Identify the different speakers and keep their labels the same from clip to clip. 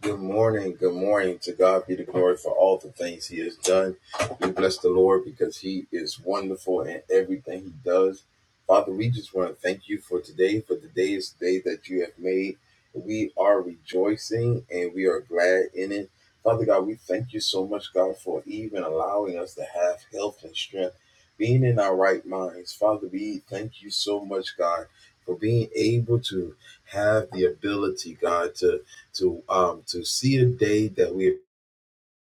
Speaker 1: Good morning. Good morning. To God be the glory for all the things He has done. We bless the Lord because He is wonderful in everything He does. Father, we just want to thank you for today, for the day is the day that you have made. We are rejoicing and we are glad in it. Father God, we thank you so much, God, for even allowing us to have health and strength, being in our right minds. Father, we thank you so much, God, for being able to have the ability, God, to to um, to see the day that we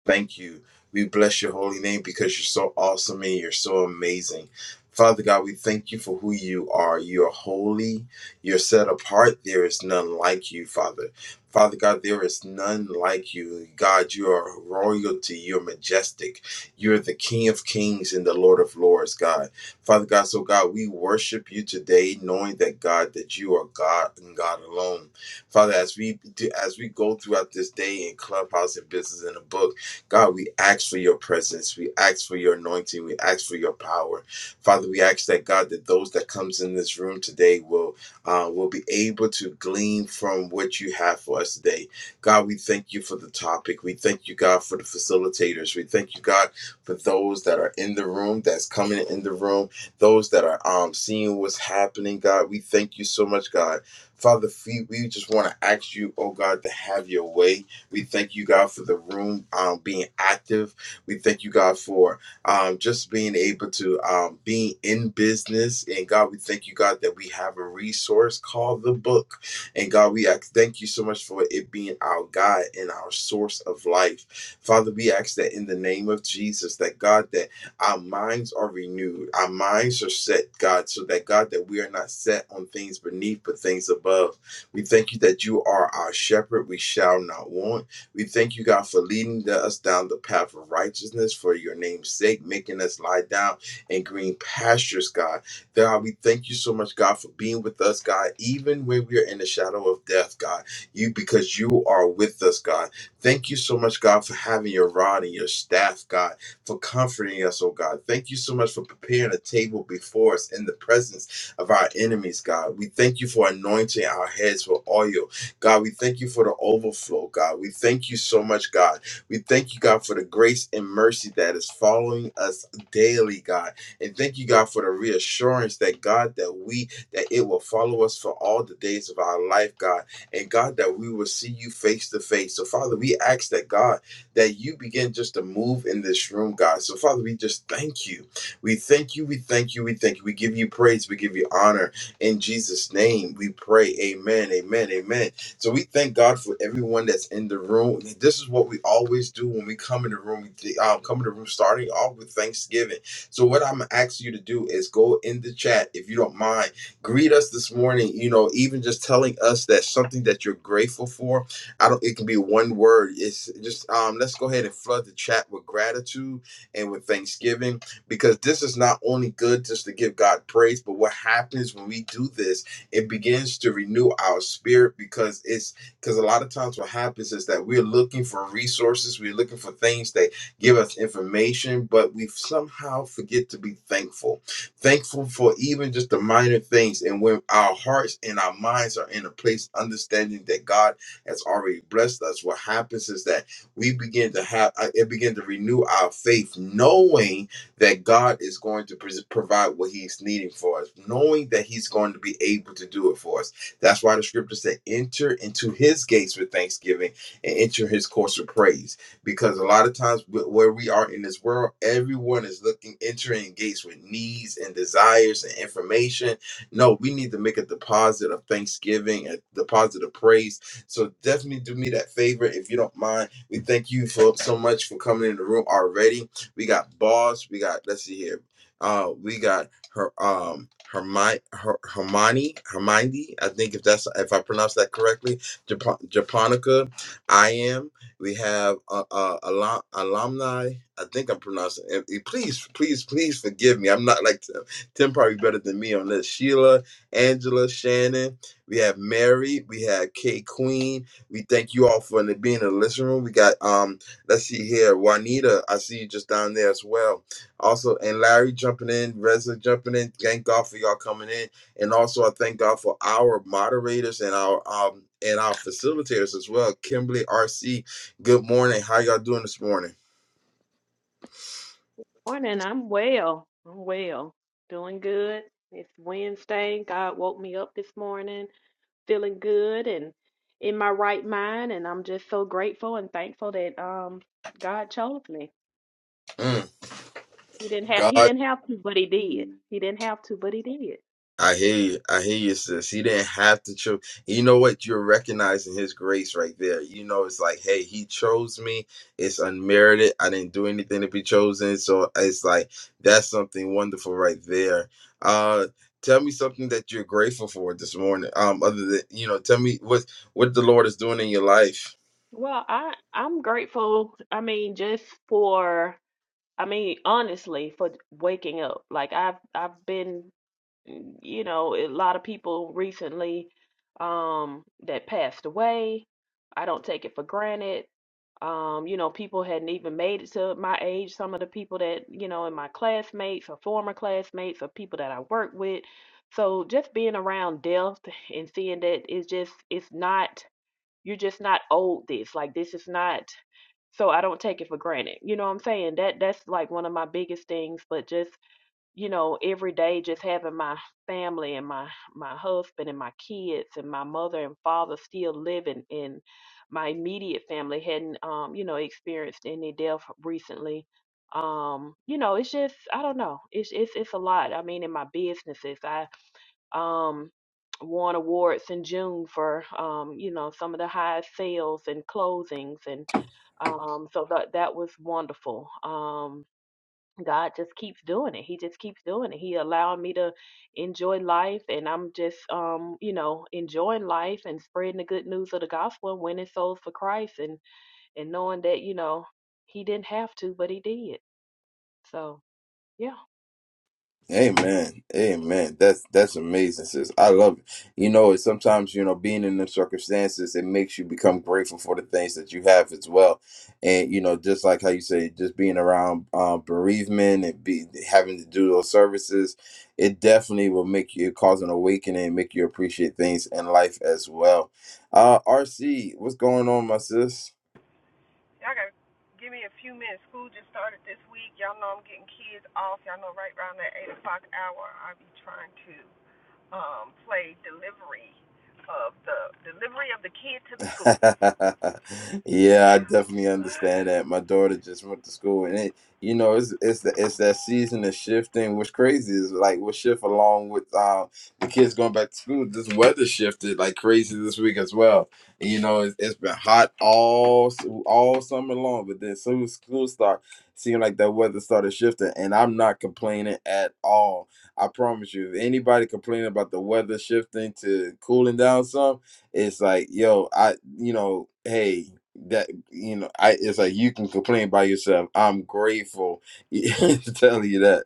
Speaker 1: Thank you. We bless your holy name because you're so awesome and you're so amazing. Father God, we thank you for who you are. You're holy. You're set apart. There is none like you, Father. Father God, there is none like you. God, you are royalty. You're majestic. You're the King of kings and the Lord of lords, God. Father God, so God, we worship you today, knowing that God, that you are God and God alone. Father, as we do, as we go throughout this day in clubhouse and business in the book. God, we ask for your presence. We ask for your anointing. We ask for your power. Father, we ask that God that those that comes in this room today will uh, will be able to glean from what you have for us today. God, we thank you for the topic. We thank you, God, for the facilitators. We thank you, God, for those that are in the room, that's coming in the room, those that are um seeing what's happening, God. We thank you so much, God. Father, we we just want to ask you, oh God, to have your way. We thank you, God, for the room um, being active. We thank you, God, for um, just being able to um, being in business. And God, we thank you, God, that we have a resource called the book. And God, we ask, thank you so much for it being our guide and our source of life. Father, we ask that in the name of Jesus, that God, that our minds are renewed, our minds are set, God, so that God, that we are not set on things beneath, but things above. We thank you that you are our shepherd. We shall not want. We thank you, God, for leading us down the path of righteousness for your name's sake, making us lie down in green pastures, God. God, we thank you so much, God, for being with us, God, even when we are in the shadow of death, God. You, because you are with us, God. Thank you so much, God, for having your rod and your staff, God, for comforting us, oh God. Thank you so much for preparing a table before us in the presence of our enemies, God. We thank you for anointing our heads with oil. God, we thank you for the overflow, God. We thank you so much, God. We thank you, God, for the grace and mercy that is following us daily, God. And thank you, God, for the reassurance that, God, that we, that it will follow us for all the days of our life, God. And God, that we will see you face to face. So, Father, we ask that, God, that you begin just to move in this room, God. So, Father, we just thank you. We thank you, we thank you, we thank you. We give you praise, we give you honor. In Jesus' name, we pray. Amen, amen, amen. So we thank God for everyone that's in the room. This is what we always do when we come in the room. We th- um, come in the room starting off with Thanksgiving. So what I'm asking you to do is go in the chat if you don't mind. Greet us this morning. You know, even just telling us that something that you're grateful for. I don't. It can be one word. It's just um. Let's go ahead and flood the chat with gratitude and with Thanksgiving because this is not only good just to give God praise, but what happens when we do this, it begins to renew our spirit because it's because a lot of times what happens is that we're looking for resources, we're looking for things that give us information, but we somehow forget to be thankful. Thankful for even just the minor things. And when our hearts and our minds are in a place understanding that God has already blessed us, what happens is that we begin to have uh, it begin to renew our faith, knowing that God is going to pres provide what He's needing for us, knowing that He's going to be able to do it for us. That's why the scripture said, "Enter into His gates with thanksgiving and enter His courts with praise." Because a lot of times, wh- where we are in this world, everyone is looking entering gates with needs and desires and information. No, we need to make a deposit of thanksgiving, a deposit of praise. So definitely do me that favor if you don't mind. We thank you for so much for coming in the room already we got Boss. We got let's see here. Uh, we got her um Hermione her, Hermione Hermione. I think if that's if I pronounce that correctly. Japan, Japonica. I am. We have uh, uh alum, alumni. I think I'm pronouncing. and- and Please, please, please forgive me. I'm not like Tim. Tim probably better than me on this. Sheila, Angela, Shannon. We have Mary. We have K Queen. We thank you all for being in the listening room. We got um Let's see here. Juanita, I see you just down there as well. Also, and Larry jumping in, Reza jumping in. Thank God for y'all coming in. And also I thank God for our moderators and our um and our facilitators as well. Kimberly RC, good morning. How y'all doing this morning?
Speaker 2: Morning. I'm well. I'm well. Doing good. It's Wednesday. God woke me up this morning feeling good and in my right mind and I'm just so grateful and thankful that um God chose me.
Speaker 1: Mm.
Speaker 2: He didn't have
Speaker 1: God
Speaker 2: he didn't have to, but he did. He didn't have to, but he did.
Speaker 1: I hear you. I hear you, sis. He didn't have to choose. You know what? You're recognizing his grace right there. You know, it's like, hey, he chose me. It's unmerited. I didn't do anything to be chosen. So it's like that's something wonderful right there. Uh tell me something that you're grateful for this morning. Um, other than you know, tell me what what the Lord is doing in your life.
Speaker 2: Well, I I'm grateful. I mean, just for I mean, honestly, for waking up. Like I've I've been Mm, you know, a lot of people recently um that passed away. I don't take it for granted. Um, you know, people hadn't even made it to my age. Some of the people that, you know, in my classmates or former classmates or people that I work with. So just being around death and seeing that it's just it's not you're just not old this. Like this is not so I don't take it for granted. You know what I'm saying? That that's like one of my biggest things, but just you know, every day just having my family and my my husband and my kids and my mother and father still living in my immediate family hadn't um, you know, experienced any death recently. Um, you know, it's just I don't know. It's it's it's a lot. I mean in my businesses I um won awards in June for um, you know, some of the highest sales and closings and um so that that was wonderful. Um God just keeps doing it. He just keeps doing it. He allowed me to enjoy life and I'm just um, you know, enjoying life and spreading the good news of the gospel and winning souls for Christ and and knowing that, you know, he didn't have to, but he did. So, yeah.
Speaker 1: Amen. Amen. That's that's amazing, sis. I love it. You know, it's sometimes, you know, being in the circumstances, it makes you become grateful for the things that you have as well. And, you know, just like how you say, just being around um, bereavement and be having to do those services, it definitely will make you cause an awakening and make you appreciate things in life as well. Uh RC, what's going on, my sis? yeah, I definitely understand that. My daughter just went to school, and it, you know, it's it's the, it's that season of shifting. What's crazy is like we shift along with um, the kids going back to school. This weather shifted like crazy this week as well. And, you know, it's, it's been hot all s- all summer long, but then soon as school start seemed like that weather started shifting, and I'm not complaining at all. I promise you, if anybody complaining about the weather shifting to cooling down some it's like yo i you know hey that you know i it's like you can complain by yourself i'm grateful tell you that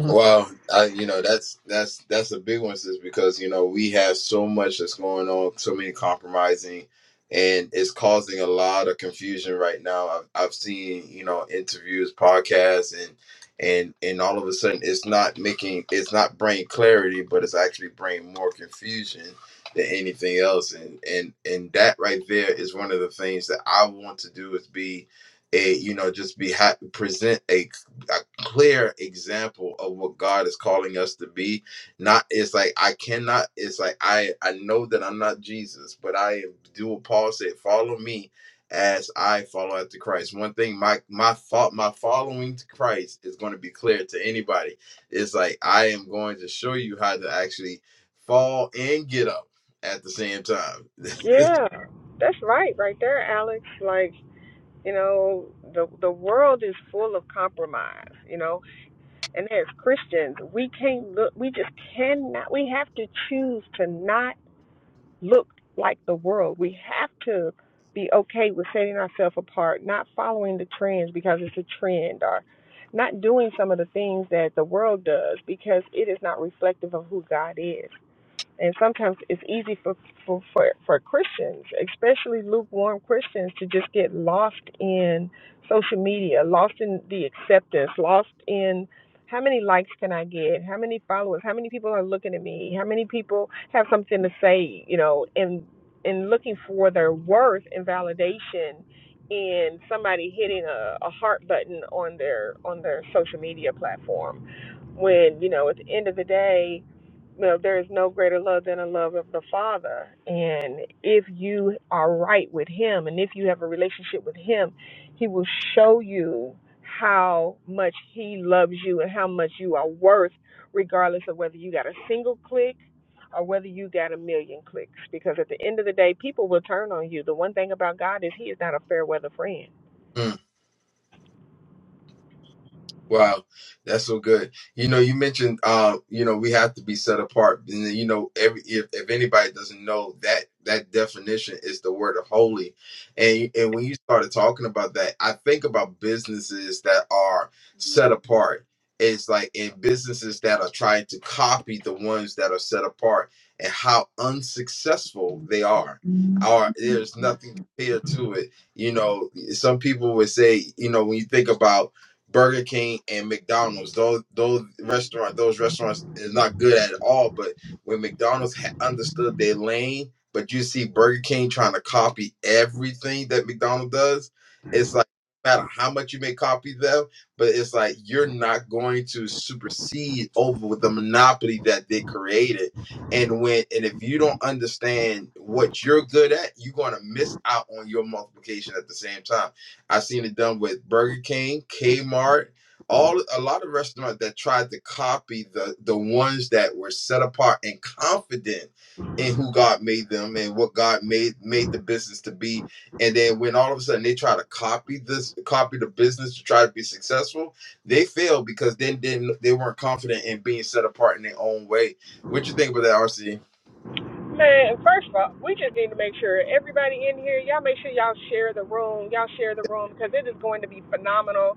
Speaker 1: Well, I, you know that's that's that's a big one, sis, because you know we have so much that's going on, so many compromising, and it's causing a lot of confusion right now. I've, I've seen you know interviews, podcasts, and and and all of a sudden it's not making it's not bringing clarity, but it's actually bringing more confusion than anything else. And and and that right there is one of the things that I want to do is be a you know just be ha- present a clear example of what God is calling us to be. Not it's like I cannot. It's like I I know that I'm not Jesus, but I do what Paul said: follow me as I follow after Christ. One thing my my fault my following to Christ is going to be clear to anybody. It's like I am going to show you how to actually fall and get up at the same time.
Speaker 3: new trend or not doing some of the things that the world does because it is not reflective of who God is and sometimes it's easy for, for for for Christians, especially lukewarm Christians, to just get lost in social media, lost in the acceptance, lost in how many likes can I get, how many followers, how many people are looking at me, how many people have something to say, you know, and and looking for their worth and validation in somebody hitting a, a heart button on their on their social media platform when you know at the end of the day And if you are right with Him and if you have a relationship with Him, He will show you how much He loves you and how much you are worth, regardless of whether you got a single click or whether you got a million clicks. Because at the end of the day, people will turn on you. The one thing about God is He is not a fair weather friend.
Speaker 1: Mm. Wow, that's so good. You know, you mentioned, um, you know, we have to be set apart, and then, you know, every if, if anybody doesn't know that that definition is the word of holy, and and when you started talking about that, I think about businesses that are set apart. It's like in businesses that are trying to copy the ones that are set apart, and how unsuccessful they are. Or there's nothing compared to it. You know, some people would say, you know, when you think about Burger King and McDonald's. Those those restaurant those restaurants is not good at all. But when McDonald's ha- understood their lane, but you see Burger King trying to copy everything that McDonald's does, it's like no matter how much you may copy them, but it's like you're not going to supersede over the monopoly that they created. And when and if you don't understand what you're good at, you're gonna miss out on your multiplication at the same time I've seen it done with Burger King, Kmart, all a lot of restaurants that tried to copy the the ones that were set apart and confident in who God made them and what God made made the business to be. And then when all of a sudden they try to copy this, copy the business to try to be successful, they fail because then didn't they weren't confident in being set apart in their own way. What you think about that, RC?
Speaker 3: Man, first of all, we just need to make sure everybody in here, y'all make sure y'all share the room. Y'all share the room because it is going to be phenomenal.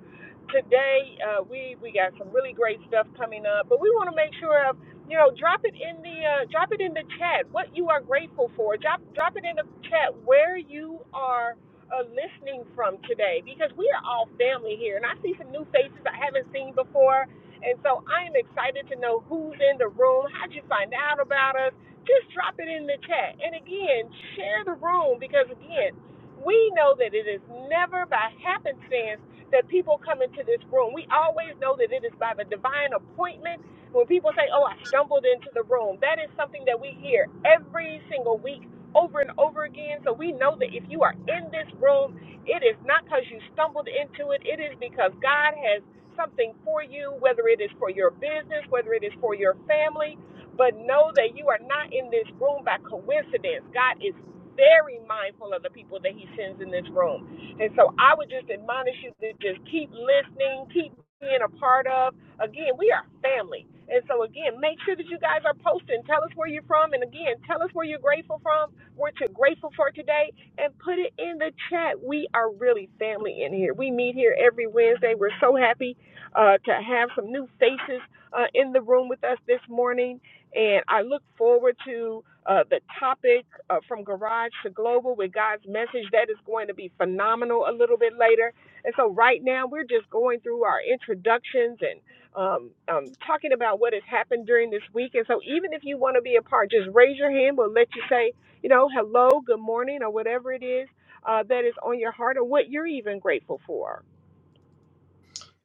Speaker 3: Today, uh, we we got some really great stuff coming up, but we want to make sure of you know drop it in the uh, drop it in the chat what you are grateful for. Drop drop it in the chat where you are uh, listening from today because we are all family here, and I see some new faces I haven't seen before, and so I am excited to know who's in the room. How'd you find out about us? just drop it in the chat. And again, share the room because, again, we know that it is never by happenstance that people come into this room. We always know that it is by the divine appointment. When people say, Oh, I stumbled into the room, that is something that we hear every single week over and over again. So we know that if you are in this room, it is not because you stumbled into it, it is because God has something for you, whether it is for your business, whether it is for your family, but know that you are not in this room by coincidence. God is very mindful of the people that he sends in this room. And so I would just admonish you to just keep listening, keep being a part of. Again, we are family. And so again, make sure that you guys are posting. Tell us where you're from and again, tell us where you're grateful from, what you're grateful for today and put it in the chat. We are really family in here. We meet here every Wednesday. We're so happy uh, to have some new faces uh, in the room with us this morning. And I look forward to uh, the topic uh, from Garage to Global with God's message. That is going to be phenomenal a little bit later. And so, right now, we're just going through our introductions and um, um, talking about what has happened during this week. And so, even if you want to be a part, just raise your hand. We'll let you say, you know, hello, good morning, or whatever it is uh, that is on your heart or what you're even grateful for.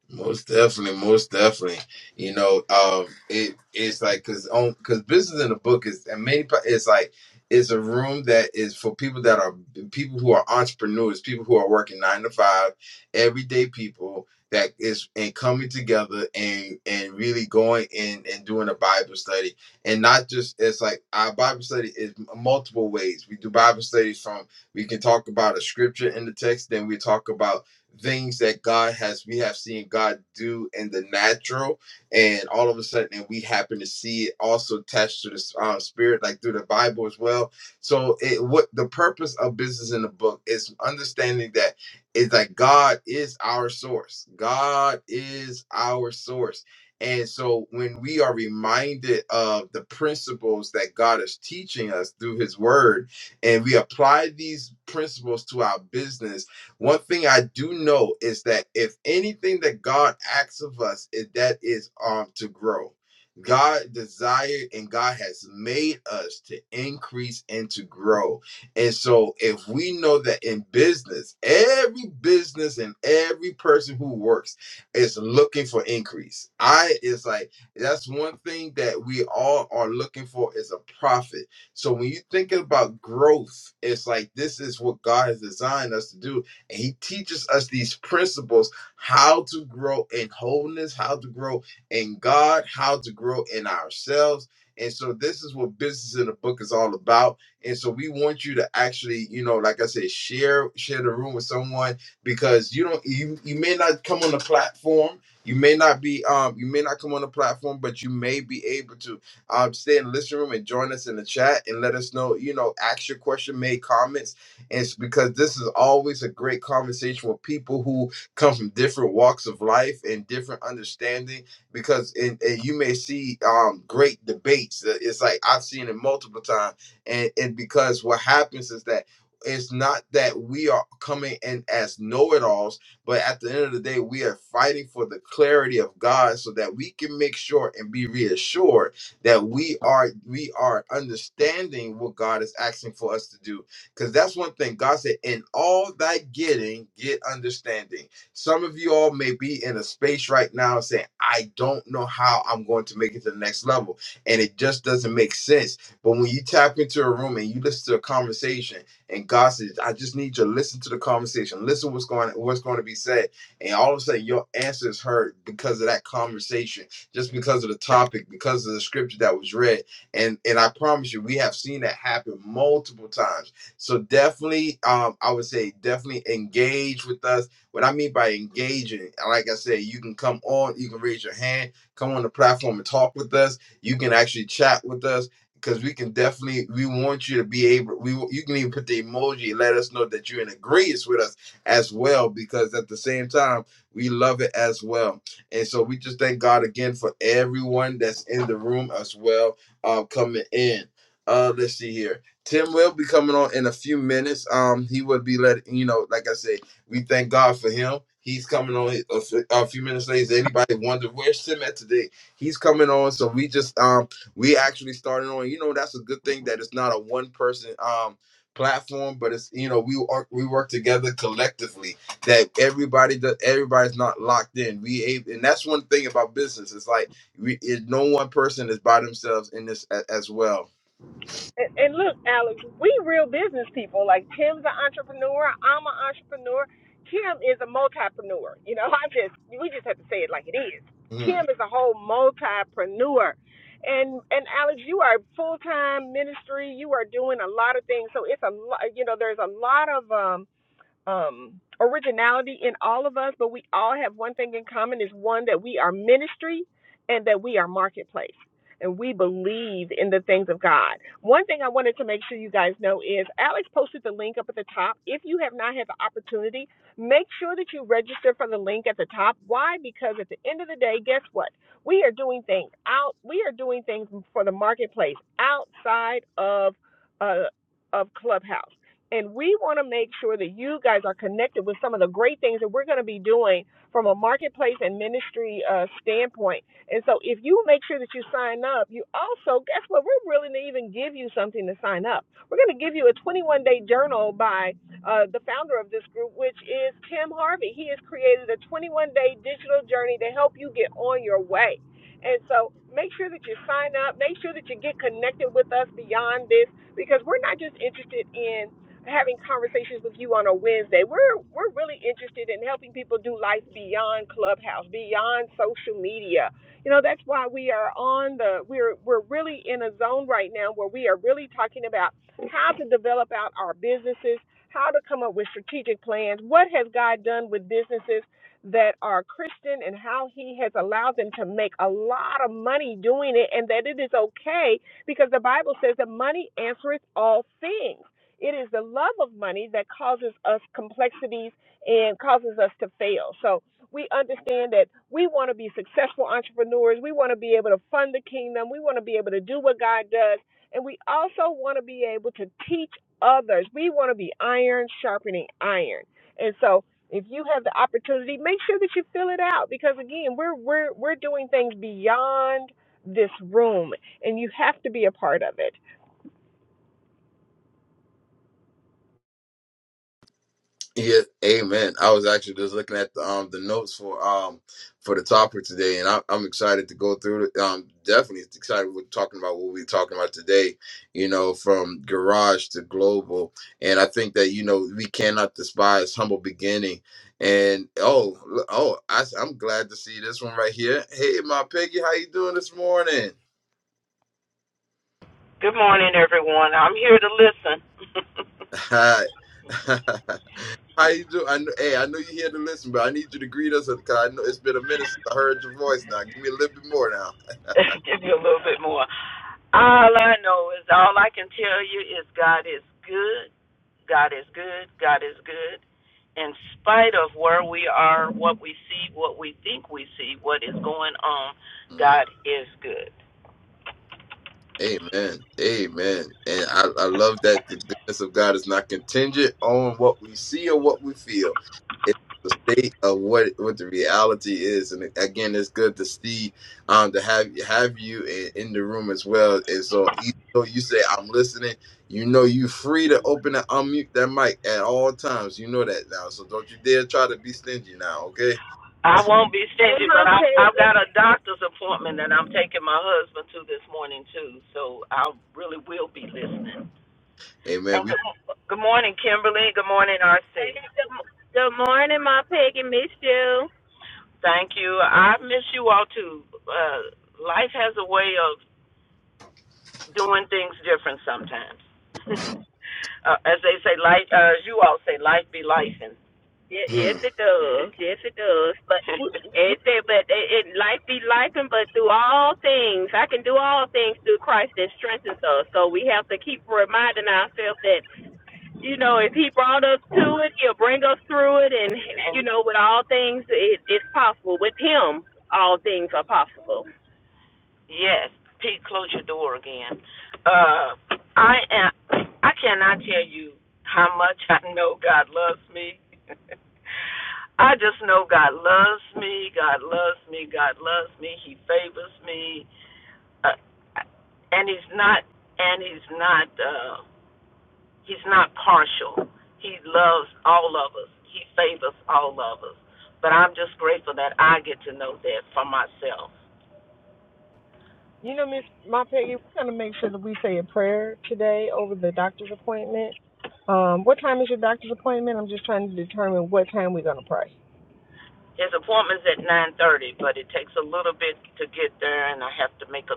Speaker 1: Most definitely, most definitely. You know, um, it it's like because on because business in the book is and many pa- it's like it's a room that is for people that are people who are entrepreneurs, people who are working nine to five, everyday people that is and coming together and and really going in and doing a Bible study and not just it's like our Bible study is multiple ways. We do Bible studies from we can talk about a scripture in the text, then we talk about things that God has we have seen God do in the natural, and all of a sudden and we happen to see it also attached to the um, spirit, like through the Bible as well. So, it what the purpose of business in the book is understanding that is that God is our source. God is our source. And so when we are reminded of the principles that God is teaching us through his word and we apply these principles to our business one thing I do know is that if anything that God asks of us, it, that is um to grow. God desired and God has made us to increase and to grow. And so if we know that in business, every business and every person who works is looking for increase. I is like that's one thing that we all are looking for is a profit. So when you think about growth, it's like this is what God has designed us to do and he teaches us these principles how to grow in wholeness, how to grow in God, how to grow in ourselves. And so this is what business in the book is all about. And so we want you to actually, you know, like I said, share share the room with someone because you don't you, you may not come on the platform. You may not be um you may not come on the platform, but you may be able to um stay in the listening room and join us in the chat and let us know, you know, ask your question, make comments it's because this is always a great conversation with people who come from different walks of life and different understanding. Because in, and you may see um, great debates. Uh, It's like I've seen it multiple times, and and because what happens is that. It's not that we are coming in as know-it-alls, but at the end of the day, we are fighting for the clarity of God, so that we can make sure and be reassured that we are we are understanding what God is asking for us to do, because that's one thing God said, in all thy getting, get understanding. Some of you all may be in a space right now saying, I don't know how I'm going to make it to the next level. And it just doesn't make sense. But when you tap into a room and you listen to a conversation, and God says, I just need you to listen to the conversation, listen what's going what's going to be said. And all of a sudden your answer is heard because of that conversation, just because of the topic, because of the scripture that was read. And and I promise you, we have seen that happen multiple times so definitely, um, I would say definitely engage with us. What I mean by engaging, like I said, you can come on, you can raise your hand, come on the platform and talk with us. You can actually chat with us because we can definitely we want you to be able we wa- you can even put the emoji and let us know that you're in agreement with us as well because at the same time we love it as well and so we just thank god again for everyone that's in the room as well uh, coming in uh let's see here Tim will be coming on in a few minutes. Um, he would be letting you know, like I said, we thank God for him. He's coming on a, f- a few minutes later. Anybody wonder where's Tim at today? He's coming on, so we just um we actually started on. You know, that's a good thing that it's not a one person um platform, but it's you know we work we work together collectively. That everybody does everybody's not locked in. We able, and that's one thing about business. It's like we it, no one person is by themselves in this a, as well.
Speaker 3: And, and look, Alex, we real business people. Like Tim's an entrepreneur. I'm an entrepreneur. Kim is a multipreneur. You know, I just we just have to say it like it is.
Speaker 1: Mm-hmm.
Speaker 3: Kim is a whole multipreneur. And and Alex, you are full time ministry. You are doing a lot of things. So it's a lot. You know, there's a lot of um um, originality in all of us, but we all have one thing in common is one that we are ministry and that we are marketplace. And we believe in the things of God. One thing I wanted to make sure you guys know is Alex posted the link up at the top. If you have not had the opportunity, make sure that you register for the link at the top. Why? Because at the end of the day, guess what? We are doing things out. We are doing things for the marketplace outside of uh, of Clubhouse. And we want to make sure that you guys are connected with some of the great things that we're going to be doing from a marketplace and ministry uh, standpoint. And so, if you make sure that you sign up, you also, guess what? We're willing to even give you something to sign up. We're going to give you a 21 day journal by uh, the founder of this group, which is Tim Harvey. He has created a 21 day digital journey to help you get on your way. And so make sure that you sign up, make sure that you get connected with us beyond this because we're not just interested in having conversations with you on a Wednesday. We're we're really interested in helping people do life beyond Clubhouse, beyond social media. You know, that's why we are on the we're we're really in a zone right now where we are really talking about how to develop out our businesses, how to come up with strategic plans, what has God done with businesses that are Christian and how he has allowed them to make a lot of money doing it and that it is okay because the Bible says that money answereth all things. It is the love of money that causes us complexities and causes us to fail. So we understand that we want to be successful entrepreneurs. We want to be able to fund the kingdom. We want to be able to do what God does. And we also want to be able to teach others. We want to be iron sharpening iron. And so if you have the opportunity, make sure that you fill it out because again, we're we're we're doing things beyond this room and you have to be a part of it
Speaker 1: Yeah, amen. I was actually just looking at the um the notes for um for the topic today, and I, I'm excited to go through it. Um, definitely excited we're talking about what we're talking about today. You know, from garage to global, and I think that you know we cannot despise humble beginning. And oh, l- oh, I, am glad to see this one right here. Hey, my piggy, how you doing this morning?
Speaker 4: Good morning, everyone. I'm here to listen.
Speaker 1: Hi. How you do? I know, hey, I know you're here to listen, but I need you to greet us because I know it's been a minute since I heard your voice. Now, give me a little bit more
Speaker 4: Give you a little bit more. All I know is all I can tell you is God is good. God is good. God is good. In spite of where we are, what we see, what we think we see, what is going on,
Speaker 1: now.
Speaker 4: God is good.
Speaker 1: Amen. Amen. And I, I love that the goodness of God is not contingent on what we see or what we feel. It's the state of what what the reality is. And again, it's good to see um to have have you in, in the room as well. And so even though you say I'm listening, you know you free to open and unmute that mic at all times. You know that now. So don't you dare try to be stingy now, okay?
Speaker 4: I won't be
Speaker 2: Hey,
Speaker 4: stingy, but
Speaker 2: my
Speaker 4: I'm, I've
Speaker 2: Peggy.
Speaker 4: got a doctor's appointment that I'm taking my husband to this morning, too. So I really will be listening. And
Speaker 1: Amen. We
Speaker 4: good, good morning, Kimberly. Good morning,
Speaker 2: Hey,
Speaker 4: RC.
Speaker 2: good, good morning, my Peggy. Miss you.
Speaker 4: Thank you. I miss you all too. Uh, life has a way of doing things different sometimes. uh, as they say, life. Uh, as you all say, life be life. And,
Speaker 2: Ye- Yes,
Speaker 1: hmm.
Speaker 2: it does. Yes, it does. But it said, but it, it life be life, and but through all things, I can do all things through Christ that strengthens us. So we have to keep reminding ourselves that you know if He brought us to it, He'll bring us through it, and
Speaker 4: and
Speaker 2: you know with all things, it, it's possible. With Him, all things are possible.
Speaker 4: Yes. Pete, close your door again. Uh, I am. I cannot tell you how much I know God loves me. I just know God loves me. God loves me. God loves me. He favors me, uh, and He's not. And He's not. Uh, he's not partial. He loves all of us. He favors all of us. But I'm just grateful that I get to know that for myself.
Speaker 3: You know, Miss My Peggy, we're gonna make sure that we say a prayer today over the doctor's appointment. Um, what time is your doctor's appointment? I'm just trying to determine what time we're gonna pray.
Speaker 4: His appointment's at nine thirty, but it takes a little bit to get there, and I have to make a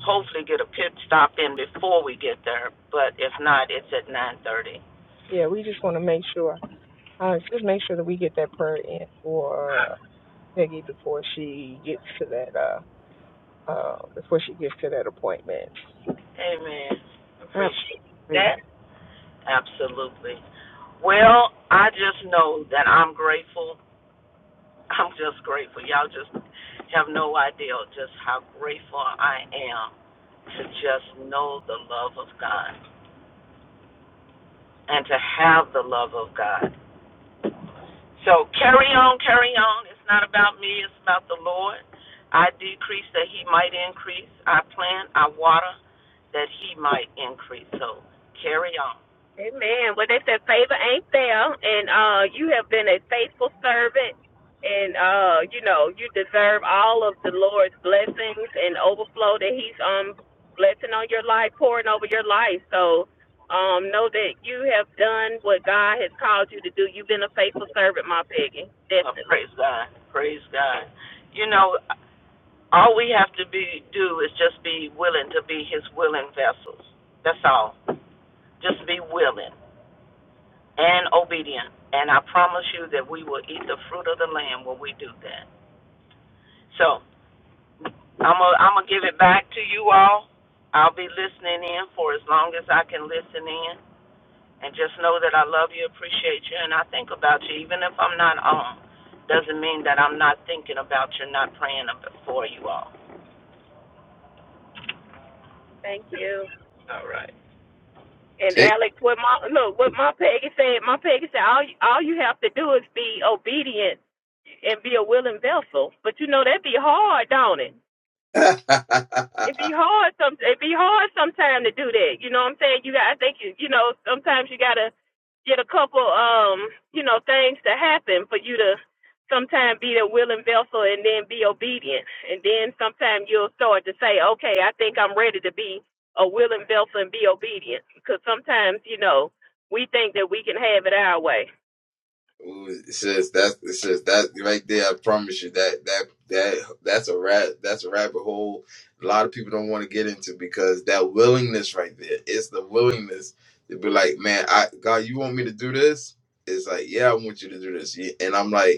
Speaker 4: hopefully get a pit stop in before we get there. But if not, it's at nine thirty.
Speaker 3: Yeah, we just want to make sure. Uh, just make sure that we get that prayer in for uh, Peggy before she gets to that. Uh, uh, before she gets to that appointment.
Speaker 4: Amen. Appreciate
Speaker 3: Absolutely.
Speaker 4: that. Absolutely. Well, I just know that I'm grateful. I'm just grateful. Y'all just have no idea just how grateful I am to just know the love of God and to have the love of God. So carry on, carry on. It's not about me, it's about the Lord. I decrease that he might increase. I plant, I water that he might increase. So carry on.
Speaker 2: Amen. Well, they said favor ain't fair, and uh, you have been a faithful servant, and uh, you know you deserve all of the Lord's blessings and overflow that He's um blessing on your life, pouring over your life. So, um, know that you have done what God has called you to do. You've been a faithful servant, my Peggy.
Speaker 4: Well, praise
Speaker 2: Definitely.
Speaker 4: God. Praise God. You know, all we have to be do is just be willing to be his willing vessels. That's all. Just be willing and obedient. And I promise you that we will eat the fruit of the land when we do that. So. I'm gonna I'm gonna give it back to you all. I'll be listening in for as long as I can listen in, and just know that I love you, appreciate you, and I think about you, even if I'm not on. Doesn't mean that I'm not thinking about you, not praying ab- for you all.
Speaker 2: Thank you.
Speaker 4: All right.
Speaker 2: And Alex, what my look, what my Peggy said, my Peggy said, all you, all you have to do is be obedient and be a willing vessel. But you know that'd be hard, don't it? it be hard some it be hard sometimes to do that. You know what I'm saying? You got I think you you know, sometimes you gotta get a couple um, you know, things to happen for you to sometimes be the willing vessel and then be obedient. And then sometimes you'll start to say, Okay, I think I'm ready to be a willing vessel and be obedient because sometimes, you know, we think that we can have it our way.
Speaker 1: Ooh, it's just that's it's just that right there. I promise you that that that that's a rat that's a rabbit hole. A lot of people don't want to get into because that willingness right there. It's the willingness to be like, man, I God, you want me to do this? It's like, yeah, I want you to do this, Yeah, and I'm like.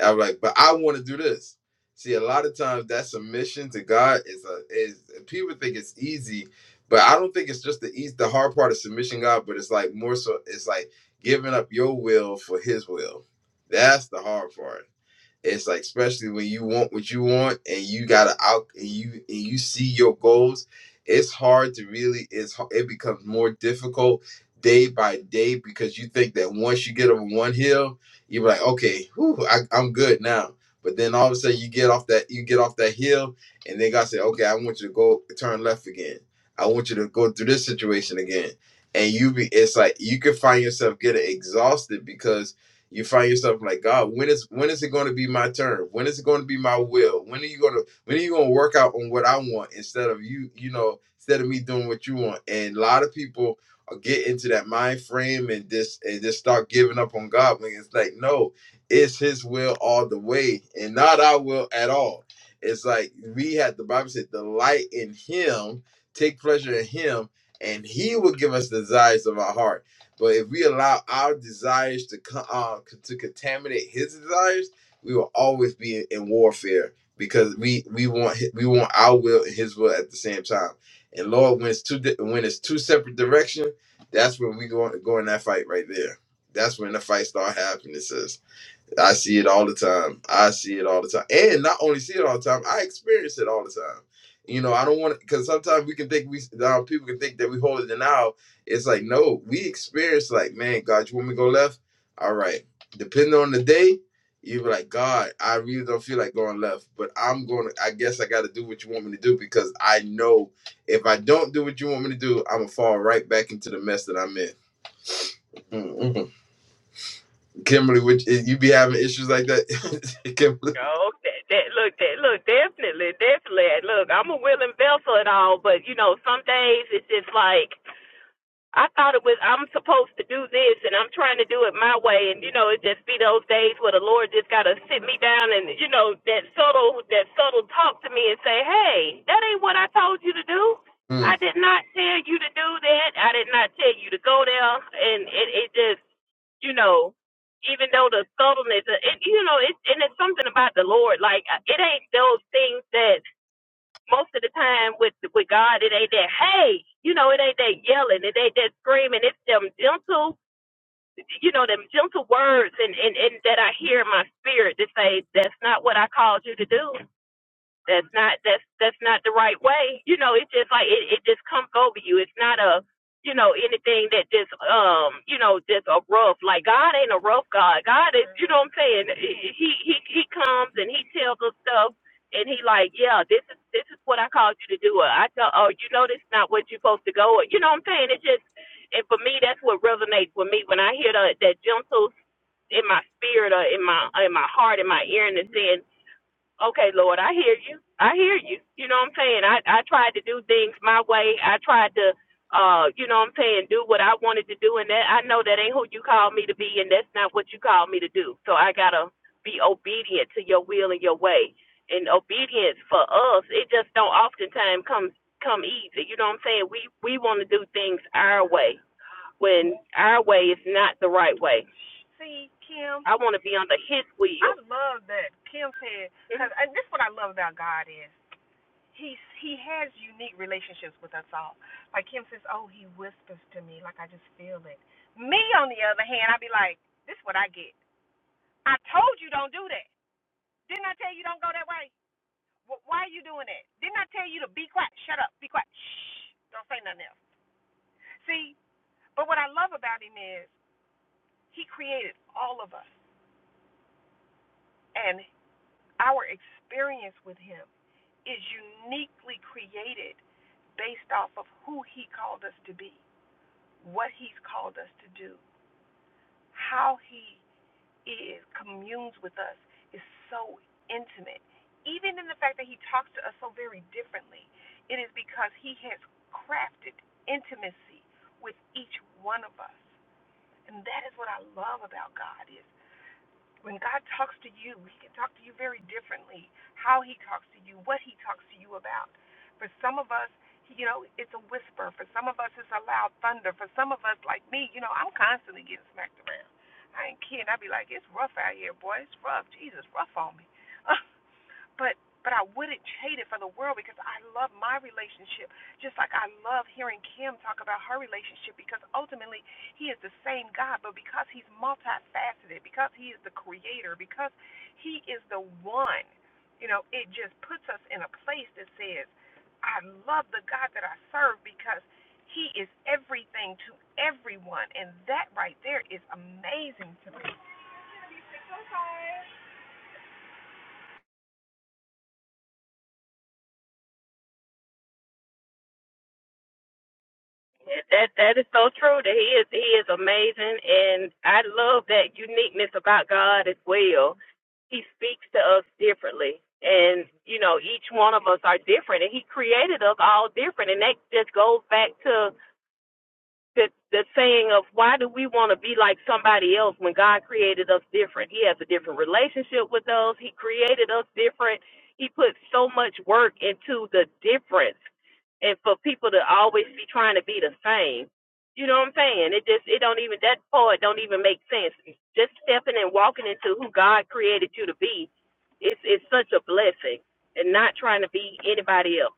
Speaker 1: I'm like, but I want to do this. See, a lot of times that submission to God is a is people think it's easy, but I don't think it's just the easy the hard part of submission God, but it's like more so it's like giving up your will for his will. That's the hard part. It's like especially when you want what you want and you gotta out and you and you see your goals. It's hard to really. It's it becomes more difficult day by day because you think that once you get over one hill, you're like, okay, whew, I, I'm good now. But then all of a sudden you get off that you get off that hill, and then God said, okay, I want you to go turn left again. I want you to go through this situation again, and you be. It's like you can find yourself getting exhausted because you find yourself like god when is when is it going to be my turn when is it going to be my will when are you going to when are you going to work out on what i want instead of you you know instead of me doing what you want and a lot of people uh, get into that mind frame and just and just start giving up on god when it's like no it's his will all the way and not our will at all it's like we had the bible said delight in him take pleasure in him and he will give us the desires of our heart but if we allow our desires to co- uh, to contaminate His desires, we will always be in, in warfare because we we want hi- we want our will and His will at the same time. And Lord, when it's two di- when it's two separate directions, that's when we go go in that fight right there. That's when the fight start happening. Sis. I see it all the time. I see it all the time. And not only see it all the time, I experience it all the time. You know, I don't want to, because sometimes we can think we, uh, people can think that we hold it in out. It's like, no, we experience, like, man, God, you want me to go left? All right. Depending on the day, you be like, God, I really don't feel like going left, but I'm going to, I guess I got to do what you want me to do because I know if I don't do what you want me to do, I'm going to fall right back into the mess that I'm in. Mm, mm. Kimberly, would you be having issues like that? Kimberly?
Speaker 2: Oh, that, that look, that look, definitely, definitely. Look, I'm a willing vessel and all, but you know, some days it's just like I thought it was I'm supposed to do this and I'm trying to do it my way and you know it just be those days where the Lord just gotta sit me down and you know that subtle that subtle talk to me and say hey that ain't what I told you to do I
Speaker 1: Hmm.
Speaker 2: did not tell you to do that I did not tell you to go there and it, it just you know, even though the subtleness, it, you know, it, and it's something about the Lord. Like it ain't those things that most of the time with with God, it ain't that. Hey, you know, it ain't that yelling, it ain't that screaming. It's them gentle, you know, them gentle words, and and and that I hear in my spirit that say, "That's not what I called you to do that's not that's that's not the right way you know it's just like it, it just comes over you it's not a you know anything that just um you know just a rough like god ain't a rough god god is you know what i'm saying he he he comes and he tells us stuff and he like yeah this is this is what i called you to do or i tell oh you know this is not what you're supposed to go or, you know what i'm saying it just and for me that's what resonates with me when i hear that that gentle in my spirit or in my in my heart in my ear and it's saying, okay, Lord, I hear you. I hear you. You know what I'm saying? I, I tried to do things my way. I tried to, uh, you know what I'm saying, do what I wanted to do. And that I know that ain't who you called me to be, and that's not what you called me to do. So I got to be obedient to your will and your way. And obedience for us, it just don't oftentimes come come easy. You know what I'm saying? We we want to do things our way when our way is not the right way. I want to be under his will. Mhm. That that is so true. That he is he is amazing, and I love that uniqueness about God as well. He speaks to us differently, and you know each one of us are different, and He created us all different, and that just goes back to the the saying of why do we want to be like somebody else when God created us different? He has a different relationship with us. He created us different. He put so much work into the difference, and for people to always be trying to be the same, you know what I'm saying? It just it don't even that part don't even make sense. Just stepping and walking into who God created you to be, it's it's such a blessing, and not trying to be anybody else.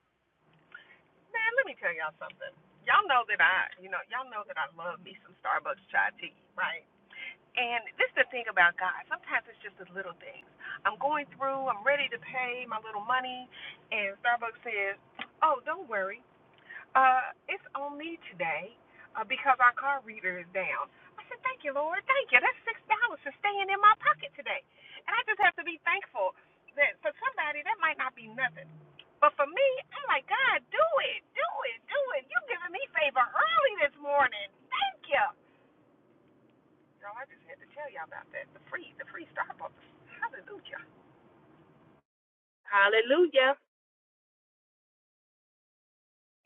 Speaker 2: Hallelujah!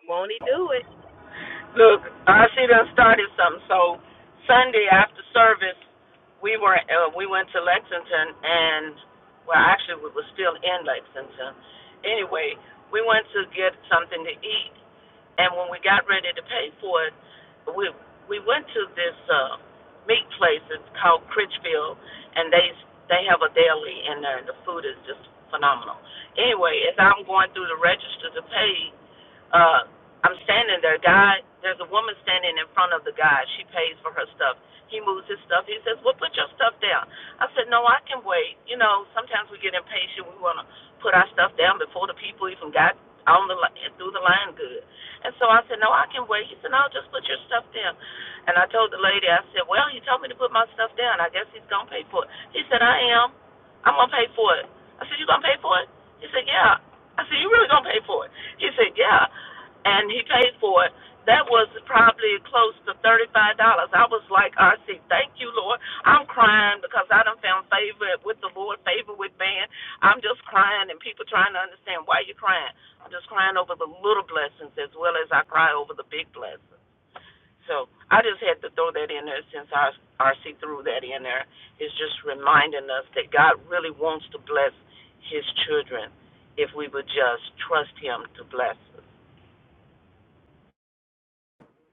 Speaker 2: Won't He do it?
Speaker 4: Look, I see done started something. So Sunday after service, we were uh, we went to Lexington, and well, actually we were still in Lexington. Anyway, we went to get something to eat And when we got ready to pay for it, we we went to this uh, meat place. It's called Critchfield, and they they have a deli in there, and the food is just phenomenal. Anyway, as I'm going through the register to pay, uh, I'm standing there. God, there's a woman standing in front of the guy. She pays for her stuff. He moves his stuff. He says, Well, put your stuff down. I said, No, I can wait. You know, sometimes we get impatient. We want to put our stuff down before the people even got on the line through the line good. And so I said, No, I can wait. He said, No, just put your stuff down. And I told the lady, I said, Well, he told me to put my stuff down. I guess he's gonna pay for it. He said, I am. I'm gonna pay for it. I said, You gonna pay for it? He said, Yeah. I said, You really gonna pay for it? He said, Yeah and he paid for it. That was probably close to thirty-five dollars. I was like, I said, thank you, Lord. I'm crying because I done found favor with the Lord, favor with man. I'm just crying, and people trying to understand why you're crying. I'm just crying over the little blessings as well as I cry over the big blessings. So I just had to throw that in there since our RC threw that in there. It's just reminding us that God really wants to bless His children if we would just trust Him to bless us.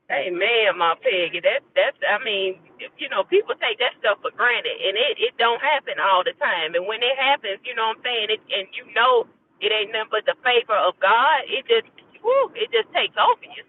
Speaker 2: Hey man, my Peggy, That's that's I mean, you know, people take that stuff for granted and it, it don't happen all the time. And when it happens, you know what I'm saying, it, and you know it ain't nothing but the favor of God, it just woo. it just takes over you.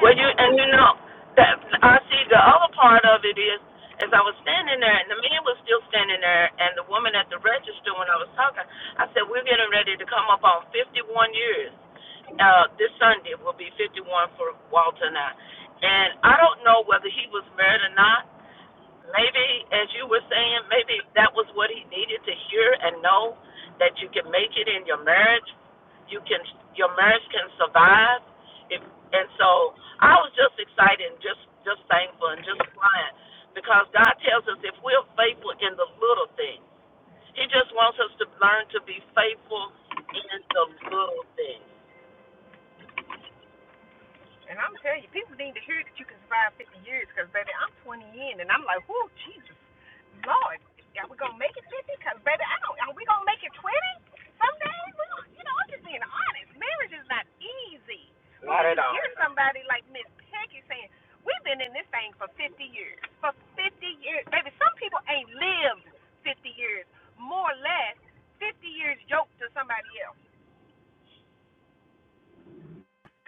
Speaker 4: Well, you and you know that I see the other part of it is as I was standing there and the man was still standing there and the woman at the register when I was talking, I said we're getting ready to come up on 51 years. Uh, this Sunday will be 51 for Walter and I. And I don't know whether he was married or not, Maybe, as you were saying, maybe that was what he needed to hear and know that you can make it in your marriage. You can, your marriage can survive. If and so, I was just excited, and just just thankful, and just crying because God tells us if we're faithful in the little things, He just wants us to learn to be faithful in the little things.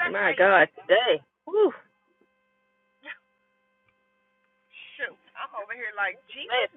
Speaker 2: My God, today. Whew, man,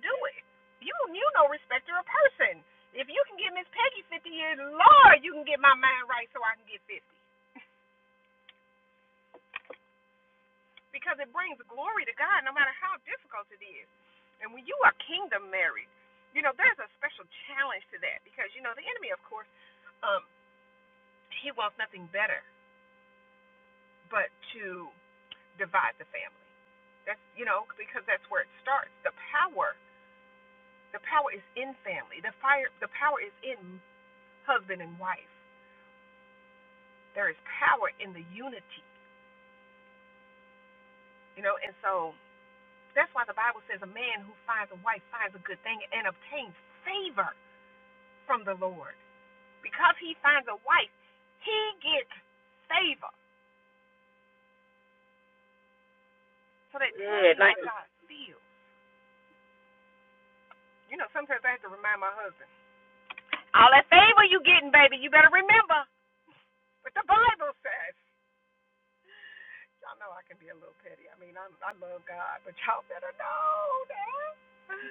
Speaker 2: man, like you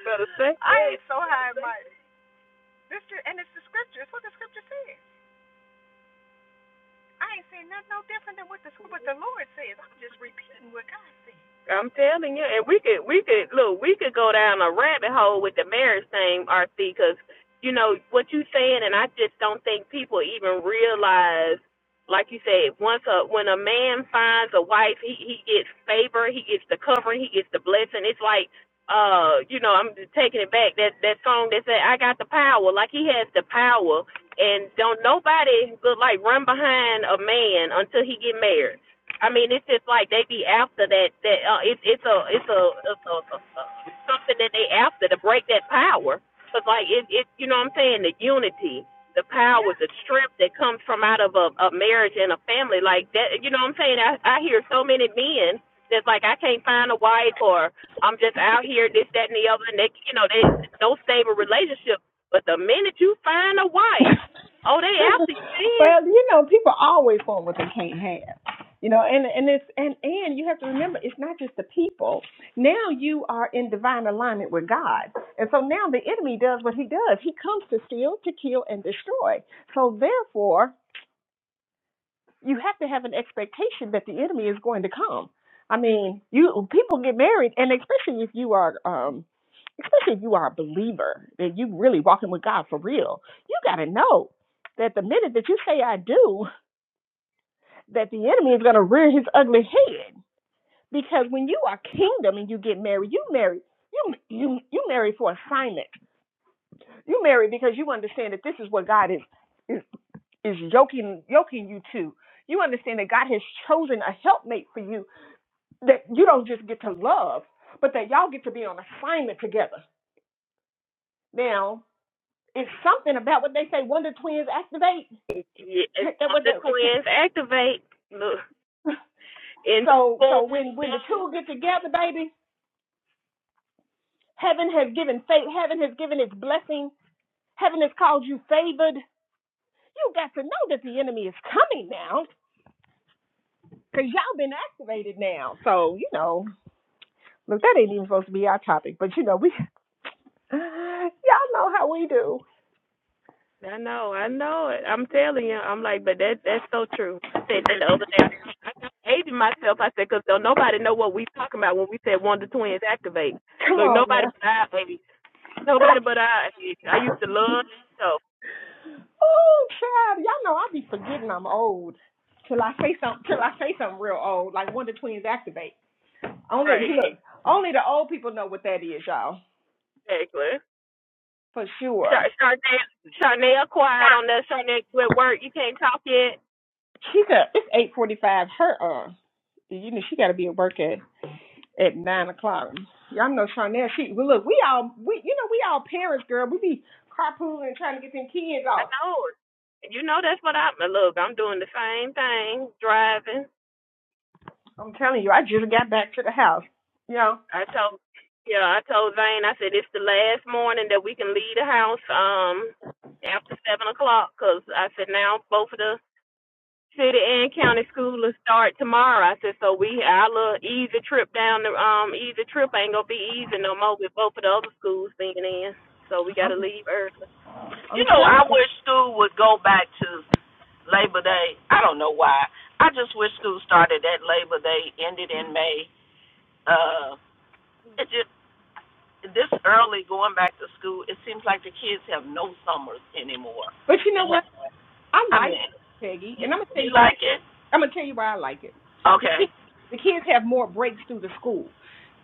Speaker 2: better say that. I'm telling you, and we could we could look, we could go down a rabbit hole with the marriage thing, RC, because you know what you saying, and I just don't think people even realize. Like you said, once a when a man finds a wife, he he gets favor, he gets the covering, he gets the blessing. It's like, uh, you know, I'm just taking it back. That that song that said, "I got the power," like he has the power, and don't nobody look like run behind a man until he get married I mean, it's just like they be after that. That uh, it's it's a it's a, it's a, a, a something that they after to break that power. Cause like it it you know what I'm saying the unity, the power, the strength that comes from out of a, a marriage and a family like that. You know what I'm saying? I I hear so many men that's like I can't find a wife or I'm just out here this that and the other and they you know they no stable relationship. But the minute you find a wife, oh they after you then.
Speaker 3: well, you know, people always want what they can't have. You know, and and it's and and you have to remember it's not just the people. Now you are in divine alignment with God. And so now the enemy does what he does. He comes to steal, to kill and destroy. So therefore, you have to have an expectation that the enemy is going to come. I mean, you people get married, and especially if you are, um, especially if you are a believer that you really walking with God for real, you got to know that the minute that you say "I do," that the enemy is going to rear his ugly head. Because when you are kingdom and you get married, you marry you you you marry for assignment. You marry because you understand that this is what God is. is is yoking yoking you to. You understand that God has chosen a helpmate for you that you don't just get to love, but that y'all get to be on assignment together. Now, it's something about what they say wonder twins activate.
Speaker 2: It's
Speaker 3: That
Speaker 2: on
Speaker 3: what
Speaker 2: the
Speaker 3: they-
Speaker 2: twins activate look in the
Speaker 3: so so
Speaker 2: form.
Speaker 3: when when the two get together, baby, heaven has given faith, heaven has given its blessing, heaven has called you favored. You got to know that the enemy is coming now, cause y'all been activated now. So you know, look, that ain't even supposed to be our topic, but you know we. Y'all know how we do.
Speaker 2: I know, I know it. I'm telling you, I'm like, but that that's so true. I said that the other day. I, I kept hating myself. I said, 'Cause don't nobody know what we talking about when we said one of the twins activate.
Speaker 3: Come
Speaker 2: Look,
Speaker 3: on
Speaker 2: nobody
Speaker 3: now.
Speaker 2: but I, baby. Nobody but I. I used to love that show.
Speaker 3: Oh, child, y'all know I be forgetting I'm old till I say something. Till I say something real old, like Wonder twins activate. Only
Speaker 2: Right,
Speaker 3: look, only the old people know what that is, y'all,
Speaker 2: exactly.
Speaker 3: for sure.
Speaker 2: Char- Charnel, Charnel, quiet on that. Charnel, quit work. You can't talk yet.
Speaker 3: She said it's eight forty-five. Her uh, you know she got to be at work at at nine o'clock. Y'all know Charnel. She well, look, we all we you know we all parents, girl. We be carpooling trying to get them kids
Speaker 2: I
Speaker 3: off.
Speaker 2: know it. And You know that's what I'm. Look, I'm doing the same thing, driving.
Speaker 3: I'm telling you, I just got back to the house. You know.
Speaker 2: I told, yeah, I told Zane. I said it's the last morning that we can leave the house um after seven o'clock, 'cause I said now both of the city and county schools will start tomorrow. I said so we our little easy trip down the um easy trip ain't gonna be easy no more with both of the other schools being in. So we
Speaker 3: I'm
Speaker 2: gotta leave early.
Speaker 3: I'm
Speaker 4: You know,
Speaker 3: telling
Speaker 4: I
Speaker 3: you.
Speaker 4: wish Stu would go back to Labor Day. I don't know why. I just wish school started at Labor Day, ended in May. Uh, it just this early going back to school, it seems like the kids have no summers anymore.
Speaker 3: But you
Speaker 4: They
Speaker 3: know what?
Speaker 4: have,
Speaker 3: I
Speaker 4: I
Speaker 3: like
Speaker 4: mean,
Speaker 3: it, Peggy,
Speaker 4: you,
Speaker 3: and I'm gonna tell
Speaker 4: you
Speaker 3: you why.
Speaker 4: like it?
Speaker 3: I'm gonna tell you why I like it. The
Speaker 4: Okay,
Speaker 3: kids, the kids have more breaks through the school.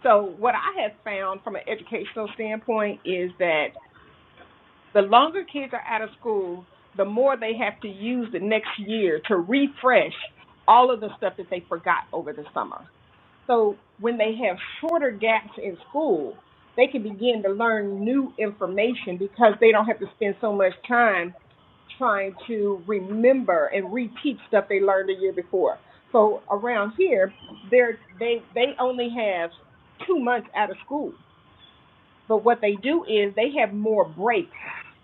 Speaker 3: So what I have found from an educational standpoint is that the longer kids are out of school, the more they have to use the next year to refresh all of the stuff that they forgot over the summer. So when they have shorter gaps in school, they can begin to learn new information because they don't have to spend so much time trying to remember and reteach stuff they learned the year before. So around here, they're, they they only have two months out of school, but what they do is they have more breaks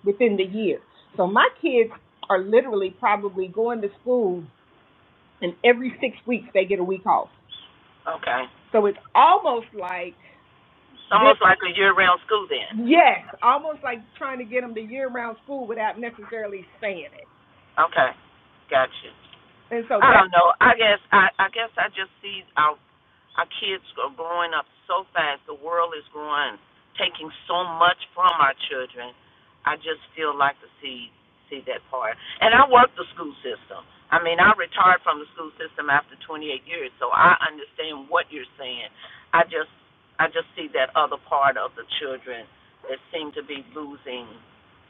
Speaker 3: within the year. So my kids are literally probably going to school, and every six weeks they get a week off.
Speaker 4: okay.
Speaker 3: So it's almost like
Speaker 4: It's
Speaker 3: them.
Speaker 4: almost like a year-round school then.
Speaker 3: Yes, almost like trying to get them to year-round school without necessarily saying it.
Speaker 4: Okay, gotcha.
Speaker 3: And so that.
Speaker 4: I don't know. I guess I, I guess I just see our Our kids are growing up so fast. The world is growing, taking so much from our children. I just still like to see see that part. And I work the school system. I mean, I retired from the school system after 28 years, so I understand what you're saying. I just I just see that other part of the children that seem to be losing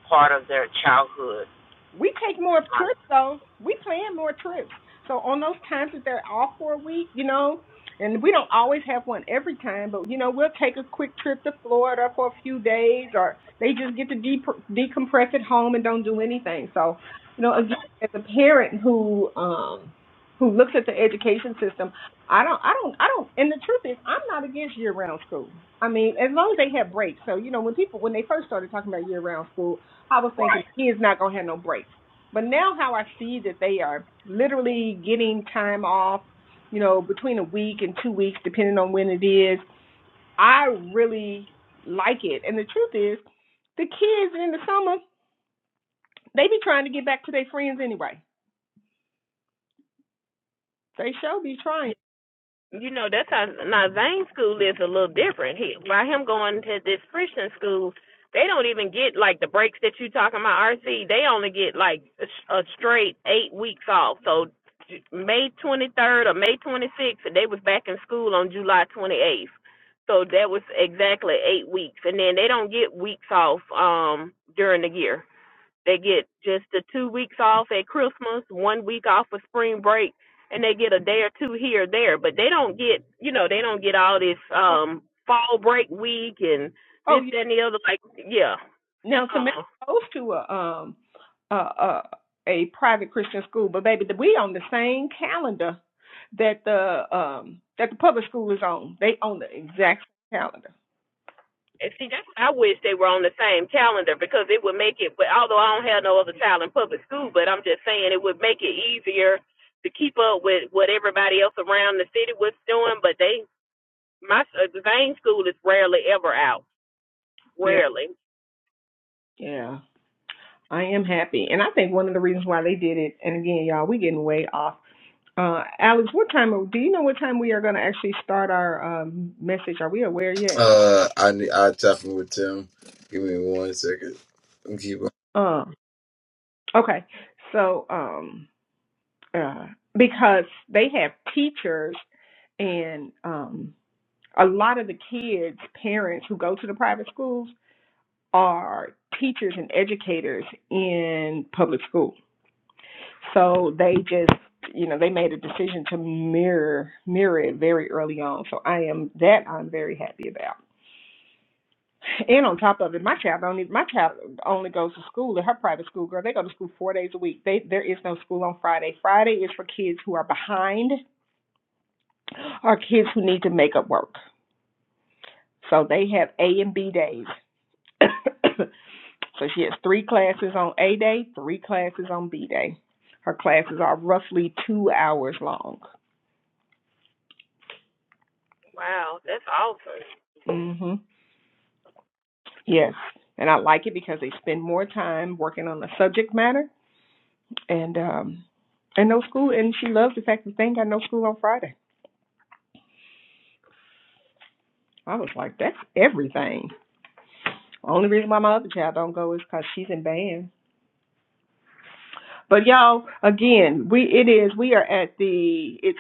Speaker 4: part of their childhood.
Speaker 3: We take more
Speaker 4: Right.
Speaker 3: trips though. We plan more trips. So on those times that they're off for a week, you know, and we don't always have one every time, but you know, we'll take a quick trip to Florida for a few days, or they just get to de- decompress at home and don't do anything. So, you know, again,
Speaker 4: Okay.
Speaker 3: as a parent who um who looks at the education system, I don't, I don't, I don't. And the truth is, I'm not against year-round school. I mean, as long as they have breaks. So, you know, when people when they first started talking about year-round school, I was thinking
Speaker 4: Right.
Speaker 3: he is not gonna have no breaks. But now how I see that they are literally getting time off, you know, between a week and two weeks, depending on when it is. I really like it. And the truth is, the kids in the summer, they be trying to get back to their friends anyway. They sure be trying.
Speaker 2: You know, that's how now Zane's school is a little different. He by him going to this Christian school, they don't even get like the breaks that you talking about, RC. They only get like a a straight eight weeks off. So May 23rd or May 26th, they was back in school on July 28th. So that was exactly eight weeks, and then they don't get weeks off um during the year. They get just the two weeks off at Christmas, one week off for spring break, and they get a day or two here or there. But they don't get, you know, they don't get all this
Speaker 3: Oh,
Speaker 2: um fall break week and
Speaker 3: oh,
Speaker 2: this, that, and the other. Like, yeah,
Speaker 3: Now Samara
Speaker 2: uh-uh.
Speaker 3: goes to a um a, a a private Christian school, but baby, we on the same calendar that the um that the public school is on. They on the exact same calendar.
Speaker 2: And see, that's I wish they were on the same calendar because it would make it. But although I don't have no other child in public school, but I'm just saying it would make it easier to keep up with what everybody else around the city was doing. But they, my uh, Zane school is rarely ever out.
Speaker 3: Yeah.
Speaker 2: Rarely.
Speaker 3: Yeah, I am happy, and I think one of the reasons why they did it. And again, y'all, we getting way off. Uh, Alex, what time? Do you know what time we are going to actually start our um message? Are we aware yet?
Speaker 1: Uh, I ne- I tap in with Tim. Give me one second. Let me Keep on.
Speaker 3: Um. Okay. So um. uh, because they have teachers and um, a lot of the kids' parents who go to the private schools are teachers and educators in public school. So they just, you know, they made a decision to mirror mirror it very early on. So I am that I'm very happy about. And on top of it, my child only my child only goes to school at her private school. Girl, they go to school four days a week. They there is no school on Friday. Friday is for kids who are behind are kids who need to make up work. So they have A and B days. so she has three classes on A day, three classes on B day. Her classes are roughly two hours long.
Speaker 2: Wow, that's awesome.
Speaker 3: hmm Yes. And I like it because they spend more time working on the subject matter and um and no school and she loves the fact that they ain't got no school on Friday. I was like, that's everything. Only reason why my other child don't go is because she's in band But y'all, again, we it is we are at the it's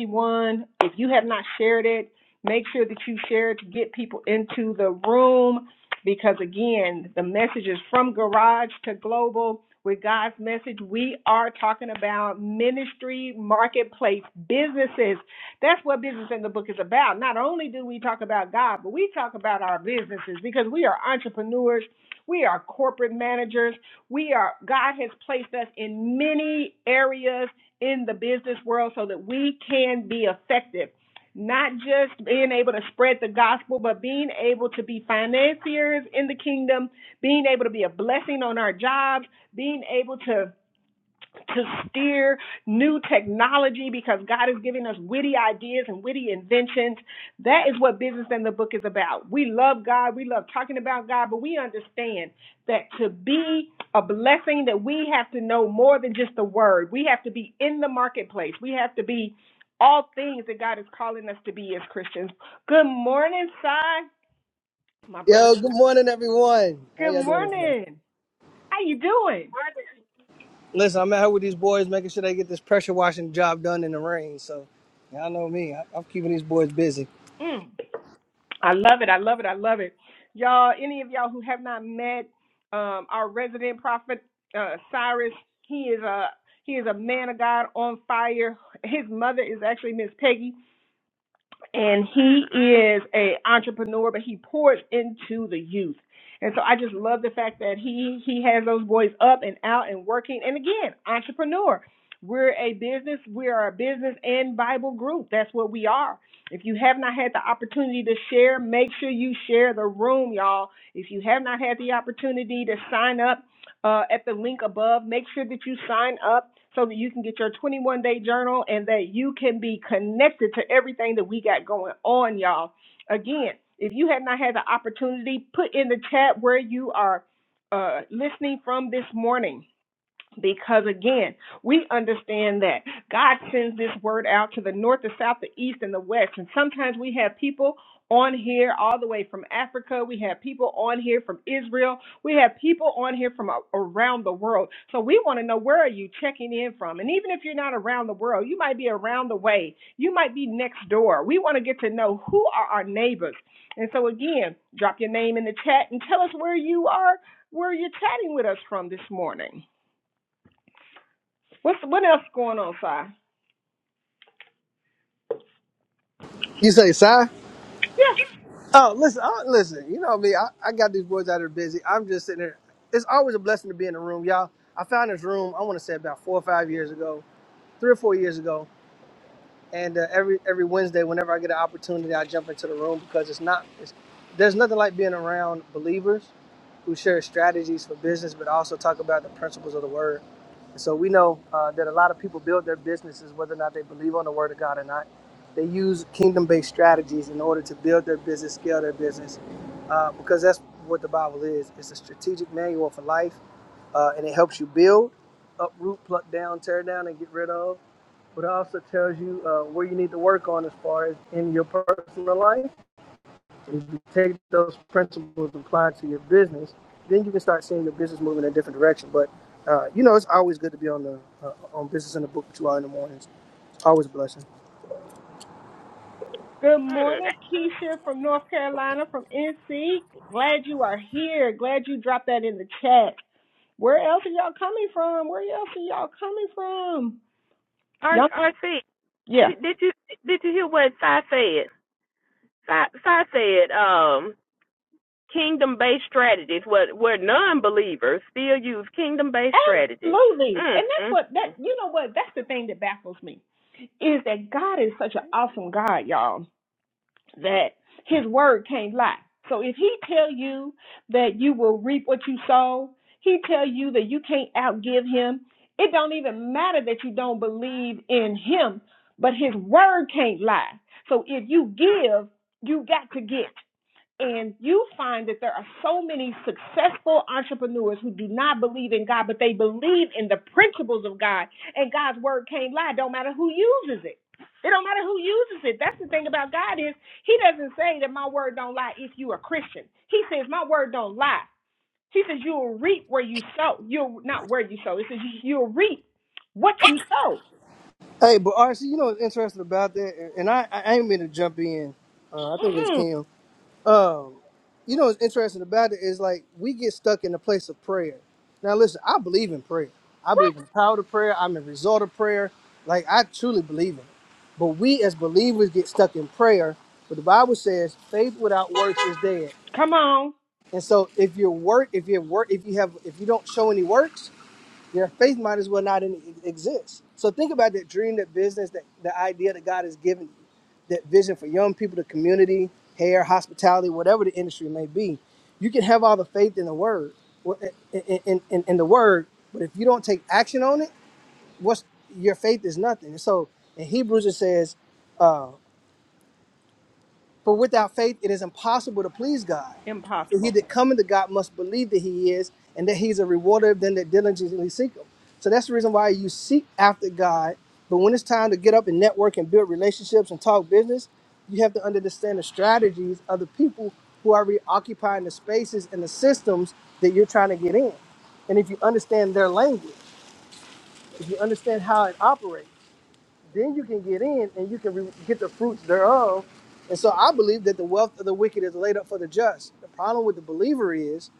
Speaker 3: 8:51. If you have not shared it, make sure that you share it to get people into the room because again, the message is from garage to global. With God's message, we are talking about ministry, marketplace, businesses. That's what business in the book is about. Not only do we talk about God, but we talk about our businesses because we are entrepreneurs we are corporate managers. We are, God has placed us in many areas in the business world so that we can be effective. Not just being able to spread the gospel, but being able to be financiers in the kingdom, being able to be a blessing on our jobs, being able to to steer new technology because God is giving us witty ideas and witty inventions. That is what business and the book is about. We love God, we love talking about God, but we understand that to be a blessing that we have to know more than just the word. We have to be in the marketplace. We have to be all things that God is calling us to be as Christians. Good morning, Si. My brother.
Speaker 5: Yo, good morning, everyone. How
Speaker 3: Good
Speaker 5: y'all doing this morning?
Speaker 3: morning. How you doing?
Speaker 2: Why
Speaker 5: Listen, I'm out here with these boys, making sure they get this pressure washing job done in the rain. So, y'all know me. I, I'm keeping these boys busy.
Speaker 3: Mm. I love it. I love it. I love it. Y'all, any of y'all who have not met um, our resident prophet uh, Cyrus, he is a he is a man of God on fire. His mother is actually Miss Peggy and he is a entrepreneur, but he pours into the youth. And so I just love the fact that he he has those boys up and out and working. And again, entrepreneur. We're a business. We are a business and Bible group. That's what we are. If you have not had the opportunity to share, make sure you share the room, y'all. If you have not had the opportunity to sign up uh, at the link above. Make sure that you sign up so that you can get your 21 day journal and that you can be connected to everything that we got going on, y'all. Again, if you have not had the opportunity, put in the chat where you are uh, listening from this morning because again, we understand that God sends this word out to the north, the south, the east, and the west. And sometimes we have people on here all the way from Africa. We have people on here from Israel. We have people on here from a- around the world. So we want to know where are you checking in from? And even if you're not around the world, you might be around the way. You might be next door. We want to get to know who are our neighbors. And so again, drop your name in the chat and tell us where you are, where you're chatting with us from this morning. What's what else going on, Sai?
Speaker 5: You say, "Sir?"
Speaker 3: Yeah.
Speaker 5: Oh, listen, I, listen. You know me. I, I got these boys out here busy. I'm just sitting there. It's always a blessing to be in the room, y'all. I found this room. I want to say about four or five years ago, three or four years ago. And uh, every every Wednesday, whenever I get an opportunity, I jump into the room because it's not. It's, there's nothing like being around believers who share strategies for business, but also talk about the principles of the word. And so we know uh, that a lot of people build their businesses whether or not they believe on the word of God or not. They use kingdom based strategies in order to build their business, scale their business, uh, because that's what the Bible is. It's a strategic manual for life, uh, and it helps you build, uproot, pluck down, tear down, and get rid of. But it also tells you uh, where you need to work on as far as in your personal life if you take those principles and apply it to your business, then you can start seeing your business moving in a different direction. But uh, you know, it's always good to be on the uh, on business in the book two hour in the mornings. It's always a blessing.
Speaker 3: Good
Speaker 2: Hmm.
Speaker 3: morning, Keisha from North Carolina, from NC. Glad you are here. Glad you dropped that in the chat. Where else are y'all coming from? Where else are y'all coming from? Y'all,
Speaker 2: RC,
Speaker 3: yeah,
Speaker 2: did, did you did you hear what Sai said? Sai, Sai said, um, kingdom based strategies, where where non believers still use kingdom based strategies.
Speaker 3: absolutely.
Speaker 2: Mm,
Speaker 3: And that's
Speaker 2: mm,
Speaker 3: what that
Speaker 2: mm.
Speaker 3: you know what that's the thing that baffles me is that God is such an awesome God, y'all that his word can't lie. So if he tell you that you will reap what you sow, he tell you that you can't outgive him, it don't even matter that you don't believe in him, but his word can't lie. So if you give, you got to get and you find that there are so many successful entrepreneurs who do not believe in God, but they believe in the principles of God, and God's word can't lie. Don't matter who uses it. It don't matter who uses it. That's the thing about God is He doesn't say that my word don't lie if you a Christian. He says my word don't lie. He says you will reap where you sow. You'll not where you sow. It says you'll reap what you sow.
Speaker 5: Hey, but RC, you know what's interesting about that, and I I ain't mean to jump in. Uh, I think it's
Speaker 3: Mm-mm.
Speaker 5: Kim. Um, you know what's interesting about it is like we get stuck in the place of prayer. Now listen, I believe in prayer. I believe in the power of prayer. I'm a result of prayer. Like I truly believe in it. But we as believers get stuck in prayer. But the Bible says faith without works is dead.
Speaker 3: Come on,
Speaker 5: And so if your work, if you work, if you have, if you don't show any works, your faith might as well not even exist. So think about that dream, that business, that the idea that God has given you, that vision for young people, the community, hair, hospitality, whatever the industry may be. You can have all the faith in the word, wh- in, in, in, in the word, but if you don't take action on it, what's your faith is nothing. And so in Hebrews it says for without faith, it is impossible to please God. For
Speaker 3: impossible.
Speaker 5: he that cometh to God must believe that he is, and that he's a rewarder of them that diligently seek him. So that's the reason why you seek after God. But when it's time to get up and network and build relationships and talk business, you have to understand the strategies of the people who are reoccupying the spaces and the systems that you're trying to get in. And if you understand their language, if you understand how it operates, then you can get in and you can re- get the fruits thereof. And so I believe that the wealth of the wicked is laid up for the just. The problem with the believer is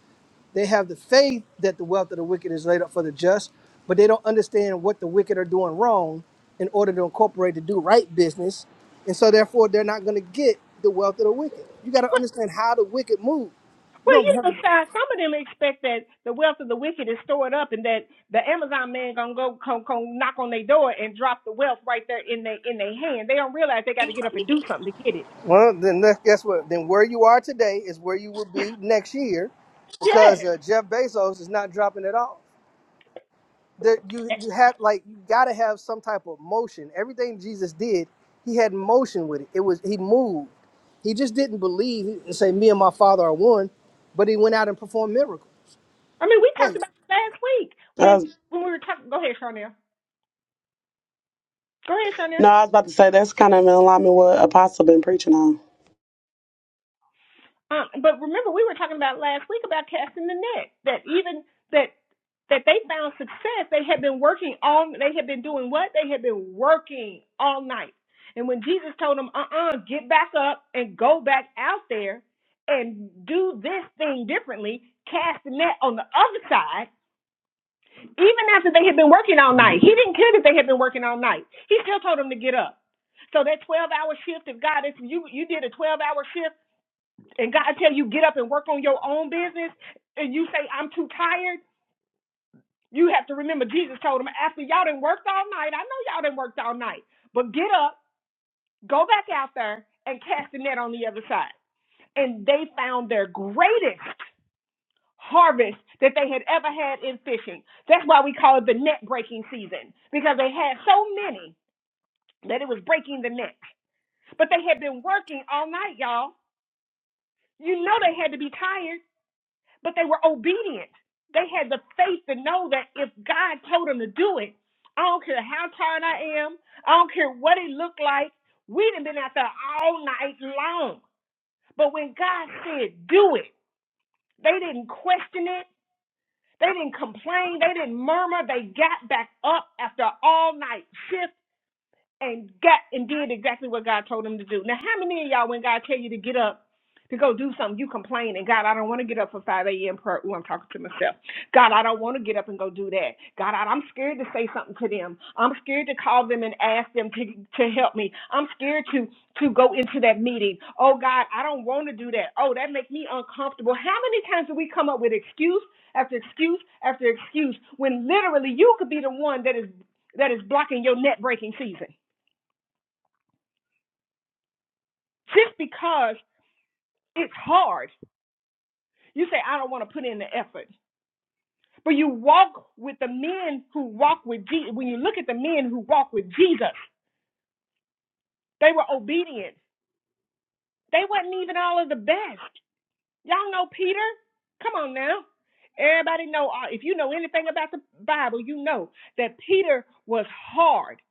Speaker 5: they have the faith that the wealth of the wicked is laid up for the just, but they don't understand what the wicked are doing wrong in order to incorporate the do right business. And so therefore they're not going to get the wealth of the wicked. You got to understand how the wicked move. You
Speaker 3: Well,
Speaker 5: don't
Speaker 3: you
Speaker 5: have
Speaker 3: know,
Speaker 5: to.
Speaker 3: Sai, some of them expect that the wealth of the wicked is stored up, and that the Amazon man gonna go come, come knock on their door and drop the wealth right there in their in their hand. They don't realize they got to get up and do something to get it.
Speaker 5: Well, then that- guess what? Then where you are today is where you will be next year
Speaker 3: Yes,
Speaker 5: because uh, Jeff Bezos is not dropping it off. that you you have like you gotta have some type of motion. Everything Jesus did, he had motion with it. It was he moved. He just didn't believe and say, "Me and my Father are one," but he went out and performed miracles.
Speaker 3: I mean we talked
Speaker 5: Hey,
Speaker 3: about it last week
Speaker 6: I
Speaker 3: when
Speaker 6: was,
Speaker 3: when we were talking. Go ahead, Charnel. Go ahead, Charnel.
Speaker 6: no, I was about to say that's kind of in alignment with what Apostle been preaching on.
Speaker 3: Um, but remember, we were talking about last week about casting the net. That even that that they found success. They had been working all. They had been doing what? They had been working all night. And when Jesus told them, "Uh-uh, get back up and go back out there and do this thing differently," cast the net on the other side. Even after they had been working all night, he didn't care that they had been working all night. He still told them to get up. So that twelve hour shift, if God, if you you did a twelve hour shift and God tell you get up and work on your own business, and you say I'm too tired, you have to remember Jesus told him after y'all done worked all night. I know y'all done worked all night, but get up, go back out there, and cast the net on the other side. And they found their greatest harvest that they had ever had in fishing. That's why we call it the net breaking season because they had so many that it was breaking the net. But they had been working all night, y'all. You know they had to be tired but they were obedient. They had the faith to know that if God told them to do it, I don't care how tired I am, I don't care what it looked like, we'd have been out there all night long. But when God said, do it, they didn't question it. They didn't complain. They didn't murmur. They got back up after all night shift and got and did exactly what God told him to do. Now, how many of y'all, when God tell you to get up to go do something, you complain and God, I don't want to get up for 5 a.m. prayer. Ooh, I'm talking to myself. God, I don't want to get up and go do that. God, I, I'm scared to say something to them. I'm scared to call them and ask them to to help me. I'm scared to to go into that meeting. Oh God, I don't want to do that. Oh, that makes me uncomfortable. How many times do we come up with excuse after excuse after excuse when literally you could be the one that is that is blocking your net breaking season? just because it's hard. You say, I don't want to put in the effort. But you walk with the men who walk with Jesus. When you look at the men who walk with Jesus, they were obedient. They wasn't even all of the best. Y'all know Peter? Come on now. Everybody know, uh, if you know anything about the Bible, you know that Peter was hard.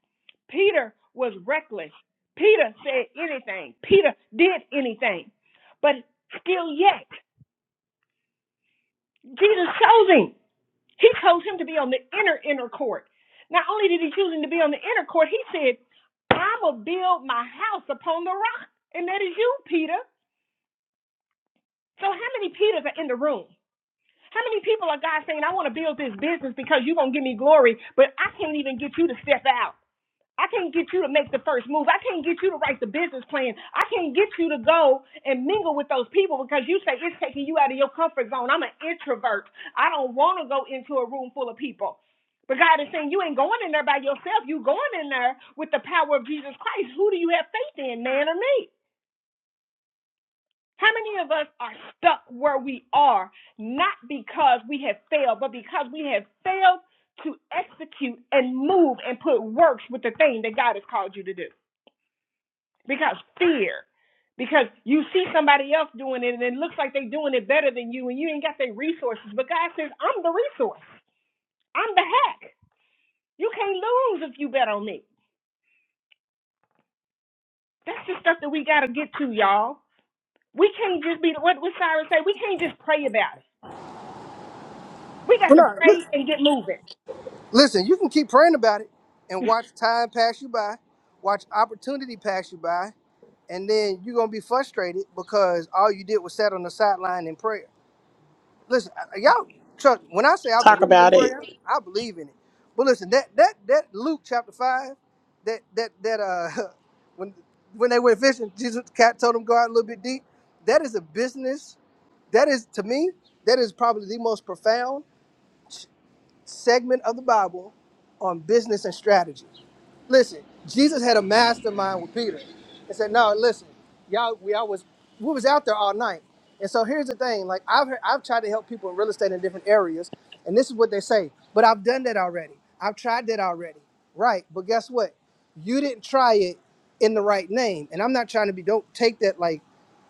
Speaker 3: Peter was reckless. Peter said anything. Peter did anything. But still yet, Jesus chose him. He chose him to be on the inner, inner court. Not only did he choose him to be on the inner court, he said, I will build my house upon the rock. And that is you, Peter. So how many Peters are in the room? How many people are God saying, I want to build this business because you're going to give me glory, but I can't even get you to step out? I can't get you to make the first move. I can't get you to write the business plan. I can't get you to go and mingle with those people because you say it's taking you out of your comfort zone. I'm an introvert. I don't want to go into a room full of people. But God is saying you ain't going in there by yourself. You going in there with the power of Jesus Christ. Who do you have faith in, man or me? How many of us are stuck where we are, not because we have failed, but because we have failed to execute and move and put works with the thing that God has called you to do? because fear. Because you see somebody else doing it and it looks like they're doing it better than you and you ain't got their resources. But God says, I'm the resource. I'm the hack. You can't lose if you bet on me. That's the stuff that we gotta get to, y'all. We can't just be what what Cyrus say, we can't just pray about it. We
Speaker 5: we're
Speaker 3: got to
Speaker 5: not- li-
Speaker 3: pray and get moving.
Speaker 5: listen, you can keep praying about it and watch time pass you by, watch opportunity pass you by, and then you're gonna be frustrated because all you did was sat on the sideline in prayer. listen, I- y'all. Trust when I say I
Speaker 6: Talk
Speaker 5: believe in
Speaker 6: about it.
Speaker 5: prayer, I believe in it. But listen, that that that Luke chapter five, that that that uh, when when they went fishing, Jesus cat told them go out a little bit deep. That is a business. That is to me, that is probably the most profound segment of the Bible on business and strategy. Listen, Jesus had a mastermind with Peter and said, No, listen, y'all, we all was we was out there all night. And so here's the thing, like I've heard, I've tried to help people in real estate in different areas, and this is what they say, but I've done that already. I've tried that already. Right. But guess what? You didn't try it in the right name. And I'm not trying to be don't take that like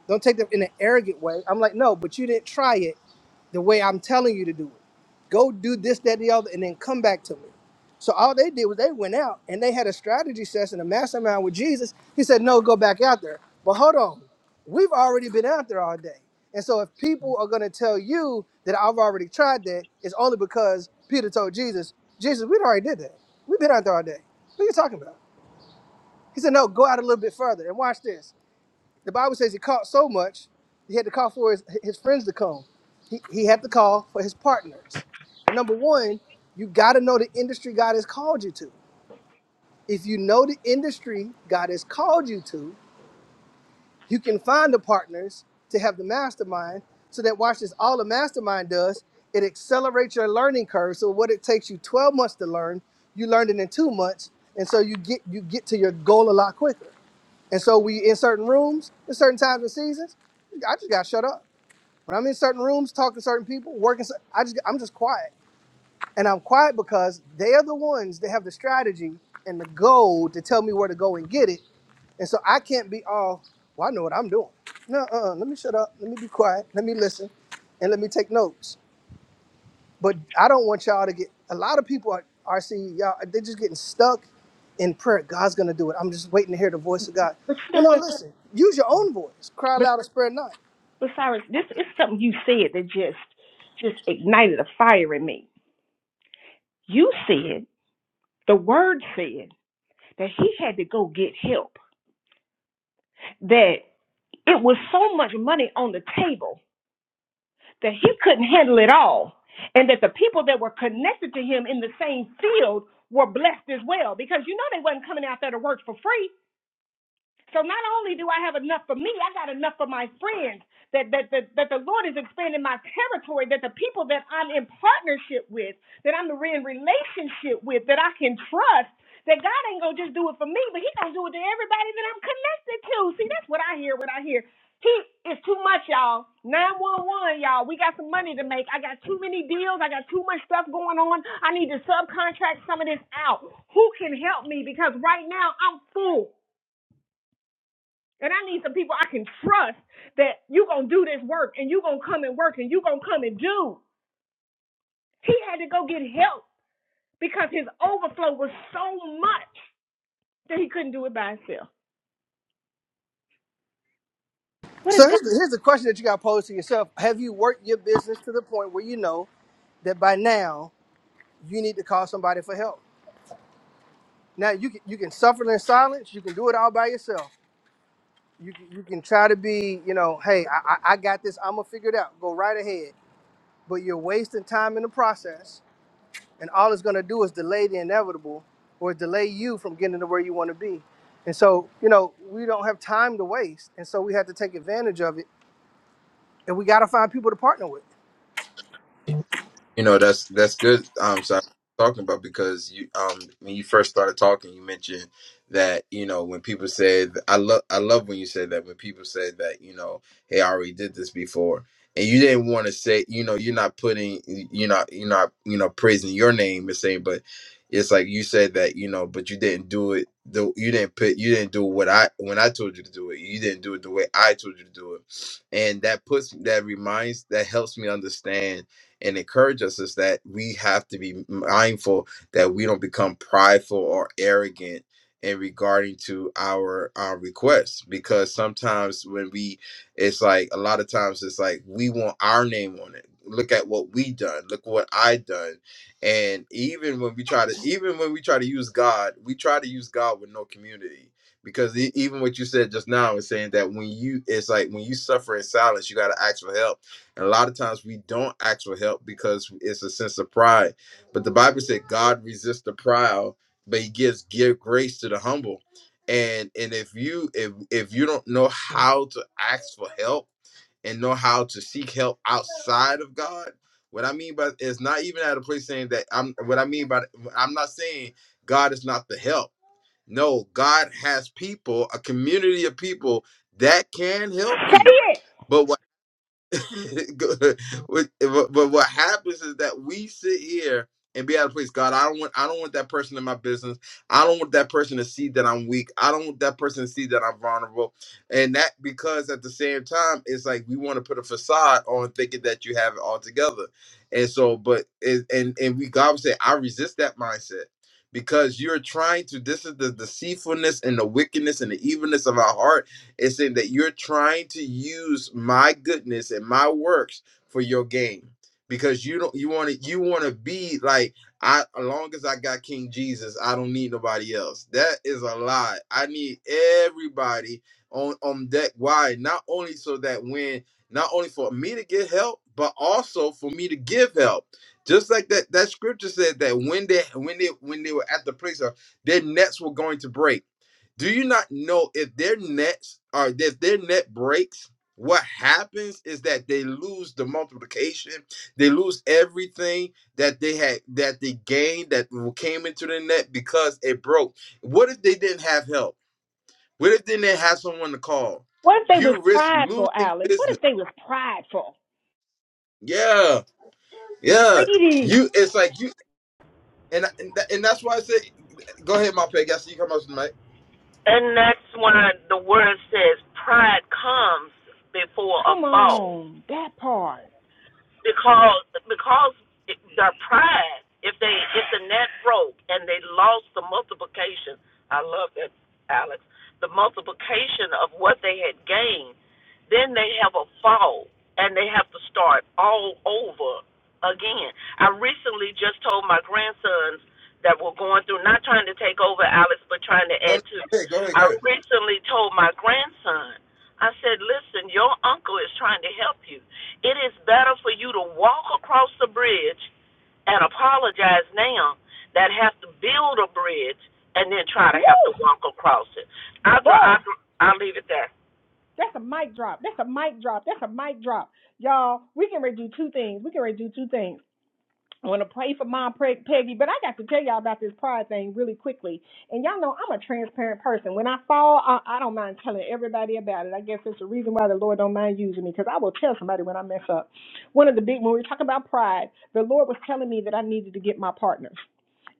Speaker 5: don't take that in an arrogant way. I'm like, no, but you didn't try it the way I'm telling you to do it. Go do this, that, the other, and then come back to me. So all they did was they went out and they had a strategy session, a mastermind with Jesus. He said, No, go back out there. But hold on, we've already been out there all day. And so if people are gonna tell you that I've already tried that, it's only because Peter told Jesus, Jesus, we'd already did that. We've been out there all day. What are you talking about? He said, No, go out a little bit further and watch this. The Bible says he caught so much, he had to call for his, his friends to come. He, he had to call for his partners. But number one, you gotta know the industry God has called you to. If you know the industry God has called you to, you can find the partners to have the mastermind so that watch this all the mastermind does, it accelerates your learning curve. So what it takes you 12 months to learn, you learned it in 2 months and so you get you get to your goal a lot quicker. And so we in certain rooms, in certain times and seasons, I just got to shut up. When I'm in certain rooms talking to certain people, working, so I just I'm just quiet and I'm quiet because they are the ones that have the strategy and the goal to tell me where to go and get it. And so I can't be all, well, I know what I'm doing. No, uh-uh, let me shut up. Let me be quiet. Let me listen and let me take notes. But I don't want y'all to get, a lot of people are, are seeing y'all, they're just getting stuck in prayer. God's going to do it. I'm just waiting to hear the voice of God.
Speaker 3: But you
Speaker 5: You
Speaker 3: know
Speaker 5: know,
Speaker 3: what
Speaker 5: listen, use your own voice. Cry
Speaker 3: but,
Speaker 5: loud and spare not.
Speaker 3: but Cyrus, this is something you said that just just ignited a fire in me. You said, the word said that he had to go get help that it was so much money on the table that he couldn't handle it all, and that the people that were connected to him in the same field were blessed as well because you know they wasn't coming out there to work for free so not only do I have enough for me, I got enough for my friends. That that that, that the Lord is expanding my territory. That the people that I'm in partnership with, that I'm in relationship with, that I can trust. That God ain't gonna just do it for me, but He gonna do it to everybody that I'm connected to. See, that's what I hear. What I hear. He is too much, y'all. 911, y'all. We got some money to make. I got too many deals. I got too much stuff going on. I need to subcontract some of this out. Who can help me? Because right now I'm full. And I need some people I can trust that you gonna do this work and you gonna come and work and you gonna come and do. He had to go get help because his overflow was so much that he couldn't do it by himself. What
Speaker 5: So
Speaker 3: if
Speaker 5: here's
Speaker 3: God
Speaker 5: the, here's the question that you got to pose to yourself. Have you worked your business to the point where you know that by now you need to call somebody for help. Now you can you can suffer in silence. You can do it all by yourself. You can, you can try to be you know, hey, I, I I got this. I'm gonna figure it out. Go right ahead. But you're wasting time in the process, and all it's gonna do is delay the inevitable, or delay you from getting to where you want to be. And so you know we don't have time to waste, and so we have to take advantage of it, and we got to find people to partner with.
Speaker 1: You know, that's that's good. Um, so I'm talking about because you um when you first started talking, you mentioned that you know when people said I love I love when you said that when people said that you know hey I already did this before and you didn't want to say you know you're not putting you're not you're not you know praising your name and saying but it's like you said that you know but you didn't do it the you didn't put you didn't do what I when I told you to do it you didn't do it the way I told you to do it and that puts that reminds that helps me understand and encourage us is that we have to be mindful that we don't become prideful or arrogant in regarding to our our requests because sometimes when we it's like a lot of times it's like we want our name on it look at what we done look what i done and even when we try to even when we try to use god we try to use god with no community because e- even what you said just now is saying that when you it's like when you suffer in silence you got to ask for help and a lot of times we don't ask for help because it's a sense of pride. But the Bible said God resists the proud, but he gives give grace to the humble. And and if you if if you don't know how to ask for help and know how to seek help outside of God, what I mean by it's not even at a place saying that I'm what I mean by I'm not saying God is not the help. No, God has people, a community of people that can help
Speaker 3: say
Speaker 1: you.
Speaker 3: it?
Speaker 1: but what. Go- what- but but what happens is that we sit here and be out of place. God, I don't want I don't want that person in my business. I don't want that person to see that I'm weak. I don't want that person to see that I'm vulnerable. And that because at the same time, it's like we want to put a facade on thinking that you have it all together. And so, but and and and we God would say, I resist that mindset because you're trying to. This is the deceitfulness and the wickedness and the evilness of our heart it's saying that you're trying to use my goodness and my works for your gain because you don't you want to you want to be like I as long as I got King Jesus, I don't need nobody else. That is a lie. I need everybody on on deck. Why? Not only so that when not only for me to get help, but also for me to give help. Just like that that scripture said that when they when they when they were at the place of their nets were going to break do you not know if their nets or if their net breaks, what happens is that they lose the multiplication, they lose everything that they had that they gained that came into the net because it broke. What if they didn't have help? What if they didn't have someone to call?
Speaker 3: What if they was
Speaker 1: You risk
Speaker 3: prideful,
Speaker 1: losing
Speaker 3: Alex? What
Speaker 1: business.
Speaker 3: if they was prideful?
Speaker 1: Yeah, yeah.
Speaker 3: Greedy.
Speaker 1: You, it's like you, and and, and that's why I say, go ahead, my peg. I see you come up to the mic.
Speaker 4: And that's why the word says pride comes before a
Speaker 3: Come
Speaker 4: fall
Speaker 3: on, that part.
Speaker 4: because because it, their pride if they if the net broke and they lost the multiplication i love that alex the multiplication of what they had gained then they have a fall and they have to start all over again i recently just told my grandsons that were going through not trying to take over alex but trying to
Speaker 1: No, no,
Speaker 4: add to
Speaker 1: go ahead, go ahead, go
Speaker 4: i
Speaker 1: ahead.
Speaker 4: recently told my grandson i said listen your uncle is trying to help you it is better for you to walk across the bridge and apologize now than have to build a bridge and then try to
Speaker 3: Woo!
Speaker 4: have to walk across it. I'll, i
Speaker 3: Boy,
Speaker 4: I'll, i I'll leave it there.
Speaker 3: that's a mic drop. That's a mic drop. That's a mic drop. Y'all, we can redo two things. We can redo two things. I want to pray for Mom Peggy, but I got to tell y'all about this pride thing really quickly. And y'all know I'm a transparent person. When I fall, I, I don't mind telling everybody about it. I guess it's the reason why the Lord don't mind using me, because I will tell somebody when I mess up. One of the big when we talk about pride, the Lord was telling me that I needed to get my partners.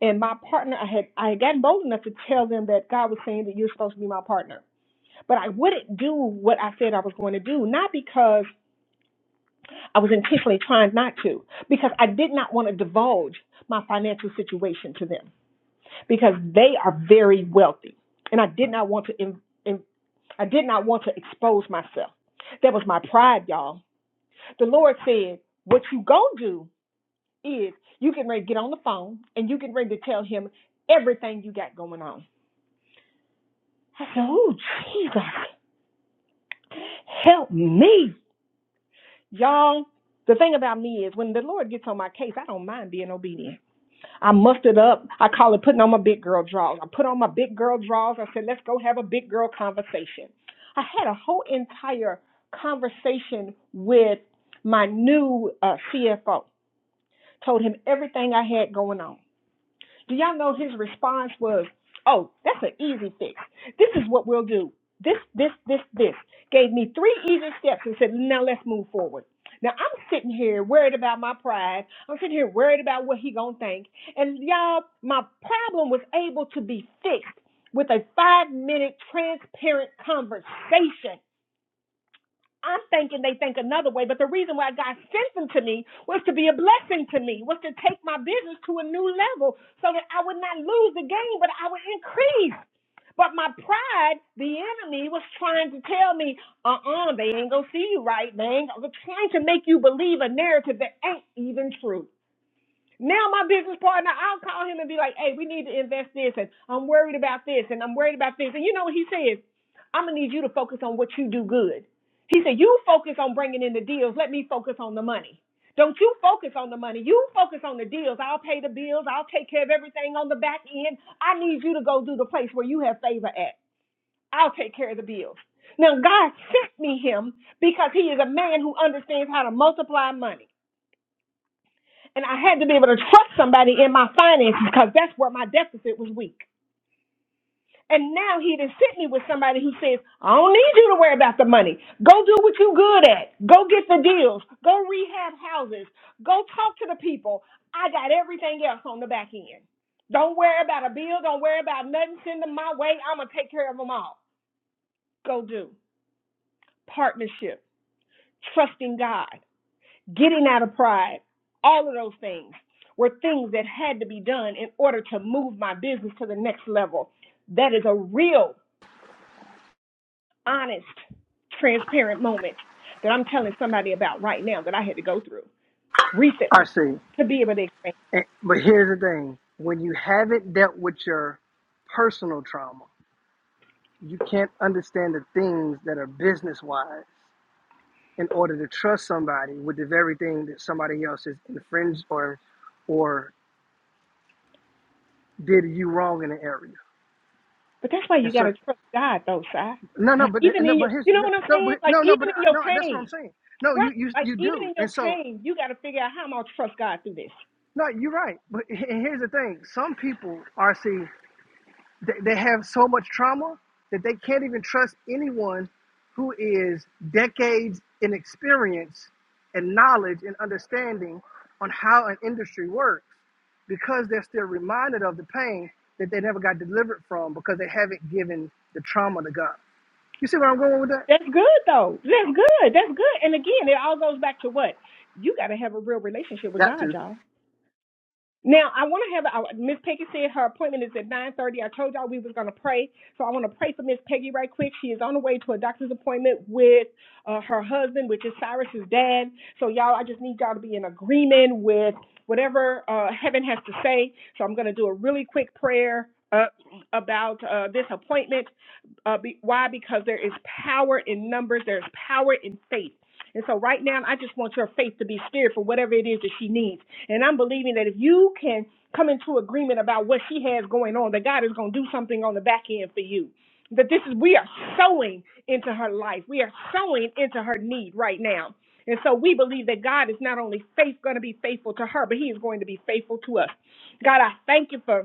Speaker 3: And my partner, I had I had gotten bold enough to tell them that God was saying that you're supposed to be my partner. But I wouldn't do what I said I was going to do, not because I was intentionally trying not to because I did not want to divulge my financial situation to them because they are very wealthy, and I did not want to. In, in, I did not want to expose myself. That was my pride, y'all. The Lord said, "What you go do is you can ready to get on the phone and you can ready to tell him everything you got going on." I said, "Oh Jesus, help me, y'all." The thing about me is, when the Lord gets on my case, I don't mind being obedient. I mustered up. I call it putting on my big girl drawers. I put on my big girl drawers. I said, let's go have a big girl conversation. I had a whole entire conversation with my new uh, CFO. Told him everything I had going on. Do y'all know his response was, "Oh, that's an easy fix. This is what we'll do. This, this, this, this." Gave me three easy steps and said, "Now let's move forward." Now I'm sitting here worried about my pride. I'm sitting here worried about what he gonna think. And y'all, my problem was able to be fixed with a five minute transparent conversation I'm thinking they think another way, but the reason why God sent them to me was to be a blessing to me, was to take my business to a new level so that I would not lose the game, but I would increase. But my pride, the enemy, was trying to tell me, uh uh they ain't gonna see you right. They ain't gonna, they're trying to make you believe a narrative that ain't even true. Now my business partner, I'll call him and be like, "Hey, we need to invest this, and I'm worried about this, and I'm worried about this." And you know what he says? I'm gonna need you to focus on what you do good. He said, "You focus on bringing in the deals. Let me focus on the money. Don't you focus on the money. You focus on the deals. I'll pay the bills. I'll take care of everything on the back end. I need you to go do the place where you have favor at. I'll take care of the bills." Now God sent me him because he is a man who understands how to multiply money. And I had to be able to trust somebody in my finances because that's where my deficit was weak. And now he done sent me with somebody who says, I don't need you to worry about the money. Go do what you good at. Go get the deals. Go rehab houses. Go talk to the people. I got everything else on the back end. Don't worry about a bill. Don't worry about nothing. Send them my way. I'm going to take care of them all. Go do. Partnership. Trusting God. getting out of pride, all of those things were things that had to be done in order to move my business to the next level. That is a real, honest, transparent moment that I'm telling somebody about right now that I had to go through
Speaker 5: I
Speaker 3: recently
Speaker 5: see.
Speaker 3: to be able to expand.
Speaker 5: And, but here's the thing: when you haven't dealt with your personal trauma, you can't understand the things that are business wise in order to trust somebody with the very thing that somebody else has infringed or or did you wrong in an area.
Speaker 3: But that's why
Speaker 5: And
Speaker 3: you got
Speaker 5: so
Speaker 3: to trust God, though, Si.
Speaker 5: no no but
Speaker 3: Even
Speaker 5: no
Speaker 3: in
Speaker 5: but
Speaker 3: your,
Speaker 5: here's
Speaker 3: you know
Speaker 5: no
Speaker 3: what I'm
Speaker 5: no, but
Speaker 3: saying? Like,
Speaker 5: no no but
Speaker 3: even
Speaker 5: uh,
Speaker 3: in your
Speaker 5: no that's what I'm
Speaker 3: pain,
Speaker 5: saying. No
Speaker 3: right?
Speaker 5: you you
Speaker 3: Like,
Speaker 5: you
Speaker 3: even
Speaker 5: do.
Speaker 3: in your
Speaker 5: And so
Speaker 3: pain, you got to figure out how I'm going to trust God through this.
Speaker 5: no you're right. But he- here's the thing. Some people are RC they, have so much trauma that they can't even trust anyone who is decades in experience and knowledge and understanding on how an industry works because they're still reminded of the pain that they never got delivered from because they haven't given the trauma to God. You see where I'm going with that?
Speaker 3: That's good though. That's good. That's good. And again, it all goes back to what? You got to have a real relationship with
Speaker 5: Got
Speaker 3: God,
Speaker 5: to.
Speaker 3: y'all. Now I want to have uh, Miss Peggy said her appointment is at nine thirty. I told y'all we was gonna pray, so I want to pray for Miss Peggy right quick. She is on the way to a doctor's appointment with uh, her husband, which is Cyrus's dad. So y'all, I just need y'all to be in agreement with whatever uh, heaven has to say. So I'm gonna do a really quick prayer. Uh, about uh, this appointment. Uh, be, why? Because there is power in numbers, there's power in faith. And so, right now, I just want your faith to be steered for whatever it is that she needs. And I'm believing that if you can come into agreement about what she has going on, that God is going to do something on the back end for you. That this is, we are sowing into her life, we are sowing into her need right now. And so we believe that God is not only faith, going to be faithful to her, but He is going to be faithful to us. God, I thank you for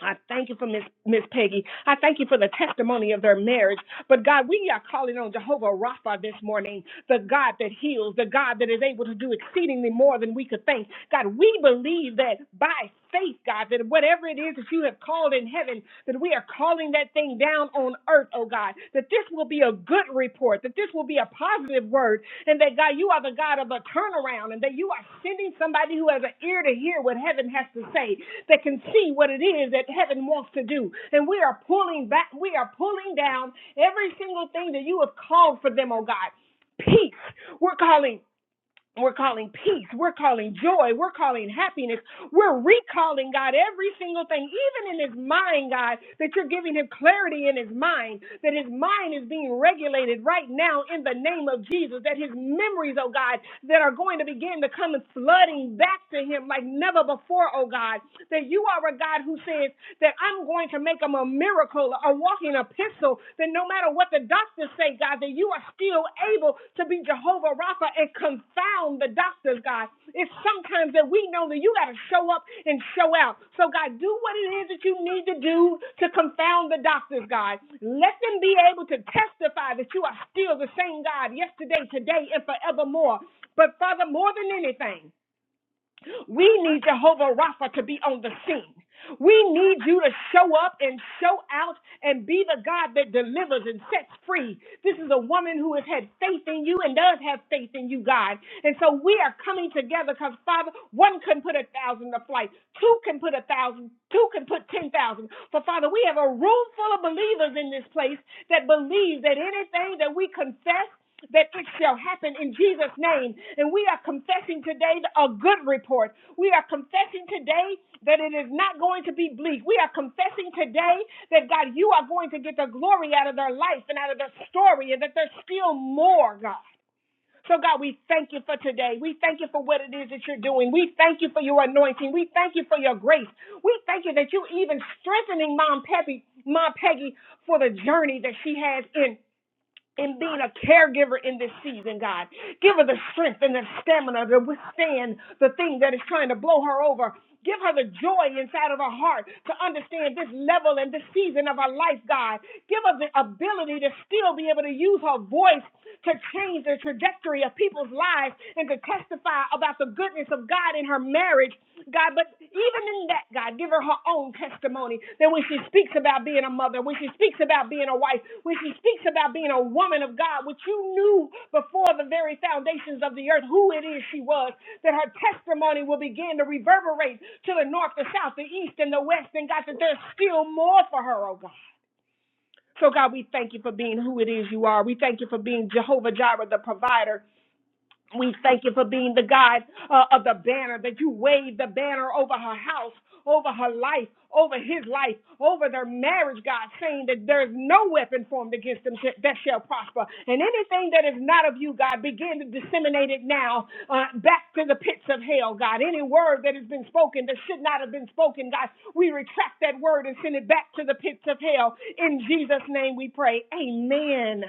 Speaker 3: I thank you for Miss Miss Peggy. I thank you for the testimony of their marriage. But God, we are calling on Jehovah Rapha this morning, the God that heals, the God that is able to do exceedingly more than we could think. God, we believe that by faith, God, that whatever it is that you have called in heaven, that we are calling that thing down on earth, oh God, that this will be a good report, that this will be a positive word, and that God, you are the God of a turnaround, and that you are sending somebody who has an ear to hear what heaven has to say that can see what it is that heaven wants to do. And we are pulling back, we are pulling down every single thing that you have called for them, oh God. Peace. We're calling we're calling peace. We're calling joy. We're calling happiness. We're recalling, God, every single thing, even in his mind, God, that you're giving him clarity in his mind, that his mind is being regulated right now in the name of Jesus, that his memories, oh God, that are going to begin to come flooding back to him like never before, oh God, that you are a God who says, that I'm going to make them a miracle, a walking epistle, that no matter what the doctors say, God, that you are still able to be Jehovah Rapha and confound the doctors, God. It's sometimes that we know that you got to show up and show out. So, God, do what it is that you need to do to confound the doctors, God. Let them be able to testify that you are still the same God yesterday, today, and forevermore. But, Father, more than anything, we need Jehovah Rapha to be on the scene. We need you to show up and show out and be the God that delivers and sets free. This is a woman who has had faith in you and does have faith in you, God. And so we are coming together because, Father, one can put a thousand to flight, two can put a thousand. Two can put ten thousand. For, Father, we have a room full of believers in this place that believe that anything that we confess that it shall happen in Jesus' name. And we are confessing today a good report. We are confessing today that it is not going to be bleak. We are confessing today that God, you are going to get the glory out of their life and out of their story, and that there's still more, God. So, God, we thank you for today. We thank you for what it is that you're doing. We thank you for your anointing. We thank you for your grace. We thank you that you even strengthening Mom Peggy, Mom Peggy for the journey that she has in in being a caregiver in this season, God. Give her the strength and the stamina to withstand the thing that is trying to blow her over. Give her the joy inside of her heart to understand this level and this season of her life, God. Give her the ability to still be able to use her voice to change the trajectory of people's lives and to testify about the goodness of God in her marriage God, but even in that, God, give her her own testimony that when she speaks about being a mother, when she speaks about being a wife, when she speaks about being a woman of God, which you knew before the very foundations of the earth who it is she was, that her testimony will begin to reverberate to the north, the south, the east, and the west, and God, that there's still more for her, oh God. So, God, we thank you for being who it is you are. We thank you for being Jehovah Jireh, the provider. We thank you for being the God uh, of the banner, that you waved the banner over her house, over her life, over his life, over their marriage, God, saying that there's no weapon formed against them sh- that shall prosper. And anything that is not of you, God, begin to disseminate it now uh, back to the pits of hell, God. Any word that has been spoken that should not have been spoken, God, we retract that word and send it back to the pits of hell. In Jesus' name we pray. Amen.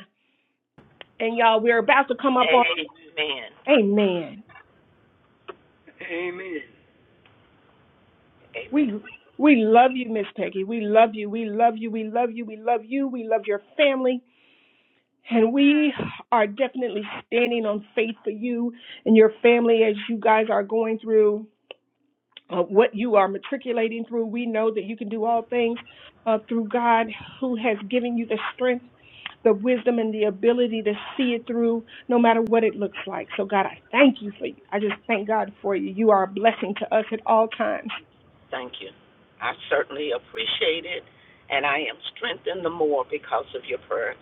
Speaker 3: And y'all, we're about to come up on
Speaker 4: Amen.
Speaker 3: Amen.
Speaker 4: Amen. Amen.
Speaker 3: We we love you, Miss Peggy. We love you. We love you. We love you. We love you. We love your family. And we are definitely standing on faith for you and your family as you guys are going through uh, what you are matriculating through. We know that you can do all things uh, through God who has given you the strength, the wisdom, and the ability to see it through no matter what it looks like. So, God, I thank you for you. I just thank God for you. You are a blessing to us at all times.
Speaker 4: Thank you. I certainly appreciate it, and I am strengthened the more because of your prayers.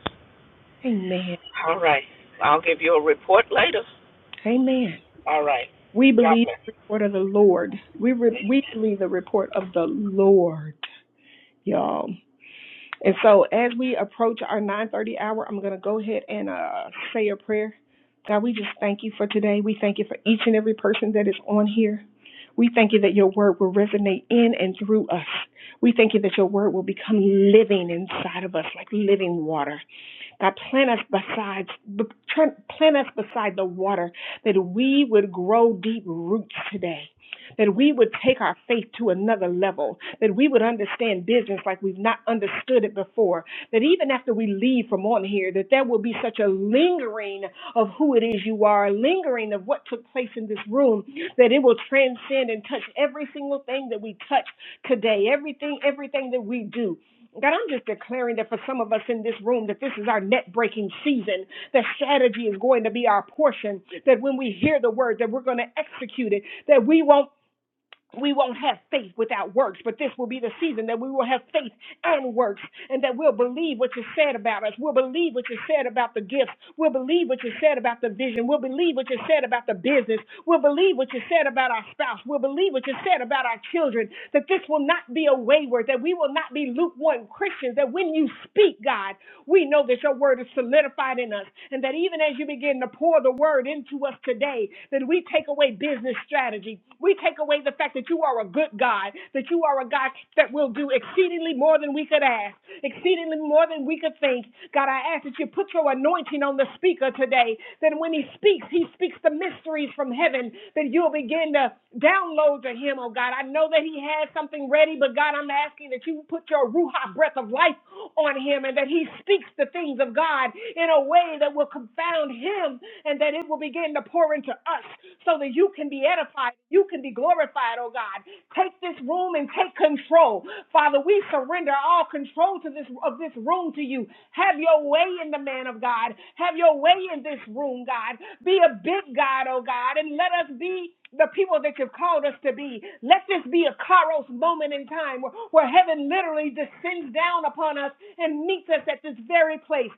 Speaker 3: Amen.
Speaker 4: All right. I'll give you a report later.
Speaker 3: Amen.
Speaker 4: All right.
Speaker 3: We
Speaker 4: God
Speaker 3: believe
Speaker 4: bless.
Speaker 3: the report of the Lord. We re- we believe the report of the Lord, y'all. And so as we approach our 9:30 hour, I'm going to go ahead and uh, say a prayer. God, we just thank you for today. We thank you for each and every person that is on here. We thank you that your word will resonate in and through us. We thank you that your word will become living inside of us like living water. God, plant us beside, plant us beside the water that we would grow deep roots today. That we would take our faith to another level, that we would understand business like we've not understood it before, that even after we leave from on here, that there will be such a lingering of who it is you are, a lingering of what took place in this room, that it will transcend and touch every single thing that we touch today, everything, everything that we do. God, I'm just declaring that for some of us in this room, that this is our net breaking season, that strategy is going to be our portion, that when we hear the word, that we're going to execute it, that we won't we won't have faith without works, but this will be the season that we will have faith and works, and that we'll believe what you said about us. We'll believe what you said about the gifts. We'll believe what you said about the vision. We'll believe what you said about the business. We'll believe what you said about our spouse. We'll believe what you said about our children. That this will not be a wayward, that we will not be lukewarm Christians, that when you speak, God, we know that your word is solidified in us, and that even as you begin to pour the word into us today, that we take away business strategy. We take away the fact that you are a good God, that you are a God God, that will do exceedingly more than we could ask, exceedingly more than we could think. God, I ask that you put your anointing on the speaker today, that when he speaks, he speaks the mysteries from heaven, that you'll begin to download to him, oh God. I know that he has something ready, but God, I'm asking that you put your Ruha breath of life on him and that he speaks the things of God in a way that will confound him and that it will begin to pour into us so that you can be edified, you can be glorified, oh God. Take this room and take control. Father, we surrender all control to this of this room to you. Have your way in the man of God. Have your way in this room, God. Be a big God, oh God, and let us be the people that you've called us to be. Let this be a Kairos moment in time where, where heaven literally descends down upon us and meets us at this very place.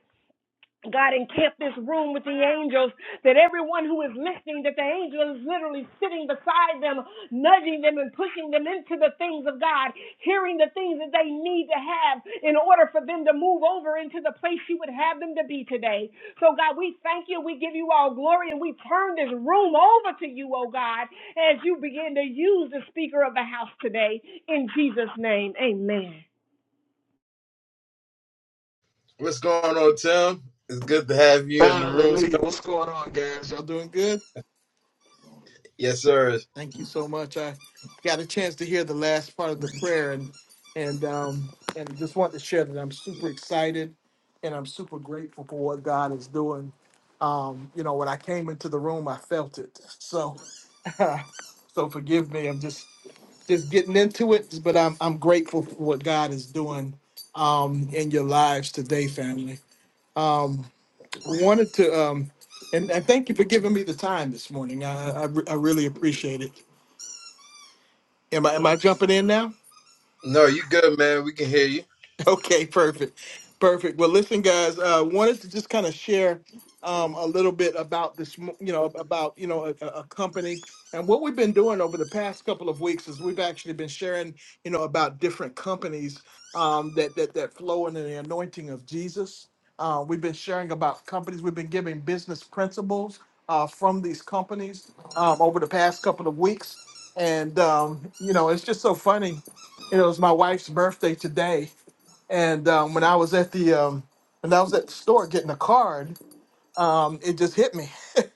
Speaker 3: God encamped this room with the angels, that everyone who is listening, that the angel is literally sitting beside them, nudging them and pushing them into the things of God, hearing the things that they need to have in order for them to move over into the place you would have them to be today. So, God, we thank you. We give you all glory and we turn this room over to you, oh God, as you begin to use the speaker of the house today. In Jesus' name, amen.
Speaker 1: What's going on, Tim? It's good to have you in the room.
Speaker 7: Hallelujah. What's going on, guys? Y'all doing good?
Speaker 1: Yes, sir.
Speaker 7: Thank you so much. I got a chance to hear the last part of the prayer and and um and just want to share that I'm super excited and I'm super grateful for what God is doing. Um, you know, when I came into the room, I felt it. So so forgive me. I'm just just getting into it, but I'm I'm grateful for what God is doing um in your lives today, family. Um, wanted to, um, and, and thank you for giving me the time this morning. I, I, I really appreciate it. Am I, am I jumping in now?
Speaker 1: No, you good, man. We can hear you.
Speaker 7: Okay, perfect. Perfect. Well, listen, guys, uh, wanted to just kind of share um, a little bit about this, mo- you know, about, you know, a, a company. And what we've been doing over the past couple of weeks is we've actually been sharing, you know, about different companies um, that, that, that flow in the anointing of Jesus. Uh, we've been sharing about companies. We've been giving business principles uh, from these companies um, over the past couple of weeks. And, um, you know, it's just so funny. You know, it's my wife's birthday today and um, when I was at the um, when I was at the store getting a card, um, it just hit me,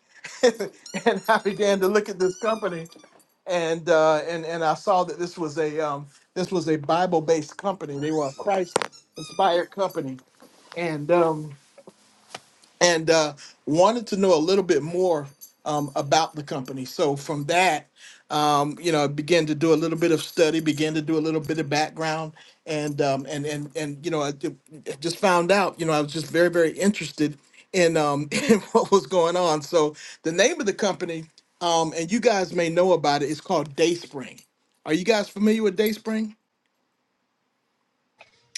Speaker 7: and I began to look at this company, and uh, and and I saw that this was a um, this was a Bible based company. They were a Christ inspired company, and um, and uh, wanted to know a little bit more um, about the company. So from that, um, you know, I began to do a little bit of study, began to do a little bit of background, and um, and and and you know, I ju- just found out. You know, I was just very very interested in um, in what was going on. So the name of the company, um, and you guys may know about it, is called DaySpring. Are you guys familiar with DaySpring?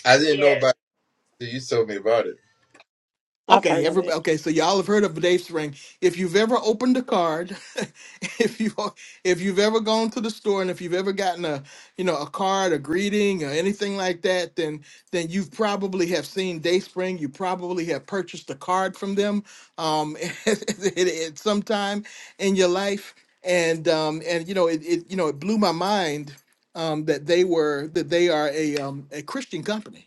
Speaker 1: I didn't know
Speaker 2: Yes.
Speaker 1: about it. till You told me about it.
Speaker 6: I've
Speaker 7: Okay,
Speaker 6: heard of
Speaker 7: everybody.
Speaker 6: it.
Speaker 7: Okay, so y'all have heard of Dave Spring. If you've ever opened a card, if you if you've ever gone to the store, and if you've ever gotten a you know a card, a greeting, or anything like that, then then you have probably have seen Dave Spring. You probably have purchased a card from them um, at, at at some time in your life, and um, and you know it, it you know it blew my mind um, that they were that they are a um, a Christian company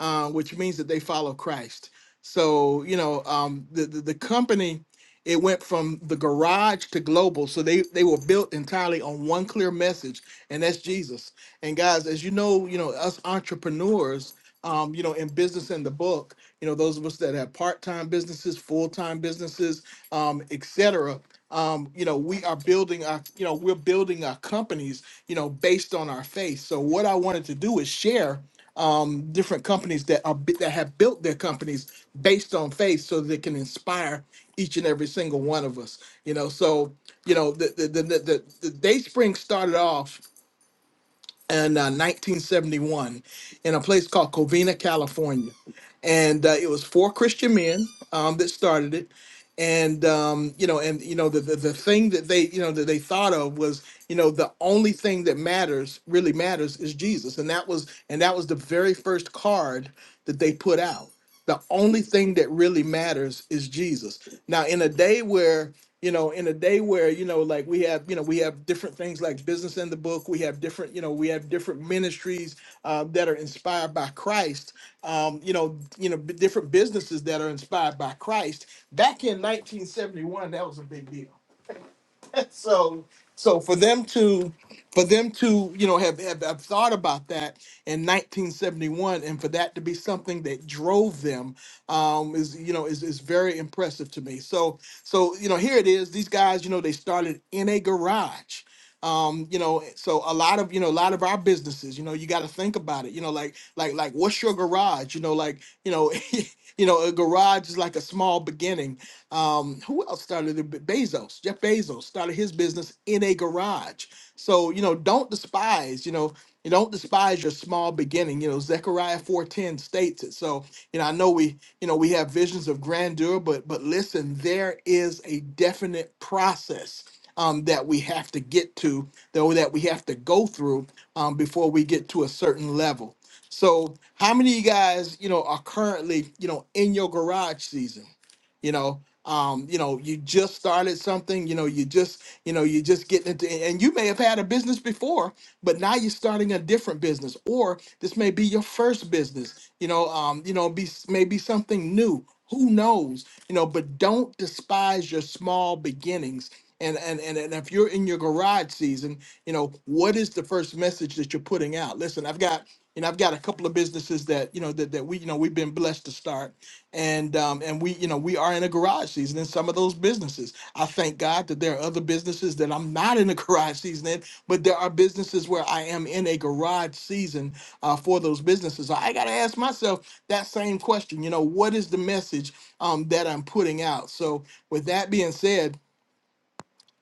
Speaker 7: uh, which means that they follow Christ. So you know, um, the, the the company it went from the garage to global. So they they were built entirely on one clear message, and that's Jesus. And guys, as you know, you know us entrepreneurs um, you know, in business in the book, you know, those of us that have part-time businesses, full-time businesses, um, et cetera, um, you know, we are building our, you know, we're building our companies, you know, based on our faith. So what I wanted to do is share um, different companies that are bi- that have built their companies based on faith, so that it can inspire each and every single one of us. You know, so you know the the the, the, the, the Day Spring started off in uh, 1971 in a place called Covina, California. And uh, it was four Christian men um, that started it. And um, you know, and you know, the, the the thing that they you know that they thought of was you know the only thing that matters really matters is Jesus, and that was and that was the very first card that they put out the only thing that really matters is Jesus. Now, in a day where you know, in a day where you know, like we have, you know, we have different things like business in the book. We have different, you know, we have different ministries uh, that are inspired by Christ. Um, you know, you know, b- different businesses that are inspired by Christ. Back in 1971, that was a big deal so so for them to for them to you know have, have have thought about that in 1971 and for that to be something that drove them um is you know is is very impressive to me so so you know here it is these guys you know they started in a garage um you know so a lot of you know a lot of our businesses you know you got to think about it you know like like like what's your garage you know like you know you know a garage is like a small beginning um, who else started it? Bezos, Jeff Bezos started his business in a garage. So, you know, don't despise, you know, you don't despise your small beginning. You know, Zechariah 4:10 states it. So, you know, I know we, you know, we have visions of grandeur, but but listen, there is a definite process um, that we have to get to, though that we have to go through um, before we get to a certain level. So, how many of you guys, you know, are currently, you know, in your garage season? you know um you know you just started something you know you just you know you just getting into and you may have had a business before but now you're starting a different business or this may be your first business you know um you know be maybe something new who knows you know but don't despise your small beginnings and, and and and if you're in your garage season you know what is the first message that you're putting out listen i've got you know i've got a couple of businesses that you know that, that we you know we've been blessed to start and um, and we you know we are in a garage season in some of those businesses. I thank God that there are other businesses that I'm not in a garage season in, but there are businesses where I am in a garage season uh, for those businesses. I got to ask myself that same question. You know, what is the message um, that I'm putting out? So with that being said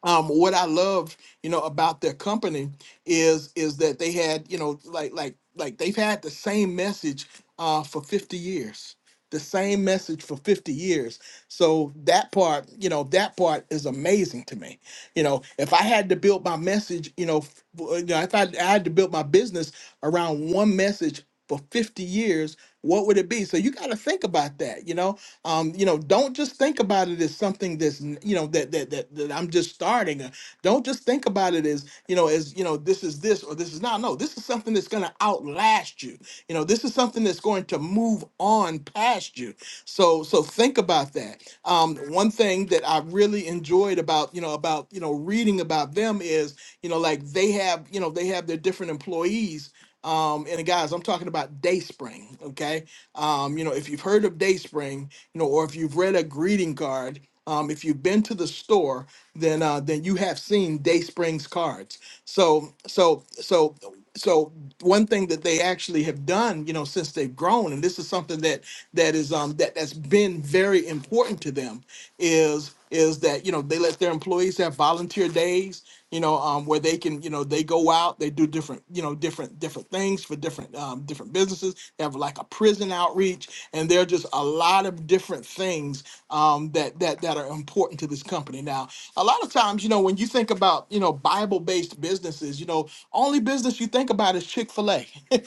Speaker 7: um, what I love, you know, about their company is is that they had, you know, like like like they've had the same message uh, for 50 years, the same message for 50 years. So that part, you know, that part is amazing to me. You know, if I had to build my message, you know, f- w- you know, if I, I had to build my business around one message for 50 years, what would it be? So you got to think about that, you know um, you know, don't just think about it as something that's n- you know that that that, that I'm just starting. Uh, Don't just think about it as you know as you know this is this or this is not. No, this is something that's going to outlast you. You know, this is something that's going to move on past you. So so think about that. Um, one thing that I really enjoyed about you know about you know reading about them is you know like they have you know they have their different employees. Um, and guys, I'm talking about Dayspring. Okay, um, you know if you've heard of Dayspring you know, or if you've read a greeting card, um, if you've been to the store, then uh, then you have seen Day Springs cards. So so so so one thing that they actually have done, you know, since they've grown, and this is something that that is um that that's been very important to them is is that you know they let their employees have volunteer days you know um, where they can you know they go out they do different you know different different things for different um, different businesses they have like a prison outreach and there are just a lot of different things um, that that that that are important to this company. Now, a lot of times, you know, when you think about, you know, Bible-based businesses, you know, only business you think about is Chick-fil-A. you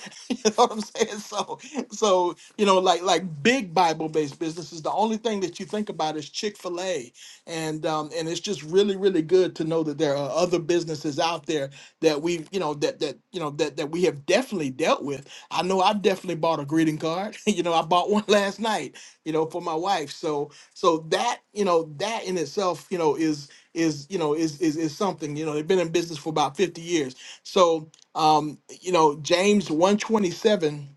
Speaker 7: know what I'm saying? So, so, you know, like like big Bible-based businesses, the only thing that you think about is Chick-fil-A. And um, and it's just really, really good to know that there are other businesses out there that we, have you know, that that you know that that we have definitely dealt with. I know I definitely bought a greeting card. you know, I bought one last night, you know, for my wife. So so that, you know, that in itself, you know, is is you know is is is something. You know, they've been in business for about 50 years. So um, you know, James 127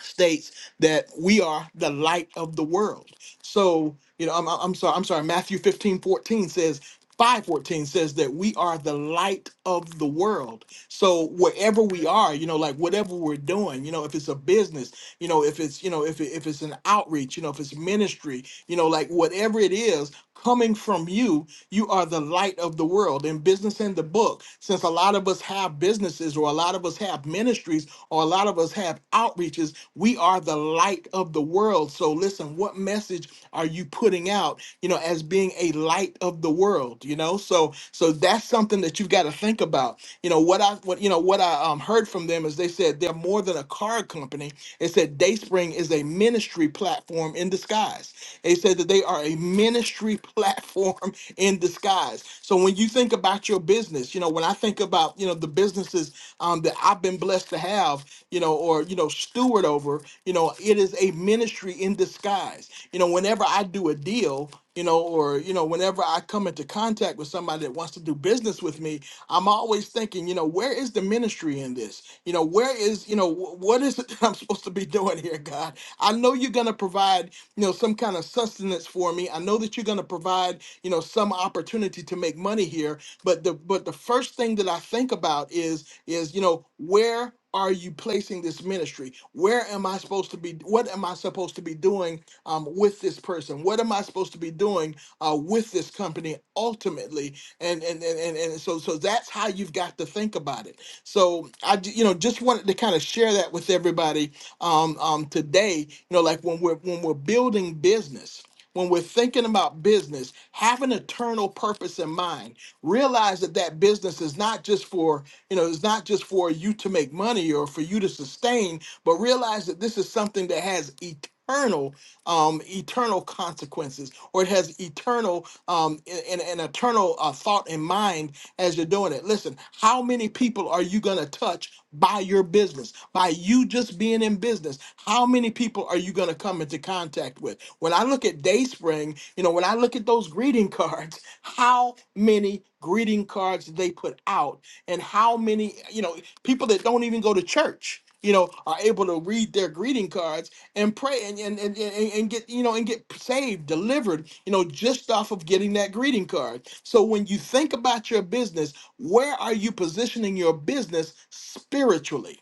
Speaker 7: states that we are the light of the world. So, you know, I'm, I'm I'm sorry, I'm sorry, Matthew 15:14 says 514 says that we are the light of the world. So wherever we are, you know, like whatever we're doing, you know, if it's a business, you know if it's you know if, it, if it's an outreach you know if it's ministry you know like whatever it is coming from you you are the light of the world in business in the book since a lot of us have businesses or a lot of us have ministries or a lot of us have outreaches we are the light of the world so listen what message are you putting out you know as being a light of the world you know so so that's something that you've got to think about you know what i what you know what i um um, heard from them is they said they're more than a car company. They said Dayspring is a ministry platform in disguise. They said that they are a ministry platform in disguise. So when you think about your business, you know, when I think about, you know, the businesses um, that I've been blessed to have, you know, or, you know, steward over, you know, it is a ministry in disguise. You know, whenever I do a deal, you know, or you know, whenever I come into contact with somebody that wants to do business with me, I'm always thinking, you know, where is the ministry in this? You know, where is, you know, wh- what is it that I'm supposed to be doing here, God? I know you're going to provide, you know, some kind of sustenance for me. I know that you're going to provide, you know, some opportunity to make money here, but the but the first thing that I think about is is, you know, where are you placing this ministry? Where am I supposed to be? What am I supposed to be doing um, with this person? What am I supposed to be doing uh, with this company ultimately? And and, and and and so so that's how you've got to think about it. So I j- you know just wanted to kind of share that with everybody um, um, today. You know, like when we're when we're building business when we're thinking about business, have an eternal purpose in mind. Realize that that business is not just for, you know, it's not just for you to make money or for you to sustain, but realize that this is something that has eternal um eternal consequences or it has eternal um and, an eternal uh, thought in mind as you're doing it. Listen, how many people are you going to touch by your business, by you just being in business? How many people are you going to come into contact with? When I look at Dayspring, you know, when I look at those greeting cards, how many greeting cards they put out and how many, you know, people that don't even go to church, you know, are able to read their greeting cards and pray and and, and and and get you know and get saved delivered you know just off of getting that greeting card so when you think about your business where are you positioning your business spiritually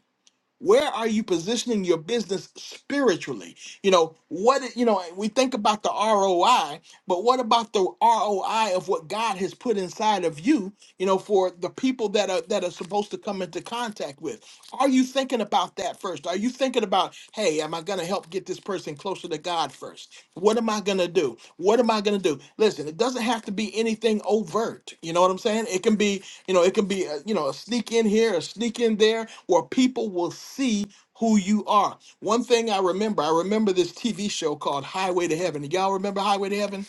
Speaker 7: where are you positioning your business spiritually you know what it- you know we think about the roi but what about the roi of what god has put inside of you you know for the people that are that are supposed to come into contact with are you thinking about that first? Are you thinking about, hey, am I going to help get this person closer to God first? What am I going to do? What am I going to do? Listen, it doesn't have to be anything overt. You know what I'm saying? It can be, you know, it can be, a, you know, a sneak in here, a sneak in there, where people will see who you are. One thing I remember, I remember this TV show called Highway to Heaven. Y'all remember Highway to Heaven?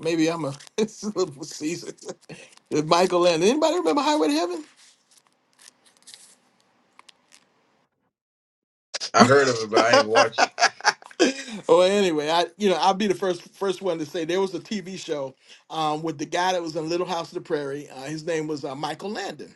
Speaker 7: Maybe I'm a, it's a little seasoned. Michael and anybody remember Highway to Heaven?
Speaker 1: I heard of it, but I ain't watch it.
Speaker 7: well, anyway, I you know I'll be the first first one to say there was a TV show um, with the guy that was in Little House of the Prairie. Uh, his name was uh, Michael Landon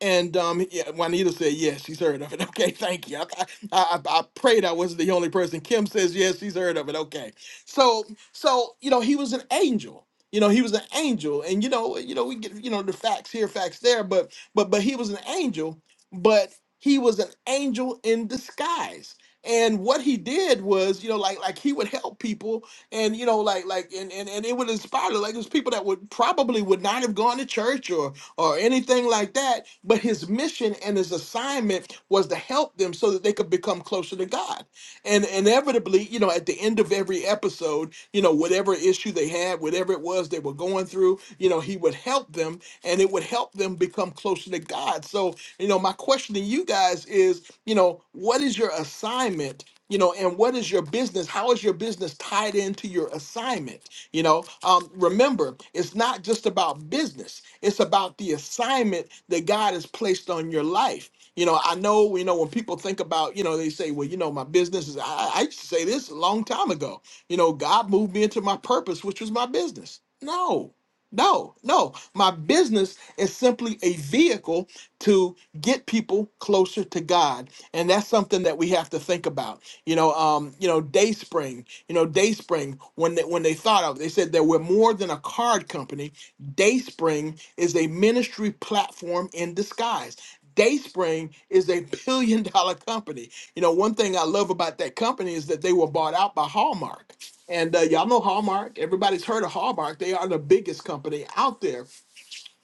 Speaker 7: and um, yeah, Juanita said, yes, she's heard of it. Okay, thank you. I, I, I I prayed I wasn't the only person. Kim says, yes, she's heard of it. Okay. So, so, you know, he was an angel. You know, he was an angel. And, you know, you know, we get, you know, the facts here, facts there, but, but, but he was an angel, but he was an angel in disguise. And what he did was, you know, like, like he would help people and you know like like and and, and it would inspire them. like there's people that would probably would not have gone to church or or anything like that but his mission and his assignment was to help them so that they could become closer to god and inevitably you know at the end of every episode you know whatever issue they had whatever it was they were going through you know he would help them and it would help them become closer to god so you know my question to you guys is you know what is your assignment you know and what is your business how is your business tied into your assignment you know um, remember it's not just about business it's about the assignment that god has placed on your life you know i know you know when people think about you know they say well you know my business is i, I used to say this a long time ago you know god moved me into my purpose which was my business no no no my business is simply a vehicle to get people closer to God. And that's something that we have to think about. You know, um, you know, Dayspring, you know, Dayspring, when they when they thought of it, they said that we're more than a card company. Dayspring is a ministry platform in disguise. Dayspring is a billion dollar company. You know, one thing I love about that company is that they were bought out by Hallmark. And uh, y'all know Hallmark. Everybody's heard of Hallmark. They are the biggest company out there.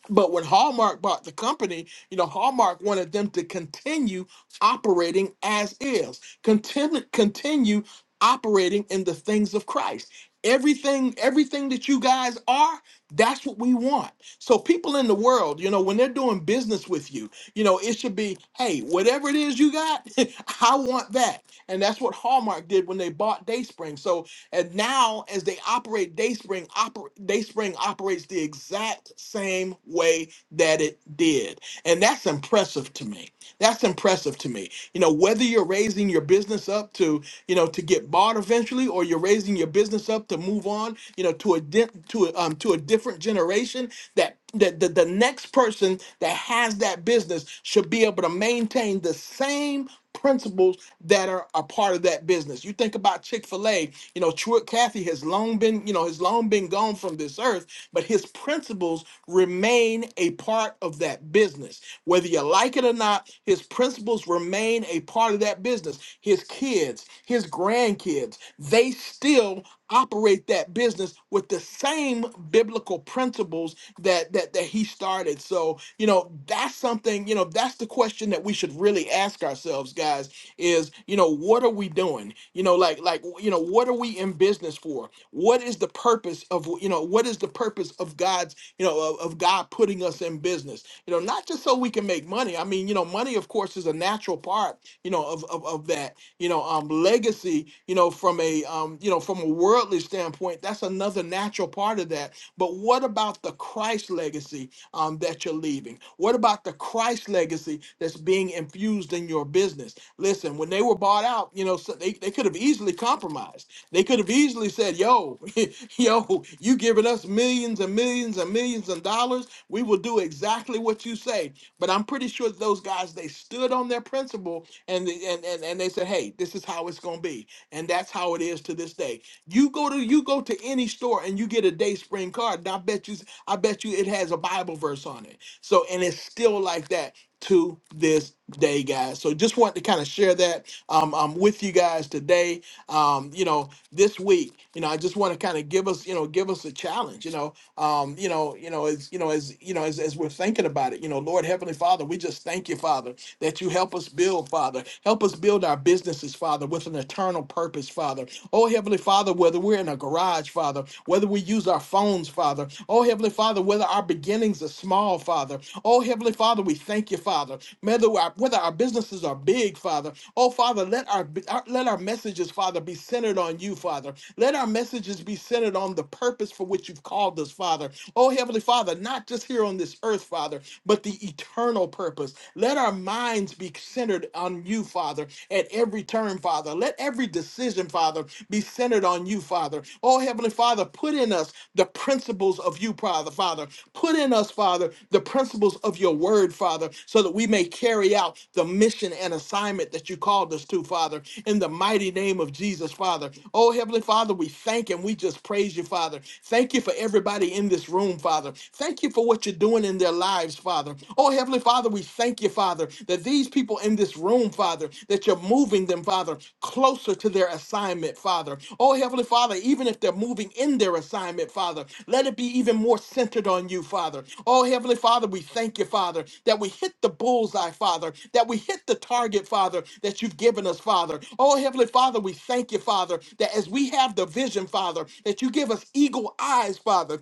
Speaker 7: But when Hallmark bought the company, you know, Hallmark wanted them to continue operating as is, continue continue operating in the things of Christ. Everything, everything that you guys are, that's what we want. So people in the world, you know, when they're doing business with you, you know, it should be, hey, whatever it is you got, I want that. And that's what Hallmark did when they bought Dayspring. So and now, as they operate, Dayspring, oper- Dayspring operates the exact same way that it did. And that's impressive to me. That's impressive to me. You know, whether you're raising your business up to, you know, to get bought eventually, or you're raising your business up to move on, you know, to a di- to a, um, to a different generation. that the, the, the next person that has that business should be able to maintain the same principles that are a part of that business. You think about Chick-fil-A, you know, Truett Cathy has long been, you know, has long been gone from this earth, but his principles remain a part of that business. Whether you like it or not, his principles remain a part of that business. His kids, his grandkids, they still operate that business with the same biblical principles that that that he started. So, you know, that's something, you know, that's the question that we should really ask ourselves, guys, is, you know, what are we doing? You know, like like, you know, what are we in business for? What is the purpose of, you know, what is the purpose of God's, you know, of, of God putting us in business? You know, not just so we can make money. I mean, you know, money of course is a natural part, you know, of of, of that you know um legacy you know from a um you know from a worldly standpoint that's another natural part of that but what about the christ legacy um that you're leaving what about the christ legacy that's being infused in your business listen when they were bought out you know so they, they could have easily compromised they could have easily said yo yo you giving us millions and millions and millions of dollars we will do exactly what you say but i'm pretty sure those guys they stood on their principle and, the- and and and they said, "Hey, this is how it's gonna be," and that's how it is to this day. You go to you go to any store and you get a Day Spring card, and I bet you I bet you it has a Bible verse on it. So and it's still like that to this day, guys. So just want to kind of share that um, um with you guys today um, you know, this week. You know, I just want to kind of give us, you know, give us a challenge. You know, um, you know, you know, as you know, as you know, as as we're thinking about it, you know, Lord Heavenly Father, we just thank you, Father, that you help us build, Father, help us build our businesses, Father, with an eternal purpose, Father. Oh Heavenly Father, whether we're in a garage, Father, whether we use our phones, Father. Oh Heavenly Father, whether our beginnings are small, Father. Oh Heavenly Father. Father, we thank you, Father. Whether our, whether our businesses are big, Father, oh Father, let our, our let our messages, Father, be centered on you, Father. Let our messages be centered on the purpose for which you've called us, Father. Oh Heavenly Father, not just here on this earth, Father, but the eternal purpose. Let our minds be centered on you, Father, at every turn, Father. Let every decision, Father, be centered on you, Father. Oh, Heavenly Father, put in us the principles of you, Father, Father. Put in us, Father, the principles of your word, Father, so that we may carry out the mission and assignment that you called us to, Father, in the mighty name of Jesus, Father. Oh, Heavenly Father, we thank and we just praise you, Father. Thank you for everybody in this room, Father. Thank you for what you're doing in their lives, Father. Oh, Heavenly Father, we thank you, Father, that these people people in this room, Father, that you're moving them, Father, closer to their assignment, Father. Oh, Heavenly Father, even if they're moving in their assignment, Father, let it be even more centered on you, Father. Oh, Heavenly Father, we thank you, Father, that we hit the bullseye, Father, that we hit the target, Father, that you've given us, Father. Oh, Heavenly Father, we thank you, Father, that as we have the vision, Father, that you give us eagle eyes, Father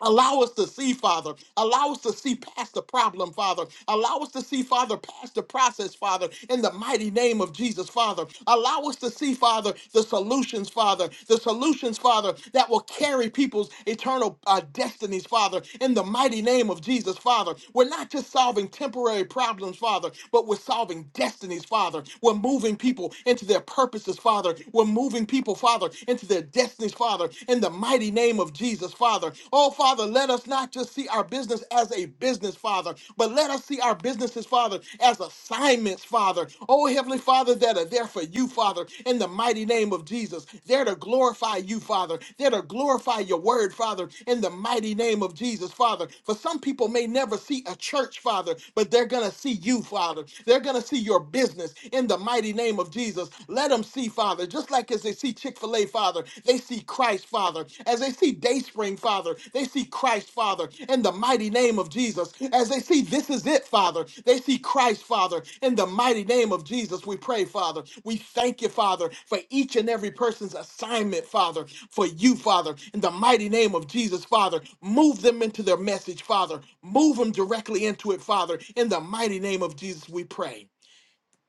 Speaker 7: Allow us to see, Father. Allow us to see past the problem, Father. Allow us to see, Father, past the process, Father, in the mighty name of Jesus, Father. Allow us to see, Father, the solutions, Father, the solutions, Father, that will carry people's eternal uh, destinies, Father, in the mighty name of Jesus, Father. We're not just solving temporary problems, Father, but we're solving destinies, Father. We're moving people into their purposes, Father. We're moving people, Father, into their destinies things, Father, in the mighty name of Jesus, Father. Oh, Father, let us not just see our business as a business, Father, but let us see our businesses, Father, as assignments, Father. Oh, Heavenly Father, that are there for you, Father, in the mighty name of Jesus. There to glorify you, Father. There to glorify your word, Father, in the mighty name of Jesus, Father. For some people may never see a church, Father, but they're going to see you, Father. They're going to see your business in the mighty name of Jesus. Let them them see, Father, just like as they see Chick fil A, Father, they see Christ, Father. As they see Dayspring, Father, they see Christ, Father, in the mighty name of Jesus. As they see this is it, Father, they see Christ, Father, in the mighty name of Jesus. We pray, Father. We thank you, Father, for each and every person's assignment, Father, for you, Father, in the mighty name of Jesus, Father. Move them into their message, Father. Move them directly into it, Father, in the mighty name of Jesus, we pray.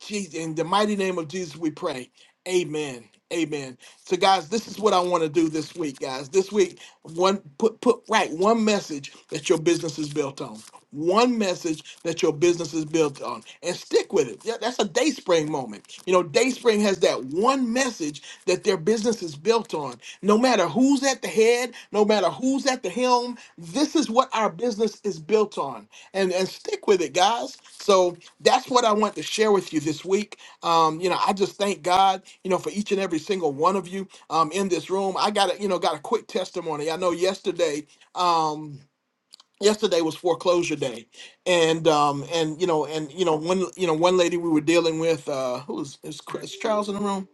Speaker 7: Jesus, in the mighty name of Jesus, we pray. Amen. Amen. So, guys, this is what I want to do this week, guys. This week, one put put right one message that your business is built on. One message that your business is built on, and stick with it. Yeah, that's a DaySpring moment. You know, DaySpring has that one message that their business is built on. No matter who's at the head, no matter who's at the helm, this is what our business is built on. And and stick with it, guys. So that's what I want to share with you this week. Um, you know, I just thank God, you know, for each and every single one of you um in this room. I got a, you know, got a quick testimony. I know yesterday, um, yesterday was foreclosure day and um and you know and you know one you know one lady we were dealing with uh who was is, Chris- is charles in the room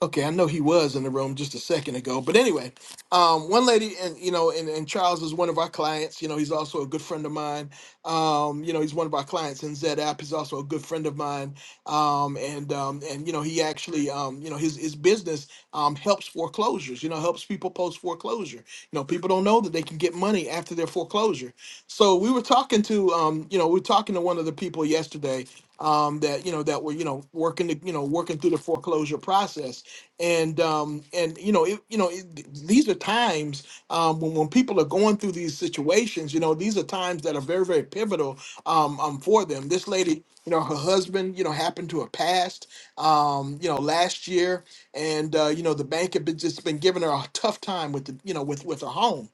Speaker 7: Okay, I know he was in the room just a second ago, but anyway, um, one lady, and you know, and, and Charles is one of our clients. You know, he's also a good friend of mine. Um, you know, he's one of our clients in Z App. He's also a good friend of mine. Um, and um, and you know, he actually, um, you know, his his business um, helps foreclosures. You know, helps people post foreclosure. You know, people don't know that they can get money after their foreclosure. So we were talking to, um, you know, we were talking to one of the people yesterday um, that you know that were you know working the, you know working through the foreclosure process, and um, and you know it, you know it, th- these are times um, when when people are going through these situations. You know, these are times that are very very pivotal um, um, for them. This lady, you know, her husband, you know, happened to have passed, um, you know, last year and uh, you know the bank had been, just been giving her a tough time with the you know with with her home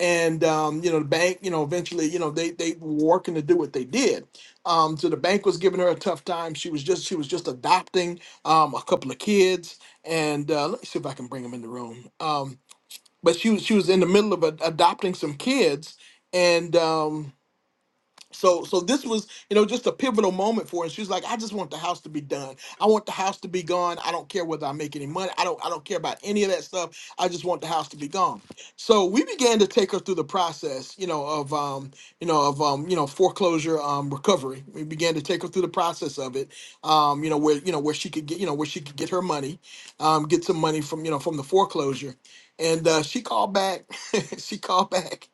Speaker 7: and um, you know the bank you know eventually you know they they were working to do what they did um, so the bank was giving her a tough time she was just she was just adopting um, a couple of kids and uh, let me see if i can bring them in the room um, but she was she was in the middle of ad- adopting some kids and um, so so this was you know just a pivotal moment for her she was like i just want the house to be done i want the house to be gone i don't care whether i make any money i don't i don't care about any of that stuff i just want the house to be gone so we began to take her through the process you know of um you know of um you know foreclosure um recovery we began to take her through the process of it um you know where you know where she could get you know where she could get her money um get some money from you know from the foreclosure and uh, she called back she called back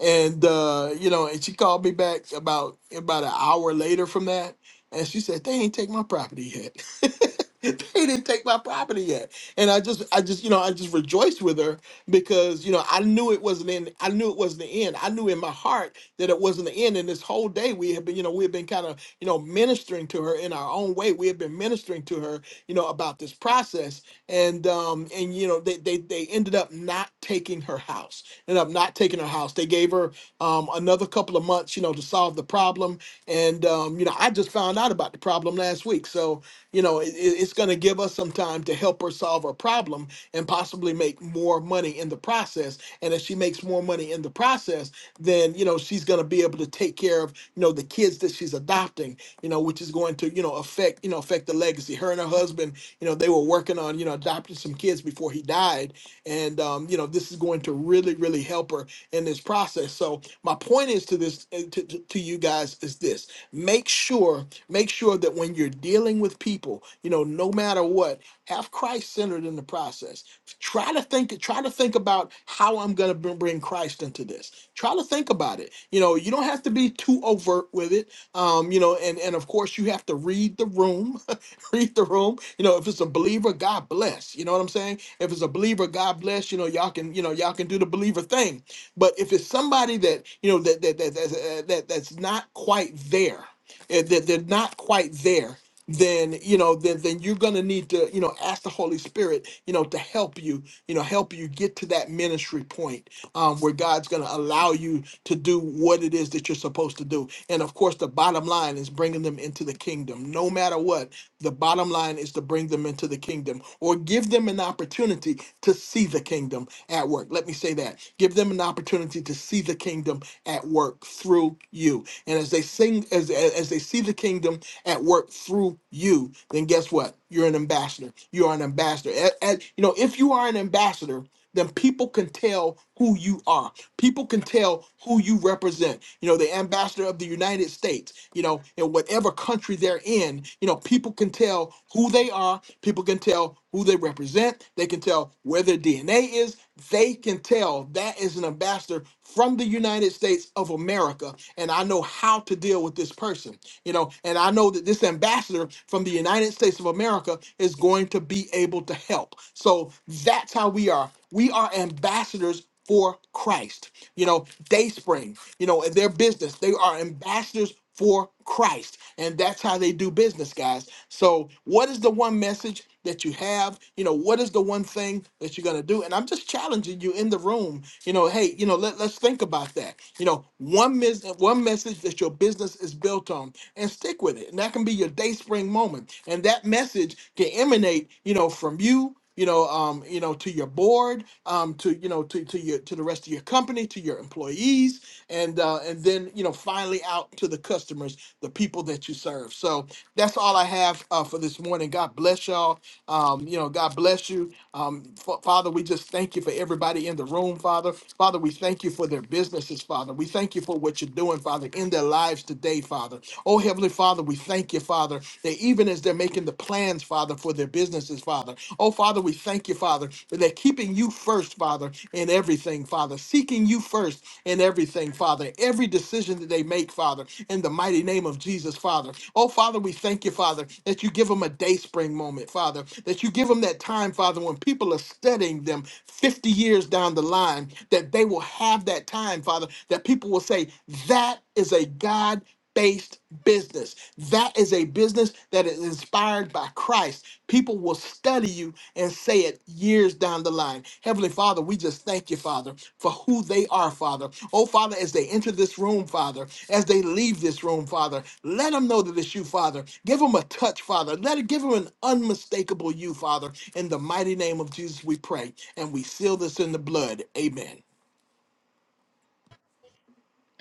Speaker 7: and uh, you know, and she called me back about about an hour later from that, and she said they ain't take my property yet. they didn't take my property yet, and I just, I just, you know, I just rejoiced with her because you know I knew it wasn't in, I knew it wasn't the end. I knew in my heart that it wasn't the end. And this whole day we had been, you know, we had been kind of, you know, ministering to her in our own way. We had been ministering to her, you know, about this process, and um and you know they they they ended up not taking her house ended up not taking her house they gave her um another couple of months you know to solve the problem and um you know i just found out about the problem last week so you know it, it- it's going to give us some time to help her solve her problem and possibly make more money in the process and if she makes more money in the process then you know she's going to be able to take care of you know the kids that she's adopting you know which is going to you know affect you know affect affect the legacy. Her and her husband, you know, they were working on, you know, adopting some kids before he died. And, um, you know, this is going to really, really help her in this process. So my point is to this, uh, to, to, to you guys is this, make sure, make sure that when you're dealing with people, you know, no matter what, have Christ centered in the process. Try to think, try to think about how I'm going to bring Christ into this. Try to think about it. You know, you don't have to be too overt with it um, you know, and and of course you have to read the room, read the room. You know, if it's a believer, God bless. You know what I'm saying? If it's a believer, God bless. You know, y'all can you know y'all can do the believer thing. But if it's somebody that you know that that that that, that that's not quite there, eh, that they're not quite there then you know then then you're going to need to you know ask the holy spirit you know to help you you know help you get to that ministry point um, where god's going to allow you to do what it is that you're supposed to do and of course the bottom line is bringing them into the kingdom no matter what the bottom line is to bring them into the kingdom or give them an opportunity to see the kingdom at work let me say that give them an opportunity to see the kingdom at work through you and as they sing as as they see the kingdom kingdom at work through you, then guess what? You're an ambassador. You are an ambassador. And, and, you know, if you are an ambassador, then people can tell who you are. People can tell who you represent. You know, the ambassador of the United States, you know, in whatever country they're in, you know, people can tell who they are. People can tell who they represent. They can tell where their DNA is. They can tell that is an ambassador from the United States of America. And I know how to deal with this this person, you know. And I know that this ambassador from the United States of America is going to be able to help. So that's how we are. We are ambassadors for Christ. You know, Dayspring, you know, their business, they are ambassadors for Christ. And that's how they do business, guys. So, what is the one message that you have? You know, what is the one thing that you're going to do? And I'm just challenging you in the room, you know, hey, you know, let, let's think about that. You know, one, mes- one message message that your business is built on and stick with it. And that can be your day spring moment. And that message can emanate, you know, from you, you know, um, you know, to your board, um, to you know, to to your to the rest of your company, to your employees, and uh, and then you know, finally out to the customers, the people that you serve. So that's all I have uh, for this morning. God bless y'all. Um, you know, God bless you. Um, Fa- Father, we just thank you for everybody in the room, Father. Father, we thank you for their businesses, Father. We thank thank you for what you're doing, Father, in their lives today, Father. Oh, Heavenly Father, we thank you, Father, that even as they're making the plans, Father, for their businesses, Father. Oh, Father, we thank you, Father, that they're keeping you first, Father, in everything, Father, seeking you first in everything, Father, every decision that they make, Father, in the mighty name of Jesus, Father. Oh, Father, we thank you, Father, that you give them a day spring moment, Father, that you give them that time, Father, when people are studying them 50 years down the line, that they will have that time time, Father, that people will say, that is a God based business. That is a business that is inspired by Christ. People will study you and say it years down the line. Heavenly Father, we just thank you, Father, for who they are, Father. Oh, Father, as they enter this room, Father, as they leave this room, Father, let them know that it's you, Father. Give them a touch, Father. Let it give them an unmistakable you, Father. In the mighty name of Jesus, we pray, and we seal this in the blood. Amen.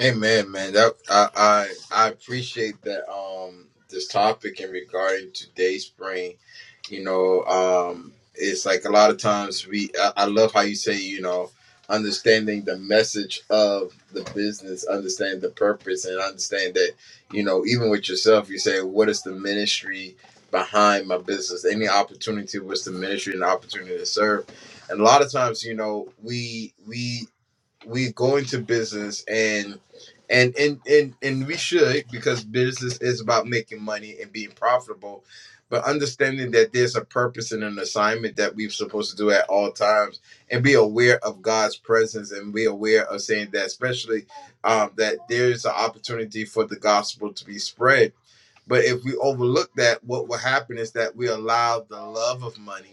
Speaker 1: Amen, man. That I, I I appreciate that um this topic in regarding to day spring. You know, um it's like a lot of times we I, I love how you say, you know, understanding the message of the business, understand the purpose and understand that, you know, even with yourself, you say, What is the ministry behind my business? Any opportunity, what's the ministry and the opportunity to serve? And a lot of times, you know, we we we go into business and and and and, and we should because business is about making money and being profitable but understanding that there's a purpose and an assignment that we're supposed to do at all times and be aware of god's presence and be aware of saying that especially um, that there's an opportunity for the gospel to be spread but if we overlook that what will happen is that we allow the love of money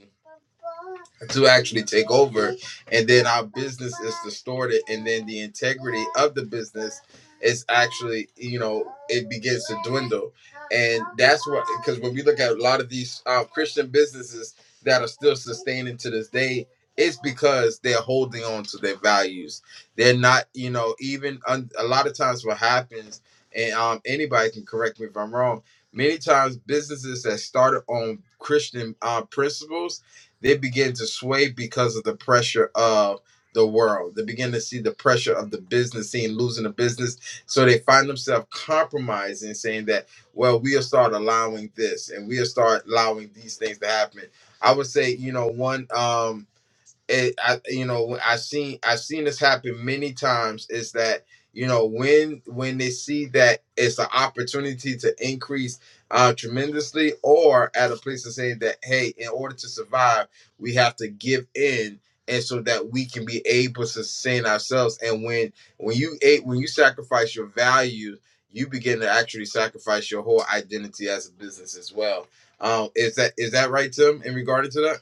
Speaker 1: to actually take over and then our business is distorted and then the integrity of the business is actually you know it begins to dwindle and that's what because when we look at a lot of these uh, christian businesses that are still sustaining to this day it's because they're holding on to their values they're not you know even un- a lot of times what happens and um, anybody can correct me if i'm wrong many times businesses that started on christian uh, principles they begin to sway because of the pressure of the world. They begin to see the pressure of the business scene, losing the business. So they find themselves compromising, saying that, well, we'll start allowing this and we'll start allowing these things to happen. I would say, you know, one. Um, it, I, you know, I seen I seen this happen many times. Is that you know when when they see that it's an opportunity to increase uh, tremendously, or at a place to say that hey, in order to survive, we have to give in, and so that we can be able to sustain ourselves. And when when you a- when you sacrifice your values, you begin to actually sacrifice your whole identity as a business as well. Um, is that is that right, Tim? In regard to that.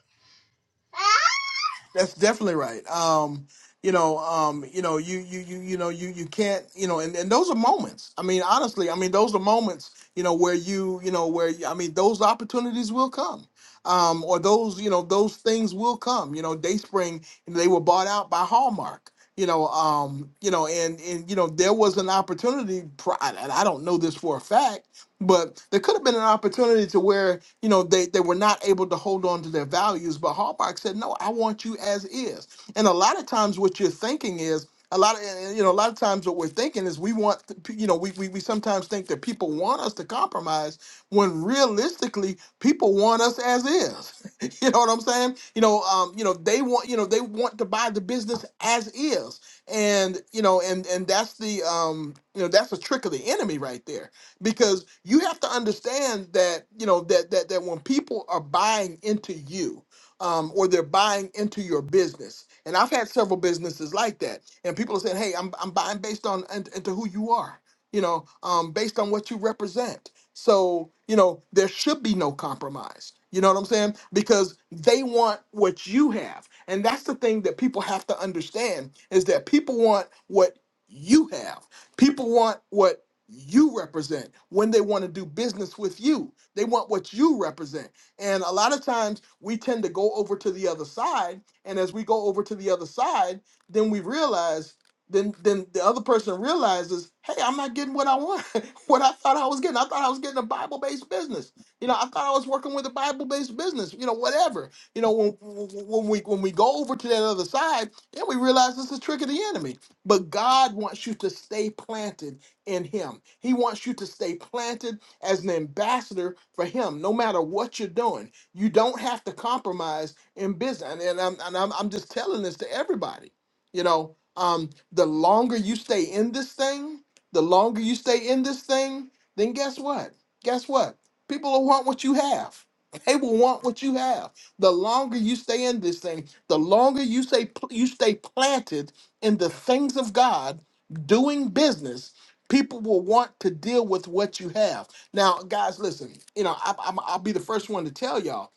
Speaker 7: That's definitely right. Um, you know, um, you know, you you you you know, you you can't, you know, and, and those are moments. I mean, honestly, I mean, those are moments, you know, where you, you know, where I mean, those opportunities will come. Um, or those, you know, those things will come. You know, Dayspring, they were bought out by Hallmark. You know, um, you know, and and you know, there was an opportunity. pri- And I don't know this for a fact, but there could have been an opportunity to where, you know, they, they were not able to hold on to their values. But Hallmark said, no, I want you as is. And a lot of times what you're thinking is, a lot of, and- you know, a lot of times what we're thinking is we want, the pe- you know, we, we, we sometimes think that people want us to compromise when realistically people want us as is. you know what I'm saying? You know, um, you know, they want, you know, they want to buy the business as is. And, you know, and, and that's the, um, you know, that's a trick of the enemy right there because you have to understand that you know that that that when people are buying into you um, or they're buying into your business and i've had several businesses like that and people are saying hey i'm, I'm buying based on and, into who you are you know um, based on what you represent so you know there should be no compromise you know what i'm saying because they want what you have and that's the thing that people have to understand is that people want what you have people want what you represent when they want to do business with you. They want what you represent. And a lot of times we tend to go over to the other side. And as we go over to the other side, then we realize, then then the other person realizes, hey, I'm not getting what I want, what I thought I was getting. I thought I was getting a Bible-based business. You know, I thought I was working with a Bible-based business, you know, whatever. You know, when when we when we go over to that other side, then we realize it's a trick of the enemy. But God wants you to stay planted in Him. He wants you to stay planted as an ambassador for Him, no matter what you're doing. You don't have to compromise in business. And, and, I'm, and I'm, I'm just telling this to everybody. You know, um, the longer you stay in this thing, the longer you stay in this thing, then guess what? Guess what? People will want what you have. They will want what you have. The longer you stay in this thing, the longer you stay you stay planted in the things of God, doing business People will want to deal with what you have. Now, guys, listen. You know, I, I'm, I'll be the first one to tell y'all.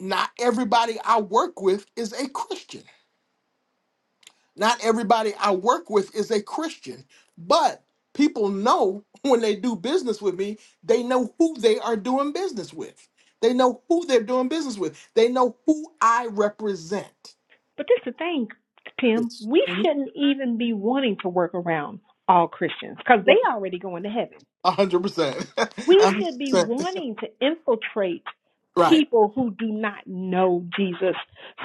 Speaker 7: Not everybody I work with is a Christian. Not everybody I work with is a Christian. But people know when they do business with me, they know who they are doing business with. They know who they're doing business with. They know who I represent.
Speaker 3: But this is the thing, Tim.
Speaker 7: Yes,
Speaker 3: We
Speaker 7: Mhm.
Speaker 3: shouldn't even be wanting to work around all Christians because they already going to heaven.
Speaker 7: a hundred percent, a
Speaker 3: We
Speaker 7: hundred
Speaker 3: should be
Speaker 7: percent.
Speaker 3: wanting to infiltrate
Speaker 7: Right,
Speaker 3: people who do not know Jesus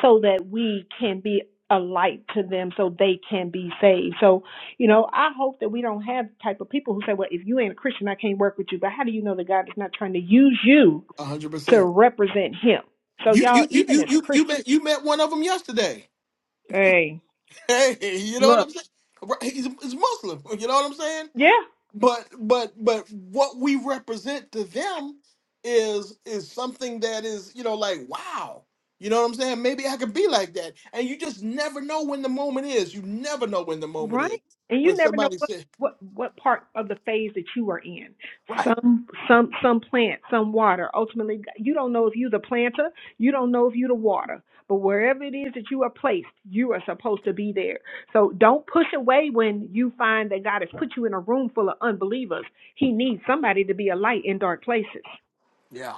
Speaker 3: so that we can be a light to them so they can be saved. So, you know, I hope that we don't have the type of people who say, well, if you ain't a Christian, I can't work with you. But how do you know that God is not trying to use you
Speaker 7: a hundred
Speaker 3: to
Speaker 7: percent.
Speaker 3: represent him? So,
Speaker 7: You
Speaker 3: y'all,
Speaker 7: you you
Speaker 3: even
Speaker 7: you
Speaker 3: as
Speaker 7: you you
Speaker 3: Christians,
Speaker 7: met you met one of them yesterday.
Speaker 3: hey,
Speaker 7: Hey, you know what
Speaker 3: look.
Speaker 7: I'm saying? Right, He's, he's Muslim. You know what I'm saying?
Speaker 3: Yeah.
Speaker 7: But but but what we represent to them is is something that is you know like wow. You know what I'm saying? Maybe I could be like that. And you just never know when the moment is. You never know when the moment
Speaker 3: Right.
Speaker 7: is.
Speaker 3: And
Speaker 7: When
Speaker 3: you never know
Speaker 7: somebody
Speaker 3: what,
Speaker 7: says,
Speaker 3: what, what part of the phase that you are in.
Speaker 7: right,
Speaker 3: Some some some plant, some water. Ultimately you don't know if you're the planter, you don't know if you're the water. But wherever it is that you are placed, you are supposed to be there. So don't push away when you find that God has put you in a room full of unbelievers. He needs somebody to be a light in dark places.
Speaker 7: Yeah.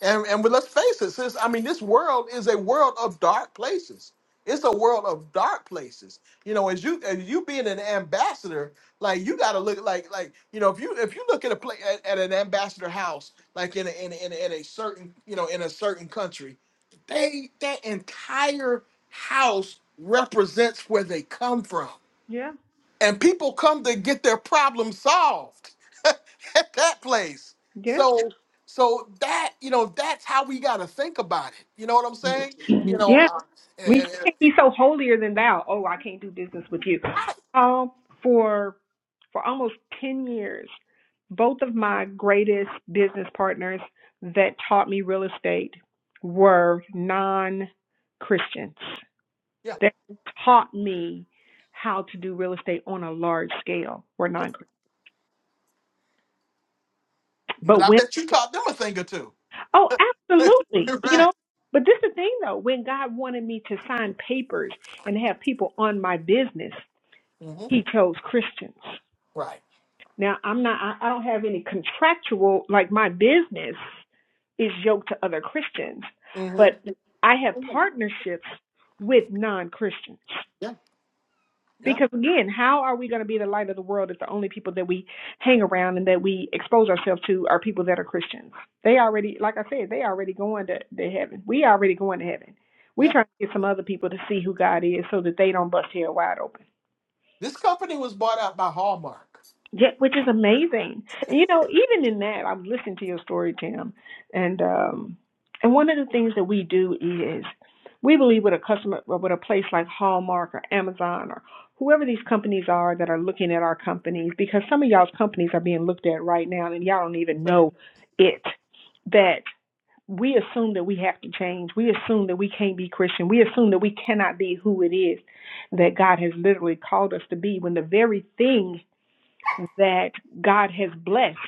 Speaker 7: And and but let's face it, sis. I mean, this world is a world of dark places. It's a world of dark places. You know, as you as you being an ambassador, like you got to look like like you know if you if you look at a place at, at an ambassador house, like in a, in a, in, a, in a certain you know in a certain country, they that entire house represents where they come from
Speaker 3: Yeah.
Speaker 7: and people come to get their problem solved at that place.
Speaker 3: Yeah.
Speaker 7: So so that you know that's how we got to think about it. You know what I'm saying? You
Speaker 3: Yeah.
Speaker 7: know, uh, and-
Speaker 3: We
Speaker 7: and- and-
Speaker 3: can't be so holier than thou. Oh, I can't do business with you.
Speaker 7: right,
Speaker 3: Um, for for almost ten years, both of my greatest business partners that taught me real estate were non Christians.
Speaker 7: yeah,
Speaker 3: They taught me how to do real estate on a large scale were
Speaker 7: yeah.
Speaker 3: non Christians.
Speaker 7: But
Speaker 3: But
Speaker 7: I
Speaker 3: when
Speaker 7: bet you taught them a thing or two.
Speaker 3: oh absolutely, you
Speaker 7: right.
Speaker 3: know. But this is the thing though, when God wanted me to sign papers and have people on my business.
Speaker 7: hmm
Speaker 3: He chose Christians.
Speaker 7: Right.
Speaker 3: Now I'm not. I, don't have any contractual like my business is yoked to other Christians,
Speaker 7: hmm
Speaker 3: but I have partnerships with non Christians.
Speaker 7: Yeah. Yeah.
Speaker 3: Because again, how are we going to be the light of the world if the only people that we hang around and that we expose ourselves to are people that are Christians? They already, like I said, they already going to, to heaven. We already going to heaven. We
Speaker 7: Yeah.
Speaker 3: trying to get some other people to see who God is so that they don't bust hell wide open.
Speaker 7: This company was bought out by Hallmark.
Speaker 3: Yeah, which is amazing. And you know, even in that, I'm listening to your story, Tim, and um, and one of the things that we do is we believe with a customer, well, with a place like Hallmark or Amazon or whoever these companies are that are looking at our companies, because some of y'all's companies are being looked at right now, and y'all don't even
Speaker 7: Sorry.
Speaker 3: know it. That we assume that we have to change. We assume that we can't be Christian. We assume that we cannot be who it is that God has literally called us to be. When the very thing that God has blessed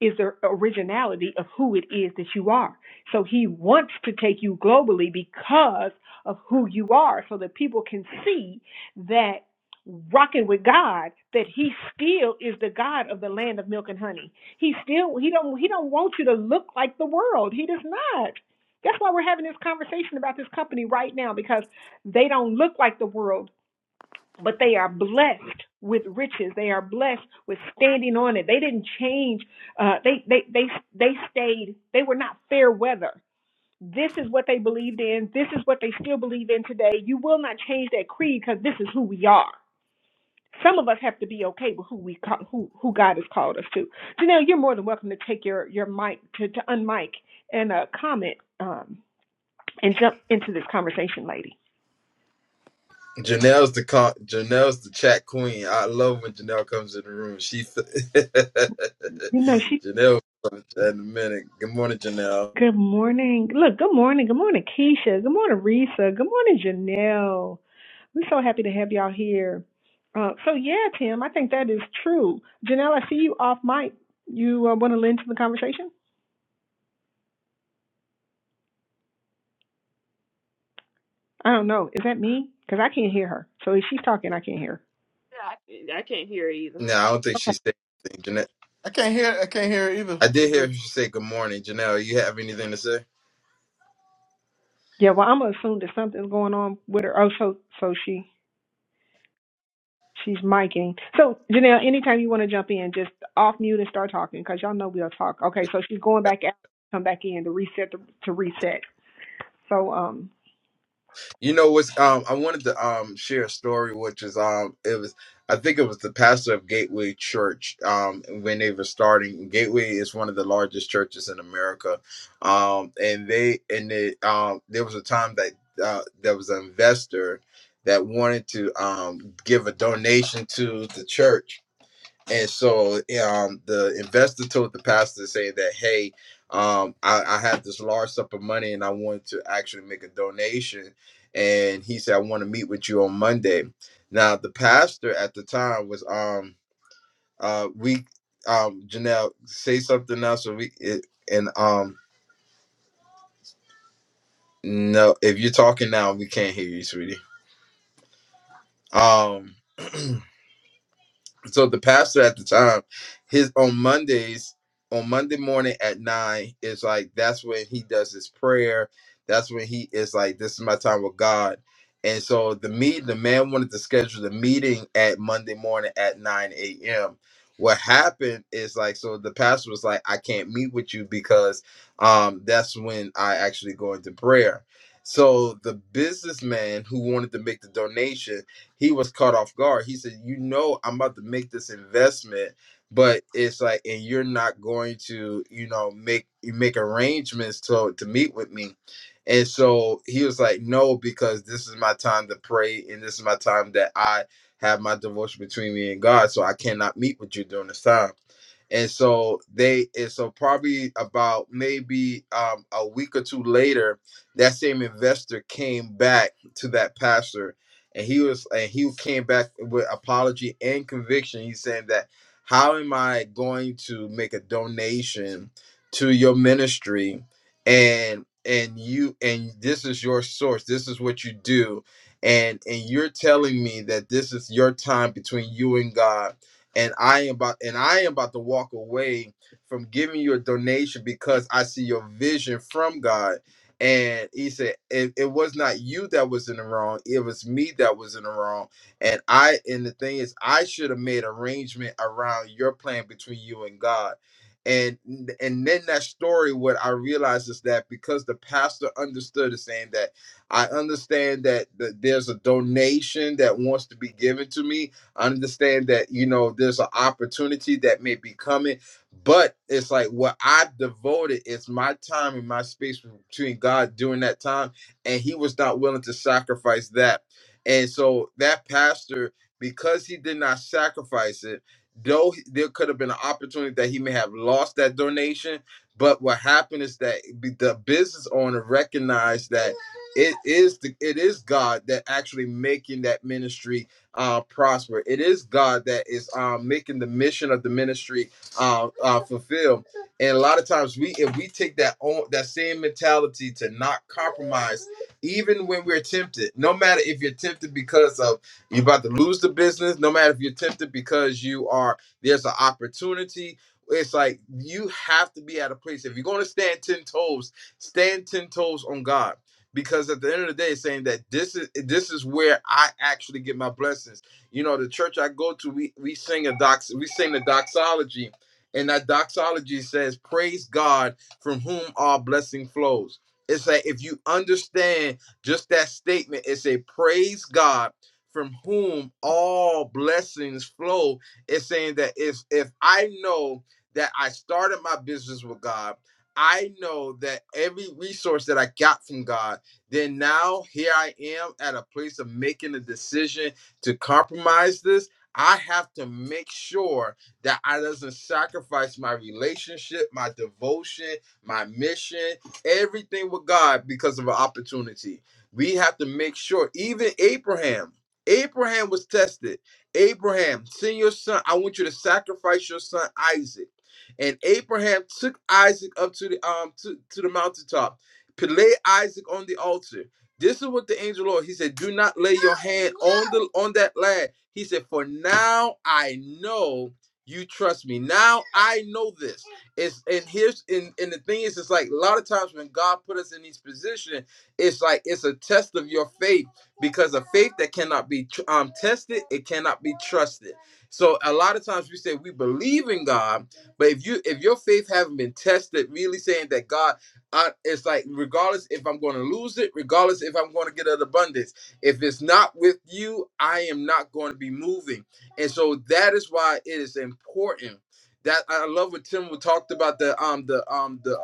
Speaker 3: is the originality of who it is that you are. So he wants to take you globally because of who you are so that people can see that rocking with God that he still is the God of the land of milk and honey. He still he don't he don't want you to look like the world. He does not. That's why we're having this conversation about this company right now because they don't look like the world but they are blessed with riches. They are blessed with standing on it. They didn't change. Uh, they they they they stayed. They were not fair weather. This is what they believed in. This is what they still believe in today. You will not change that creed because this is who we are. Some of us have to be okay with who we call, who who God has called us to. Janelle, you're more than welcome to take your your mic to to unmic and uh, comment um, and jump into this conversation, lady.
Speaker 1: Janelle's the con- Janelle's the chat queen. I love when Janelle comes in the room. She f-
Speaker 3: You know
Speaker 1: Janelle was in a minute. Good morning, Janelle.
Speaker 3: Good morning. Look, good morning. Good morning, Keisha. Good morning, Risa. Good morning, Janelle. We're so happy to have y'all here. Uh, so, yeah, Tim, I think that is true. Janelle, I see you off mic. You uh, want to lend to the conversation? I don't know. Is that me? Because I can't hear her. So, if she's talking, I can't hear
Speaker 2: Yeah, I, I can't hear either.
Speaker 1: No, I don't think
Speaker 3: her.
Speaker 1: she
Speaker 3: Okay.
Speaker 1: said anything. Janelle,
Speaker 7: I can't hear. I can't hear either.
Speaker 1: I did hear her say good morning. Janelle, you have anything to say?
Speaker 3: Yeah, well, I'm going to assume that something's going on with her. Oh, so, so she She's micing. So, Janelle, anytime you want to jump in, just off mute and start talking because y'all know we'll talk. Okay, so she's going back out, come back in to reset, to, to reset. So, um,
Speaker 1: You know what's um I wanted to um share a story which is um it was I think it was the pastor of Gateway Church um when they were starting Gateway is one of the largest churches in America um and they and they um there was a time that uh, there was an investor that wanted to um give a donation to the church and so um, the investor told the pastor saying that, hey, um, I, I have this large sum of money and I want to actually make a donation. And he said, I want to meet with you on Monday. Now the pastor at the time was um uh we um Janelle say something else so we it, and um no if you're talking now we can't hear you, sweetie. Um, so the pastor at the time his on mondays on monday morning at nine is like that's when he does his prayer that's when he is like this is my time with god and so the meet the man wanted to schedule the meeting at monday morning at 9 a.m what happened is like so the pastor was like i can't meet with you because um that's when i actually go into prayer so the businessman who wanted to make the donation he was caught off guard. He said, "You know, I'm about to make this investment, but it's like, and you're not going to, you know, make you make arrangements to to meet with me." And so he was like, "No, because this is my time to pray, and this is my time that I have my devotion between me and God. So I cannot meet with you during this time." and so they and so probably about maybe um, a week or two later that same investor came back to that pastor and he was and he came back with apology and conviction he's saying that how am i going to make a donation to your ministry and and you and this is your source this is what you do and and you're telling me that this is your time between you and god and I am about and I am about to walk away from giving you a donation because I see your vision from God. And he said, it, it was not you that was in the wrong, it was me that was in the wrong. And I and the thing is, I should have made arrangement around your plan between you and God. And and then that story, what I realized is that because the pastor understood is saying that I understand that, that there's a donation that wants to be given to me, understand that you know there's an opportunity that may be coming but it's like what i devoted is my time and my space between god during that time and he was not willing to sacrifice that and so that pastor because he did not sacrifice it though he- there could have been an opportunity that he may have lost that donation but what happened is that be- the business owner recognized that it is the, it is god that actually making that ministry uh, prosper. It is God that is uh, making the mission of the ministry uh, uh, fulfilled. And a lot of times, we if we take that on, that same mentality to not compromise, even when we're tempted, no matter if you're tempted because of you're about to lose the business, no matter if you're tempted because you are there's an opportunity. It's like you have to be at a place. If you're going to stand ten toes, stand ten toes on God because at the end of the day, it's saying that this is this is where I actually get my blessings. You know, the church I go to, we we sing a dox, we sing the doxology, and that doxology says, "Praise God from whom all blessing flows." It's like if you understand just that statement, it's a praise God from whom all blessings flow. It's saying that if if I know that I started my business with God, I know that every resource that I got from God then now here I am at a place of making a decision to compromise this. I have to make sure that I doesn't sacrifice my relationship, my devotion, my mission, everything with God because of an opportunity. We have to make sure, even Abraham, Abraham was tested. Abraham, send your son. I want you to sacrifice your son Isaac. And Abraham took Isaac up to the um to, to the mountaintop p- lay Isaac on the altar. This is what the angel Lord he said, do not lay your hand on the on that lad. He said, for now I know you trust me. Now I know this. It's and here's and, and the thing is, it's like a lot of times when God put us in these positions, it's like it's a test of your faith because a faith that cannot be um tested, it cannot be trusted. So a lot of times we say we believe in God, but if you if your faith haven't been tested, really saying that God I, it's like regardless if I'm going to lose it, regardless if I'm going to get an abundance, if it's not with you, I am not going to be moving. And so that is why it is important that I love what Tim talked about the um the um the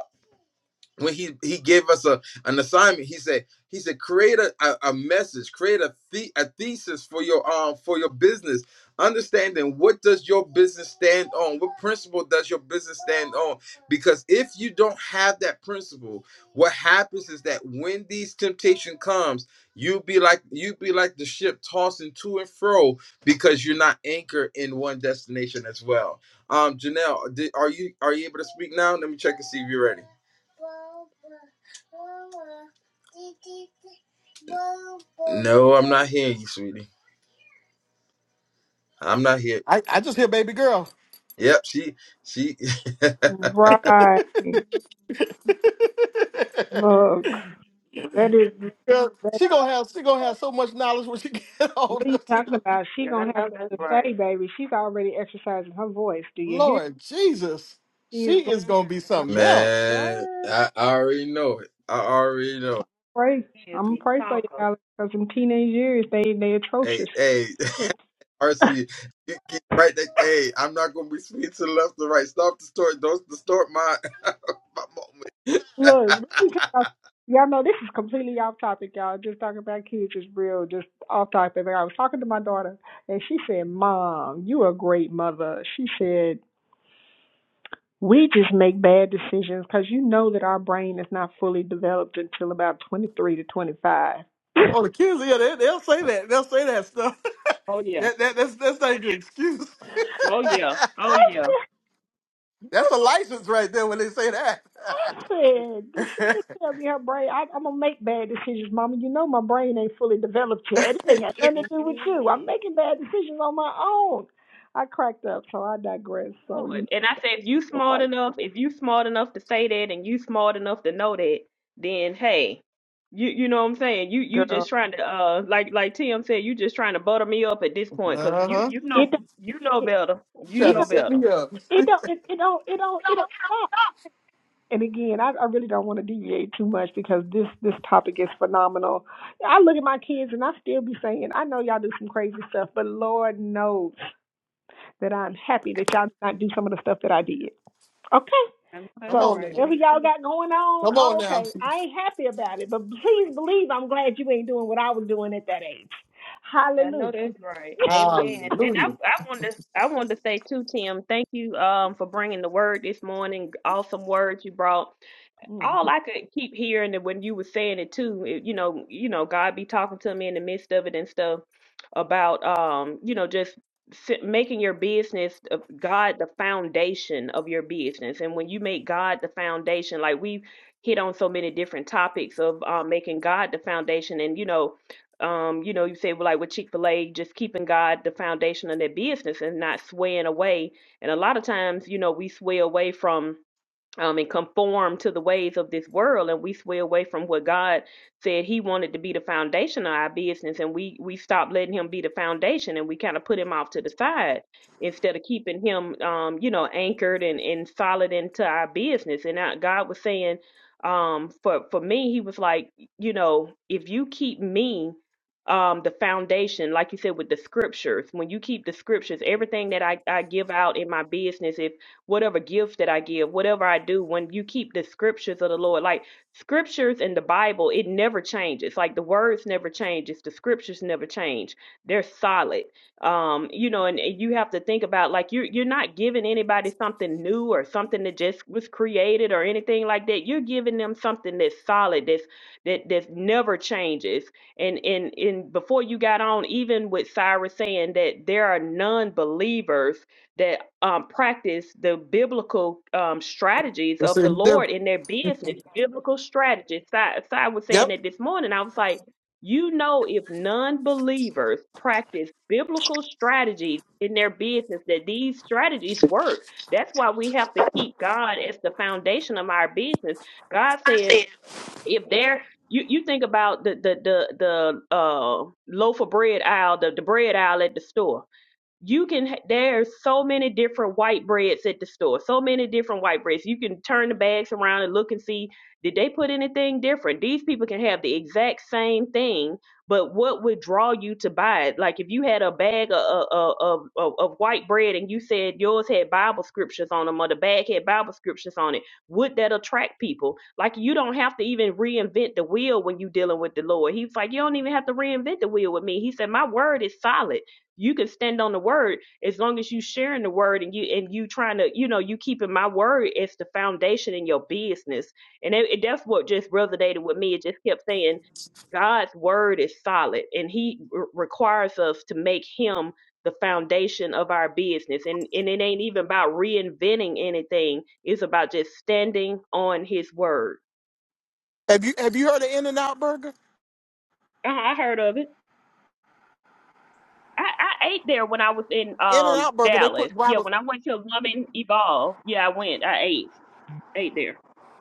Speaker 1: when he he gave us a an assignment he said he said create a, a, a message create a, the, a thesis for your um for your business understanding what does your business stand on what principle does your business stand on because if you don't have that principle what happens is that when these temptation comes you be like you be like the ship tossing to and fro because you're not anchored in one destination as well um janelle did, are you are you able to speak now let me check and see if you're ready No, I'm not hearing you, sweetie. I'm not here.
Speaker 7: I, I just hear baby girl.
Speaker 1: Yep, she she
Speaker 3: right. Look, that is,
Speaker 7: Girl,
Speaker 3: that,
Speaker 7: she gonna have she gonna have so much knowledge when she get
Speaker 3: what are you
Speaker 7: older.
Speaker 3: talking about? She going to have something to say, baby. She's already exercising her voice. Do you hear?
Speaker 7: Lord Jesus,
Speaker 3: She is
Speaker 7: she is gonna be
Speaker 3: like,
Speaker 7: something else.
Speaker 1: man,
Speaker 3: "Ah,
Speaker 1: I, I already know it. I already know.
Speaker 3: pray. I'm going to pray for you, Alex, because in teenage years, they, they atrocious.
Speaker 1: It. Hey, hey, RC, you keep right there. Hey, I'm not gonna be sweet to the left or right. Stop the story. Don't distort my my
Speaker 3: Look,
Speaker 1: moment.
Speaker 3: let me tell y'all. Y'all know this is completely off topic, y'all. Just talking about kids is real, just off topic. But I was talking to my daughter, and she said, "Mom, you a great mother." She said, "We just make bad decisions because you know that our brain is not fully developed until about twenty three to twenty five.
Speaker 7: Oh, the kids, yeah, they, they'll say that. They'll say that stuff.
Speaker 2: Oh yeah.
Speaker 7: That, that, that's that's not your excuse.
Speaker 2: Oh yeah. Yeah.
Speaker 7: that's a license right there when they say that.
Speaker 3: I said,
Speaker 7: uh
Speaker 3: this shit tell me her brain. I, I'm gonna make bad decisions, Mama. You know my brain ain't fully developed yet. It ain't got nothing to do with you. I'm making bad decisions on my own. I cracked up, so I digress. So
Speaker 2: do
Speaker 3: you
Speaker 2: it. And I said, if you
Speaker 3: know,
Speaker 2: smart
Speaker 3: like,
Speaker 2: enough, if you smart enough to say that and you smart enough to know that, then hey, you you know what I'm saying? You you just
Speaker 3: girl,
Speaker 2: trying to uh like like Tim said, you just trying to butter me up at this point because you
Speaker 7: huh.
Speaker 2: you know
Speaker 3: it don't-
Speaker 2: you know
Speaker 3: it
Speaker 2: better. You
Speaker 7: Trying
Speaker 3: it
Speaker 7: to
Speaker 2: know
Speaker 3: don't
Speaker 7: set
Speaker 2: better.
Speaker 7: me up.
Speaker 3: it don't it, it don't it don't it don't stop. And again, I, I really don't want to deviate too much because this this topic is phenomenal. I look at my kids and I still be saying, I know y'all do some crazy stuff, but Lord knows that I'm happy that y'all did not do some of the stuff that I did. Okay.
Speaker 2: I know that's
Speaker 7: Come on
Speaker 3: So
Speaker 2: right.
Speaker 7: now.
Speaker 3: whatever
Speaker 2: Me
Speaker 3: y'all
Speaker 2: too.
Speaker 3: got going
Speaker 7: Come
Speaker 3: on,
Speaker 7: on now.
Speaker 3: okay. I ain't happy about it, but please believe I'm glad you ain't doing what I was doing at that age.
Speaker 2: Yeah, I know
Speaker 3: Hallelujah.
Speaker 2: that's right. Amen. And I
Speaker 7: Hallelujah.
Speaker 2: I wanted to I wanted to say too, Tim. Thank you um for bringing the word this morning. Awesome words you brought
Speaker 3: hmm
Speaker 2: all I could keep hearing that when you were saying it too, it, you know, you know, God be talking to me in the midst of it and stuff about, um, you know, just si- making your business of God the foundation of your business. And when you make God the foundation, like we hit on so many different topics of uh, making God the foundation, and you know. Um, you know, you say well, like with Chick Fil A, just keeping God the foundation of their business and not swaying away. And a lot of times, you know, we sway away from um, and conform to the ways of this world and we sway away from what god said he wanted to be the foundation of our business and we we stopped letting him be the foundation and we kind of put him off to the side instead of keeping him um, you know anchored and, and solid into our business and I, god was saying um, for for me he was like you know if you keep me um, the foundation like you said with the scriptures when you keep the scriptures everything that I, I give out in my business if whatever gift that I give, whatever I do, when you keep the scriptures of the Lord, like scriptures in the Bible, it never changes. Like the words never change. It's the scriptures never change. They're solid. Um, you know, and, you have to think about like you're you're not giving anybody something new or something that just was created or anything like that. You're giving them something that's solid, that's that that never changes and and and before you got on even with cyrus saying that there are non-believers that um, practice the biblical um, strategies
Speaker 7: It's
Speaker 2: of
Speaker 7: a
Speaker 2: the
Speaker 7: different.
Speaker 2: Lord in their business, biblical strategies. Si, Si was saying
Speaker 7: Yep.
Speaker 2: that this morning. I was like, you know, if non believers practice biblical strategies in their business, that these strategies work. That's why we have to keep God as the foundation of our business. God said, if there, you, you think about the the the, the uh, loaf of bread aisle, the, the bread aisle at the store you can there's so many different white breads at the store so many different white breads you can turn the bags around and look and see did they put anything different these people can have the exact same thing but what would draw you to buy it like if you had a bag of of, of, of of white bread and you said yours had bible scriptures on them or the bag had bible scriptures on it would that attract people like you don't have to even reinvent the wheel when you are dealing with the lord he's like you don't even have to reinvent the wheel with me he said my word is solid you can stand on the word as long as you sharing the word and you and you trying to you know you keeping my word as the foundation in your business and it, it- that's what just resonated with me it just kept saying god's word is solid and he re- requires us to make him the foundation of our business and and it ain't even about reinventing anything it's about just standing on his word
Speaker 7: Have you have you heard of In and Out Burger?
Speaker 2: uh i heard of it I, I ate there when I was in
Speaker 7: In and
Speaker 2: um
Speaker 7: Out Burger. They
Speaker 2: Dallas.
Speaker 7: put
Speaker 2: Yeah,
Speaker 7: Bible.
Speaker 2: when I went to Loving Evolve. Yeah, I went. I ate. Ate there.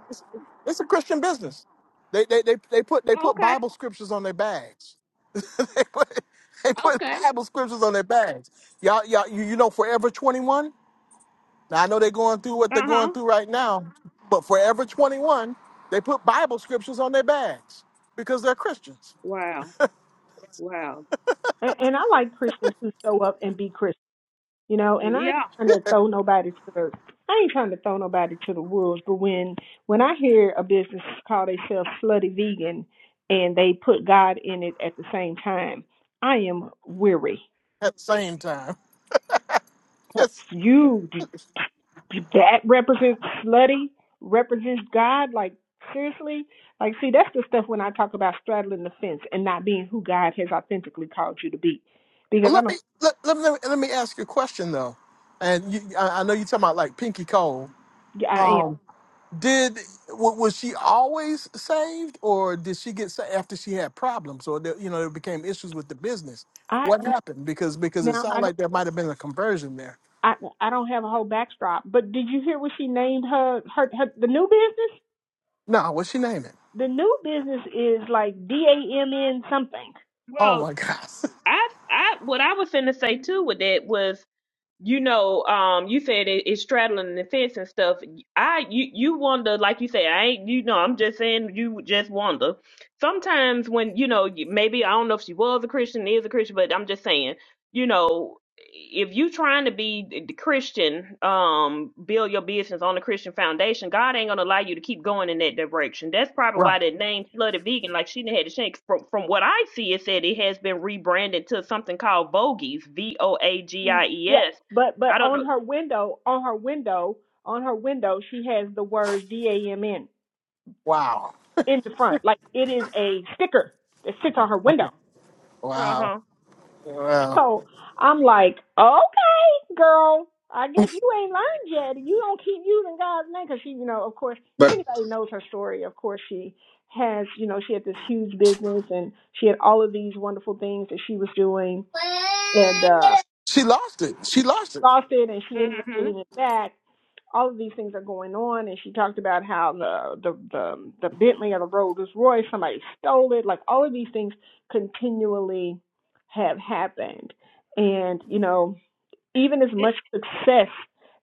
Speaker 7: It's, it's a Christian business. They, they they they put they put
Speaker 2: Okay.
Speaker 7: Bible scriptures on their bags. they put they put
Speaker 2: Okay.
Speaker 7: Bible scriptures on their bags. Y'all, y'all, you, you know, Forever 21. Now I know they're going through what they're
Speaker 2: Uh
Speaker 7: going
Speaker 2: huh.
Speaker 7: through right now, but Forever 21, they put Bible scriptures on their bags because they're Christians
Speaker 2: Wow. Wow.
Speaker 3: and, and I like Christians who show up and be Christians, you know. And I
Speaker 2: Yeah.
Speaker 3: ain't trying to throw nobody to the, I ain't trying to throw nobody to the wolves. But when when I hear a business call themselves slutty vegan and they put God in it at the same time, I am weary.
Speaker 7: at the same time. Yes.
Speaker 3: You, that represents slutty represents god like seriously like see that's the stuff when i talk about straddling the fence and not being who god has authentically called you to be because
Speaker 7: Well,
Speaker 3: i
Speaker 7: let me
Speaker 3: don't
Speaker 7: let, let me let me ask you a question though, and you, I, I know you're talking about like Pinky Cole.
Speaker 3: yeah, i am
Speaker 7: Um, Did wa- was she always saved, or did she get saved after she had problems, or there, you know there became issues with the business?
Speaker 3: i
Speaker 7: What happened? Because because it
Speaker 3: now i
Speaker 7: sounded
Speaker 3: don't
Speaker 7: like there might have been a conversion there.
Speaker 3: I, I don't have a whole backdrop, but did you hear what she named her, her her the new business?
Speaker 7: No, what's she naming?
Speaker 3: The new business is like D A M N something.
Speaker 7: Oh
Speaker 2: Well,
Speaker 7: my gosh!
Speaker 2: I I what I was finna say too with that was you know, um, you said it, it's straddling the fence and stuff. I, you, you wonder, like you say, I ain't, you know, I'm just saying, you just wonder. Sometimes when, you know, you- maybe I don't know if she was a Christian, is a Christian, but I'm just saying, you know, if you trying to be the the Christian, um, build your business on the Christian foundation, God ain't gonna allow you to keep going in that direction. That's probably
Speaker 7: Right.
Speaker 2: why that name Flooded Vegan, like she didn't had to change. From, from what I see, it said it has been rebranded to something called Vogies, V O A G I E
Speaker 3: Yeah,
Speaker 2: S
Speaker 3: but but
Speaker 2: I don't
Speaker 3: on
Speaker 2: know.
Speaker 3: her window, on her window, on her window, she has the words D A M N
Speaker 7: Wow.
Speaker 3: in the front. Like it is a sticker that sits on her window.
Speaker 2: Uh
Speaker 7: Wow.
Speaker 2: huh.
Speaker 7: Wow.
Speaker 3: So I'm like, okay, girl, I guess you ain't learned yet. and You don't keep using God's name because she, you know, of course, if
Speaker 1: But.
Speaker 3: anybody knows her story, of course she has, you know, she had this huge business and she had all of these wonderful things that she was doing, and uh,
Speaker 7: She lost it. She lost it.
Speaker 3: lost it and she ended up
Speaker 2: Mhm.
Speaker 3: getting it back. All of these things are going on, and she talked about how the the the, the Bentley or the Rolls Royce somebody stole it. Like all of these things continually have happened, and you know even as much success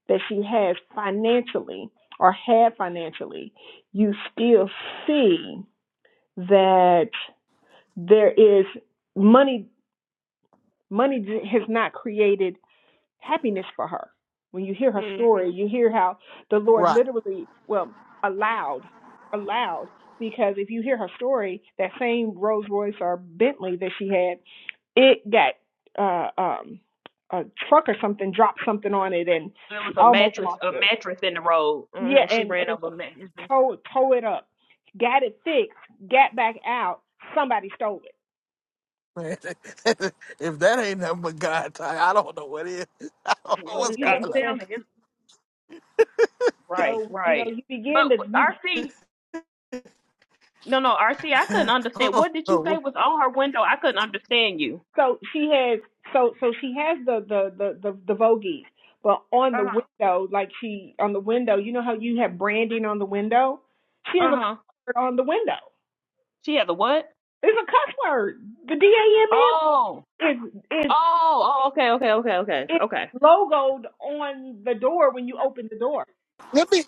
Speaker 3: that she has financially or had financially, you still see that there is money money has not created happiness for her. When you hear her story,
Speaker 2: Mhm.
Speaker 3: you hear how the Lord
Speaker 7: Right.
Speaker 3: literally, well, allowed, allowed, because if you hear her story, that same Rolls Royce or Bentley that she had, it got uh, um, a truck or something dropped something on it, and
Speaker 2: There
Speaker 3: she
Speaker 2: was a
Speaker 3: almost
Speaker 2: mattress,
Speaker 3: lost
Speaker 2: a
Speaker 3: it.
Speaker 2: mattress in the road.
Speaker 3: Yeah,
Speaker 2: hmm She
Speaker 3: and
Speaker 2: ran
Speaker 3: and
Speaker 2: over a mattress.
Speaker 3: tow tow it up, got it fixed, got back out. Somebody stole it.
Speaker 7: Man, if that ain't nothing but God time, I don't know what is. I don't know
Speaker 3: So
Speaker 2: Mhm.
Speaker 7: what's
Speaker 3: you know
Speaker 2: I'm
Speaker 7: going on.
Speaker 3: there's
Speaker 2: telling you, right,
Speaker 3: so you know
Speaker 2: right.
Speaker 3: you begin
Speaker 2: But
Speaker 3: to
Speaker 2: with
Speaker 3: you
Speaker 2: RC, no, no, RC. I couldn't
Speaker 7: I
Speaker 2: understand.
Speaker 7: don't
Speaker 2: What did you
Speaker 7: know.
Speaker 2: say was on her window? I couldn't understand you.
Speaker 3: So she has so so she has the the the the, the Vogies, but on the
Speaker 2: Uh huh.
Speaker 3: window, like she on the window, you know how you have branding on the window. She has
Speaker 2: Uh
Speaker 3: a cuss
Speaker 2: huh.
Speaker 3: word on the window.
Speaker 2: She has a what?
Speaker 3: It's a cuss word. The D A
Speaker 2: Oh.
Speaker 3: M M is
Speaker 2: Oh.
Speaker 3: is
Speaker 2: Oh. Okay. Okay. Okay. Okay. Okay.
Speaker 3: is logoed on the door when you open the door.
Speaker 7: Let me.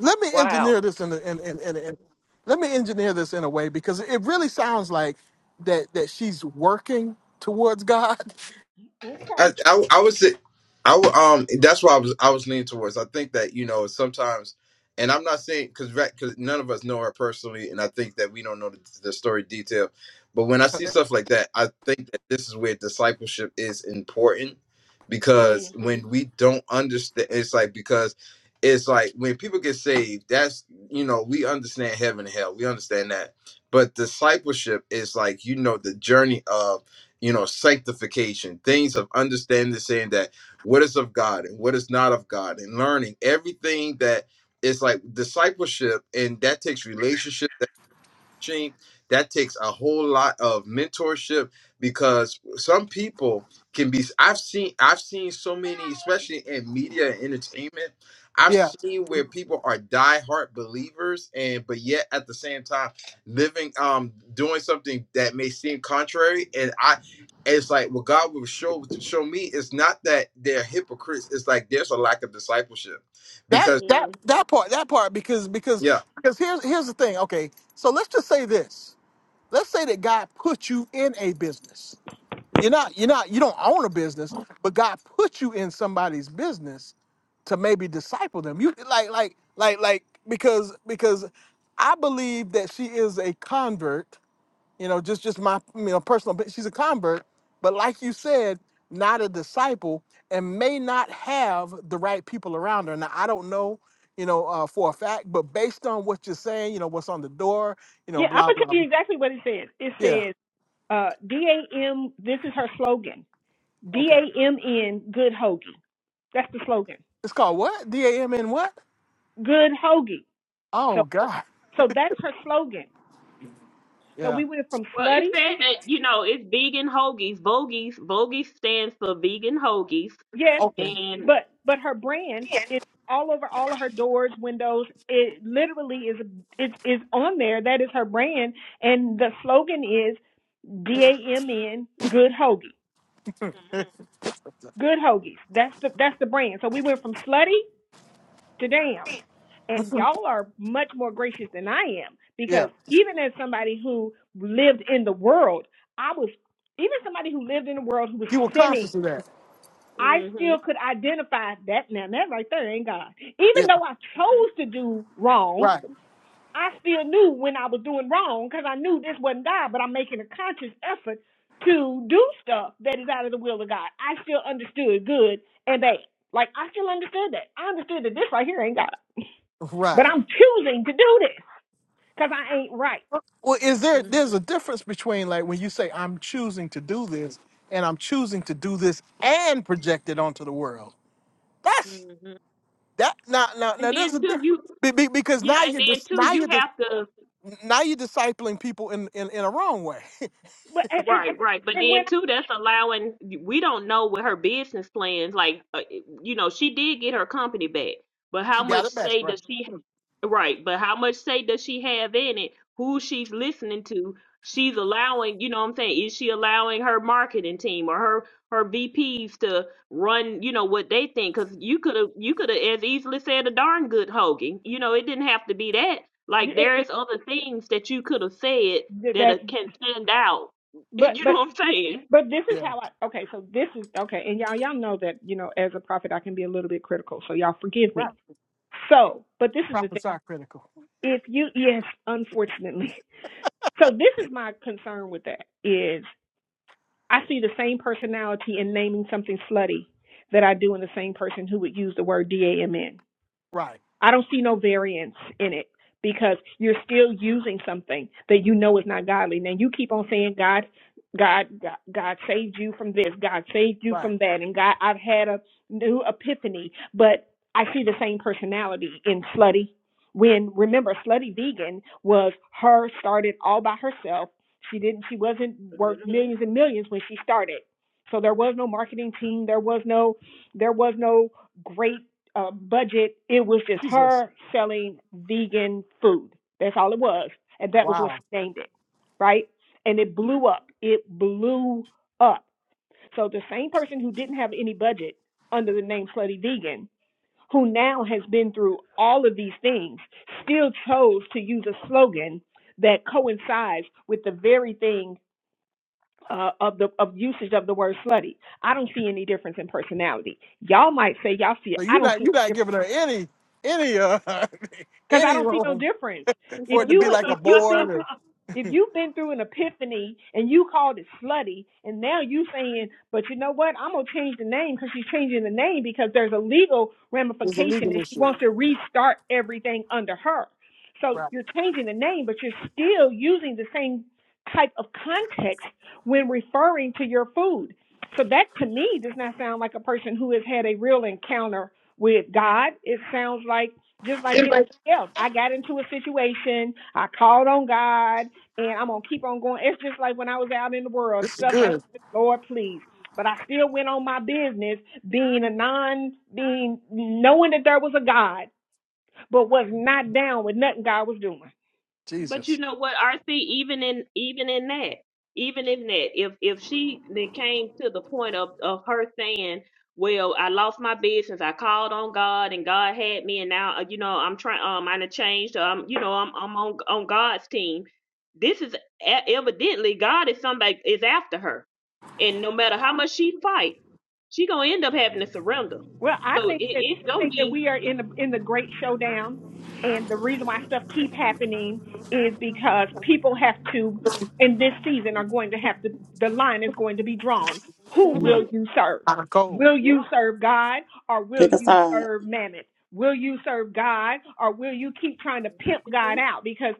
Speaker 7: let me
Speaker 2: Wow.
Speaker 7: engineer this in, a, in, in, in, in let me engineer this in a way because it really sounds like that that she's working towards God.
Speaker 3: Okay.
Speaker 1: I, I, I would say, I would, um, that's why I was, I was leaning towards. I think that, you know, sometimes, and I'm not saying because because none of us know her personally, and I think that we don't know the, the story detail. But when I see stuff like that, I think that this is where discipleship is important because
Speaker 2: Mm-hmm.
Speaker 1: when we don't understand, it's like because it's like when people get saved, that's you know we understand heaven and hell, we understand that, but discipleship is like you know the journey of you know, sanctification, things of understanding, saying that what is of God and what is not of God, and learning everything that is like discipleship, and that takes relationship coaching. That takes a whole lot of mentorship because some people can be I've seen I've seen so many, especially in media and entertainment, I've
Speaker 7: Yeah.
Speaker 1: seen where people are diehard believers and but yet at the same time living um doing something that may seem contrary. And I it's like what God will show to show me it's not that they're hypocrites, it's like there's a lack of discipleship.
Speaker 7: That
Speaker 1: Because
Speaker 7: that
Speaker 2: Mm.
Speaker 7: that part that part because because
Speaker 1: yeah,
Speaker 7: because here's here's the thing. Okay. So let's just say this. Let's say that God put you in a business. You're not you're not you don't own a business, but God put you in somebody's business to maybe disciple them. You like like like like because because I believe that she is a convert you know just just my you know personal but she's a convert but like you said not a disciple and may not have the right people around her now i don't know you know uh, for a fact but based on what you're saying you know what's on the door you know
Speaker 3: Yeah, I'm
Speaker 7: blah
Speaker 3: gonna
Speaker 7: blah
Speaker 3: tell you
Speaker 7: blah
Speaker 3: exactly what it says. It
Speaker 7: yeah
Speaker 3: says uh, D A M. This is her slogan. D
Speaker 7: okay
Speaker 3: A M N. Good hoagie. That's the slogan.
Speaker 7: it's called what d-a-m-n what
Speaker 3: Good hoagie. So
Speaker 7: oh god
Speaker 3: So that's her slogan. So
Speaker 7: yeah
Speaker 3: we went from
Speaker 2: Well, it
Speaker 3: slutty,
Speaker 2: said that you know it's vegan hoagies. Vogies. Vogies stands for vegan hoagies.
Speaker 3: yes,
Speaker 7: okay
Speaker 2: and
Speaker 3: but but her brand is all over all of her doors, windows. It literally is is is on there. That is her brand, and the slogan is D A M N Good Hoagie, Good Hoagies. That's the that's the brand. So we went from slutty to damn, and y'all are much more gracious than I am
Speaker 7: yeah
Speaker 3: because even as somebody who lived in the world, I was even somebody who lived in the world who was
Speaker 7: you were
Speaker 3: sinning
Speaker 7: conscious of that
Speaker 3: I
Speaker 2: Mm-hmm.
Speaker 3: still could identify that now that right there ain't God. Even
Speaker 7: yeah
Speaker 3: though I
Speaker 2: Mm-hmm.
Speaker 3: chose to do wrong,
Speaker 7: right
Speaker 3: I still knew when I was doing wrong because I knew this wasn't God, but I'm making a conscious effort to do stuff that is out of the will of God. I still understood good and bad. Like I still understood that. I understood that this right here ain't God. But
Speaker 7: right
Speaker 3: I'm choosing to do this because I ain't right.
Speaker 7: Well, is there
Speaker 2: mm-hmm.
Speaker 7: there's a difference between like when you say I'm choosing to do this and I'm choosing to do this and project it onto the world. That's
Speaker 2: Mm-hmm.
Speaker 7: that now now
Speaker 2: And
Speaker 7: now
Speaker 2: then
Speaker 7: there's a
Speaker 2: too, you
Speaker 7: difference Be- be- because
Speaker 2: yeah,
Speaker 7: now
Speaker 2: and
Speaker 7: you're
Speaker 2: then
Speaker 7: just
Speaker 2: too,
Speaker 7: now
Speaker 2: you
Speaker 7: you're just
Speaker 2: have to
Speaker 7: now you're discipling people in, in in a wrong way.
Speaker 3: But and and,
Speaker 2: Right, right. But
Speaker 3: and when
Speaker 2: then
Speaker 3: I,
Speaker 2: too, that's allowing we don't know what her business plans like uh, you know, she did get her company back, but
Speaker 7: She
Speaker 2: how
Speaker 7: got
Speaker 2: much
Speaker 7: it back
Speaker 2: say
Speaker 7: right.
Speaker 2: does she have? Right, but how much say does she have in it? Who she's listening to? She's allowing, you know what I'm saying? Is she allowing her marketing team or her her VPs to run, you know, what they think? Because you could have you could have as easily said a darn good Hogan. You know, it didn't have to be that. Like
Speaker 3: it,
Speaker 2: there is other things that you could have said
Speaker 3: it,
Speaker 2: that
Speaker 3: that
Speaker 2: uh, can stand out
Speaker 3: but
Speaker 2: You know
Speaker 3: but
Speaker 2: what I'm saying?
Speaker 3: But this is
Speaker 7: Yeah,
Speaker 3: how I okay, so this is okay, and y'all y'all know that, you know, as a prophet I can be a little bit critical, so y'all forgive me.
Speaker 7: right.
Speaker 3: So, but this is the thing.
Speaker 7: Prophesy critical.
Speaker 3: If you yes, unfortunately. So this is my concern with that is I see the same personality in naming something slutty that I do in the same person who would use the word D A M N.
Speaker 7: Right,
Speaker 3: I don't see no variance in it because you're still using something that you know is not godly. Now you keep on saying God, God, God, God saved you from this, God saved you
Speaker 7: right.
Speaker 3: from that, and God, I've had a new epiphany. But I see the same personality in Slutty. When remember, Slutty Vegan was her started all by herself. She didn't. She wasn't worth millions and millions when she started. So there was no marketing team. There was no. There was no great uh, budget, it was just
Speaker 7: Jesus,
Speaker 3: her selling vegan food. That's all it was, and that was what
Speaker 7: wow.
Speaker 3: she named it, right? And it blew up. It blew up. So the same person who didn't have any budget under the name Slutty Vegan, who now has been through all of these things, still chose to use a slogan that coincides with the very thing uh, of the of usage of the word slutty. I don't see any difference in personality. Y'all might say y'all see it.
Speaker 7: So
Speaker 3: I
Speaker 7: you're
Speaker 3: don't
Speaker 7: not
Speaker 3: see any
Speaker 7: you're
Speaker 3: difference
Speaker 7: not giving her any any uh
Speaker 3: because I
Speaker 7: any
Speaker 3: don't see no
Speaker 7: room
Speaker 3: difference.
Speaker 7: for
Speaker 3: If
Speaker 7: it to
Speaker 3: you
Speaker 7: be
Speaker 3: would-
Speaker 7: like a
Speaker 3: if you've
Speaker 7: board
Speaker 3: been through
Speaker 7: or
Speaker 3: if you've been through an epiphany and you called it slutty, and now you saying, but you know what? I'm gonna change the name because she's changing the name because there's a legal
Speaker 7: it's a
Speaker 3: ramification
Speaker 7: legal
Speaker 3: and she
Speaker 7: issue.
Speaker 3: wants to restart everything under her. So you're changing the name, but you're still using the same type of context when referring to your food. So that to me does not sound like a person who has had a real encounter with God. It sounds like just like any
Speaker 7: Right.
Speaker 3: else. I got into a situation. I called on God, and I'm gonna keep on going. It's just like when I was out in the world,
Speaker 7: This is
Speaker 3: stuff happened.
Speaker 7: good.
Speaker 3: Lord, please. But I still went on my business, being a non, being knowing that there was a God, but was not down with nothing God was doing.
Speaker 2: But you
Speaker 7: Jesus.
Speaker 2: know what, RC, even in even in that, even in that, if if she then came to the point of of her saying, "Well, I lost my business. I called on God, and God had me, and now uh, you know I'm trying. Um, I done changed. Um, you know I'm I'm on on God's team." This is e- evidently God is somebody is after her, and no matter how much she fight, she gonna end up having to surrender.
Speaker 3: Well, I
Speaker 2: So it,
Speaker 3: think that
Speaker 2: it's
Speaker 3: I
Speaker 2: gonna
Speaker 3: think that
Speaker 2: be.
Speaker 3: we are in the in the great showdown, and the reason why stuff keep happening is because people have to in this season are going to have to the line is going to be drawn. Who
Speaker 7: Mm.
Speaker 3: will
Speaker 2: hmm
Speaker 3: you serve?
Speaker 7: Out of cold.
Speaker 3: Will you serve God or will
Speaker 6: Pick a
Speaker 3: you
Speaker 6: side.
Speaker 3: serve Mammon? Will you serve God or will you keep trying to pimp God
Speaker 2: Mhm.
Speaker 3: out? Because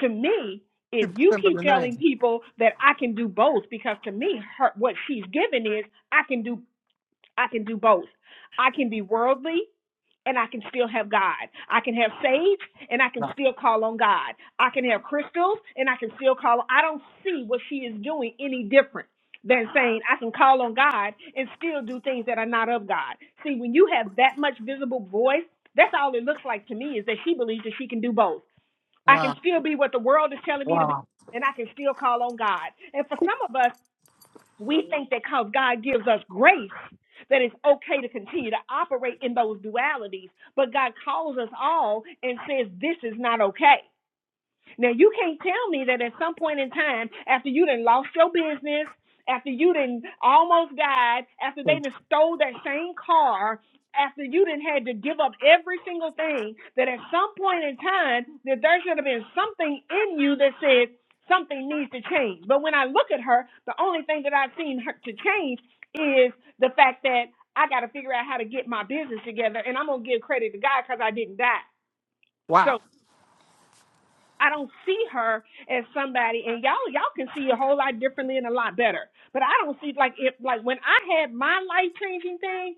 Speaker 3: to me, if
Speaker 7: You
Speaker 3: you
Speaker 7: remember
Speaker 3: keep
Speaker 7: the name.
Speaker 3: telling people that I can do both, because to me, her, what she's given is I can do I can do both. I can be worldly and I can still have God. I can have sage and I can
Speaker 7: No.
Speaker 3: still call on God. I can have crystals and I can still call. on. I don't see what she is doing any different than saying I can call on God and still do things that are not of God. See, when you have that much visible voice, that's all it looks like to me is that she believes that she can do both. I can
Speaker 7: Wow.
Speaker 3: still be what the world is telling me to be
Speaker 7: Wow.
Speaker 3: and I can still call on God. And for some of us, we think that because God gives us grace, that it's okay to continue to operate in those dualities. But God calls us all and says, This is not okay. Now you can't tell me that at some point in time, after you done lost your business, after you done almost died, after they
Speaker 7: Mm.
Speaker 3: done stole that same car, after you done had to give up every single thing, that at some point in time that there should have been something in you that said something needs to change. But when I look at her, the only thing that I've seen her to change is the fact that I got to figure out how to get my business together, and I'm gonna give credit to God because I didn't die.
Speaker 7: Wow.
Speaker 3: So. I don't see her as somebody, and y'all y'all can see a whole lot differently and a lot better. But I don't see like if like when I had my life changing thing,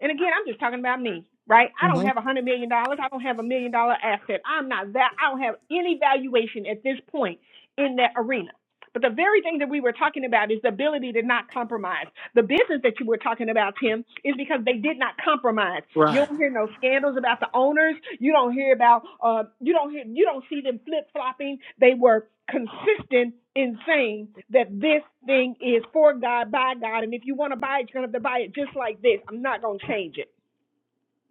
Speaker 3: and again I'm just talking about me, right? I don't
Speaker 7: hmm
Speaker 3: have a hundred million dollars. I don't have a million dollar asset. I'm not that. I don't have any valuation at this point in that arena. But the very thing that we were talking about is the ability to not compromise. The business that you were talking about, Tim, is because they did not compromise. You
Speaker 7: Right.
Speaker 3: don't hear no scandals about the owners. You don't hear about uh you don't hear you don't see them flip flopping. They were consistent in saying that this thing is for God, by God, and if you want to buy it, you're gonna have to buy it just like this. I'm not gonna change it.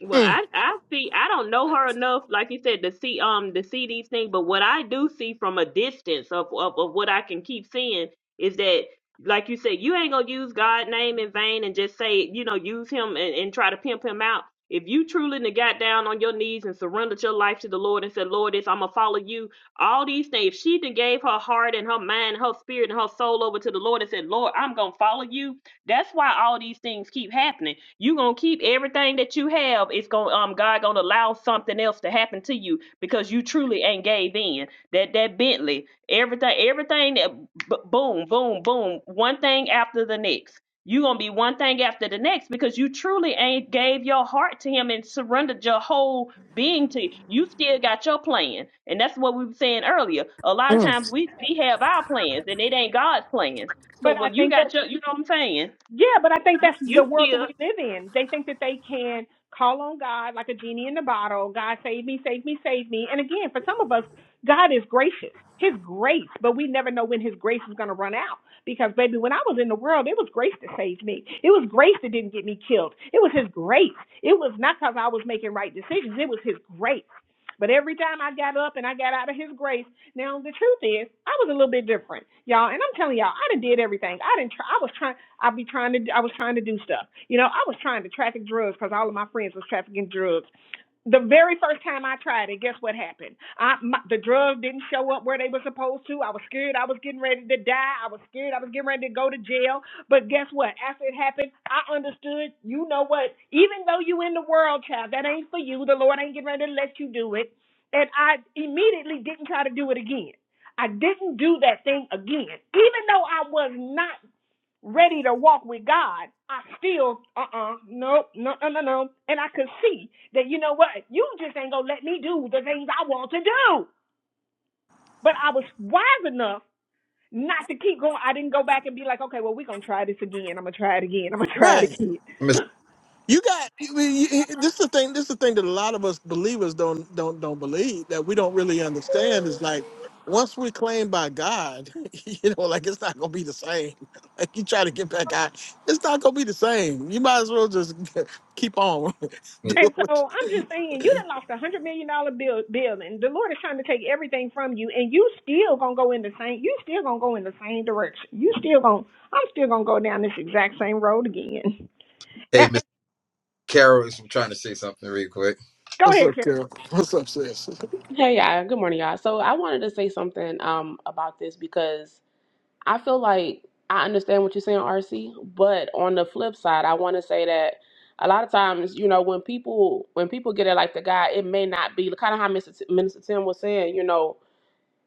Speaker 2: Well,
Speaker 7: Mm.
Speaker 2: I I see. I don't know her enough, like you said, to see um to see these things. But what I do see from a distance of of, of what I can keep seeing is that, like you said, you ain't gonna use God name in vain and just say you know use him and, and try to pimp him out. If you truly done got down on your knees and surrendered your life to the Lord and said, Lord, this I'm gonna follow you. All these things. If she done gave her heart and her mind, her spirit and her soul over to the Lord and said, Lord, I'm gonna follow you That's why all these things keep happening. you gonna keep everything that you have. It's gonna um God gonna allow something else to happen to you because you truly ain't gave in. That that Bentley, everything, everything that boom, boom, boom, one thing after the next. you gonna be one thing after the next because you truly ain't gave your heart to him and surrendered your whole being to you. you still got your plan. And that's what we were saying earlier. A lot of
Speaker 7: Mm.
Speaker 2: times we, we have our plans and it ain't God's plans. So
Speaker 3: But I
Speaker 2: when you
Speaker 3: think that.
Speaker 2: got your, you know what I'm saying?
Speaker 3: Yeah, but I think that's
Speaker 2: you
Speaker 3: the world
Speaker 2: see
Speaker 3: that we live in. They think that they can call on God like a genie in the bottle. God save me, save me, save me. And again, for some of us, God is gracious. His grace, but we never know when his grace is going to run out. Because baby, when I was in the world, it was grace that saved me. It was grace that didn't get me killed. It was his grace. It was not because I was making right decisions. It was his grace. But every time I got up and I got out of his grace, now the truth is, I was a little bit different, y'all. And I'm telling y'all, I done did everything. I didn't. Try, I was trying. I be trying to. I was trying to do stuff. You know, I was trying to traffic drugs because all of my friends was trafficking drugs. The very first time I tried it, guess what happened? I, my, the drugs didn't show up where they were supposed to. I was scared I was getting ready to die. I was scared I was getting ready to go to jail. But guess what? After it happened, I understood, you know what? Even though you in the world, child, that ain't for you. The Lord ain't getting ready to let you do it and I immediately didn't try to do it again. I didn't do that thing again. Even though I was not ready to walk with God, I still, uh uh no, no, no, no, no. And I could see that, you know what, you just ain't gonna let me do the things I want to do. But I was wise enough not to keep going. I didn't go back and be like, okay, well, we're gonna try this again. I'm gonna try it again. I'm gonna try it
Speaker 7: Right.
Speaker 3: again.
Speaker 1: Miss
Speaker 7: You got you- you- you- this is the thing this is the thing that a lot of us believers don't don't don't believe that we don't really understand is like once we're claimed by God, you know, like it's not gonna be the same. Like you try to get back out, it's not gonna be the same. You might as well just keep on doing
Speaker 3: And so
Speaker 7: what.
Speaker 3: I'm just saying, you done lost a hundred million dollar bill building. The Lord is trying to take everything from you, and you still gonna go in the same. You still gonna go in the same direction. You still gonna. I'm still gonna go down this exact same road again.
Speaker 1: Hey
Speaker 3: And-
Speaker 1: Miss
Speaker 3: and-
Speaker 1: Carol is trying to say something real quick.
Speaker 3: go
Speaker 7: What's
Speaker 3: ahead,
Speaker 7: up,
Speaker 3: Karen.
Speaker 7: Carol? What's up, sis?
Speaker 8: Hey, y'all. Good morning, y'all. So I wanted to say something um about this because I feel like I understand what you're saying, RC, but on the flip side, I want to say that a lot of times, you know, when people when people get it like the guy, it may not be kind of how Mr. T- Minister Tim was saying, you know,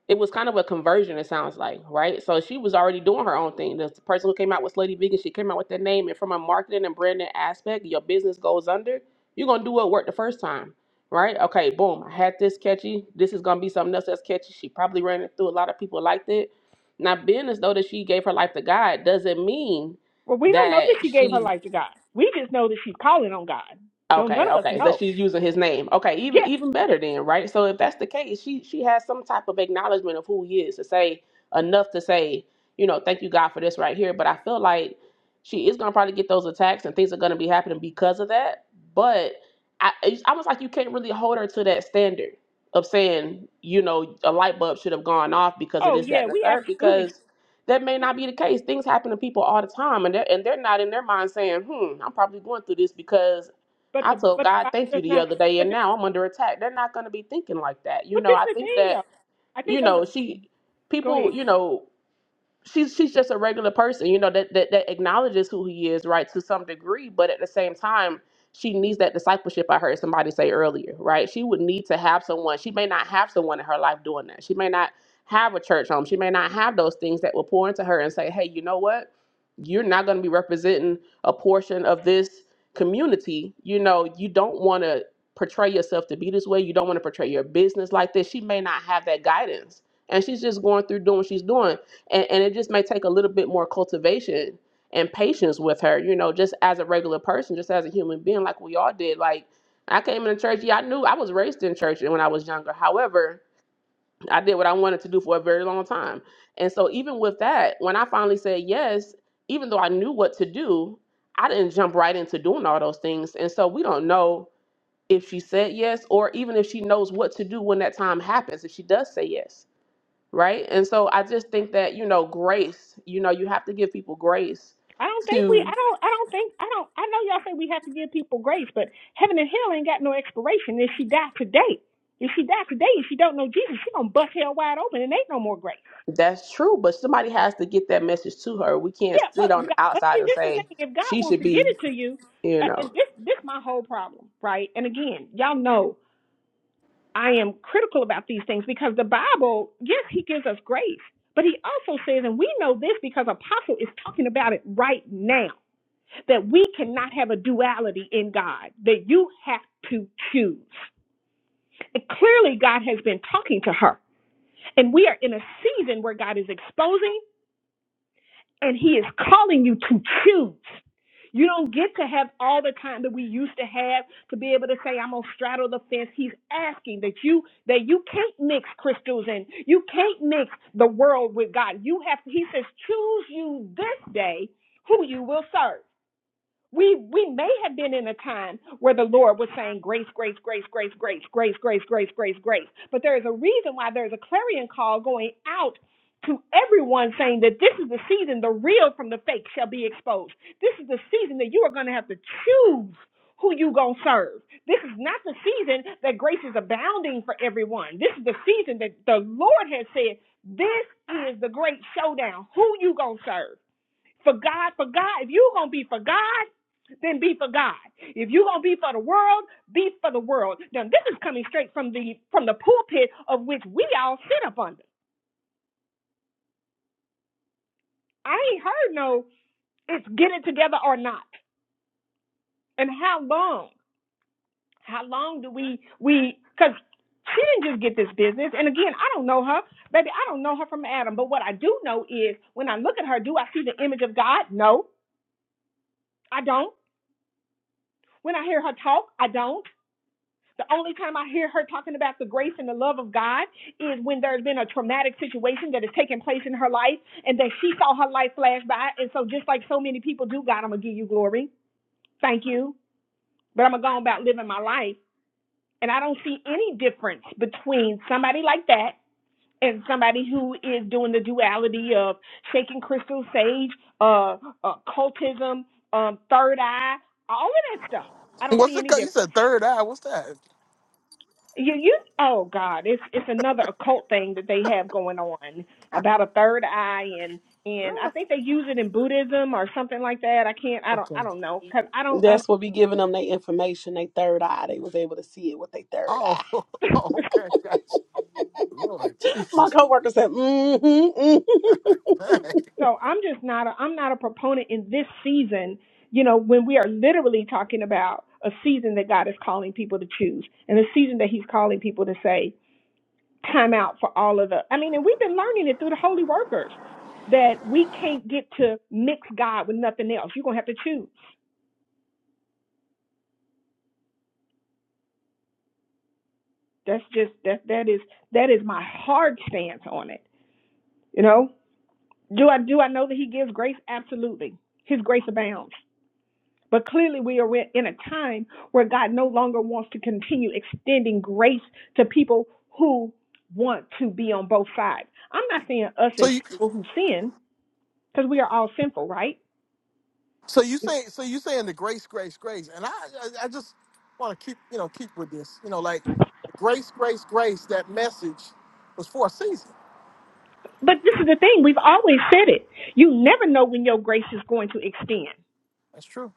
Speaker 8: it was kind of a conversion, it sounds like, right? So she was already doing her own thing. The person who came out with Slutty Vegan, she came out with that name. And from a marketing and branding aspect, your business goes under, you're going to do what worked the first time, right? Okay, boom, I had this catchy. This is going to be something else that's catchy. She probably ran it through. A lot of people liked it. Now, being as though that she gave her life to God doesn't mean
Speaker 3: Well, we don't know that
Speaker 8: that
Speaker 3: she gave her
Speaker 8: she
Speaker 3: life to God. We just know that she's calling on God. Don't none
Speaker 8: Okay,
Speaker 3: of us
Speaker 8: okay. That
Speaker 3: know.
Speaker 8: she's using his name. Okay, even
Speaker 3: Yeah.
Speaker 8: even better then, right? So if that's the case, she she has some type of acknowledgement of who he is to say enough to say, you know, thank you God for this right here. But I feel like she is gonna probably get those attacks and things are gonna be happening because of that. But I it's almost like you can't really hold her to that standard of saying, you know, a light bulb should have gone off because of
Speaker 3: Oh
Speaker 8: this, that,
Speaker 3: yeah,
Speaker 8: and the
Speaker 3: we
Speaker 8: third,
Speaker 3: absolutely.
Speaker 8: because that may
Speaker 3: Can.
Speaker 8: not be the case. Things happen to people all the time, and they're and they're not in their mind saying, "Hmm, I'm probably going through this because."
Speaker 3: But
Speaker 8: I
Speaker 3: the
Speaker 8: told
Speaker 3: but the
Speaker 8: God,
Speaker 3: Bible
Speaker 8: thank
Speaker 3: does
Speaker 8: you the
Speaker 3: not
Speaker 8: other
Speaker 3: say.
Speaker 8: day,
Speaker 3: But
Speaker 8: and
Speaker 3: the,
Speaker 8: now I'm under attack. They're not going to be thinking like that. You
Speaker 3: but
Speaker 8: know,
Speaker 3: this is
Speaker 8: I
Speaker 3: the
Speaker 8: think
Speaker 3: thing
Speaker 8: that,
Speaker 3: though. I
Speaker 8: you
Speaker 3: think those
Speaker 8: know,
Speaker 3: are.
Speaker 8: she,
Speaker 3: Go
Speaker 8: people,
Speaker 3: ahead.
Speaker 8: you know, she's she's just a regular person, you know, that, that that acknowledges who he is, right, to some degree, but at the same time, she needs that discipleship I heard somebody say earlier, right? She would need to have someone. She may not have someone in her life doing that. She may not have a church home. She may not have those things that will pour into her and say, "Hey, you know what? You're not going to be representing a portion of this community. You know, you don't want to portray yourself to be this way. You don't want to portray your business like this." She may not have that guidance and she's just going through doing what she's doing and, and it just may take a little bit more cultivation and patience with her you know just as a regular person just as a human being like we all did like i came into church yeah i knew i was raised in church when i was younger however i did what i wanted to do for a very long time and so even with that when i finally said yes even though i knew what to do i didn't jump right into doing all those things and so we don't know if she said yes or even if she knows what to do when that time happens if she does say yes right? And so I just think that, you know, grace, you know, you have to give people grace
Speaker 3: I don't think we. I
Speaker 8: to
Speaker 3: don't. I don't think. I don't. I know y'all think we have to give people grace, but heaven and hell ain't got no expiration. If she died today, if she died today, if she don't know Jesus, she gonna bust hell wide open and ain't no more grace.
Speaker 8: that's true, but somebody has to get that message to her. We can't
Speaker 3: Yeah, well,
Speaker 8: sit on the
Speaker 3: God, but
Speaker 8: outside
Speaker 3: see,
Speaker 8: and
Speaker 3: this the
Speaker 8: say
Speaker 3: thing. If God
Speaker 8: she
Speaker 3: wants
Speaker 8: should
Speaker 3: to get
Speaker 8: be,
Speaker 3: it to you,
Speaker 8: you
Speaker 3: uh,
Speaker 8: know.
Speaker 3: uh, this this my whole problem, right? And again, y'all know I am critical about these things because the Bible, yes, He gives us grace, but He also says, and we know this because Apostle is talking about it right now that we cannot have a duality in God, that you have to choose. And clearly, God has been talking to her. And we are in a season where God is exposing and He is calling you to choose. You don't get to have all the time that we used to have to be able to say, I'm gonna straddle the fence. He's asking that you that you can't mix crystals and you can't mix the world with God. You have he says, choose you this day who you will serve. We we may have been in a time where the Lord was saying grace, grace, grace, grace, grace, grace, grace, grace, grace, grace. But there is a reason why there is a clarion call going out to everyone saying that this is the season the real from the fake shall be exposed. This is the season that you are going to have to choose who you going to serve. This is not the season that grace is abounding for everyone. This is the season that the Lord has said, this is the great showdown. Who you going to serve? For God, for God, if you're going to be for God, then be for God. If you're going to be for the world, be for the world. Now, this is coming straight from the from the pulpit of which we all sit up under. I ain't heard no it's get it together or not. And how long? How long do we we cuz she didn't just get this business. And again, I don't know her. Baby, I don't know her from Adam. But what I do know is when I look at her, do I see the image of God? No, I don't. When I hear her talk, I don't. The only time I hear her talking about the grace and the love of God is when there's been a traumatic situation that has taken place in her life and that she saw her life flash by. And so, just like so many people do, God, I'm going to give you glory. Thank you. But I'm going to go about living my life. And I don't see any difference between somebody like that and somebody who is doing the duality of shaking crystal sage, uh, uh cultism, um, third eye, all of that stuff. I don't
Speaker 7: What's
Speaker 3: see
Speaker 7: it
Speaker 3: any
Speaker 7: called? You said
Speaker 3: difference.
Speaker 7: third eye. What's that?
Speaker 3: You you oh God, it's it's another occult thing that they have going on about a third eye and and I
Speaker 7: Really?
Speaker 3: think they use it in Buddhism or something like that. I can't I don't I
Speaker 7: Okay.
Speaker 3: don't know because I don't I
Speaker 6: That's what be giving them their information, they third eye. They was able to see it with their third eye.
Speaker 7: Oh,
Speaker 3: don't.
Speaker 7: okay. Gotcha. Lord
Speaker 6: My
Speaker 7: Jesus.
Speaker 6: coworker said, mm-hmm,
Speaker 7: Dang.
Speaker 6: mm-hmm.
Speaker 3: so I'm just not a, I'm not a proponent in this season. You know when we are literally talking about a season that God is calling people to choose and a season that He's calling people to say time out for all of the. I mean, and we've been learning it through the holy workers that we can't get to mix God with nothing else. You're gonna have to choose That's just that that is that is my hard stance on it. You know, do I do I know that He gives grace? Absolutely, His grace abounds. But clearly, we are in a time where God no longer wants to continue extending grace to people who want to be on both sides. I'm not saying us
Speaker 7: So
Speaker 3: as
Speaker 7: you,
Speaker 3: people who sin, because we are all sinful, right?
Speaker 7: so you say, so you saying the grace, grace, grace, and I, I, I just want to keep, you know, keep with this, you know, like grace, grace, grace. That message was for a season.
Speaker 3: But this is the thing, we've always said it. You never know when your grace is going to extend.
Speaker 7: That's true.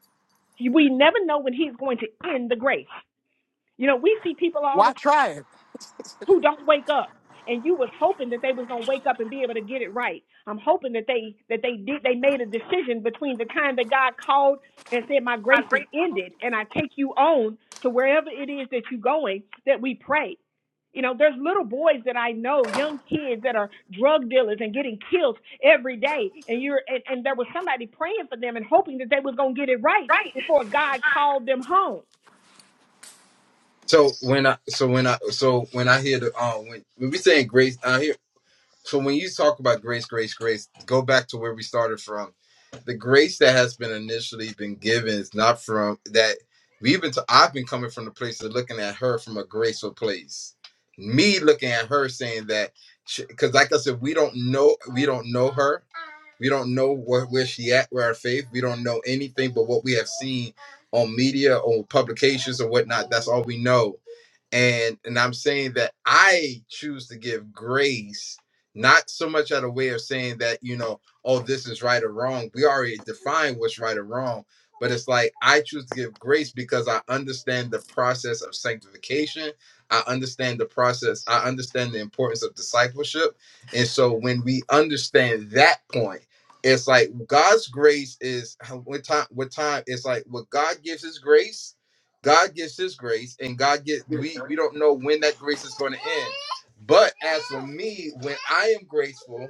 Speaker 3: We never know when he's going to end the grace. You know, we see people all the
Speaker 7: Why
Speaker 3: time
Speaker 7: try
Speaker 3: who don't wake up. And you was hoping that they was gonna wake up and be able to get it right. I'm hoping that they that they did they made a decision between the time that God called and said, My grace is ended and I take you on to wherever it is that you're going, that we pray. You know, there's little boys that I know, young kids that are drug dealers and getting killed every day. And you're and, and there was somebody praying for them and hoping that they was gonna get it right before God called them home.
Speaker 1: So when I so when I so when I hear the um when when we saying grace I hear so when you talk about grace grace grace go back to where we started from the grace that has been initially been given is not from that we've been to, I've been coming from the place of looking at her from a graceful place me looking at her saying that because like I said we don't know we don't know her we don't know where, where she at where her faith we don't know anything but what we have seen on media or publications or whatnot that's all we know and and i'm saying that i choose to give grace not so much out of way of saying that you know oh this is right or wrong we already define what's right or wrong but it's like i choose to give grace because i understand the process of sanctification i understand the process i understand the importance of discipleship and so when we understand that point it's like god's grace is what time what time it's like what god gives his grace God gives his grace and God get we we don't know when that grace is going to end. But as for me, when I am grateful,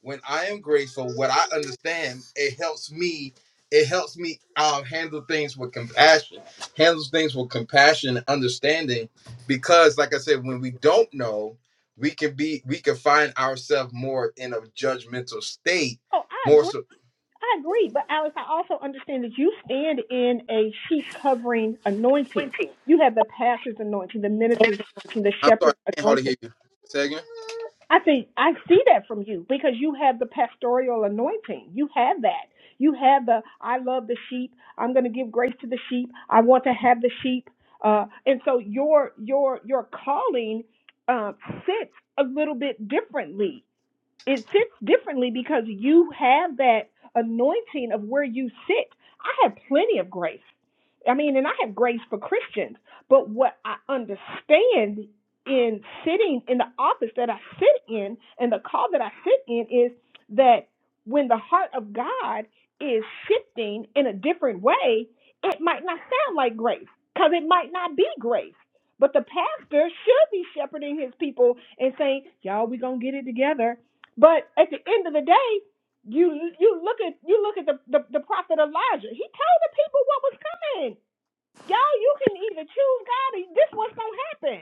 Speaker 1: when I am grateful, what I understand, it helps me. It helps me um, handle things with compassion. Handles things with compassion and understanding, because, like I said, when we don't know, we can be we can find ourselves more in a judgmental state.
Speaker 3: Oh, I
Speaker 1: More
Speaker 3: agree.
Speaker 1: so,
Speaker 3: I agree, but Alex, I also understand that you stand in a sheep covering anointing. You have the pastor's anointing, the minister's anointing, the
Speaker 1: I'm sorry,
Speaker 3: shepherd's
Speaker 1: I can't hardly
Speaker 3: anointing.
Speaker 1: hear you. Say again.
Speaker 3: I think I see that from you because you have the pastoral anointing. You have that. You have the I love the sheep. I'm going to give grace to the sheep. I want to have the sheep. Uh, and so your your your calling uh, sits a little bit differently it sits differently because you have that anointing of where you sit. I have plenty of grace. I mean, and I have grace for Christians, but what I understand in sitting in the office that I sit in and the call that I sit in is that when the heart of God is shifting in a different way, it might not sound like grace because it might not be grace. But the pastor should be shepherding his people and saying, Y'all, we going to get it together but at the end of the day, you you look at you look at the, the, the prophet Elijah. He told the people what was coming. Y'all, you can either choose God or this what's gonna happen.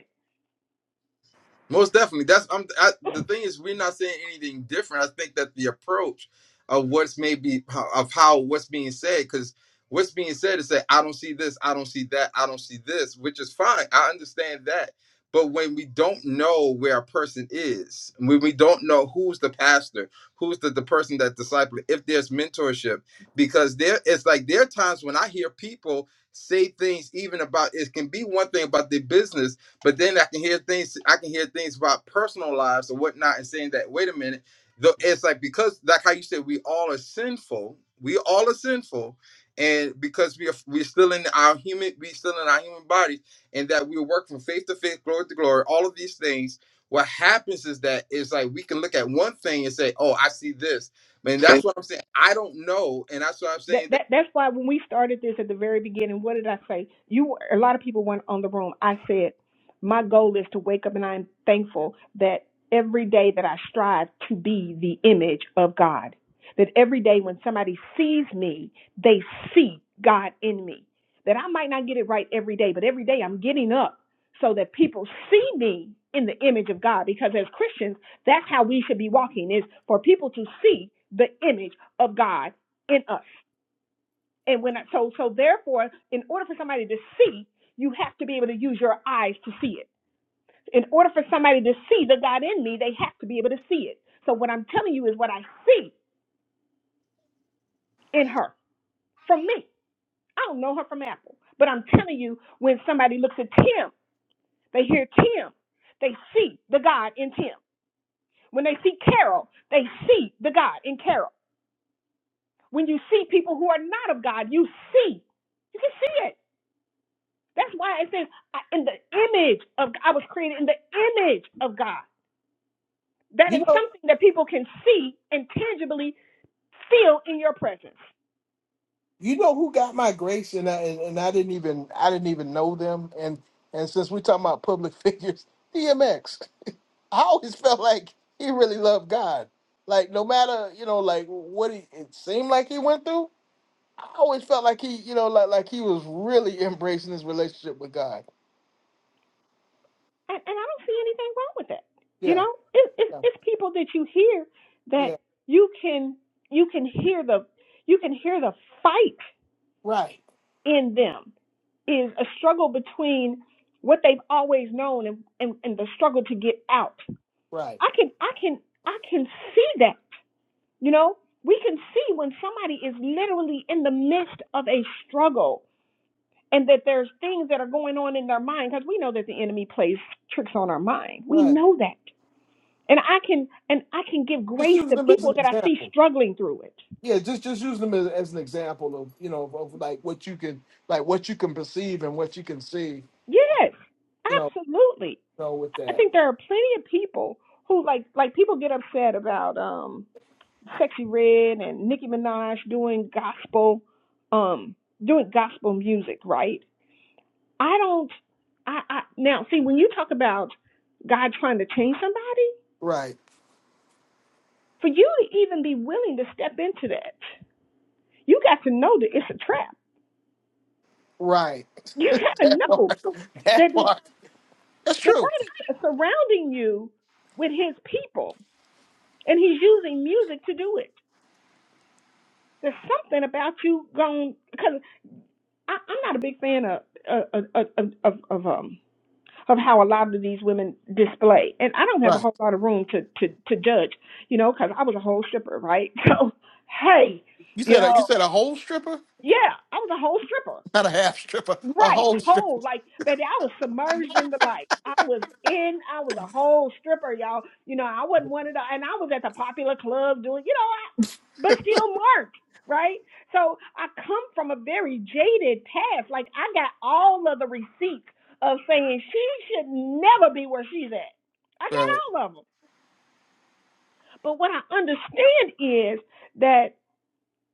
Speaker 1: Most definitely. That's um, I, the thing is we're not saying anything different. I think that the approach of what's maybe of how what's being said, because what's being said is that I don't see this, I don't see that, I don't see this, which is fine. I understand that. But when we don't know where a person is, when we don't know who's the pastor, who's the, the person that disciple, if there's mentorship, because there it's like there are times when I hear people say things even about it can be one thing about their business but then I can hear things. I can hear things about personal lives or whatnot, and saying that wait a minute, though it's like because like how you said we all are sinful. We all are sinful, and because we are we're still in our human we still in our human bodies, and that we work from faith to faith, glory to glory. All of these things. What happens is that it's like we can look at one thing and say, "Oh, I see this," and that's
Speaker 7: it?
Speaker 1: what I'm saying. I don't know, and that's what I'm
Speaker 3: that,
Speaker 1: saying. That
Speaker 3: that that's why when we started this at the very beginning, what did I say? You a lot of people went on the room. I said, my goal is to wake up, and I'm thankful that every day that I strive to be the image of God. That every day when somebody sees me, they see God in me. That I might not get it right every day, but every day I'm getting up so that people see me in the image of God. Because as Christians, that's how we should be walking: is for people to see the image of God in us and when I, so so therefore, in order for somebody to see, you have to be able to use your eyes to see it. In order for somebody to see the God in me, they have to be able to see it. So what I'm telling you is what I see in her from me. I don't know her from Apple, but I'm telling you, when somebody looks at Tim, they hear Tim, they see the God in Tim. When they see Carol, they see the God in Carol. When you see people who are not of God, you see, you can see it. That's why it says, in the image of, God, I was created in the image of God. That is
Speaker 7: You know,
Speaker 3: something that people can see and tangibly feel in your presence.
Speaker 7: you know who got my grace, and I and, and I didn't even I didn't even know them. And and since we're talking about public figures, DMX. I always felt like he really loved God. Like no matter you know like what he, it seemed like he went through, I always felt like he you know like like he was really embracing his relationship with God.
Speaker 3: And, and I don't see anything wrong with that. You
Speaker 7: Yeah,
Speaker 3: know, it, it,
Speaker 7: yeah,
Speaker 3: it's people that you hear that
Speaker 7: yeah.
Speaker 3: you can, you can hear the, you can hear the fight
Speaker 7: Right,
Speaker 3: in them is a struggle between what they've always known and, and, and the struggle to get out.
Speaker 7: right,
Speaker 3: I can, I can, I can see that You know, we can see when somebody is literally in the midst of a struggle and that there's things that are going on in their mind because we know that the enemy plays tricks on our mind. We
Speaker 7: right.
Speaker 3: know that. And I can and I can give
Speaker 7: Just
Speaker 3: grace
Speaker 7: using
Speaker 3: to
Speaker 7: them as
Speaker 3: people
Speaker 7: an
Speaker 3: that I see
Speaker 7: example.
Speaker 3: struggling through it.
Speaker 7: Yeah, just just using them as, as an example of you know of, of like what you can like what you can perceive and what you can see.
Speaker 3: Yes.
Speaker 7: You know,
Speaker 3: Absolutely.
Speaker 7: you know with
Speaker 3: I
Speaker 7: that.
Speaker 3: think there are plenty of people who like like people get upset about um Sexy Red and Nicki Minaj doing gospel um doing gospel music, right? I don't. I, I now see when you talk about God trying to change somebody,
Speaker 7: Right,
Speaker 3: for you to even be willing to step into that, you got to know that it's a trap.
Speaker 7: right.
Speaker 3: You got to
Speaker 7: That part.
Speaker 3: know that
Speaker 7: That
Speaker 3: that,
Speaker 7: part. That's
Speaker 3: that
Speaker 7: true.
Speaker 3: God is surrounding you with His people, and He's using music to do it. There's something about you going because I, I'm not a big fan of of of, of, of um of how a lot of these women display. And I don't have a
Speaker 7: Right.
Speaker 3: whole lot of room to to to judge, you know, because I was a whole stripper, right? So hey,
Speaker 7: You
Speaker 3: you
Speaker 7: said a, you
Speaker 3: know,
Speaker 7: said a whole stripper.
Speaker 3: yeah, I was a whole stripper.
Speaker 7: Not a half stripper, a
Speaker 3: Right,
Speaker 7: whole stripper.
Speaker 3: whole like baby, I was submerged in the light. I was in, I was a whole stripper, y'all. You know, I wasn't one of the, and I was at the popular club doing, you know, I, but still marked, right? So I come from a very jaded past. Like I got all of the receipts of saying she should never be where she's at. I
Speaker 7: Right.
Speaker 3: got all of them. But what I understand is that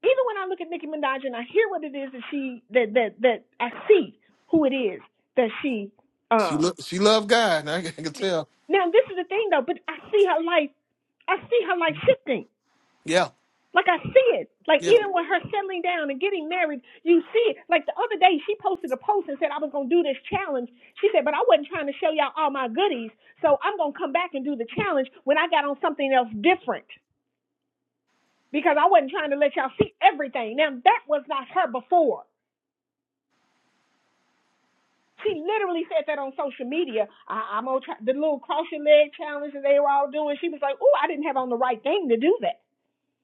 Speaker 3: even when I look at Nicki Minaj and I hear what it is that she that that that I see who it is that she
Speaker 7: She
Speaker 3: uh
Speaker 7: look. She loved God. I can I can tell.
Speaker 3: now this is the thing though, but I see her life I see her life shifting.
Speaker 7: Yeah.
Speaker 3: Like I see it. Like
Speaker 7: Yeah.
Speaker 3: even with her settling down and getting married, you see it. Like the other day she posted a post and said I was gonna do this challenge. She said, but I wasn't trying to show y'all all my goodies, so I'm gonna come back and do the challenge when I got on something else different. Because I wasn't trying to let y'all see everything. Now that was not her before. She literally said that on social media. I, I'm gonna try the little cross your leg challenge that they were all doing. She was like, "Oh, I didn't have on the right thing to do that."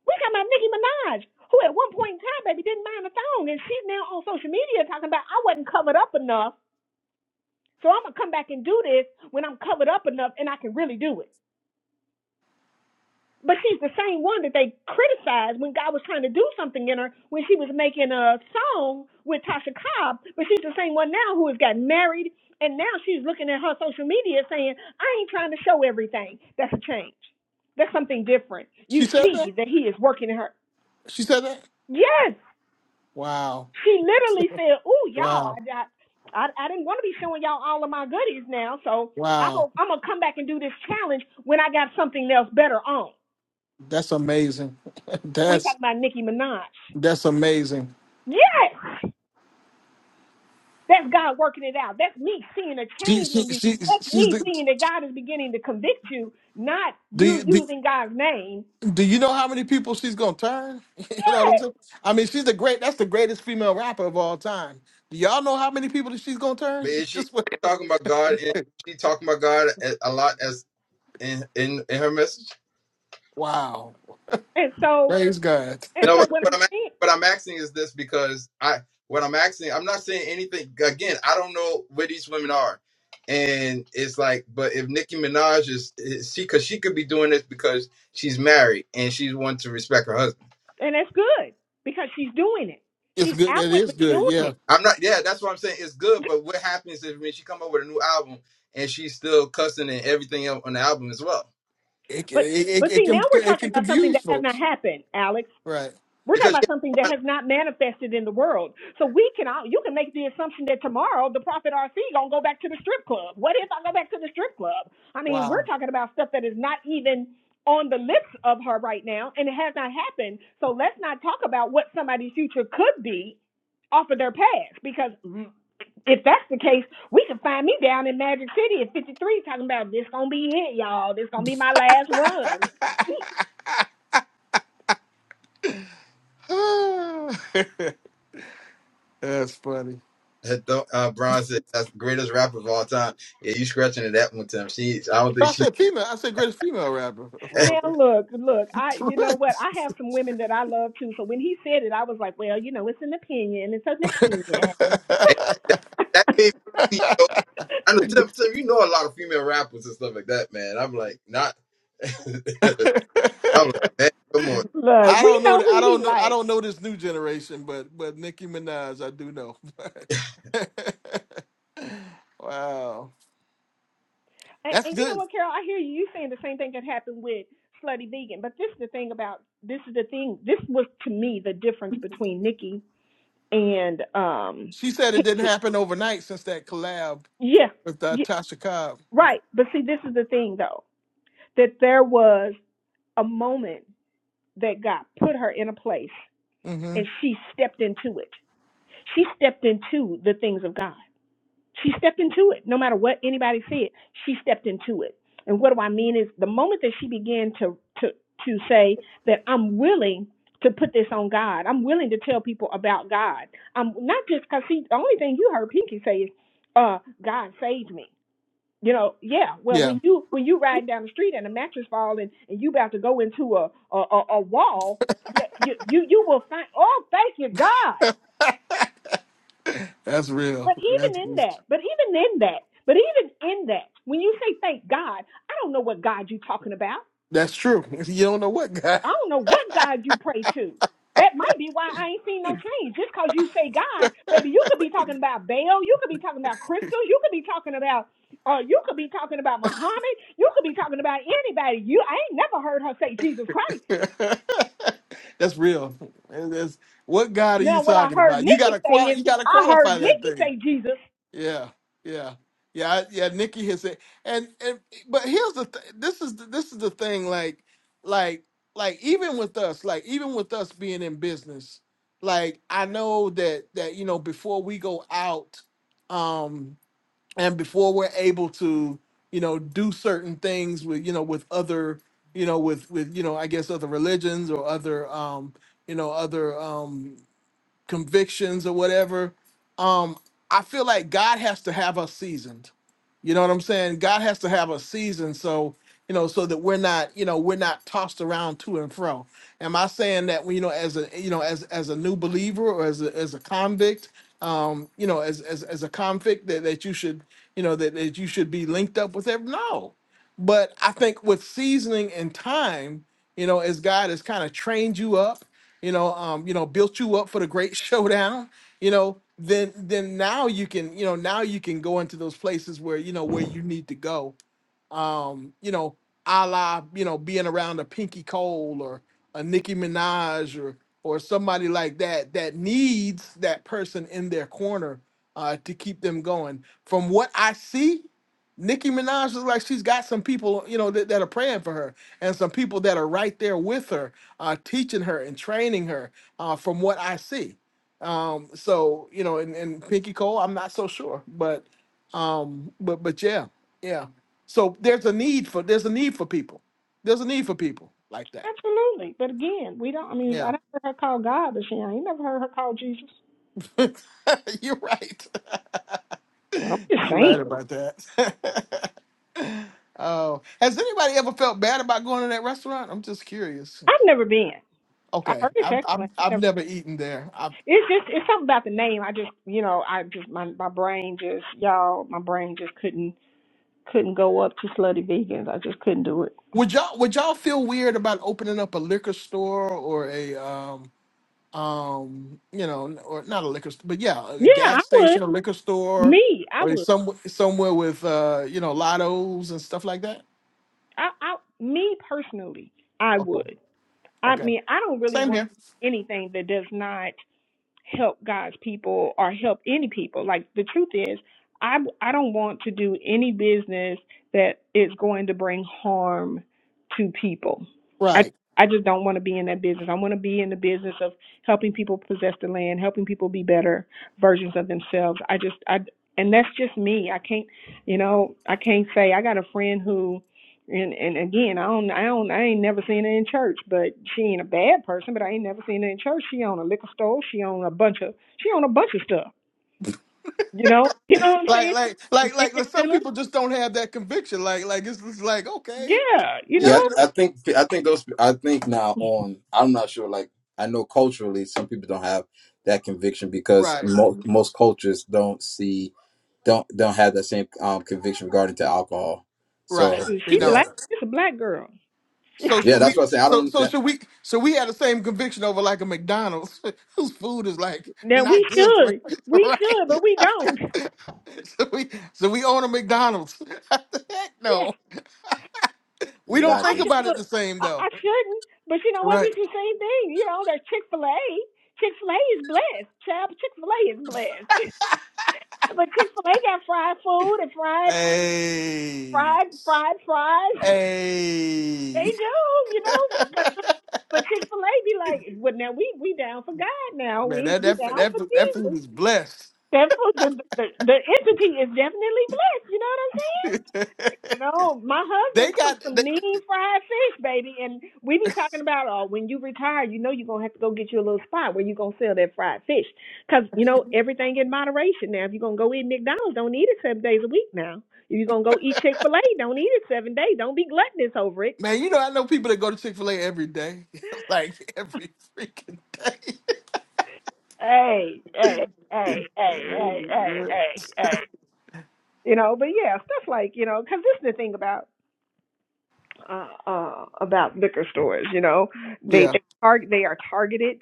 Speaker 3: We talking about Nicki Minaj, who at one point in time, baby, didn't mind a thong, and she's now on social media talking about I wasn't covered up enough. So I'm gonna come back and do this when I'm covered up enough and I can really do it. But she's the same one that they criticized when God was trying to do something in her when she was making a song with Tasha Cobb. But she's the same one now who has got married and now she's looking at her social media saying, I ain't trying to show everything. That's a change. That's something different. You
Speaker 7: She said that.
Speaker 3: see that he is working in her.
Speaker 7: She said that.
Speaker 3: Yes.
Speaker 7: Wow.
Speaker 3: She literally said, Ooh, y'all,
Speaker 7: Wow.
Speaker 3: I, I, I I didn't want to be showing y'all all of my goodies now. So I'm
Speaker 7: Wow.
Speaker 3: going I'm going to come back and do this challenge when I got something else better on.
Speaker 7: That's amazing.
Speaker 3: We talk
Speaker 7: that's
Speaker 3: about Nicki Minaj.
Speaker 7: that's amazing.
Speaker 3: Yes. That's God working it out. That's me seeing a
Speaker 7: She
Speaker 3: change
Speaker 7: she
Speaker 3: in you.
Speaker 7: she
Speaker 3: That's
Speaker 7: she's
Speaker 3: me
Speaker 7: the.
Speaker 3: seeing that God is beginning to convict you, not
Speaker 7: Do
Speaker 3: you
Speaker 7: you, do,
Speaker 3: using God's name.
Speaker 7: do you know how many people she's gonna turn? You know what I'm
Speaker 3: Yes.
Speaker 7: saying? I mean, she's the great. That's the greatest female rapper of all time. Do y'all know how many people that she's gonna turn?
Speaker 1: man, she
Speaker 7: Just what?
Speaker 1: talking about God, and she talking about God a a lot as in in, in her message.
Speaker 7: Wow!
Speaker 3: And so
Speaker 7: Praise God.
Speaker 3: and
Speaker 1: No,
Speaker 3: so what
Speaker 1: what
Speaker 3: I'm
Speaker 1: I'm
Speaker 3: saying,
Speaker 1: what I'm asking is this because I what I'm asking I'm not saying anything again. I don't know where these women are, and it's like, but if Nicki Minaj is, is she because she could be doing this because she's married and she's wanting to respect her husband.
Speaker 3: and that's good because she's doing it.
Speaker 7: It's
Speaker 3: She's
Speaker 7: good. It is
Speaker 3: outwardly
Speaker 7: good.
Speaker 3: doing
Speaker 7: Yeah.
Speaker 3: it.
Speaker 1: I'm not. Yeah, that's what I'm saying. It's good, but what happens if when she come up with a new album and she's still cussing and everything else on the album as well?
Speaker 7: It
Speaker 3: But
Speaker 7: it, it,
Speaker 3: but
Speaker 7: it
Speaker 3: see now
Speaker 7: can
Speaker 3: we're
Speaker 7: it
Speaker 3: talking
Speaker 7: can
Speaker 3: about something
Speaker 7: confuse
Speaker 3: that has not
Speaker 7: folks.
Speaker 3: happened, Alex.
Speaker 7: Right.
Speaker 3: We're talking
Speaker 1: Because
Speaker 3: about something that
Speaker 1: she,
Speaker 3: has not manifested in the world. So we can all, you can make the assumption that tomorrow the prophet RC gonna go back to the strip club. What if I go back to the strip club? I mean, we're
Speaker 7: Wow.
Speaker 3: talking about stuff that is not even on the lips of her right now, and it has not happened. So let's not talk about what somebody's future could be off of their past, because if that's the case, we can find me down in Magic City at 53 talking about this gonna be it, y'all. This gonna be my last run.
Speaker 7: That's funny.
Speaker 1: uh, Bron said that's the greatest rapper of all time. Yeah, you scratching it that one, Tim. She, I don't
Speaker 7: I
Speaker 1: think she.
Speaker 7: said female. I said greatest female rapper. That's what I
Speaker 3: Now look, look, I you know what? I have some women that I love too. So when he said it, I was like, well, you know, it's an opinion. It's an opinion.
Speaker 1: that made me. Yo, I know, Tim, Tim, you know a lot of female rappers and stuff like that, man. I'm like, not. I'm like, man, come on.
Speaker 3: Look,
Speaker 7: I
Speaker 3: we
Speaker 7: don't
Speaker 3: know
Speaker 7: know. I
Speaker 3: who he
Speaker 7: don't know. I
Speaker 3: likes.
Speaker 7: don't know this new generation, but but Nicki Minaj, I do know. wow,
Speaker 3: And,
Speaker 7: that's
Speaker 3: and you know
Speaker 7: good.
Speaker 3: what, Carol? I hear you. You saying the same thing that happened with Slutty Vegan. But this is the thing about this is the thing. This was to me the difference between Nikki and um
Speaker 7: She said it didn't
Speaker 3: Pinky.
Speaker 7: happen overnight since that collab
Speaker 3: Yeah,
Speaker 7: with uh,
Speaker 3: yeah,
Speaker 7: Tasha Cobb.
Speaker 3: right. But see, this is the thing though that there was a moment that God put her in a place
Speaker 7: hmm
Speaker 3: and she stepped into it She stepped into the things of God. She stepped into it. No matter what anybody said, she stepped into it. And what do I mean is the moment that she began to to to say that I'm willing to put this on God. I'm willing to tell people about God. I'm not just because see the only thing you heard Pinky say is, uh, God saved me. You know, yeah. Well,
Speaker 7: Yeah.
Speaker 3: when you when you ride down the street and a mattress fall and, and you about to go into a a, a, a wall, yeah, you, you you will find. Oh, thank you, God.
Speaker 7: That's real.
Speaker 3: But even
Speaker 7: That's
Speaker 3: in that, but even in that, but even in that, when you say thank God, I don't know what God you are talking about.
Speaker 7: that's true. You don't know what God.
Speaker 3: I don't know what God you pray to. That might be why I ain't seen no change. Just because you say God, baby, you could be talking about Baal, you could be talking about crystals, you could be talking about, uh, you could be talking about Muhammad, you could be talking about anybody. You, I ain't never heard her say Jesus Christ.
Speaker 7: that's real. And That's, what God are you
Speaker 3: Now, what I
Speaker 7: talking
Speaker 3: heard
Speaker 7: about? You
Speaker 3: Nikki
Speaker 7: gotta
Speaker 3: say
Speaker 7: qual.
Speaker 3: is,
Speaker 7: You gotta
Speaker 3: I
Speaker 7: qualify
Speaker 3: heard
Speaker 7: that
Speaker 3: Nikki
Speaker 7: thing.
Speaker 3: say Jesus.
Speaker 7: Yeah, yeah, yeah, I- yeah. Nikki has said, and and but here's the th- this is the, this is the thing. Like, like, like even with us, like even with us being in business, like I know that that you know before we go out. um, and before we're able to you know do certain things with you know with other you know with with you know i guess other religions or other um you know other um, convictions or whatever. Um, I feel like God has to have us seasoned. You know what I'm saying? God has to have us seasoned so you know so that we're not you know we're not tossed around to and fro. Am I saying that you know as a you know as as a new believer or as a, as a convict? Um, you know, as, as as a convict that, that you should, you know, that, that you should be linked up with every no. But I think with seasoning and time, you know, as God has kind of trained you up you know, um, you know, built you up for the great showdown, you know, then then now you can, you know, now you can go into those places where, you know, where you need to go. Um, you know, a la, you know, being around a Pinky Cole or a Nicki Minaj or or somebody like that that needs that person in their corner uh to keep them going. From what I see, Nicki Minaj looks like she's got some people, you know, that, that are praying for her and some people that are right there with her uh, teaching her and training her uh, from what I see. Um, so you know, and, and Pinky Cole, I'm not so sure, but um, but but yeah, yeah. So there's a need for there's a need for people. There's a need for people like that.
Speaker 3: Absolutely. But again, we don't, I mean, I
Speaker 7: Yeah,
Speaker 3: never heard her call God, but she I ain't never heard her call Jesus.
Speaker 7: you're right.
Speaker 3: I'm just
Speaker 7: you're
Speaker 3: saying.
Speaker 7: right about that. Oh, has anybody ever felt bad about going to that restaurant? I'm just curious.
Speaker 3: I've never been. I
Speaker 7: Okay,
Speaker 3: heard it's
Speaker 7: I've I've,
Speaker 3: excellent. I've
Speaker 7: I've
Speaker 3: never,
Speaker 7: never eaten there.
Speaker 3: it's just, it's something about the name. I just, you know, I just, my, my brain just, y'all, my brain just couldn't, couldn't go up to slutty vegans. I just couldn't do it.
Speaker 7: Would y'all would y'all feel weird about opening up a liquor store or a um um you know n- or not a liquor store but yeah a
Speaker 3: Yeah, I
Speaker 7: gas station a
Speaker 3: would.
Speaker 7: liquor store
Speaker 3: Me, I
Speaker 7: or
Speaker 3: would.
Speaker 7: some somewhere with uh you know lottos and stuff like that?
Speaker 3: I, I, me personally, I
Speaker 7: Okay,
Speaker 3: would. I
Speaker 7: okay,
Speaker 3: mean, I don't really
Speaker 7: same
Speaker 3: want
Speaker 7: here.
Speaker 3: anything that does not help God's people or help any people. Like the truth is, I I don't want to do any business that is going to bring harm to people. I
Speaker 7: Right,
Speaker 3: I just don't want to be in that business. I want to be in the business of helping people possess the land, helping people be better versions of themselves. I just I and that's just me. I can't, you know, I can't say I got a friend who and and again, I don't, I don't, I ain't never seen her in church. But she ain't a bad person. But I ain't never seen her in church. She own a liquor store. She own a bunch of, she own a bunch of stuff. You know, you know what I'm saying?
Speaker 7: like
Speaker 3: She
Speaker 7: like
Speaker 3: some
Speaker 7: like like
Speaker 3: fitness
Speaker 7: like some
Speaker 3: centers.
Speaker 7: people just don't have that conviction. Like like it's, it's like okay,
Speaker 3: Yeah, you
Speaker 7: yeah
Speaker 3: know,
Speaker 1: Yeah,
Speaker 7: you
Speaker 1: I,
Speaker 7: know
Speaker 1: I think I think those I think now on I'm not sure like I know culturally some people don't have that conviction because
Speaker 7: right
Speaker 1: mo- most cultures don't see don't don't have that same um, conviction regarding to alcohol. So
Speaker 7: right they
Speaker 3: she
Speaker 7: don't.
Speaker 1: yeah,
Speaker 3: black. It's a black girl.
Speaker 7: So
Speaker 1: yeah,
Speaker 7: should
Speaker 1: that's
Speaker 7: we?
Speaker 1: what I say. I
Speaker 7: So
Speaker 1: don't
Speaker 7: so
Speaker 1: that
Speaker 7: should we? So we had the same conviction over like a McDonald's whose food is like
Speaker 3: now we
Speaker 7: not good for
Speaker 3: should,
Speaker 7: you,
Speaker 3: we
Speaker 7: right?
Speaker 3: should, but we don't.
Speaker 7: so we so we own a McDonald's. Heck
Speaker 3: Yeah,
Speaker 7: no, we
Speaker 3: you know,
Speaker 7: don't
Speaker 3: I
Speaker 7: think
Speaker 1: exactly.
Speaker 3: should
Speaker 7: about it
Speaker 3: look.
Speaker 7: the same
Speaker 3: I, I
Speaker 7: though,
Speaker 3: shouldn't. But you know what?
Speaker 7: right?
Speaker 3: It's the same thing. You know, that Chick Fil A. Chick Fil A is blessed. Child, Chick Fil A is blessed. But Chick Fil A got fried food and fried,
Speaker 7: Hey,
Speaker 3: fried, fried fries. They
Speaker 7: hey,
Speaker 3: do, you know. But but, but Chick Fil A be like, well, now we we down for God. Now
Speaker 7: man,
Speaker 3: we
Speaker 7: that
Speaker 3: we
Speaker 7: that
Speaker 3: down for
Speaker 7: that that food
Speaker 3: Jesus.
Speaker 7: is blessed.
Speaker 3: That food, the, the the entity is definitely blessed. You know what I'm
Speaker 7: they
Speaker 3: You know, my husband cooks
Speaker 7: got they,
Speaker 3: some mean fried fish, baby, and we be talking about, oh, when you retire, you know you're gonna have to go get you a little spot where you're gonna sell that fried fish. Cause you know everything in moderation now. If you're gonna go eat McDonald's, don't eat it seven days a week now. If you're gonna go eat Chick Fil A, don't eat it seven days. Don't be gluttonous over it.
Speaker 7: man, you know I know people that go to Chick Fil A every day, like every freaking day.
Speaker 3: Hey, hey, hey, hey, hey, hey, hey, hey. You know, but yeah, stuff like you know, 'cause this is the thing about uh, uh, about liquor stores. You know, they
Speaker 7: Yeah,
Speaker 3: they target they are targeted.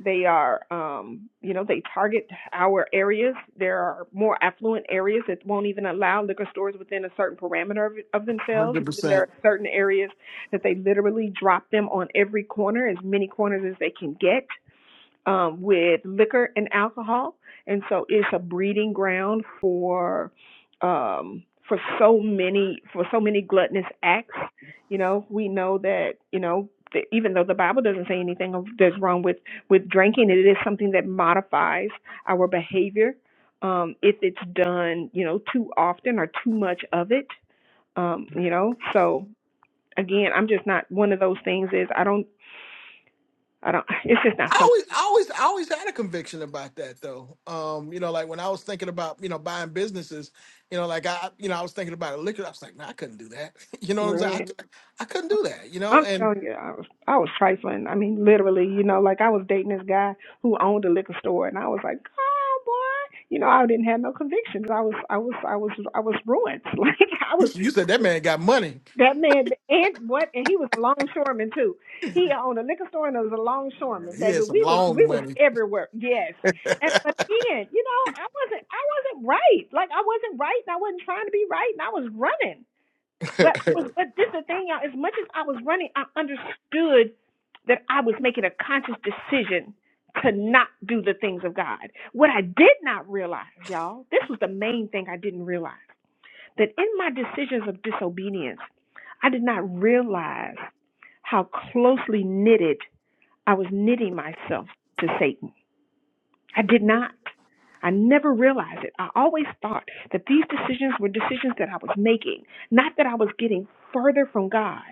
Speaker 3: They are, um, you know, they target our areas. There are more affluent areas that won't even allow liquor stores within a certain parameter of, of themselves.
Speaker 7: hundred
Speaker 3: And then there are
Speaker 7: percent.
Speaker 3: certain areas that they literally drop them on every corner, as many corners as they can get um, with liquor and alcohol, and so it's a breeding ground for um, for so many for so many gluttonous acts. You know, we know that you know that even though the Bible doesn't say anything of that's wrong with with drinking, it is something that modifies our behavior um, if it's done you know too often or too much of it. Um, you know, so again, I'm just not one of those things. Is I don't I don't. It's just not
Speaker 7: I
Speaker 3: something.
Speaker 7: always, I always, I always had a conviction about that though. Um, you know, like when I was thinking about, you know, buying businesses, you know, like I, you know, I was thinking about a liquor. I was like, no, I couldn't do that. You know what I'm saying? I,
Speaker 3: Right.
Speaker 7: cou- I couldn't do that. You know,
Speaker 3: I'm
Speaker 7: and
Speaker 3: telling you, I was I was trifling. I mean, literally, you know, like I was dating this guy who owned a liquor store, and I was like, oh boy, you know, I didn't have no convictions. I was I was I was I was ruined. Like I
Speaker 7: you,
Speaker 3: was
Speaker 7: you said that man got money.
Speaker 3: that man, and what? And he was a longshoreman too. He owned a liquor store and was a
Speaker 7: Man,
Speaker 3: longshoreman,
Speaker 7: he
Speaker 3: baby.
Speaker 7: had some
Speaker 3: We was
Speaker 7: long
Speaker 3: we was
Speaker 7: money.
Speaker 3: everywhere. Yes, and but then, you know, I wasn't I wasn't right. Like I wasn't right, and I wasn't trying to be right, and I was running. But I was, but this is the thing, y'all. As much as I was running, I understood that I was making a conscious decision to not do the things of God. What I did not realize, y'all, this was the main thing I didn't realize that in my decisions of disobedience, I did not realize how closely knitted I was knitting myself to Satan. I did not. I never realized it. I always thought that these decisions were decisions that I was making, not that I was getting further from God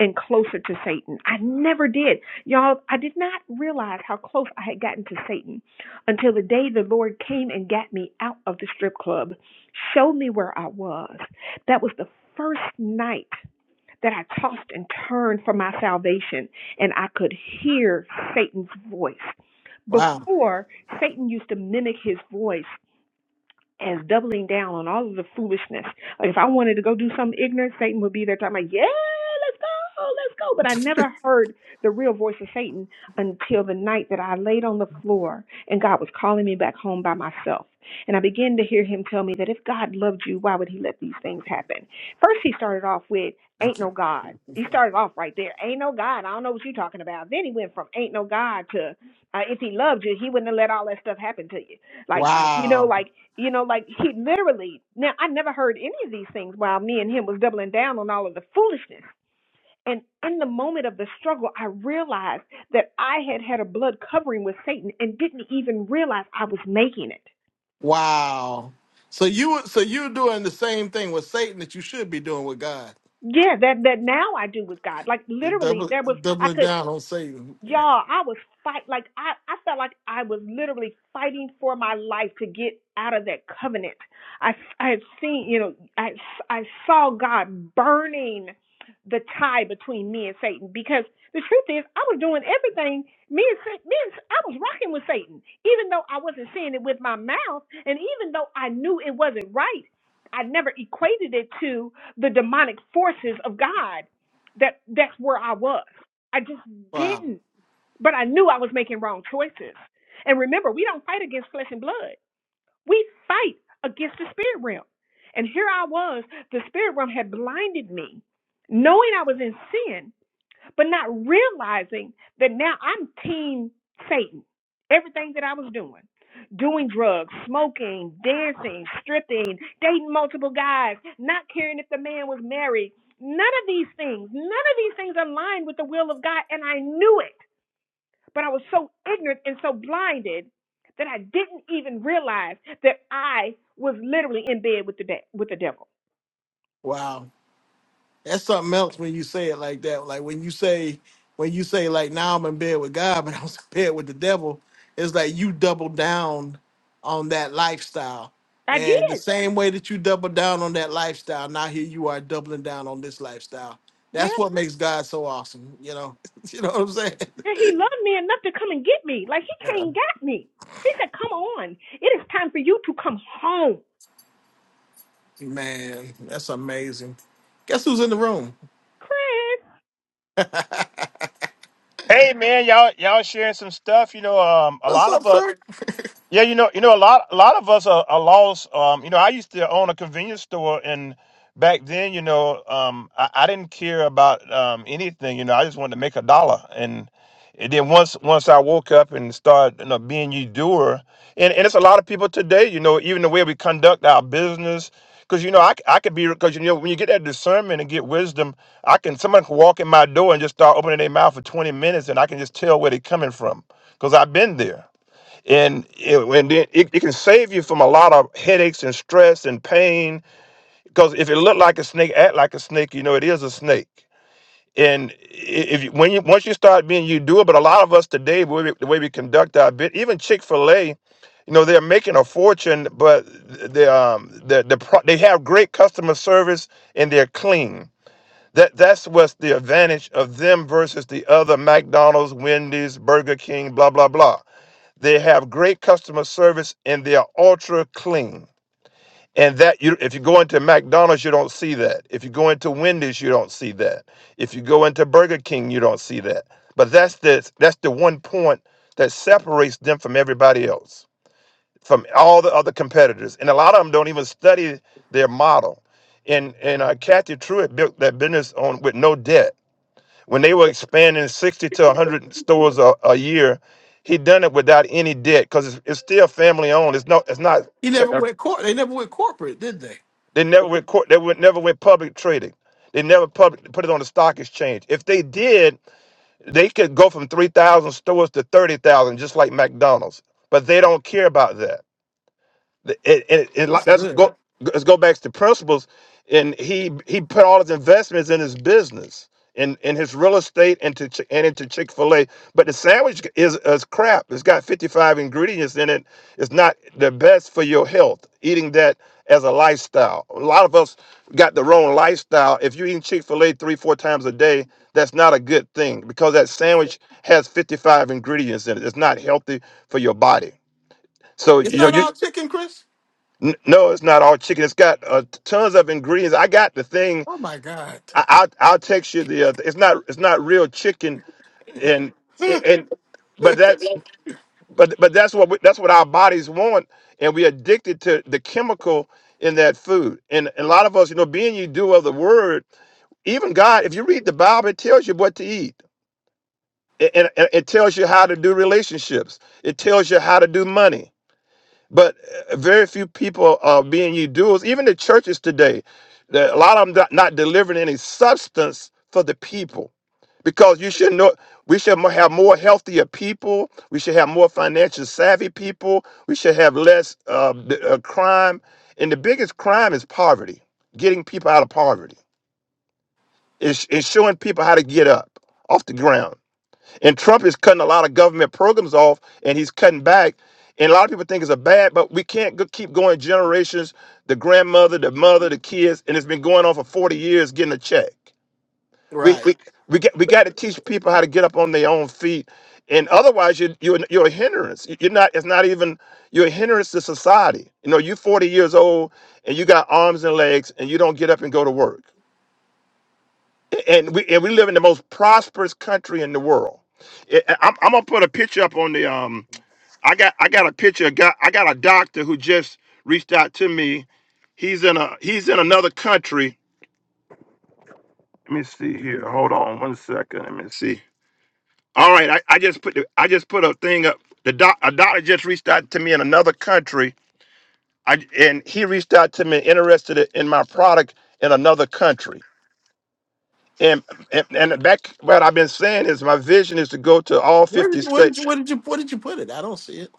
Speaker 3: and closer to Satan. I never did. Y'all, I did not realize how close I had gotten to Satan until the day the Lord came and got me out of the strip club, showed me where I was. That was the first night that I tossed and turned for my salvation, and I could hear Satan's voice.
Speaker 7: Wow.
Speaker 3: Before, Satan used to mimic his voice as doubling down on all of the foolishness. Like if I wanted to go do something ignorant, Satan would be there talking about, yeah, let's go, let's go. But I never heard the real voice of Satan until the night that I laid on the floor and God was calling me back home by myself. And I began to hear him tell me that if God loved you, why would he let these things happen? First, he started off with, ain't
Speaker 7: Thank you.
Speaker 3: no God. He started off right there. Ain't no God. I don't know what you're talking about. Then he went from ain't no God to uh, if he loved you, he wouldn't have let all that stuff happen to you. Like, you know,
Speaker 7: Wow.
Speaker 3: like, you know, like he literally, now I never heard any of these things while me and him was doubling down on all of the foolishness. And in the moment of the struggle, I realized that I had had a blood covering with Satan and didn't even realize I was making it.
Speaker 7: Wow. So you, were- so you're doing the same thing with Satan that you should be doing with God.
Speaker 3: Yeah, that that now I do with God. Like
Speaker 7: You're
Speaker 3: literally,
Speaker 7: double,
Speaker 3: there was I
Speaker 7: doubling
Speaker 3: could.
Speaker 7: down on Satan.
Speaker 3: Y'all, I was fight like I, I felt like I was literally fighting for my life to get out of that covenant. I I had seen, you know, I I saw God burning the tie between me and Satan because the truth is I was doing everything me and, Sa- me and I was rocking with Satan even though I wasn't saying it with my mouth and even though I knew it wasn't right. I never equated it to the demonic forces of God. That that's where I was. I just
Speaker 7: Wow.
Speaker 3: didn't. But I knew I was making wrong choices. And remember, we don't fight against flesh and blood. We fight against the spirit realm. And here I was, the spirit realm had blinded me, knowing I was in sin, but not realizing that now I'm team Satan. Everything that I was doing, doing drugs, smoking, dancing, stripping, dating multiple guys, not caring if the man was married, none of these things, none of these things aligned with the will of God, and I knew it. But I was so ignorant and so blinded that I didn't even realize that I was literally in bed with the de- with the devil.
Speaker 7: Wow, that's something else when you say it like that. Like when you say, when you say, like now I'm in bed with God, but I was in bed with the devil. It's like you double down on that lifestyle,
Speaker 3: I
Speaker 7: and the
Speaker 3: did.
Speaker 7: same way that you double down on that lifestyle, now here you are doubling down on this lifestyle. That's
Speaker 3: Yeah.
Speaker 7: what makes God so awesome. You know, you know what I'm saying?
Speaker 3: That he loved me enough to come and get me. Like he
Speaker 7: Yeah,
Speaker 3: came and got me. He said, Come on. It is time for you to come home.
Speaker 7: man, that's amazing. Guess who's in the room?
Speaker 3: Chris.
Speaker 9: Hey man, y'all y'all sharing some stuff. You know, um, a
Speaker 7: What's
Speaker 9: lot
Speaker 7: up,
Speaker 9: of us,
Speaker 7: sir?
Speaker 9: yeah, you know, you know, a lot, a lot of us are, are lost. Um, you know, I used to own a convenience store, and back then, you know, um, I, I didn't care about um, anything. You know, I just wanted to make a dollar, and, and then once, once I woke up and started, you know, being you doer, and, and it's a lot of people today. You know, even the way we conduct our business, because you know, I, c- I could be, because you know, when you get that discernment and get wisdom, I can someone can walk in my door and just start opening their mouth for twenty minutes, and I can just tell where they're coming from, because I've been there and it, and then it, it can save you from a lot of headaches and stress and pain because if it look like a snake act like a snake you know it is a snake and i- if you, when you once you start being you do it but a lot of us today the way we, the way we conduct our bit even chick-fil-a you know they're making a fortune but the um the, the pro, they have great customer service and they're clean that that's what's the advantage of them versus the other mcdonald's wendy's burger king blah blah blah they have great customer service and they are ultra clean. And that you if you go into McDonald's, you don't see that. If you go into Wendy's, you don't see that. If you go into Burger King, you don't see that. But that's the that's the one point that separates them from everybody else, from all the other competitors. And a lot of them don't even study their model. And and uh, Kathy Truitt built that business on with no debt when they were expanding 60 to 100 stores a, a year, he done it without any debt because it's, it's still family owned. It's no, it's not.
Speaker 7: He
Speaker 9: check-
Speaker 7: never went court. They never went corporate, did they?
Speaker 9: They never went court. They went, never went public trading. They never public, put it on the stock exchange. If they did, they could go from 3,000 stores to 30,000, just like McDonald's. But they don't care about that. The- It, it, it, like-
Speaker 7: That's
Speaker 9: that's
Speaker 7: good.
Speaker 9: go, let's go back to principles. And he he put all his investments in his business, in in his real estate, and to Chi- and into Chick Fil A. But the sandwich is is crap. It's got fifty five ingredients in it. It's not the best for your health. Eating that as a lifestyle. A lot of us got the wrong lifestyle. If you are eating Chick Fil A three four times a day, that's not a good thing because that sandwich has fifty five ingredients in it. It's not healthy for your body. So
Speaker 7: It's
Speaker 9: you know
Speaker 7: not
Speaker 9: you
Speaker 7: all chicken, Chris.
Speaker 9: N- No, it's not all chicken. It's got uh, tons of ingredients. I got the thing.
Speaker 7: Oh my God.
Speaker 9: I, I'll I'll text you the. Uh, it's not it's not real chicken, and
Speaker 7: Hmm.
Speaker 9: and but that but but that's what we, that's what our bodies want, and we're addicted to the chemical in that food. And, and a lot of us, you know, being you do of the word, even God, if you read the Bible, it tells you what to eat. It- And, and it tells you how to do relationships. It tells you how to do money but uh, very few people are being ye doers. Even the churches today, the- a lot of them not, not delivering any substance for the people, because you should know we should mo- have more healthier people. We should have more financial savvy people. We should have less uh, b- uh, crime, and the biggest crime is poverty. Getting people out of poverty is showing people how to get up off the ground. And Trump is cutting a lot of government programs off and he's cutting back. And a lot of people think it's a bad, but we can't go- keep going generations, the grandmother, the mother, the kids, and it's been going on for 40 years getting a check. We
Speaker 7: right.
Speaker 9: we we get we got to teach people how to get up on their own feet. And otherwise you you you're a hindrance. You- You're not it's not even you're a hindrance to society. You know, you're 40 years old and you got arms and legs and you don't get up and go to work and we and we live in the most prosperous country in the world. I- I- I'm, I'm gonna put a picture up on the um. I got I got a picture. of Got I got a doctor who just reached out to me. He's in a he's in another country. Let me see here. Hold on one second. Let me see. All right, I, I just put the, I just put a thing up. The doc a doctor just reached out to me in another country. I and he reached out to me interested in my product in another country And, and and back what I've been saying is my vision is to go to all
Speaker 7: Where
Speaker 9: 50
Speaker 7: did where did you
Speaker 9: states.
Speaker 7: where did you where did you put it? I don't see it.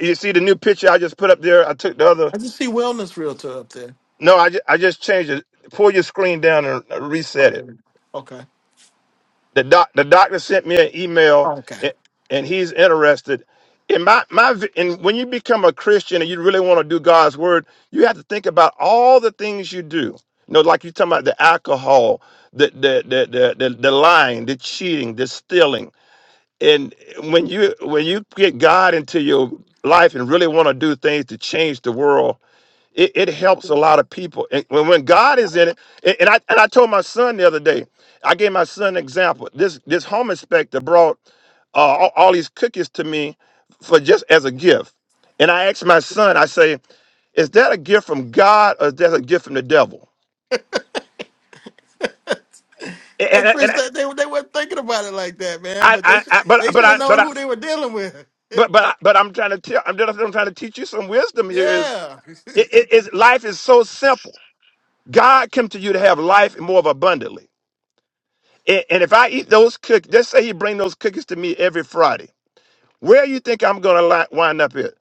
Speaker 9: You see the new picture I just put up there. I took the other.
Speaker 7: I just see wellness realtor up there.
Speaker 9: No, I just, I just changed it. Pull your screen down and uh, reset
Speaker 7: Okay.
Speaker 9: it.
Speaker 7: Okay.
Speaker 9: The doc the doctor sent me an email
Speaker 7: Okay.
Speaker 9: and, and he's interested. In my my vi- and when you become a Christian and you really want to do God's word, you have to think about all the things you do. You know, like you're talking about the alcohol, the the the the the, the lying, the cheating, the stealing and when you when you get God into your life and really want to do things to change the world, it, it helps a lot of people. And when, when God is in it, and and I and I told my son the other day, I gave my son an example. This this home inspector brought uh, all, all these cookies to me for just as a gift, and I asked my son, I say, is that a gift from God or is that a gift from the devil? And,
Speaker 7: Hey
Speaker 9: and, and
Speaker 7: Chris, that, they they weren't thinking about it like that, man.
Speaker 9: I,
Speaker 7: But they
Speaker 9: I,
Speaker 7: should
Speaker 9: I, but
Speaker 7: they
Speaker 9: but
Speaker 7: should have
Speaker 9: I
Speaker 7: known
Speaker 9: but I.
Speaker 7: who they were dealing with.
Speaker 9: But, but I- but I'm trying to tell I'm, just- I'm trying to teach you some wisdom here is
Speaker 7: Yeah.
Speaker 9: It, it, it's- life is so simple. God came to you to have life more of abundantly. And, and if I eat those cookies, just say He bring those cookies to me every Friday. Where you think I'm going to wind up here?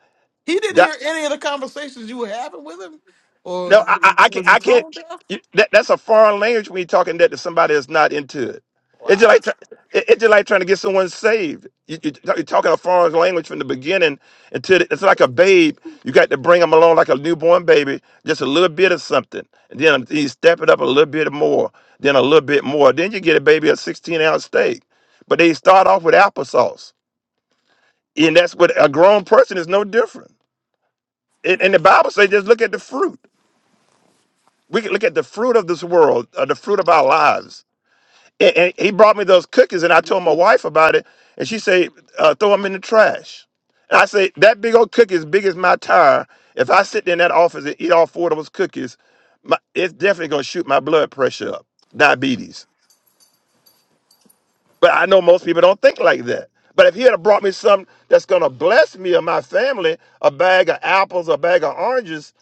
Speaker 7: he didn't hear any of the conversations you were having with him, or
Speaker 9: No, I, I, I can't.
Speaker 7: was he
Speaker 9: I can't
Speaker 7: toned
Speaker 9: you-
Speaker 7: down?
Speaker 9: that, that's a foreign language when you're talking that to somebody that's not into it. It's just
Speaker 7: Wow.
Speaker 9: like try- it- it's just like trying to get someone saved. You, you, are talking a foreign language from the beginning until it- it's like a babe. You got to bring them along like a newborn baby, just a little bit of something, and then you step it up a little bit more, then a little bit more. Then you get a baby a 16 ounce steak, but they start off with applesauce, and that's what a grown person is no different. And, and the Bible says, just look at the fruit. We can look at the fruit of this world, uh, the fruit of our lives. And, and he brought me those cookies, and I told my wife about it, and she said, uh, "Throw them in the trash." And I say, "That big old cookie, is big as my tire. If I sit there in that office and eat all four of those cookies, my, it's definitely gonna shoot my blood pressure up, diabetes." But I know most people don't think like that. But if he had brought me something that's gonna bless me or my family, a bag of apples, a bag of oranges,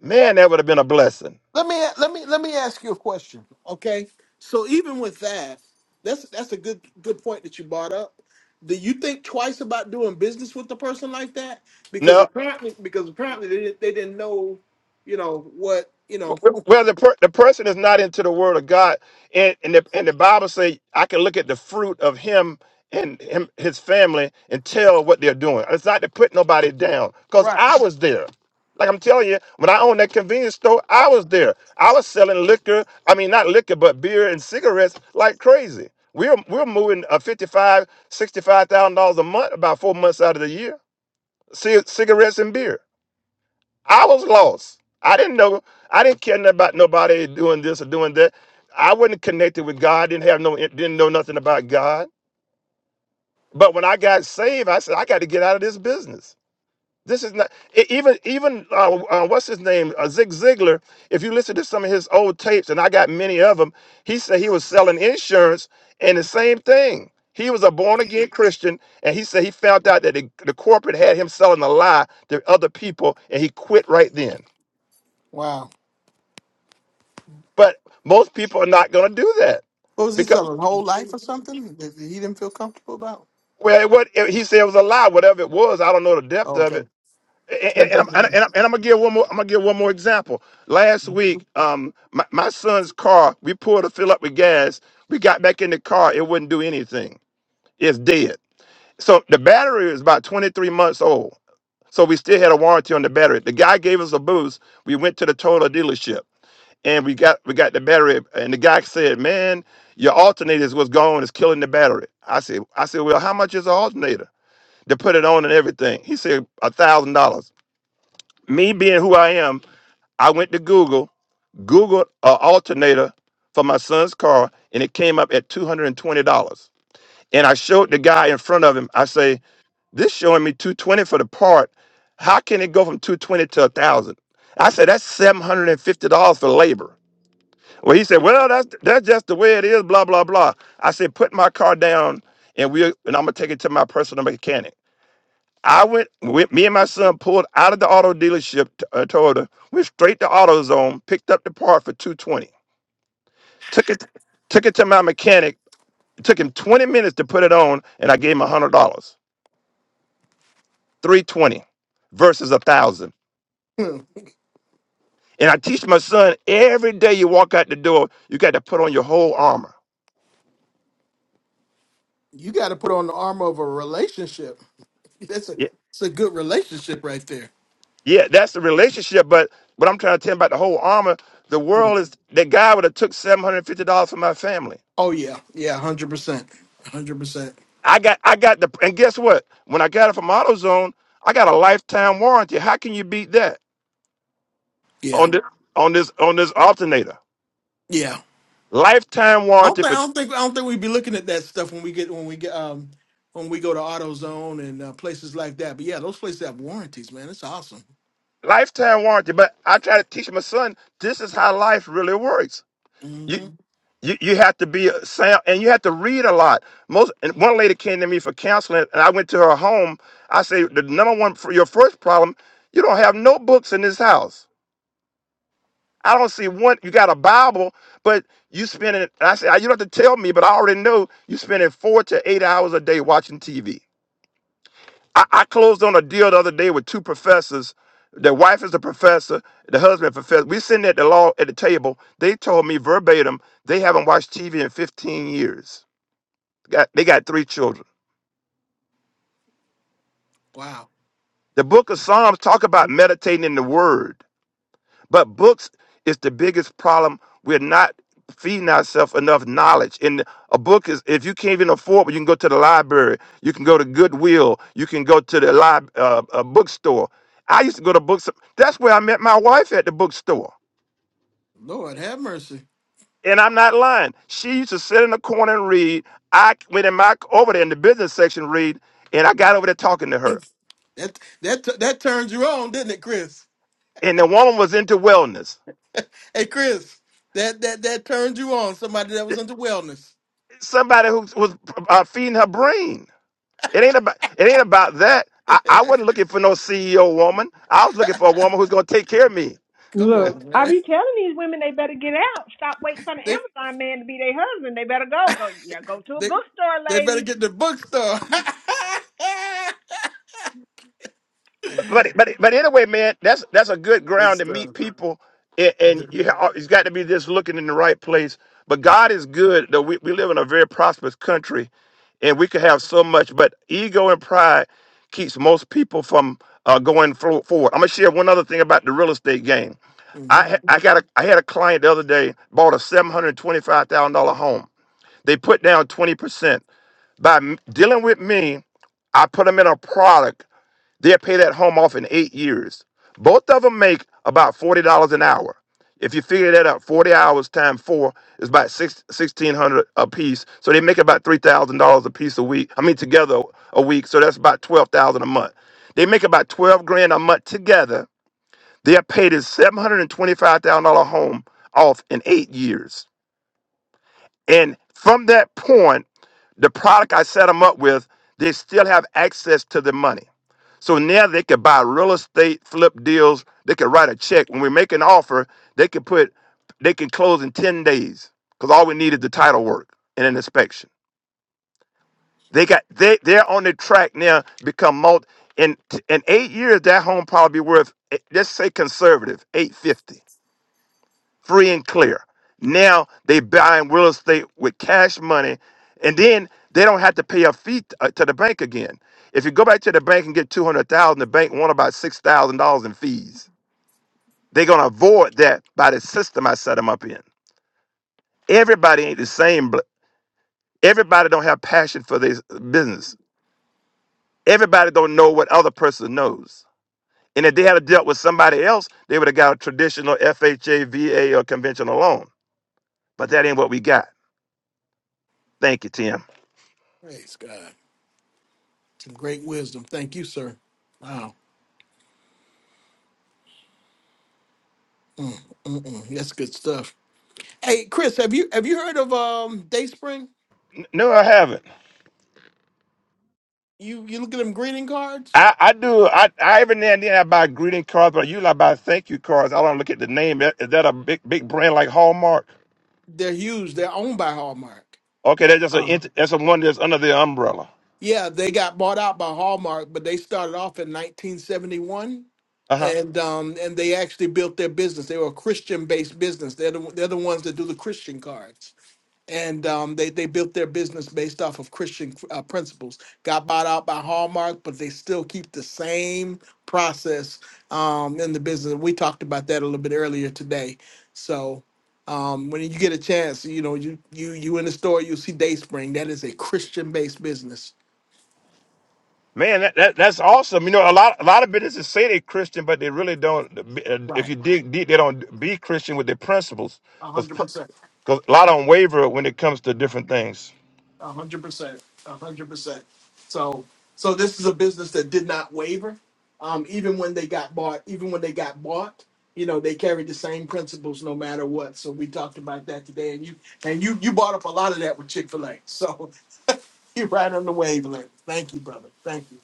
Speaker 9: man, that would have been a blessing.
Speaker 7: Let me let me let me ask you a question, okay? So even with that, that's that's a good good point that you brought up. Do you think twice about doing business with a person like that? Because
Speaker 9: No.
Speaker 7: apparently, because apparently they didn't, they didn't know, you know what you know.
Speaker 9: Well, the per, the person is not into the word of God, and and the, and the Bible say I can look at the fruit of him and him his family and tell what they're doing. It's not to put nobody down, cause
Speaker 7: Right.
Speaker 9: I was there. Like I'm telling you, when I owned that convenience store, I was there. I was selling liquor. I mean, not liquor, but beer and cigarettes like crazy. We're we're moving uh, fifty five, sixty five thousand dollars a month, about four months out of the year. Ci- cigarettes and beer. I was lost. I didn't know. I didn't care nothing about nobody doing this or doing that. I wasn't connected with God. Didn't have no. eh, Didn't know nothing about God. But when I got saved, I said I got to get out of this business. This is not e- even even uh, uh, what's his name uh, Zig Ziglar. If you listen to some of his old tapes, and I got many of them, he said he was selling insurance and the same thing. He was a born again Christian, and he said he found out that the, the corporate had him selling a lie to other people, and he quit right then.
Speaker 7: Wow.
Speaker 9: But most people are not going to do that
Speaker 7: What was he
Speaker 9: because
Speaker 7: selling? Whole life or something that he didn't feel comfortable about?
Speaker 9: well, what he said was a lie. Whatever it was, I don't know the depth of
Speaker 7: Okay.
Speaker 9: it. And, and, and I'm, and, I'm, and I'm gonna give one more. I'm gonna give one more example. Last week, um, my, my son's car. We pulled to fill up with gas. We got back in the car. It wouldn't do anything. It's dead. So the battery is about 23 months old. So we still had a warranty on the battery. The guy gave us a boost. We went to the Toyota dealership. and we got we got the battery. And the guy said, "Man, your alternators was gone. It's killing the battery." I said, "I said, well, how much is an alternator to put it on and everything?" He said, "A thousand dollars." Me being who I am, I went to Google, Googled an alternator for my son's car, and it came up at two hundred and twenty dollars. And I showed the guy in front of him. I say, "This showing me two twenty for the part. How can it go from two twenty to a thousand?" I said, "That's seven hundred and fifty dollars for labor." Well, he said, "Well, that's that's just the way it is." Blah blah blah. I said, "Put my car down, and we and I'm gonna take it to my personal mechanic." I went with me and my son pulled out of the auto dealership, t- uh, Toyota, went straight to AutoZone, picked up the part for two twenty, took it took it to my mechanic. took him twenty minutes to put it on, and I gave him a hundred dollars, three twenty, versus a thousand.
Speaker 7: Hmm.
Speaker 9: And I teach my son every day you walk out the door, you got to put on your whole armor.
Speaker 7: You got to put on the armor of a relationship. That's a it's a good relationship right there.
Speaker 9: Yeah, that's the relationship. But what I'm trying to tell you about the whole armor, the world is that guy would have took seven hundred fifty dollars from my family.
Speaker 7: Oh yeah, yeah, hundred percent, hundred percent.
Speaker 9: I got I got the and guess what? When I got it from AutoZone, I got a lifetime warranty. How can you beat that
Speaker 7: Yeah,
Speaker 9: on this on this on this alternator?
Speaker 7: yeah.
Speaker 9: Lifetime
Speaker 7: I don't
Speaker 9: warranty,
Speaker 7: think I
Speaker 9: but
Speaker 7: don't think I don't think we'd be looking at that stuff when we get when we get um when we go to AutoZone and uh, places like that. But yeah, those places have warranties, man. It's awesome.
Speaker 9: lifetime warranty. But I try to teach my son this is how life really works.
Speaker 7: hmm
Speaker 9: you you, you have to be a sound and you have to read a lot. Most and one lady came to me for counseling, and I went to her home. I say the number one for your first problem, you don't have no books in this house. I don't see one. You got a Bible, but you spending. And I said, you don't have to tell me, but I already know you spending four to eight hours a day watching TV. I, I closed on a deal the other day with two professors. The wife is a professor, the husband a professor. We sitting at the law at the table. They told me verbatim they haven't watched TV in 15 years. Got, they got three children.
Speaker 7: Wow,
Speaker 9: The book of Psalms talk about meditating in the word. But books is the biggest problem. We're not feeding ourselves enough knowledge. And a book is, if you can't even afford it, you can go to the library, you can go to Goodwill, you can go to the lib, uh, uh, bookstore. I used to go to books. That's where I met my wife at the bookstore.
Speaker 7: Lord have mercy.
Speaker 9: And I'm not lying. She used to sit in the corner and read. I went in my over there in the business section and read, and I got over there talking to her.
Speaker 7: That that that turns you on, didn't it, Chris?
Speaker 9: And the woman was into wellness.
Speaker 7: Hey, Chris, that that that turned you on. Somebody that was into wellness.
Speaker 9: Somebody who was uh, feeding her brain. It ain't about it ain't about that. I, I wasn't looking for no CEO woman. I was looking for a woman who's gonna take care of me.
Speaker 7: Come
Speaker 3: Look,
Speaker 7: on,
Speaker 3: I
Speaker 7: man.
Speaker 3: be telling these women they better get out. Stop waiting for the
Speaker 7: They
Speaker 3: Amazon man to be their husband. They better go. Go yeah, go to a
Speaker 7: they
Speaker 3: bookstore,
Speaker 7: they better
Speaker 3: ladies
Speaker 7: get the bookstore.
Speaker 9: but but but anyway, man, that's that's a good
Speaker 7: Good
Speaker 9: ground to
Speaker 7: stuff.
Speaker 9: meet people, and, and you ha- uh, it's got to be just looking in the right place. But God is good. Though we, we live in a very prosperous country, and we could have so much, but ego and pride keeps most people from uh, going fro- forward. I'm gonna share one other thing about the real estate game. I
Speaker 7: hmm
Speaker 9: ha- I got a I had a client the other day bought a seven hundred twenty five thousand dollar home. They put down twenty percent by m- dealing with me. I put them in a product They'll pay that home off in eight years. Both of them make about forty dollars an hour. If you figure that out, forty hours times four is about six sixteen hundred a piece. So they make about three thousand dollars a piece a week. I mean together a week. So that's about twelve thousand a month. They make about twelve grand a month together. They're paid a seven hundred and twenty-five thousand dollar home off in eight years. And from that point, the product I set them up with, they still have access to the money so now they could buy real estate, flip deals. They could write a check. When we make an offer, they could put, they can close in 10 days because all we need is the title work and an inspection. They got, they, they're on the track now to become multi. In, in eight years, that home probably be worth, eh, let's say conservative, 850 free and clear. Now they buying real estate with cash money, and then they don't have to pay a fee t- uh, to the bank again. If you go back to the bank and get two hundred thousand, the bank want about six thousand dollars in fees. They're gonna avoid that by the system I set them up in. Everybody ain't the same. bl- Everybody don't have passion for this business. Everybody don't know what other person knows. And if they had dealt with somebody else, they would have got a traditional FHA, VA, or conventional loan. But that ain't what we got. Thank you, Tim.
Speaker 7: Praise God. Some great wisdom. Thank you, sir. Wow. Mm, mm, mm. That's good stuff. Hey, Chris, have you have you heard of um Dayspring?
Speaker 9: No, I haven't.
Speaker 7: You you look at them greeting cards?
Speaker 9: I, I do. I, I every now and then I buy greeting cards, but usually I buy thank you cards. I don't look at the name. Is that a big big brand like Hallmark?
Speaker 7: They're huge. They're owned by Hallmark.
Speaker 9: Okay, that's just a ent- that's a one that's under the umbrella.
Speaker 7: Yeah, they got bought out by Hallmark, but they started off in 1971,
Speaker 9: Uh huh.
Speaker 7: and um, and they actually built their business. They were a Christian-based business. They're the they're the ones that do the Christian cards, and um, they they built their business based off of Christian uh, principles. Got bought out by Hallmark, but they still keep the same process um, in the business. We talked about that a little bit earlier today. So. Um, when you get a chance, you know you you you in the store, you'll see DaySpring. That is a Christian-based business
Speaker 9: Man, that, that that's awesome. You know, a lot a lot of businesses say they're Christian, but they really don't. If
Speaker 7: Right.
Speaker 9: you dig deep, they don't be Christian with their principles,
Speaker 7: A
Speaker 9: because
Speaker 7: hundred percent.
Speaker 9: a lot of them waver when it comes to different things.
Speaker 7: A hundred percent. A hundred percent. So so this is a business that did not waver. Um, even when they got bought, even when they got bought, you know, they carried the same principles no matter what. So we talked about that today. And you and you you bought up a lot of that with Chick-fil-A. So you're right on the wavelength. Thank you, brother. Thank you.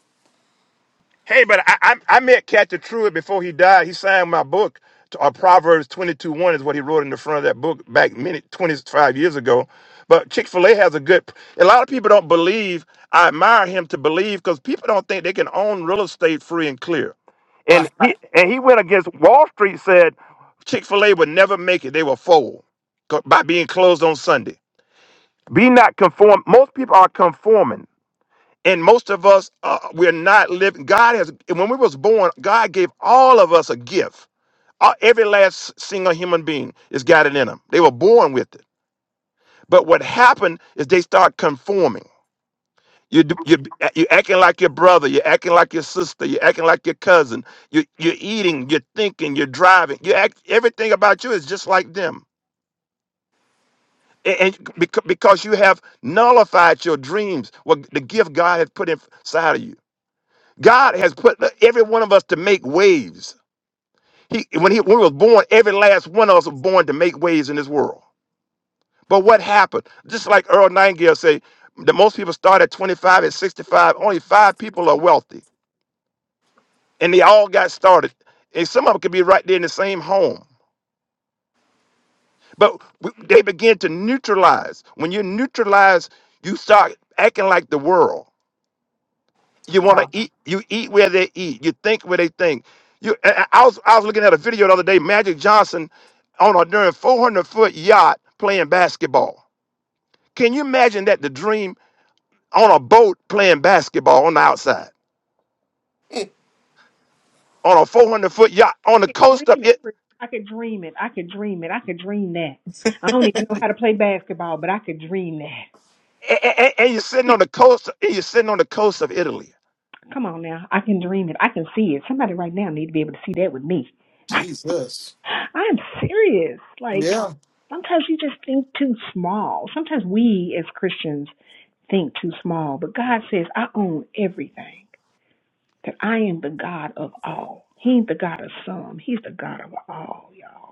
Speaker 9: Hey, but I, I, I met Captain Truitt before he died. He signed my book. Uh, Proverbs 22 1 is what he wrote in the front of that book back many 25 years ago. But Chick fil A has a good, a lot of people don't believe. I admire him to believe because people don't think they can own real estate free and clear. And
Speaker 7: Right.
Speaker 9: he, and he went against Wall Street, said Chick fil A would never make it. They will fold co- by being closed on Sunday. Be not conform. Most people are conforming and most of us uh, we're not living god has when we was born god gave all of us a gift Uh, every last single human being has got it in them they were born with it but what happened is they start conforming you do- you you acting like your brother you're acting like your sister you're acting like your cousin you you're eating you're thinking you're driving you act everything about you is just like them and, and beca- because you have nullified your dreams what the gift god has put inside of you God has put every one of us to make waves. He, when he when we were born, every last one of us was born to make waves in this world. But what happened? Just like Earl Nightingale say, that most people start at 25 and 65. Only five people are wealthy, and they all got started. And some of them could be right there in the same home. But we, they begin to neutralize. When you neutralize, you start acting like the world. You want to
Speaker 7: Wow.
Speaker 9: eat. You eat where they eat. You think where they think. You. I, I was I was looking at a video the other day. Magic Johnson on a during 400 foot yacht playing basketball. Can you imagine that? The dream on a boat playing basketball on the outside on a 400 foot yacht on the
Speaker 3: I could
Speaker 9: coast
Speaker 3: dream
Speaker 9: of
Speaker 3: it.
Speaker 9: it.
Speaker 3: Chris. I could dream it. I could dream it. I could dream that. I don't even know how to play basketball, but I could dream
Speaker 9: And, and you're sitting
Speaker 3: that.
Speaker 9: on the coast. And you're sitting on the coast of Italy.
Speaker 3: Come on now. I can dream it. I can see it. Somebody right now need to be able to see that with me.
Speaker 7: Jesus.
Speaker 3: I'm serious. Like
Speaker 7: Yeah.
Speaker 3: sometimes you just think too small. Sometimes we as Christians think too small, but God says, I own everything. That I am the God of all. He ain't the God of some. He's the God of all, y'all.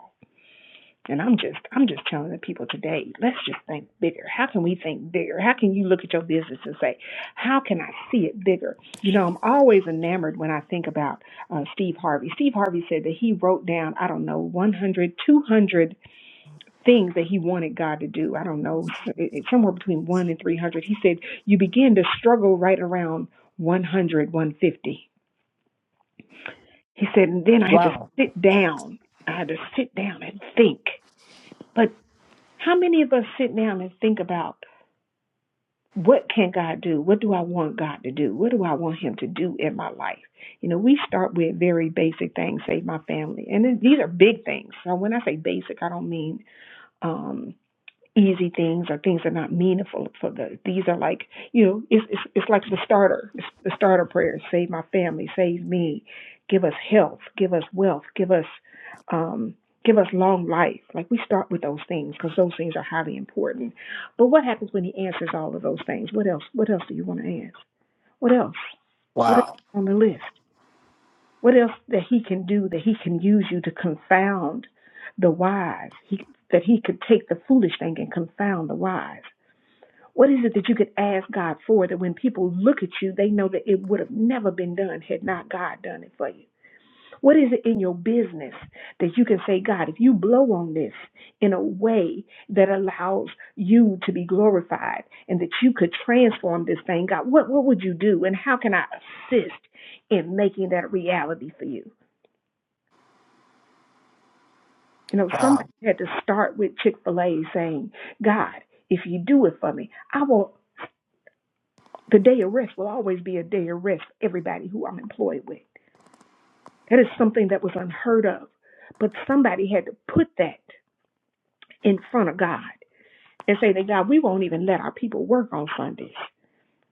Speaker 3: And I'm just I'm just telling the people today, let's just think bigger. How can we think bigger? How can you look at your business and say, how can I see it bigger? You know, I'm always enamored when I think about uh, Steve Harvey. Steve Harvey said that he wrote down, I don't know, 100, 200 things that he wanted God to do. I don't know, it- it's somewhere between 1 and 300. He said, you begin to struggle right around 100, 150. He said, and then I had to sit down. I had to sit down and think. But How many of us sit down and think about what can God do? What do I want God to do? What do I want Him to do in my life? You know, we start with very basic things, save my family, and these are big things. So when I say basic, I don't mean um, easy things or things that are not meaningful for the these are like you know it's it's, it's like the starter it's the starter prayers save my family save me give us health give us wealth give us um give us long life like we start with those things because those things are highly important but what happens when he answers all of those things what else what else do you want to ask what else what else is
Speaker 7: Wow.
Speaker 3: on the list what else that he can do that he can use you to confound the wise? He, that he could take the foolish thing and confound the wise. What is it that you could ask God for that when people look at you, they know that it would have never been done had not God done it for you? What is it in your business that you can say, God, if you blow on this in a way that allows you to be glorified and that you could transform this thing, God, what, what would you do? And how can I assist in making that a reality for you? You know,
Speaker 7: Wow.
Speaker 3: somebody had to start with Chick fil A saying, God, if you do it for me, I will, the day of rest will always be a day of rest for everybody who I'm employed with. That is something that was unheard of. But somebody had to put that in front of God and say that, God, we won't even let our people work on Sundays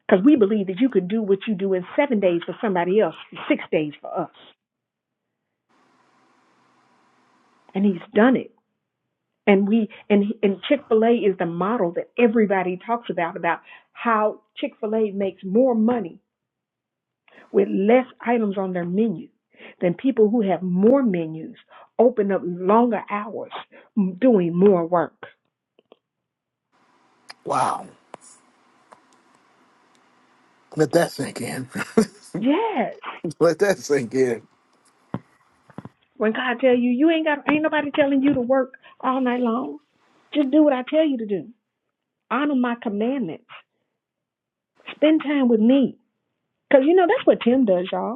Speaker 3: because we believe that you could do what you do in seven days for somebody else, six days for us. And He's done it. And we and and Chick-fil-A is the model that everybody talks about about how Chick-fil-A makes more money with less items on their menu than people who have more menus open up longer hours m- doing more work.
Speaker 7: Wow. Let that sink in.
Speaker 3: Yes.
Speaker 7: Let that sink in.
Speaker 3: When God tell you you ain't got ain't nobody telling you to work all night long. Just do what I tell you to do. Honor my commandments. Spend time with me. Cause you know that's what Tim does, y'all.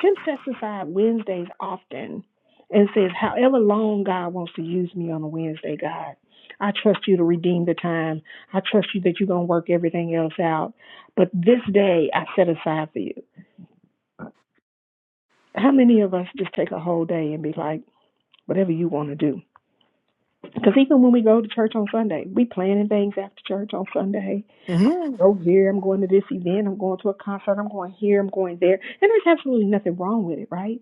Speaker 3: Tim sets aside Wednesdays often and says, However long God wants to use me on a Wednesday, God, I trust you to redeem the time. I trust you that you're going to work everything else out. But this day I set aside for you. How many of us just take a whole day and be like, whatever you want to do? Because even when we go to church on Sunday, we planning things after church on Sunday.
Speaker 7: hmm
Speaker 3: Go here, I'm going to this event, I'm going to a concert, I'm going here, I'm going there. And there's absolutely nothing wrong with it, right?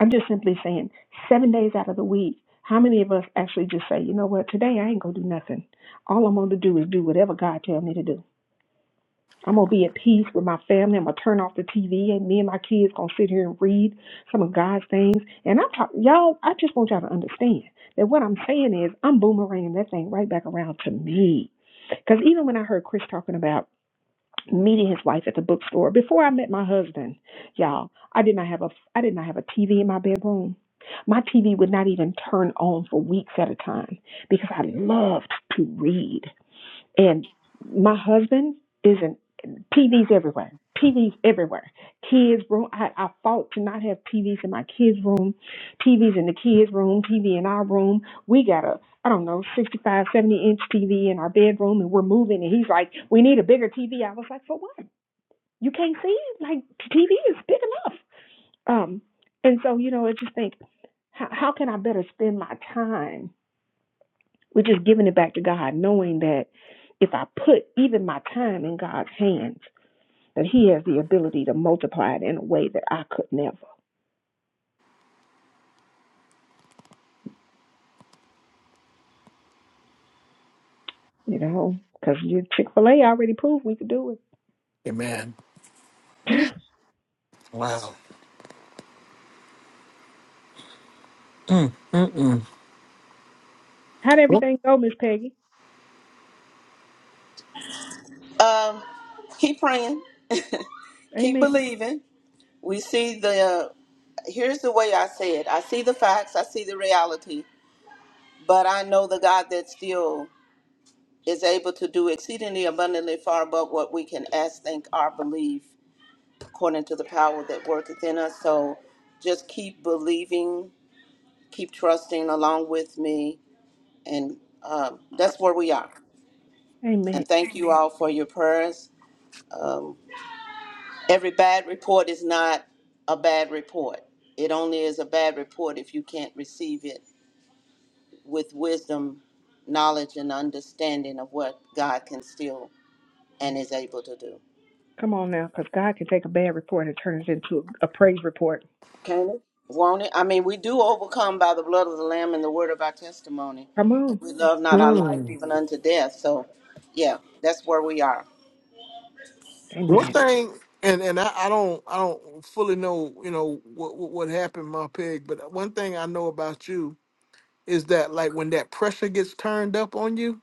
Speaker 3: I'm just simply saying, seven days out of the week, how many of us actually just say, you know what, today I ain't gonna do nothing. All I'm gonna do is do whatever God tells me to do. I'm gonna be at peace with my family. I'm gonna turn off the TV, and me and my kids gonna sit here and read some of God's things. And I'm talking, y'all. I just want y'all to understand that what I'm saying is, I'm boomeranging that thing right back around to me. Because even when I heard Chris talking about meeting his wife at the bookstore. Before I met my husband, y'all, I did not have a I did not have a TV in my bedroom. My TV would not even turn on for weeks at a time because I loved to read. And my husband isn't PDs everywhere. PDs everywhere. Kids room. I, I fought to not have PDs in my kids' room, TVs in the kids' room, TV in our room. We got a, I don't know, 65 70 inch TV in our bedroom and we're moving. And he's like, we need a bigger TV. I was like, for what? You can't see it? Like, TV is big enough. Um, and so, you know, I just think, how, how can I better spend my time we're just giving it back to God, knowing that if I put even my time in God's hands, that He has the ability to multiply it in a way that I could never, you know, because Chick fil A already proved we could do
Speaker 7: Amen.
Speaker 3: it.
Speaker 7: Wow. Mm, mm, mm.
Speaker 3: How'd
Speaker 7: What,
Speaker 3: everything go, Miss Peggy?
Speaker 4: Keep praying. Keep
Speaker 3: Amen.
Speaker 4: believing. We see the here's the way I say it I see the facts, I see the reality, but I know the God that still is able to do exceedingly abundantly far above what we can ask, think, or believe, according to the power that worketh in us. So just keep believing, keep trusting along with me, and um, that's where we are.
Speaker 3: Amen.
Speaker 4: And thank you all for your prayers. Um, every bad report is not a bad report. It only is a bad report if you can't receive it with wisdom, knowledge, and understanding of what God can still and is able to do.
Speaker 3: Come on now, because God can take a bad report and turn it into a praise report.
Speaker 4: Can it? Won't it? I mean, we do overcome by the blood of the Lamb and the word of our testimony.
Speaker 3: Come
Speaker 4: And
Speaker 3: on.
Speaker 4: we love not our life
Speaker 7: mm.
Speaker 4: even unto death. So, yeah, that's where we are.
Speaker 7: What
Speaker 3: Amen.
Speaker 7: thing? And and I, I don't I don't fully know you know what, what what happened, my pig. But one thing I know about you is that like when that pressure gets turned up on you,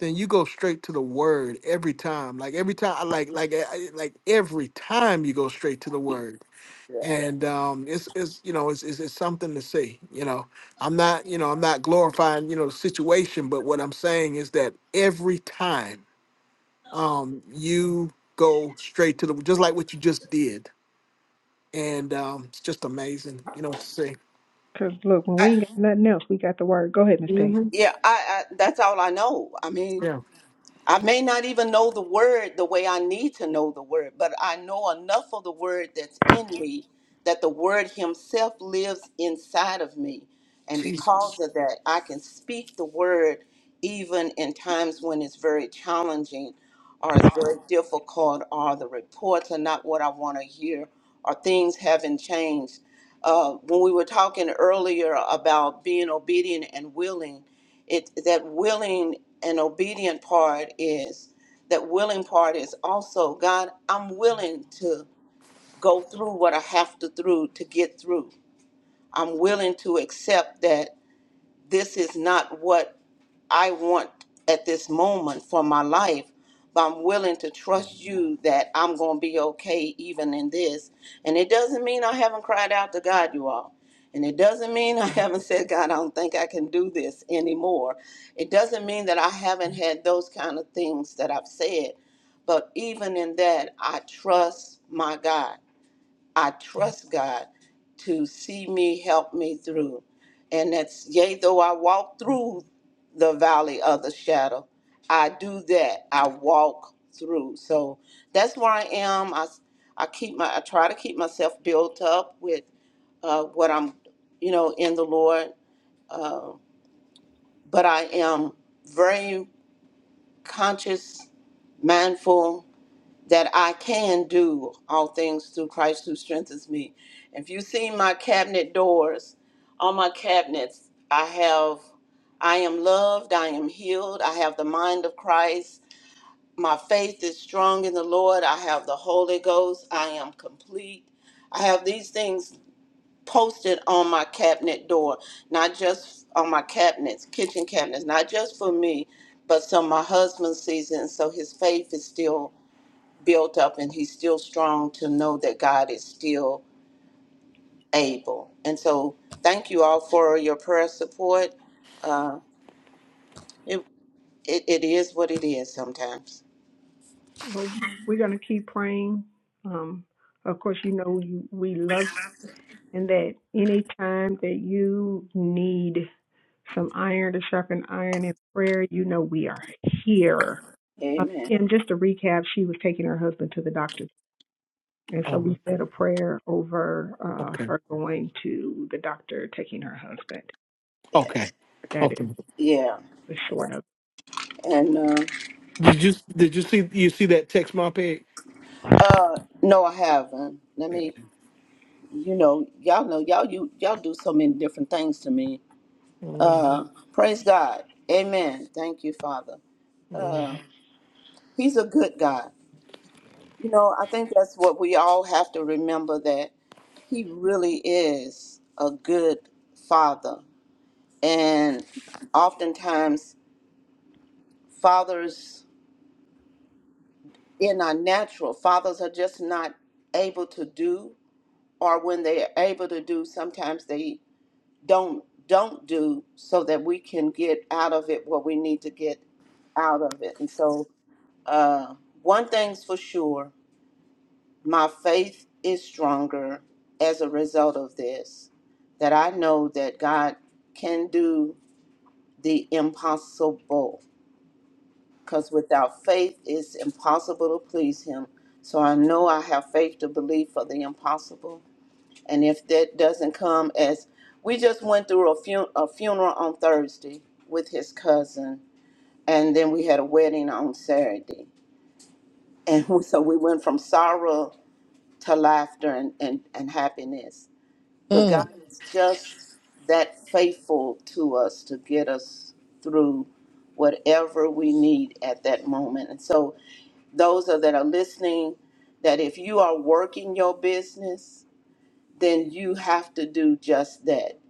Speaker 7: then you go straight to the word every time. Like every time, like like I- like every time you go straight to the word.
Speaker 4: Yeah.
Speaker 7: And um, it's it's you know it's, it's it's something to see. You know, I'm not you know I'm not glorifying you know the situation, but what I'm saying is that every time. um, you go straight to the just like what you just did, and um, it's just amazing, you know, to see.
Speaker 3: Because look, when
Speaker 4: I,
Speaker 3: we ain't got nothing else, we got the word. Go ahead, Miss Peggy.
Speaker 7: hmm
Speaker 4: yeah, I, I that's all I know. I mean,
Speaker 7: Yeah,
Speaker 4: I may not even know the word the way I need to know the word, but I know enough of the word that's in me that the word himself lives inside of me. And
Speaker 7: Jesus.
Speaker 4: because of that, I can speak the word even in times when it's very challenging or it's very difficult or the reports are not what I want to hear or things haven't changed. Uh, when we were talking earlier about being obedient and willing, it that willing and obedient part is that willing part is also god i'm willing to go through what i have to through to get through i'm willing to accept that this is not what I want at this moment for my life, but I'm willing to trust you that I'm going to be okay even in this. And it doesn't mean I haven't cried out to God, you all. And it doesn't mean I haven't said, God, I don't think I can do this anymore. It doesn't mean that I haven't had those kind of things that I've said. But even in that, I trust my God. I trust God to see me, help me through. And that's, yea, though I walk through the valley of the shadow, I do that. I walk through. So that's where I am. I, I keep my, I try to keep myself built up with uh, what I'm, you know, in the Lord. Uh, but I am very conscious, mindful that I can do all things through Christ who strengthens me. If you see my cabinet doors, on my cabinets, I have, I am loved, I am healed, I have the mind of Christ. My faith is strong in the Lord. I have the Holy Ghost. I am complete. I have these things posted on my cabinet door, not just on my cabinets, kitchen cabinets, not just for me, but so my husband sees it, and so his faith is still built up and he's still strong to know that God is still able. And so, thank you all for your prayer support. Uh, it, it, it is what it is sometimes.
Speaker 3: Well, we're going to keep praying. Um, of course, you know we love and that any time that you need some iron to sharpen iron in prayer, you know we are here. Uh, and
Speaker 4: Amen.
Speaker 3: just to recap, she was taking her husband to the doctor, and so we
Speaker 7: Um,
Speaker 3: said a prayer over uh,
Speaker 7: okay,
Speaker 3: her going to the doctor, taking her husband.
Speaker 4: Yeah.
Speaker 7: okay,
Speaker 3: That
Speaker 7: okay.
Speaker 3: is
Speaker 4: Yeah.
Speaker 3: the short of.
Speaker 4: And uh,
Speaker 7: Did you did you see you see that text, my pig?
Speaker 4: uh, no, I haven't. Let
Speaker 7: Yeah.
Speaker 4: me, you know, y'all know, y'all you y'all do so many different things to me.
Speaker 7: hmm
Speaker 4: Uh, praise God. Amen. Thank you, Father.
Speaker 7: hmm
Speaker 4: Uh, he's a good God. You know, I think that's what we all have to remember that he really is a good father. And oftentimes, fathers in our natural, fathers are just not able to do, or when they are able to do, sometimes they don't don't do so that we can get out of it what we need to get out of it. And so, uh, one thing's for sure, My faith is stronger as a result of this, that I know that God can do the impossible. Because without faith, it's impossible to please Him. So I know I have faith to believe for the impossible. And if that doesn't come as we just went through a, fun- a funeral on Thursday with his cousin, and then we had a wedding on Saturday. And so we went from sorrow to laughter and, and, and happiness but God
Speaker 7: Mm,
Speaker 4: is just that faithful to us to get us through whatever we need at that moment. And so, those are, that are listening, that if you are working your business, then you have to do just that.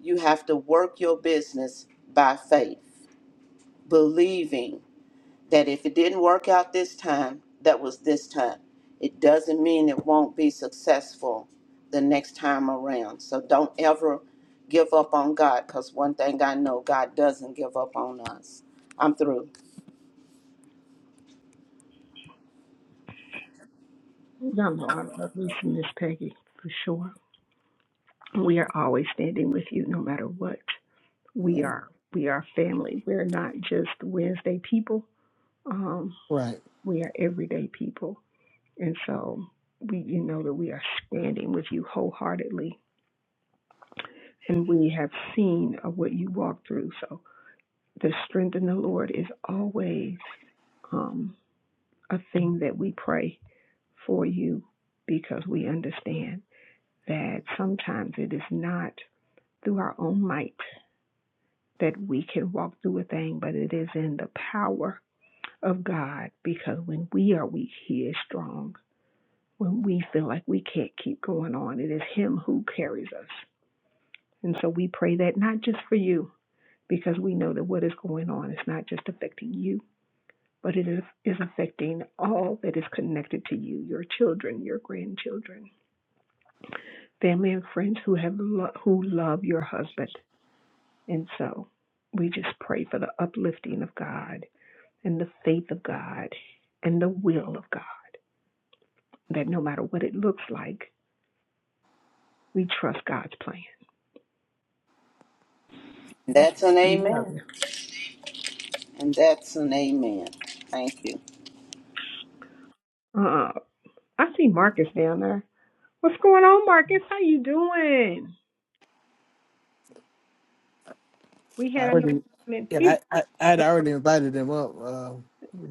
Speaker 4: You have to work your business by faith, believing that if it didn't work out this time, that was this time. It doesn't mean it won't be successful the next time around. So don't ever give up on God because one thing I know, God doesn't give up on us. I'm through.
Speaker 3: it. Y'all know I love Lisa, Miss Peggy for sure. We are always standing with you, no matter what. We are we are family. We're not just Wednesday people. Um,
Speaker 7: right.
Speaker 3: We are everyday people. And so we you know that we are standing with you wholeheartedly and we have seen of what you walk through. So the strength in the Lord is always um, a thing that we pray for you because we understand that sometimes it is not through our own might that we can walk through a thing, but it is in the power of God because when we are weak, He is strong. when we feel like we can't keep going on. It is Him who carries us. And so we pray that not just for you, because we know that what is going on is not just affecting you, but it is, is affecting all that is connected to you your children, your grandchildren, family, and friends who, have lo- who love your husband. And so we just pray for the uplifting of God and the faith of God and the will of God, that no matter what it looks like, we trust God's plan.
Speaker 4: That's an
Speaker 3: We love
Speaker 4: amen.
Speaker 3: Him.
Speaker 4: And that's an amen. Thank you.
Speaker 3: Uh, uh I see Marcus down there. What's going on, Marcus? How you doing? We had
Speaker 7: I
Speaker 3: another.
Speaker 7: already,
Speaker 3: comment.
Speaker 7: yeah,
Speaker 3: He's
Speaker 7: I, I, I had
Speaker 3: get
Speaker 7: already invited him up uh,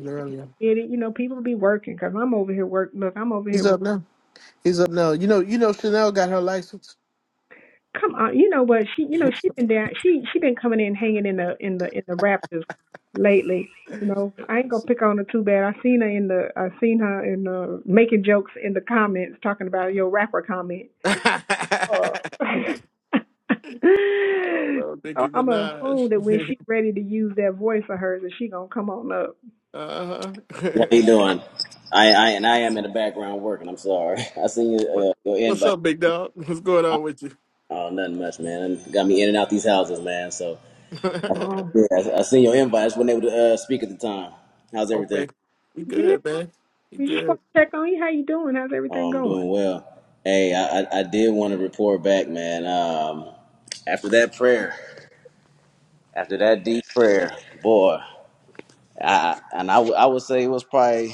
Speaker 7: earlier.
Speaker 3: it. You know, people be working because 'cause I'm over here work. Look, I'm over here
Speaker 7: He's
Speaker 3: work.
Speaker 7: up now. He's up now. You know, you know, Chanel got her license.
Speaker 3: Come on, you know what? She, you know, she been down. She, she been coming in hanging in the in the in the Raptors lately. You know, I ain't gonna pick on her too bad. I seen her in the, I seen her in the making jokes in the comments talking about your rapper comment. Uh, so I'm gonna assume that when she's ready to use that voice of hers, that she gonna come on up.
Speaker 7: Uh,
Speaker 10: How you doing? I, I and I am in the background working. I'm sorry. I seen
Speaker 7: what,
Speaker 10: your, uh, your
Speaker 7: what's
Speaker 10: invite.
Speaker 7: up, big dog? What's going on with you?
Speaker 10: Oh, nothing much, man. Got me in and out these houses, man. So
Speaker 3: Come on,
Speaker 10: yeah, I, I seen your invite. I just wasn't able to uh, speak at the time. How's everything?
Speaker 7: Okay. You
Speaker 3: yeah.
Speaker 7: good, man. You
Speaker 3: We just
Speaker 7: good.
Speaker 3: want to check on you. How you doing? How's
Speaker 10: Oh,
Speaker 3: everything
Speaker 10: I'm
Speaker 3: going?
Speaker 10: doing well. Hey, I, I, I did want to report back, man. Um, after that prayer, after that deep prayer, boy. I, I- and I, w- I would say it was probably.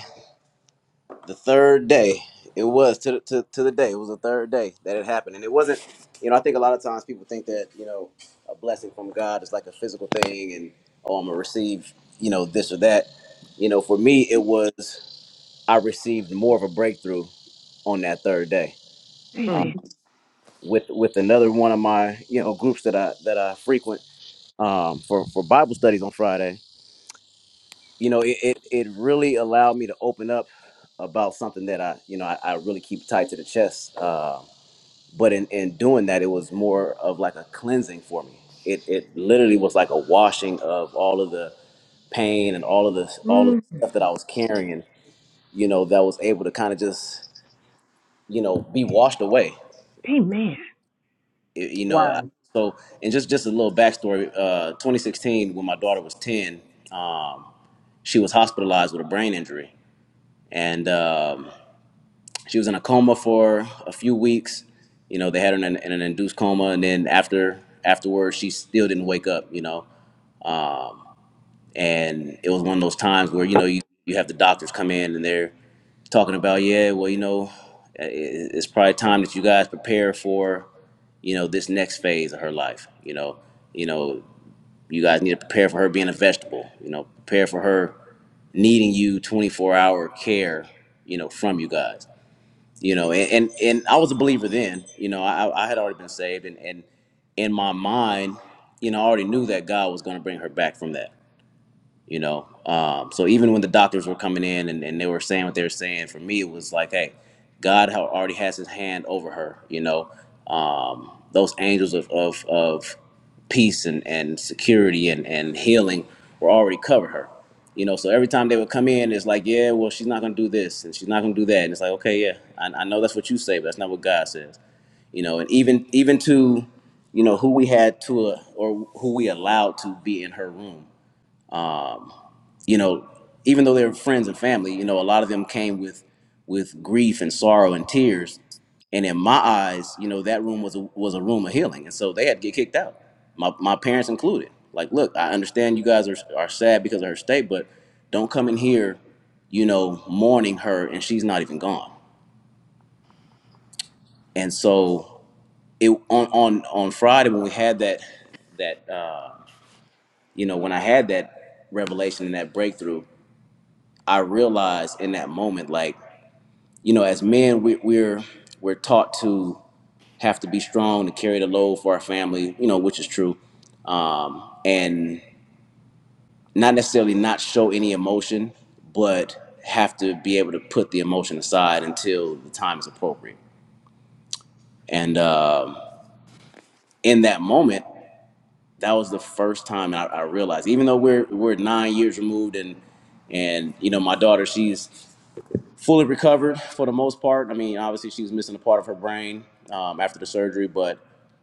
Speaker 10: the third day it was to, to, to the day it was the third day that it happened and it wasn't you know i think a lot of times people think that you know a blessing from god is like a physical thing and oh i'm gonna receive you know this or that you know for me it was i received more of a breakthrough on that third day uh,
Speaker 7: Mm.
Speaker 3: Amen.
Speaker 10: with with another one of my you know groups that i that i frequent um, for for bible studies on friday you know it, it it really allowed me to open up about something that i you know i, I really keep tight to the chest uh, but in, in doing that it was more of like a cleansing for me it it literally was like a washing of all of the pain and all of the all of
Speaker 3: Mm,
Speaker 10: the stuff that i was carrying you know that was able to kind of just you know be washed away
Speaker 3: amen.
Speaker 10: Y- you know I- so and just just a little backstory uh 2016 when my daughter was 10 um she was hospitalized with a brain injury and um, she was in a coma for a few weeks. You know, they had her in an, in an induced coma, and then after afterwards, she still didn't wake up. You know, and it was one of those times where you know you you have the doctors come in and they're talking about yeah, well, you know, i- i- it's probably time that you guys prepare for you know this next phase of her life. You know, you know, you guys need to prepare for her being a vegetable. You know, prepare for her needing you 24 hour care. You know, from you guys you know and, and and i was a believer then you know i i had already been saved and and in my mind you know i already knew that god was going to bring her back from that you know um, so even when the doctors were coming in and, and they were saying what they were saying for me it was like hey god ha- already has his hand over her you know um, those angels of, of, of peace and, and security and, and healing were already covered her you know so every time they would come in it's like yeah well she's not going to do this and she's not going to do that and it's like okay yeah I, I know that's what you say but that's not what god says you know and even even to you know who we had to uh, or who we allowed to be in her room you know, even though they were friends and family, you know, a lot of them came with with grief and sorrow and tears. And in my eyes, you know, that room was a, was a room of healing, and so they had to get kicked out. My my parents included. Like, look, I understand you guys are are sad because of her state, but don't come in here, you know, mourning her, and she's not even gone. And so it on on on Friday when we had that that uh, you know when I had that revelation and that breakthrough, I realized in that moment like. you know, as men, we, we're we're taught to have to be strong to carry the load for our family, you know, which is true, um, and not necessarily not show any emotion, but have to be able to put the emotion aside until the time is appropriate. And um, in that moment, that was the first time I, I realized, even though we're we're nine years removed, and and you know, my daughter, she's fully recovered for the most part. I mean, obviously she was missing a part of her brain um, after the surgery, but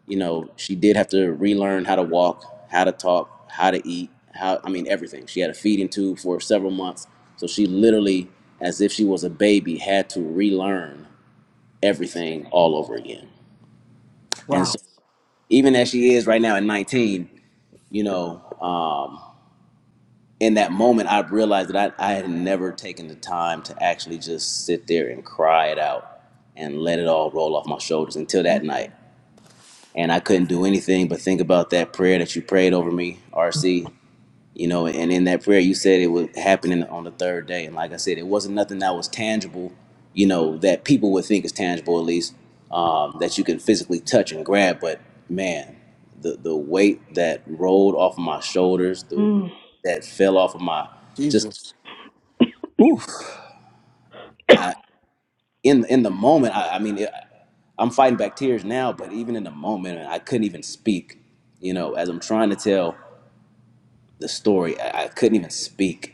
Speaker 10: you know she did have to relearn how to walk, how to talk, how to eat, how I mean everything. She had a feeding tube for several months, so she literally, as if she was a baby, had to relearn everything all over again. And
Speaker 7: Wow.
Speaker 10: so even as she is right now at 19, you know. um, in that moment, I realized that I, I had never taken the time to actually just sit there and cry it out and let it all roll off my shoulders until that night. And I couldn't do anything but think about that prayer that you prayed over me, RC you know and in that prayer you said it was happening on the third day and like i said it wasn't nothing that was tangible you know that people would think is tangible at least um, that you can physically touch and grab but man the, the weight that rolled off of my shoulders the weight
Speaker 3: Mm.
Speaker 10: that fell off of my just
Speaker 7: Jesus.
Speaker 10: oof, I, in in the moment i, I mean it, i'm fighting back tears now but even in the moment i couldn't even speak you know as i'm trying to tell the story i, I couldn't even speak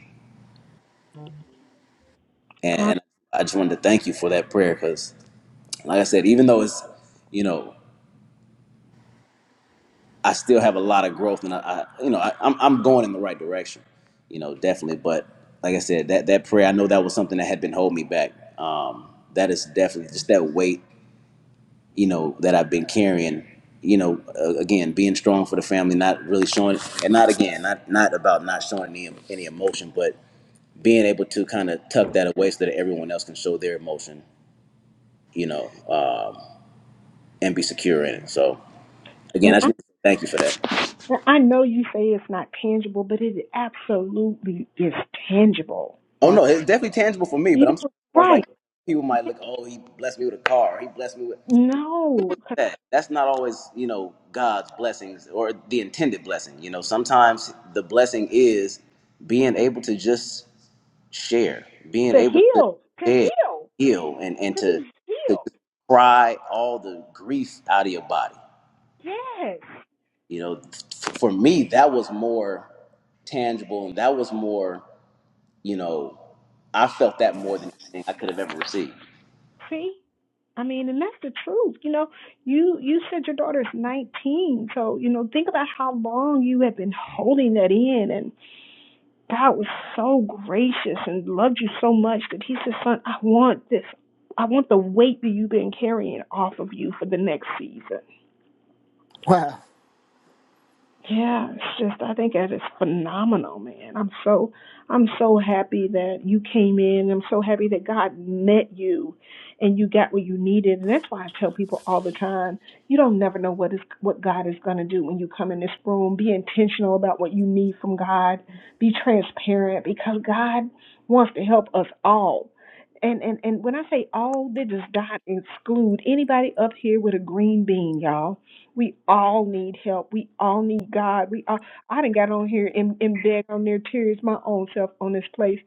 Speaker 10: and,
Speaker 3: God,
Speaker 10: and I just wanted to thank you for that prayer because, like I said, even though it's, you know, I still have a lot of growth, and I, I you know, I, I'm I'm going in the right direction, you know, definitely. But like I said, that that prayer, I know that was something that had been holding me back. Um, that is definitely just that weight, you know, that I've been carrying. You know, uh, again, being strong for the family, not really showing, and not again, not not about not showing any any emotion, but being able to kind of tuck that away so that everyone else can show their emotion. You know, and be secure in it. So again,
Speaker 3: and
Speaker 10: that's
Speaker 3: I,
Speaker 10: really, thank you for that.
Speaker 3: and I know you say it's not tangible, but it absolutely is tangible,
Speaker 10: Oh no,
Speaker 3: Mark.
Speaker 10: it's definitely tangible for me,
Speaker 3: You
Speaker 10: but I'm saying
Speaker 3: know,
Speaker 10: as far as like
Speaker 3: right?
Speaker 10: people might
Speaker 3: Yeah,
Speaker 10: look, oh, he blessed me with a car, he blessed me with
Speaker 3: No,
Speaker 10: that. That's not always, you know, God's blessings or the intended blessing. You know, sometimes the blessing is being able to just share, being
Speaker 3: to
Speaker 10: able to
Speaker 3: heal, to
Speaker 10: share,
Speaker 3: heal,
Speaker 10: heal, and and
Speaker 3: to
Speaker 10: to
Speaker 3: be
Speaker 10: to just
Speaker 3: healed.
Speaker 10: cry all the grief out of your body.
Speaker 3: Yes.
Speaker 10: You know, f- for me, that was more tangible, and that was more. you know, I felt that more than anything I could have ever received.
Speaker 3: See, I mean, and that's the truth. You know, you you said your daughter's 19, so you know, think about how long you have been holding that in, and God was so gracious and loved you so much that He said, "Son, I want this. I want the weight that you've been carrying off of you for the next season." Yeah, it's just I think that is phenomenal, man. I'm so I'm so happy that you came in. I'm so happy that God met you and you got what you needed. And that's why I tell people all the time, you don't never know what is what God is gonna do when you come in this room. Be intentional about what you need from God. Be transparent because God wants to help us all. And and, and when I say all, they just not exclude anybody up here with a green bean, y'all we all need help. We all need God. We all I done got on here and, and begged on their tears my own self on this place.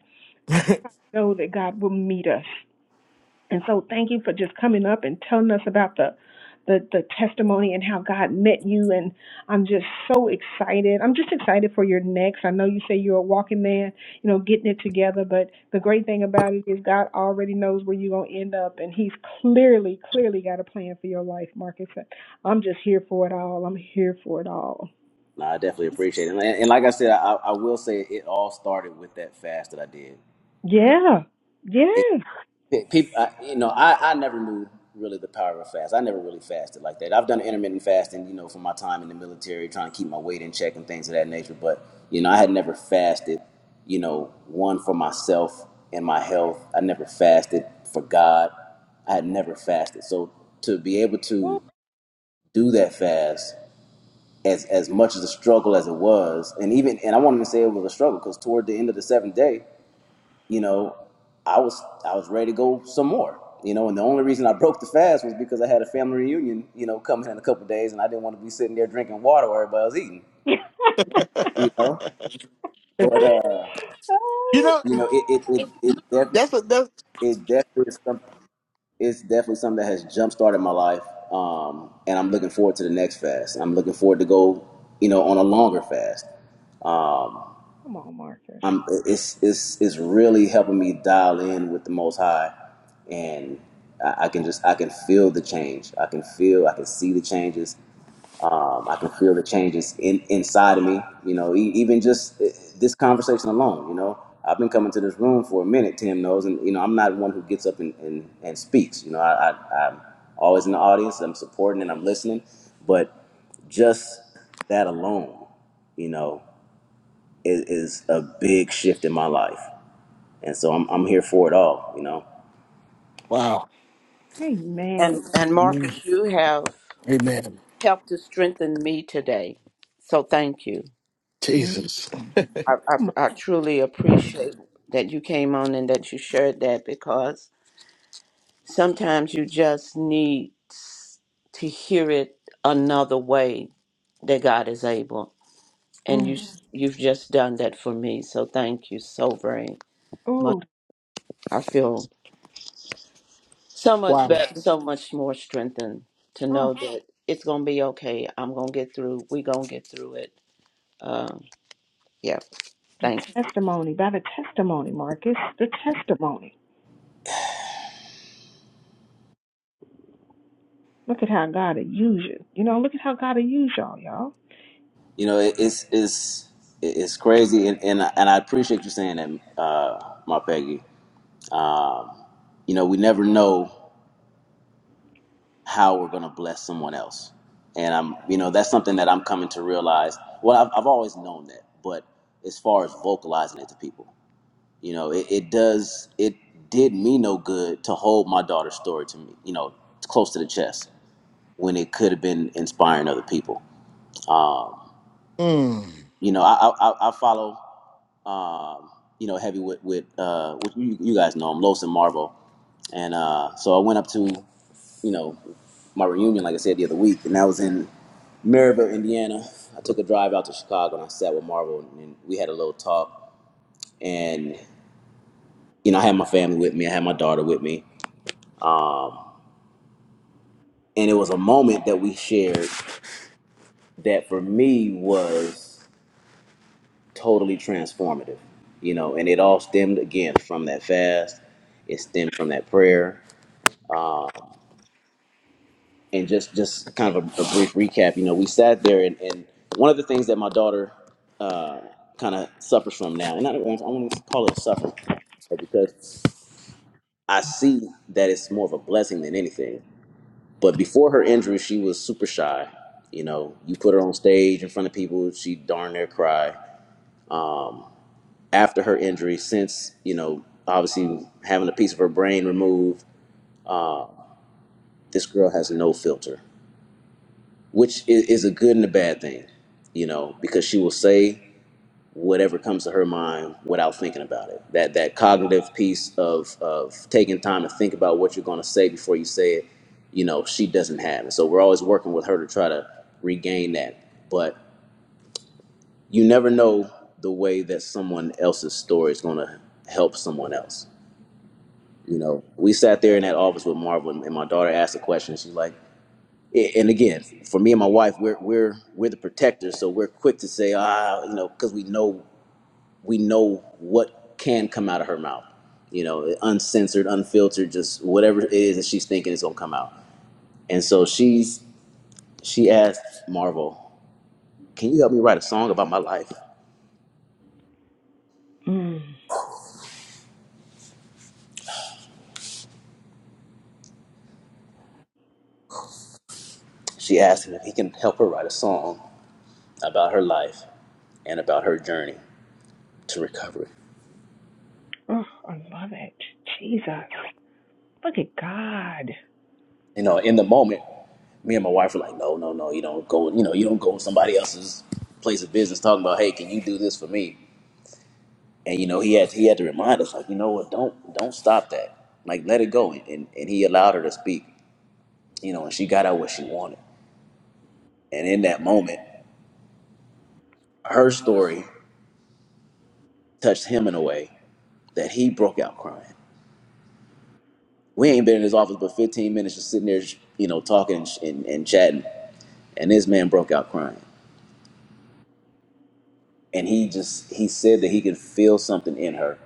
Speaker 3: 'cause I know that God will meet us. And so thank you for just coming up and telling us about the the, the testimony and how God met you and I'm just so excited. I'm just excited for your next. I know you say you're a walking man, you know, getting it together, but the great thing about it is God already knows where you're gonna end up and He's clearly, clearly got a plan for your life, Marcus. I'm just here for it all. I'm here for it all.
Speaker 10: No, I definitely appreciate it. And, and like I said, I, I will say it all started with that fast that I did.
Speaker 3: Yeah. Yeah.
Speaker 10: It, pe- people, I, you know, I, I never knew really the power of a fast. I never really fasted like that. I've done intermittent fasting, you know, for my time in the military, trying to keep my weight in check and things of that nature. But, you know, I had never fasted, you know, one for myself and my health. I never fasted for God. I had never fasted. So to be able to do that fast as as much as the struggle as it was, and even and I wanted to say it was a struggle because toward the end of the seventh day, you know, I was I was ready to go some more, you know, and the only reason I broke the fast was because I had a family reunion, you know, coming in a couple of days, and I didn't want to be sitting there drinking water while everybody was eating, you know. But uh,
Speaker 7: You
Speaker 3: oh
Speaker 7: know,
Speaker 10: you know, it
Speaker 3: God.
Speaker 10: it it it, def- it definitely is some, it's definitely something that has jump started my life, um, and I'm looking forward to the next fast. I'm looking forward to go, you know, on a longer fast Um,
Speaker 3: Come on, Marcus.
Speaker 10: I'm it's it's it's really helping me dial in with the Most High, and I, I can just I can feel the change. I can feel I can see the changes. Um, I can feel the changes in inside of me. You know, e- even just eh, this conversation alone. You know, I've been coming to this room for a minute. Tim knows, and you know, I'm not one who gets up and and, and speaks. You know, I, I I'm always in the audience. I'm supporting and I'm listening, but just that alone. You know is, is a big shift in my life, and so I'm I'm here for it all. You know,
Speaker 3: Amen.
Speaker 4: And and Marcus, you have
Speaker 7: Amen.
Speaker 4: helped to strengthen me today. So thank you.
Speaker 3: Mm,
Speaker 7: Jesus.
Speaker 4: I,
Speaker 3: come on.
Speaker 4: I, I truly appreciate that you came on and that you shared that because sometimes you just need s- to hear it another way that God is able. And
Speaker 3: Mm.
Speaker 4: you s- you've just done that for me. So thank you so very much.
Speaker 3: Oh,
Speaker 4: I feel so much
Speaker 7: wow.
Speaker 4: better, so much more strengthened to
Speaker 3: oh,
Speaker 4: know that it's going to be okay. I'm going to get through. We're going to get through it. Yeah,
Speaker 3: the
Speaker 4: Thank you.
Speaker 3: testimony. By the testimony, Marcus. The testimony. Look at how God will use you. You know, look at how God will use y'all, y'all.
Speaker 10: you know it, it's it's it's crazy, and and I, and I appreciate you saying that, uh, my Peggy. Um, you know, we never know how we're gonna bless someone else, and I'm you know that's something that I'm coming to realize. Well, I've I've always known that, but as far as vocalizing it to people, you know, it, it does it did me no good to hold my daughter's story to me, you know, close to the chest when it could have been inspiring other people. Um,
Speaker 7: Mm.
Speaker 10: you know, I I, I follow um, you know heavy with with uh, with you, you guys know him, Los and Marvel, and uh, so I went up to you know my reunion like I said the other week, and that was in Maryville, Indiana. I took a drive out to Chicago and I sat with Marvel and we had a little talk. And you know, I had my family with me. I had my daughter with me, and it was a moment that we shared that for me was. totally transformative, you know. And it all stemmed again from that fast. It stemmed from that prayer, uh, and just just kind of a, a brief recap. You know, we sat there, and, and one of the things that my daughter uh, kind of suffers from now, and I don't want I want to call it suffering but because I see that it's more of a blessing than anything. But before her injury, she was super shy. You know, you put her on stage in front of people, she darn near cry. after her injury, since you know, obviously having a piece of her brain removed, this girl has no filter, which is, is a good and a bad thing, you know, because she will say whatever comes to her mind without thinking about it. That that cognitive piece of of taking time to think about what you're going to say before you say it, you know, she doesn't have. it. so we're always working with her to try to regain that. But you never know the way that someone else's story is going to help someone else You know, we sat there in that office with Marvel, and and my daughter asked a question. She's like, a- and again, for me and my wife, we're we're we're the protectors, so we're quick to say, ah, you know, because we know we know what can come out of her mouth. You know, uncensored, unfiltered, just whatever it is that she's thinking is gonna come out. And so she's she asked Marvel, "Can you help me write a song about my life?"
Speaker 3: Mm.
Speaker 10: She asked him if he can help her write a song about her life and about her journey to recovery.
Speaker 3: Oh, I love it. Jesus. Look at God.
Speaker 10: You know, in the moment, me and my wife were like, no, no, no, you don't go, you know, you don't go to somebody else's place of business talking about, hey, can you do this for me? And you know, he had he had to remind us, like, you know what, don't don't stop that. Like let it go. And and, and he allowed her to speak, you know, and she got out what she wanted. And in that moment, her story touched him in a way that he broke out crying. We ain't been in his office but 15 minutes just sitting there, you know, talking and, and, and chatting. And this man broke out crying. And he just, he said that he could feel something in her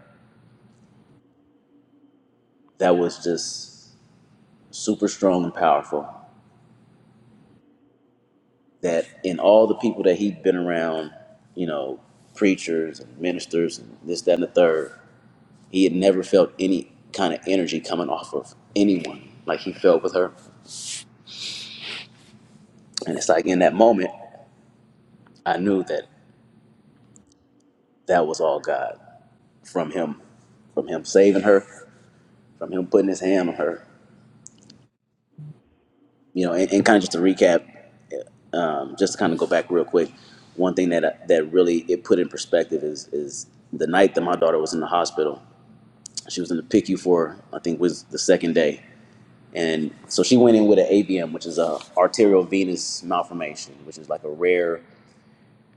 Speaker 10: that was just super strong and powerful. That in all the people that he'd been around, you know, preachers and ministers and this, that, and the third, he had never felt any kind of energy coming off of anyone like he felt with her. And it's like in that moment, I knew that that was all God from him, from him saving her, from him putting his hand on her. you know, and, and kind of just to recap, um, just to kind of go back real quick, one thing that that really it put in perspective is is the night that my daughter was in the hospital. She was in the PICU for I think was the second day, and so she went in with an AVM, which is a arterial venous malformation, which is like a rare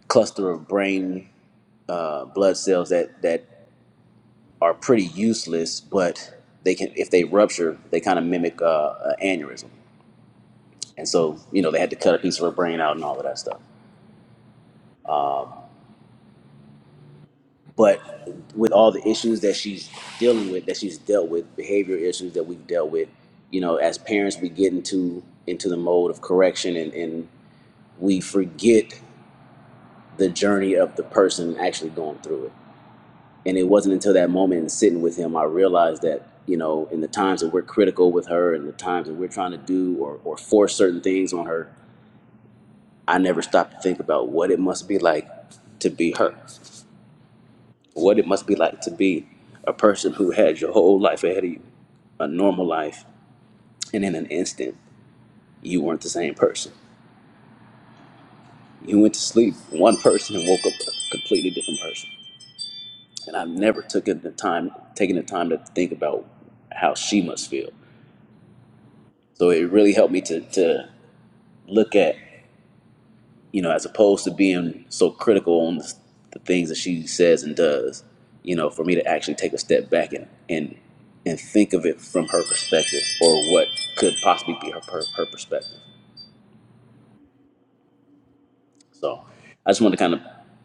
Speaker 10: cluster of brain uh, blood cells that that are pretty useless, but they can if they rupture, they kind of mimic uh, an aneurysm, and so you know they had to cut a piece of her brain out and all of that stuff. Um, but with all the issues that she's dealing with, that she's dealt with, behavior issues that we've dealt with, you know, as parents, we get into into the mode of correction, and, and we forget the journey of the person actually going through it. And it wasn't until that moment and sitting with him, I realized that you know, in the times that we're critical with her, and the times that we're trying to do or or force certain things on her, I never stopped to think about what it must be like to be her what it must be like to be a person who had your whole life ahead of you, a normal life, and in an instant, you weren't the same person. You went to sleep one person and woke up a completely different person. And I've never took it the time, taken the time to think about how she must feel. So it really helped me to, to look at you know, as opposed to being so critical on the, the things that she says and does, you know, for me to actually take a step back and and and think of it from her perspective or what could possibly be her her, her perspective. So I just want to kind of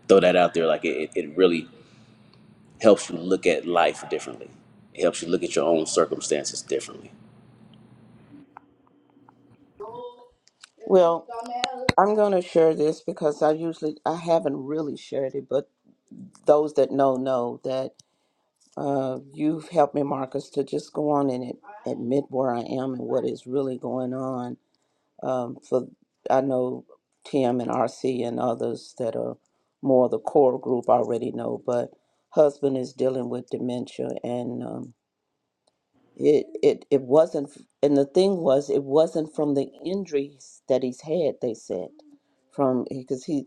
Speaker 10: throw that out there. Like it, it really helps you look at life differently. It helps you look at your own circumstances differently.
Speaker 4: Well, I'm going to share this because I usually I haven't really shared it, but those that know know that Uh, you've helped me, Marcus, to just go on and ad- admit where I am and what is really going on. Um, for I know Tim and RC and others that are more the core group already know, but husband is dealing with dementia, and um, it, it it wasn't, and the thing was, it wasn't from the injuries that he's had. They said from because he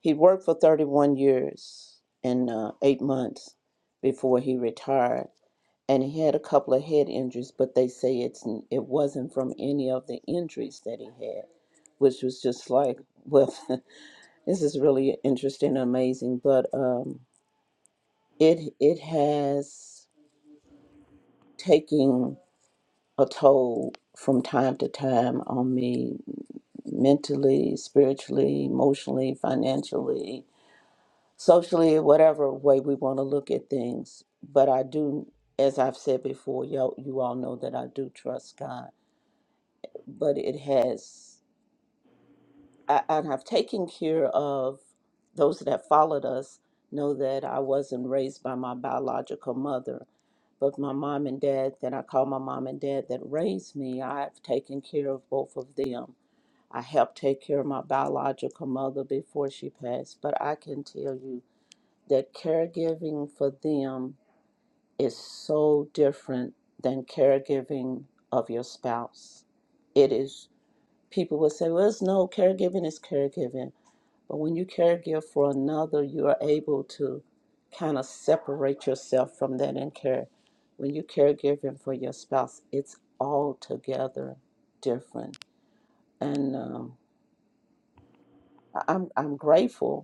Speaker 4: he worked for 31 years and uh, eight months before he retired, and he had a couple of head injuries, but they say it's n- it wasn't from any of the injuries that he had, which was just like, well, this is really interesting, and amazing, but um, it it has taken. a toll from time to time on me mentally, spiritually, emotionally, financially, socially, whatever way we want to look at things. But I do, as I've said before, y'all, you all know that I do trust God. But it has, I, and I've taken care of those that followed us know that I wasn't raised by my biological mother. But my mom and dad, that I call my mom and dad that raised me, I've taken care of both of them I helped take care of my biological mother before she passed, but I can tell you that caregiving for them is so different than caregiving of your spouse. It is, people will say, well, it's no, caregiving is caregiving. But when you caregive for another, you are able to kind of separate yourself from that and care. When you caregiving for your spouse, it's altogether different. And um, I- I'm, I'm grateful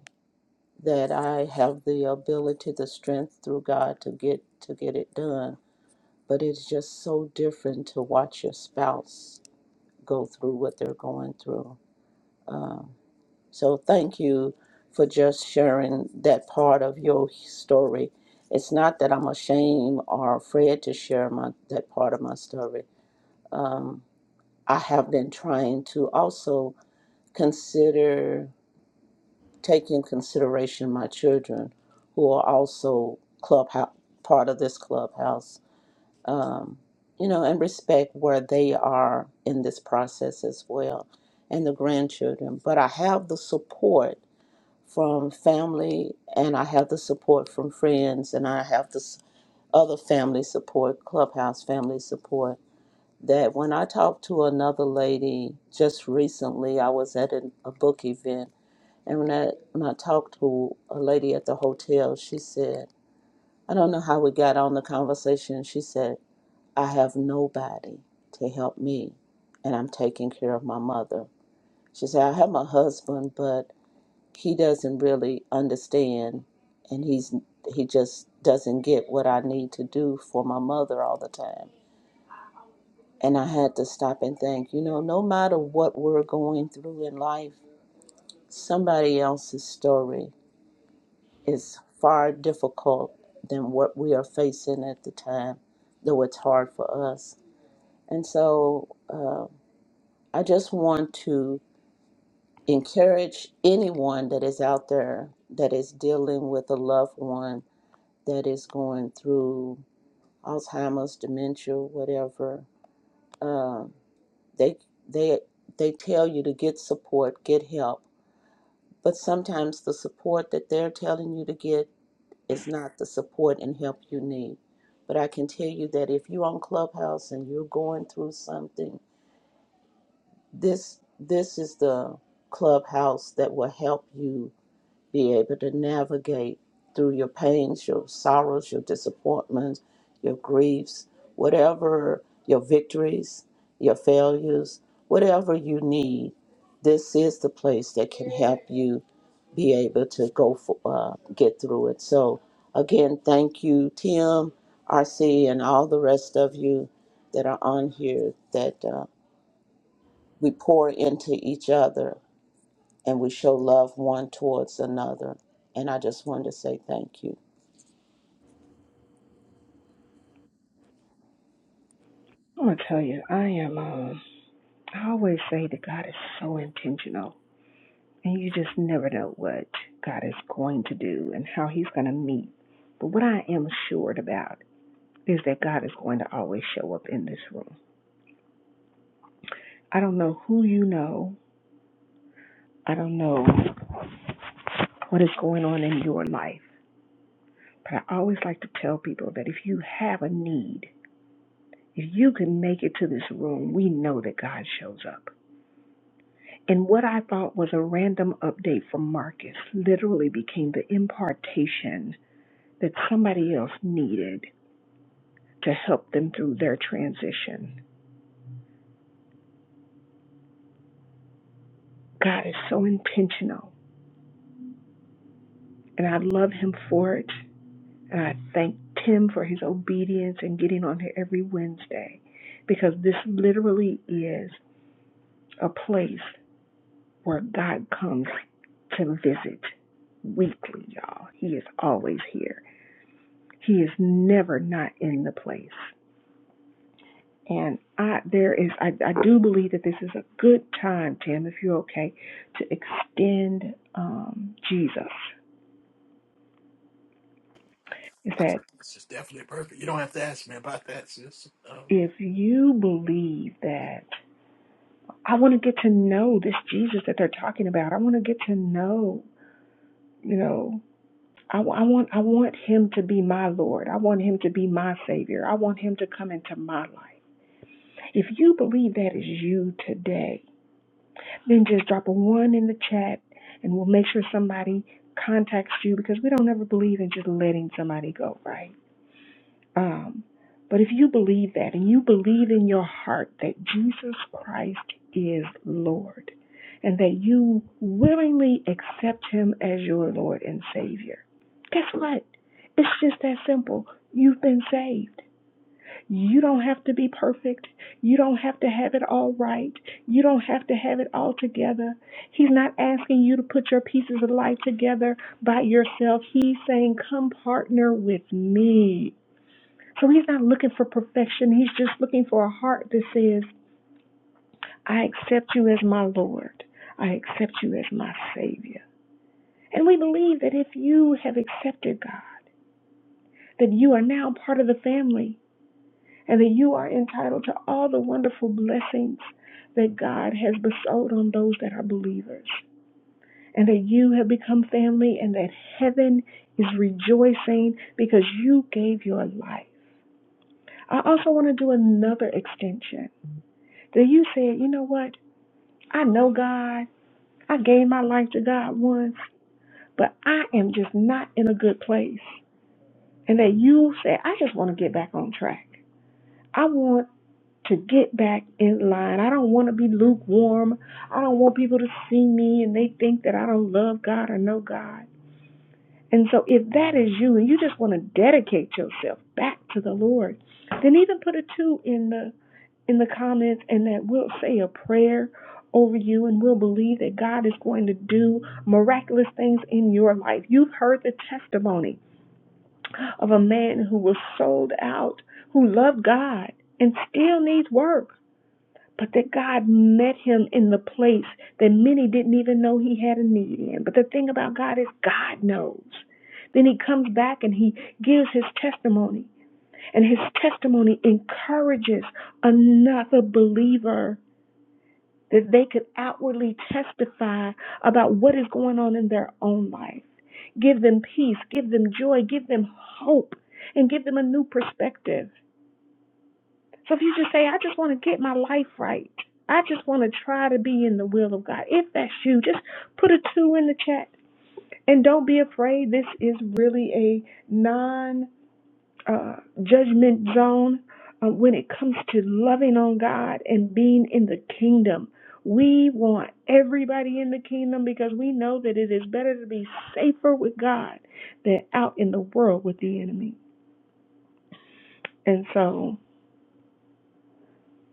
Speaker 4: that I have the ability, the strength through God to get to get it done. But it's just so different to watch your spouse go through what they're going through. So thank you for just sharing that part of your story. It's not that I'm ashamed or afraid to share my that part of my story. Um, I have been trying to also consider. Taking in consideration my children who are also clubhouse part of this clubhouse um, you know and respect where they are in this process as well and the grandchildren but i have the support from family and i have the support from friends and i have this other family support clubhouse family support that when i talked to another lady just recently i was at an, a book event and when I, when I talked to a lady at the hotel, she said, I don't know how we got on the conversation. She said, I have nobody to help me, and I'm taking care of my mother. She said, I have my husband, but he doesn't really understand, and he's he just doesn't get what I need to do for my mother all the time. And I had to stop and think, you know, no matter what we're going through in life, somebody else's story is far difficult than what we are facing at the time, though it's hard for us. And so uh, I just want to encourage anyone that is out there that is dealing with a loved one that is going through Alzheimer's, dementia, whatever. Uh, they they they tell you to get support, get help, but sometimes the support that they're telling you to get Is not the support and help you need. But I can tell you that if you're on Clubhouse and you're going through something, this this is the clubhouse that will help you be able to navigate through your pains, your sorrows, your disappointments, your griefs, whatever your victories, your failures, whatever you need. This is the place that can help you be able to go for, uh, get through it. So, again, thank you, Tim, RC, and all the rest of you that are on here that uh, we pour into each other and we show love one towards another. And I just wanted to say thank you.
Speaker 3: I'm going to tell you, I am, um, I always say that God is so intentional. And you just never know what God is going to do and how he's going to meet. But what I am assured about is that God is going to always show up in this room. I don't know who you know. I don't know what is going on in your life. But I always like to tell people that if you have a need, if you can make it to this room, we know that God shows up. And what I thought was a random update from Marcus literally became the impartation that somebody else needed to help them through their transition. God is so intentional, and I love him for it. I thank Tim for his obedience and getting on here every Wednesday because this literally is a place where God comes to visit weekly, y'all. He is always here. He is never not in the place. And I there is I, I do believe that this is a good time, Tim, if you're okay, to extend um, Jesus. Is that
Speaker 7: This is definitely perfect. You don't have to ask me about that, sis. Um,
Speaker 3: if you believe that I want to get to know this Jesus that they're talking about. I want to get to know, you know, I, I want I want him to be my Lord. I want him to be my Savior. I want him to come into my life. If you believe that is you today, then just drop a one in the chat, and we'll make sure somebody contacts you because we don't ever believe in just letting somebody go, right? Um, but if you believe that and you believe in your heart that Jesus Christ is Lord and that you willingly accept him as your Lord and Savior, guess what? It's just that simple. You've been saved. You don't have to be perfect. You don't have to have it all right. You don't have to have it all together. He's not asking you to put your pieces of life together by yourself. He's saying, Come partner with me. So he's not looking for perfection. He's just looking for a heart that says, I accept you as my Lord. I accept you as my Savior. And we believe that if you have accepted God, that you are now part of the family and that you are entitled to all the wonderful blessings that God has bestowed on those that are believers. And that you have become family and that heaven is rejoicing because you gave your life. I also want to do another extension that you said, you know what? I know God. I gave my life to God once, but I am just not in a good place. And that you said, I just want to get back on track. I want to get back in line. I don't want to be lukewarm. I don't want people to see me and they think that I don't love God or know God. And so if that is you and you just want to dedicate yourself back to the Lord, then even put a two in the in the comments and that we'll say a prayer over you and we'll believe that God is going to do miraculous things in your life. You've heard the testimony of a man who was sold out, who loved God and still needs work, but that God met him in the place that many didn't even know he had a need in. But the thing about God is God knows. Then he comes back and he gives his testimony, and his testimony encourages another believer that they could outwardly testify about what is going on in their own life. Give them peace, give them joy, give them hope, and give them a new perspective. So if you just say, I just want to get my life right, I just want to try to be in the will of God, if that's you, just put a two in the chat. And don't be afraid, this is really a uh, judgment zone uh, when it comes to loving on God and being in the kingdom. We want everybody in the kingdom because we know that it is better to be safer with God than out in the world with the enemy. And so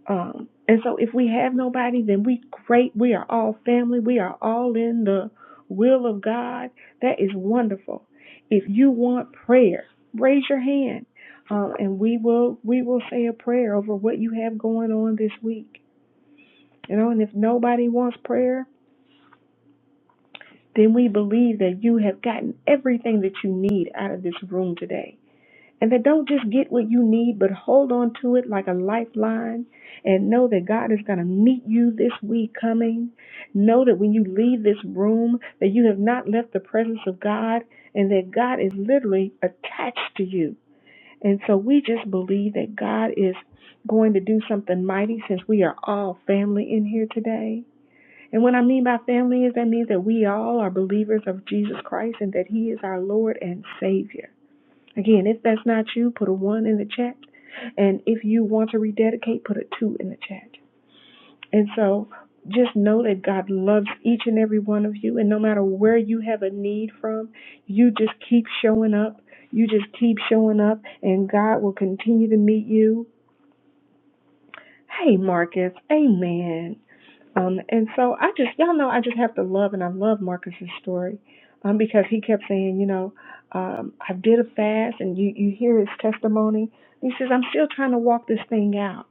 Speaker 3: Um, and so if we have nobody, then we great. We are all family. We are all in the will of God. That is wonderful. If you want prayer, raise your hand, um, and we will we will say a prayer over what you have going on this week. You know, and if nobody wants prayer, then we believe that you have gotten everything that you need out of this room today. And that don't just get what you need, but hold on to it like a lifeline and know that God is going to meet you this week coming. Know that when you leave this room, that you have not left the presence of God and that God is literally attached to you. And so we just believe that God is going to do something mighty since we are all family in here today. And what I mean by family is that means that we all are believers of Jesus Christ and that He is our Lord and Savior. Again, if that's not you, put a one in the chat. And if you want to rededicate, put a two in the chat. And so just know that God loves each and every one of you. And no matter where you have a need from, you just keep showing up. You just keep showing up, and God will continue to meet you. Hey, Marcus. Amen. Um, and so I just, y'all know, I just have to love, and I love Marcus's story, um, because he kept saying, you know, um, I did a fast, and you, you hear his testimony. He says, I'm still trying to walk this thing out.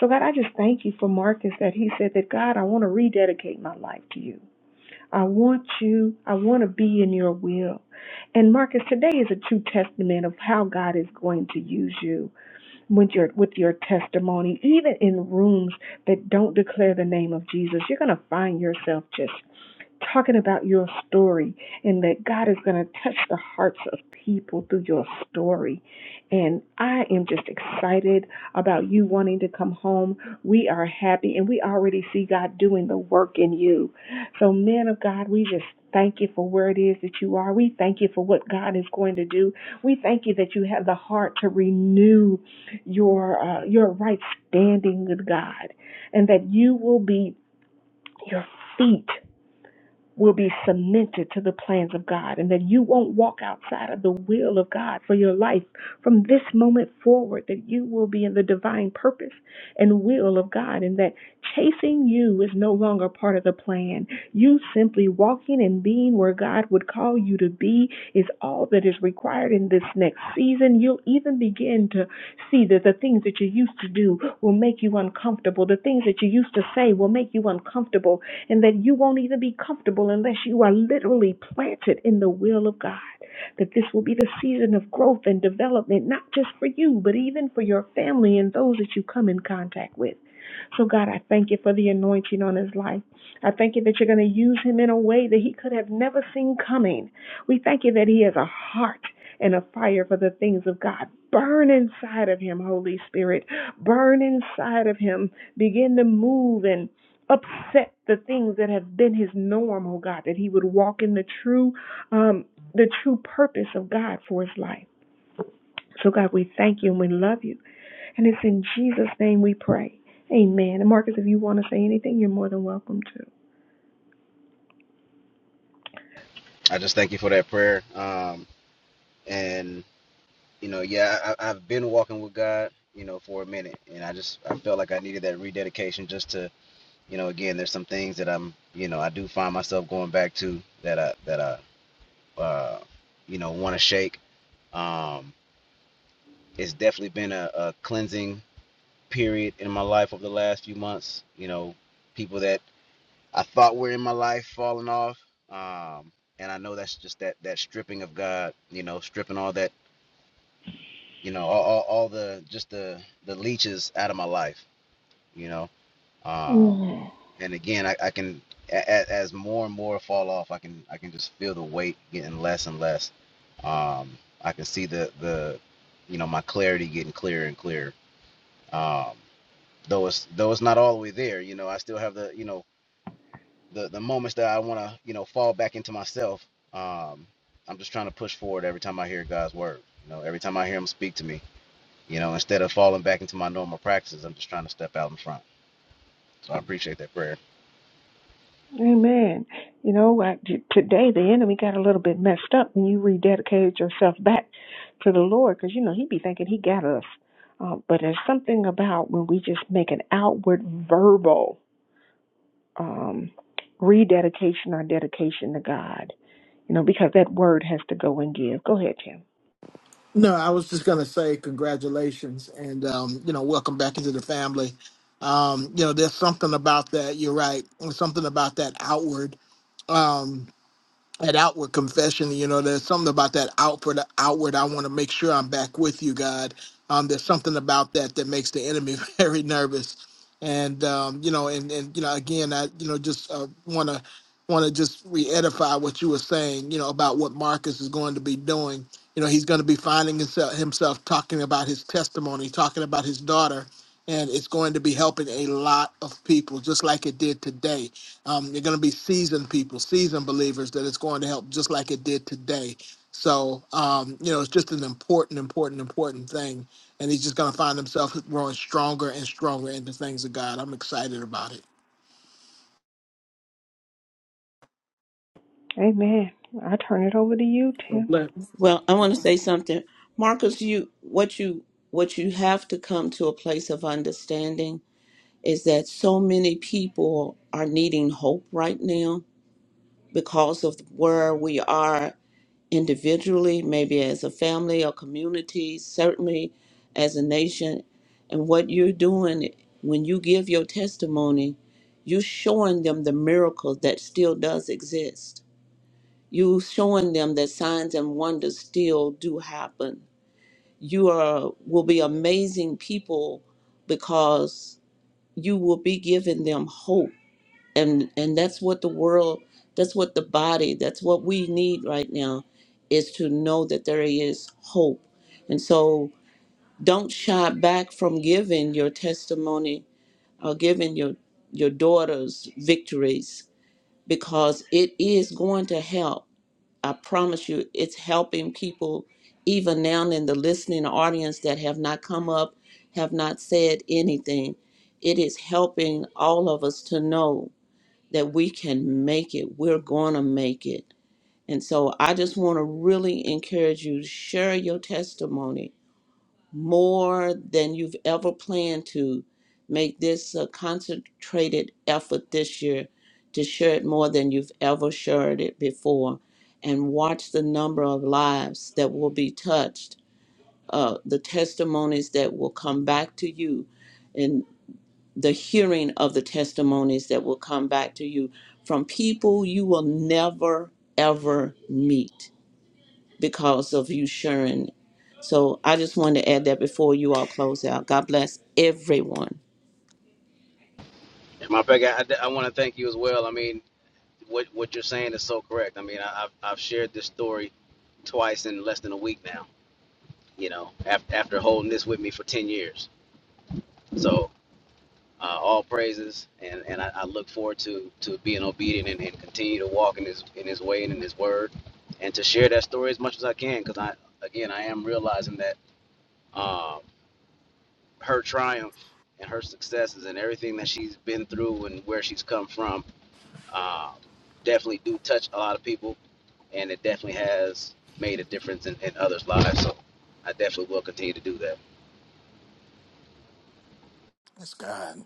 Speaker 3: So God, I just thank you for Marcus that he said that God, I want to rededicate my life to you. I want you. I want to be in your will. And Marcus, today is a true testament of how God is going to use you with your with your testimony, even in rooms that don't declare the name of Jesus, you're going to find yourself just talking about your story and that God is going to touch the hearts of people through your story. And I am just excited about you wanting to come home. We are happy and we already see God doing the work in you. So, men of God, we just thank you for where it is that you are. We thank you for what God is going to do. We thank you that you have the heart to renew your uh, your right standing with God, and that you will be your feet will be cemented to the plans of God and that you won't walk outside of the will of God for your life from this moment forward, that you will be in the divine purpose and will of God and that chasing you is no longer part of the plan. You simply walking and being where God would call you to be is all that is required in this next season. You'll even begin to see that the things that you used to do will make you uncomfortable. The things that you used to say will make you uncomfortable and that you won't even be comfortable unless you are literally planted in the will of God. That this will be the season of growth and development, not just for you, but even for your family and those that you come in contact with. So, God, I thank you for the anointing on his life. I thank you that you're going to use him in a way that he could have never seen coming. We thank you that he has a heart and a fire for the things of God. Burn inside of him, Holy Spirit. Burn inside of him. Begin to move and upset the things that have been his norm, oh God, that he would walk in the true um the true purpose of God for his life. So God, we thank you and we love you. And it's in Jesus' name we pray. Amen. And Marcus, if you want to say anything, you're more than welcome to.
Speaker 10: I just thank you for that prayer. Um, and you know, yeah, I, I've been walking with God, you know, for a minute, and I just I felt like I needed that rededication just to you know, again, there's some things that I'm, you know, I do find myself going back to that I that I, uh, you know, want to shake. Um, it's definitely been a, a cleansing period in my life over the last few months. You know, people that I thought were in my life falling off, um, and I know that's just that that stripping of God. You know, stripping all that, you know, all, all, all the just the the leeches out of my life. You know. um,
Speaker 3: Mm.
Speaker 10: and again I, I can a- as more and more fall off i can i can just feel the weight getting less and less um i can see the the you know my clarity getting clearer and clearer um though it's though it's not all the way there you know i still have the you know the the moments that i want to you know fall back into myself um i'm just trying to push forward every time i hear god's word you know every time i hear him speak to me you know instead of falling back into my normal practices i'm just trying to step out in front so i appreciate that prayer
Speaker 3: Amen. You know, I, t- today the enemy got a little bit messed up when you rededicated yourself back to the Lord because, you know, he'd be thinking he got us. Uh, but there's something about when we just make an outward verbal um, rededication or dedication to God, you know, because that word has to go and give. Go ahead, Tim.
Speaker 7: No, I was just gonna say congratulations and um, you know, welcome back into the family. Um, you know, there's something about that, you're right. There's something about that outward. Um, that outward confession. You know, there's something about that outward. Outward, I want to make sure I'm back with you, God. Um, there's something about that that makes the enemy very nervous, and um, you know, and and you know, again, I you know just uh, want to want to just re-edify what you were saying. You know, about what Marcus is going to be doing. You know, he's going to be finding himself himself talking about his testimony, talking about his daughter. And it's going to be helping a lot of people, just like it did today um, you're going to be seasoned people, seasoned believers that it's going to help just like it did today. So, um, you know, it's just an important, important, important thing. And he's just going to find himself growing stronger and stronger into things of God. I'm excited about it.
Speaker 3: Amen. I turn it over to you, Tim.
Speaker 4: Well, I want to say something. Marcus, you what you what you have to come to a place of understanding is that so many people are needing hope right now because of where we are individually, maybe as a family or community, certainly as a nation. And what you're doing when you give your testimony, you're showing them the miracle that still does exist. You're showing them that signs and wonders still do happen. You are will be amazing people because you will be giving them hope and and that's what the world that's what the body that's what we need right now is to know that there is hope and so don't shy back from giving your testimony or giving your your daughter's victories because it is going to help i promise you it's helping people even now in the listening audience that have not come up have not said anything it is helping all of us to know that we can make it. We're going to make it. And so I just want to really encourage you to share your testimony more than you've ever planned to. Make this a concentrated effort this year to share it more than you've ever shared it before. And watch the number of lives that will be touched, uh, the testimonies that will come back to you the hearing of the testimonies that will come back to you from people you will never ever meet because of you sharing. So I just wanted to add that before you all close out. God bless everyone.
Speaker 10: and my back i, I want to thank you as well i mean what what you're saying is so correct. I mean, I, I've I've shared this story twice in less than a week now. You know, after after holding this with me for ten years. So uh, all praises, and and I, I look forward to to being obedient and, and continue to walk in his in his way and in his word, and to share that story as much as I can. Because I again I am realizing that uh, her triumph and her successes and everything that she's been through and where she's come from uh, definitely do touch a lot of people and it definitely has made a difference in, in others' lives. So I definitely will continue to do that.
Speaker 7: That's God.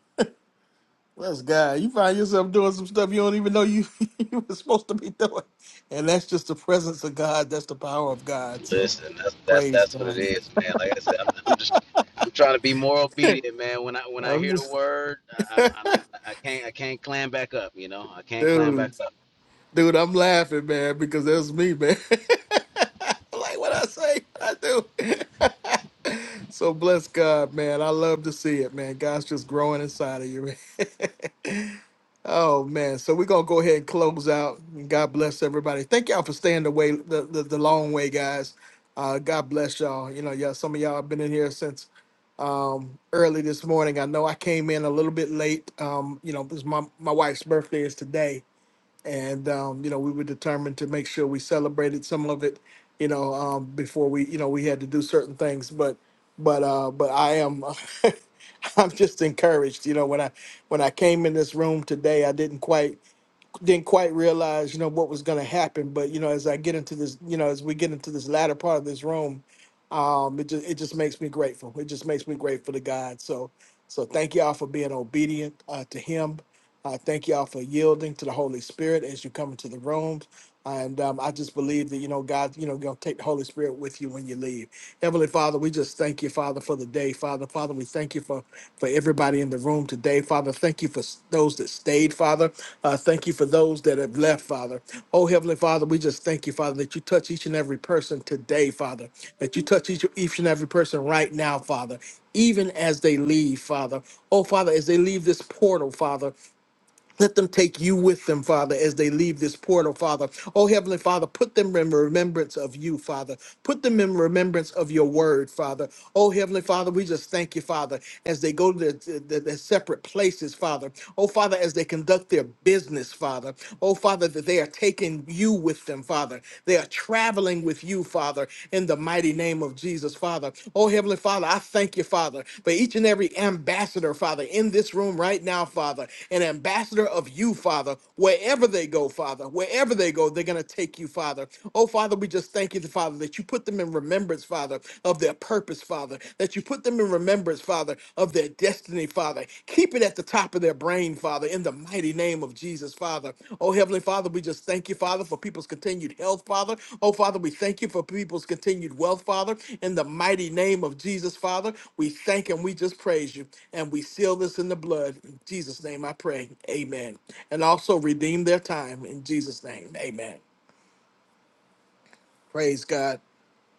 Speaker 7: That's God. You find yourself doing some stuff you don't even know you you were supposed to be doing, and that's just the presence of God. That's the power of God. So,
Speaker 10: Listen, that's that's
Speaker 7: praise
Speaker 10: that's what it
Speaker 7: God.
Speaker 10: is, man. Like I said, I'm, I'm just I'm trying to be more obedient, man. When I when I
Speaker 7: I'm
Speaker 10: hear the
Speaker 7: just,
Speaker 10: word, I, I'm, I'm I can't I can't clam back up. You know, I can't clam back
Speaker 7: dude.
Speaker 10: up.
Speaker 7: Dude, I'm laughing, man, because that's me, man. like what I say, I do. so bless God, man. I love to see it, man. God's just growing inside of you, man. oh man. So we're gonna go ahead and close out. God bless everybody. Thank y'all for staying the way the, the, the long way, guys. Uh, God bless y'all. You know, y'all some of y'all have been in here since um early this morning. I know I came in a little bit late. Um, you know, because my, my wife's birthday is today and um, you know we were determined to make sure we celebrated some of it you know um, before we you know we had to do certain things but but uh but i am i'm just encouraged you know when i when i came in this room today i didn't quite didn't quite realize you know what was going to happen but you know as i get into this you know as we get into this latter part of this room um it just it just makes me grateful it just makes me grateful to god so so thank y'all for being obedient uh, to him I thank y'all for yielding to the Holy Spirit as you come into the room. And um, I just believe that, you know, God, you know, going to take the Holy Spirit with you when you leave. Heavenly Father, we just thank you, Father, for the day. Father, Father, we thank you for, for everybody in the room today. Father, thank you for s- those that stayed, Father. Uh, thank you for those that have left, Father. Oh, Heavenly Father, we just thank you, Father, that you touch each and every person today, Father, that you touch each, each and every person right now, Father even as they leave, Father. Oh, Father, as they leave this portal, Father. Let them take you with them, Father, as they leave this portal, Father. Oh, Heavenly Father, put them in remembrance of you, Father. Put them in remembrance of your word, Father. Oh, Heavenly Father, we just thank you, Father, as they go to their, their- their separate places, Father. Oh, Father, as they conduct their business, Father. Oh, Father, that they are taking you with them, Father. They are traveling with you, Father. Father, in the mighty name of Jesus, Father. Oh, Heavenly Father, I thank you, Father, for each and every ambassador, Father, in this room right now, Father, an ambassador of you, Father, wherever they go, Father, wherever they go, they're going to take you, Father. Oh, Father, we just thank you, Father, that you put them in remembrance, Father, of their purpose, Father, that you put them in remembrance, Father, of their destiny, Father. Like, keep it at the top of their brain, Father, in the mighty name of Jesus, Father. Oh, Heavenly Father, we just thank you, Father, for people's continued health, Father. Oh, Father, we thank you for people's continued wealth, Father, in the mighty name of Jesus, Father. We thank and we just praise you. And we seal this in the blood. In Jesus' name I pray. Amen. And also redeem their time in Jesus' name. Amen. Praise God.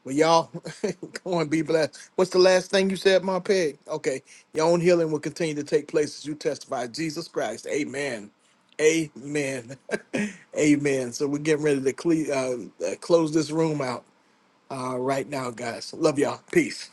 Speaker 7: Well, y'all go and be blessed. What's the last thing you said, my pig? Okay, your own healing will continue to take place as you testify Jesus Christ. Amen. Amen. Amen. So we're getting ready to cle- uh, uh, close this room out uh, right now, guys. Love y'all. Peace.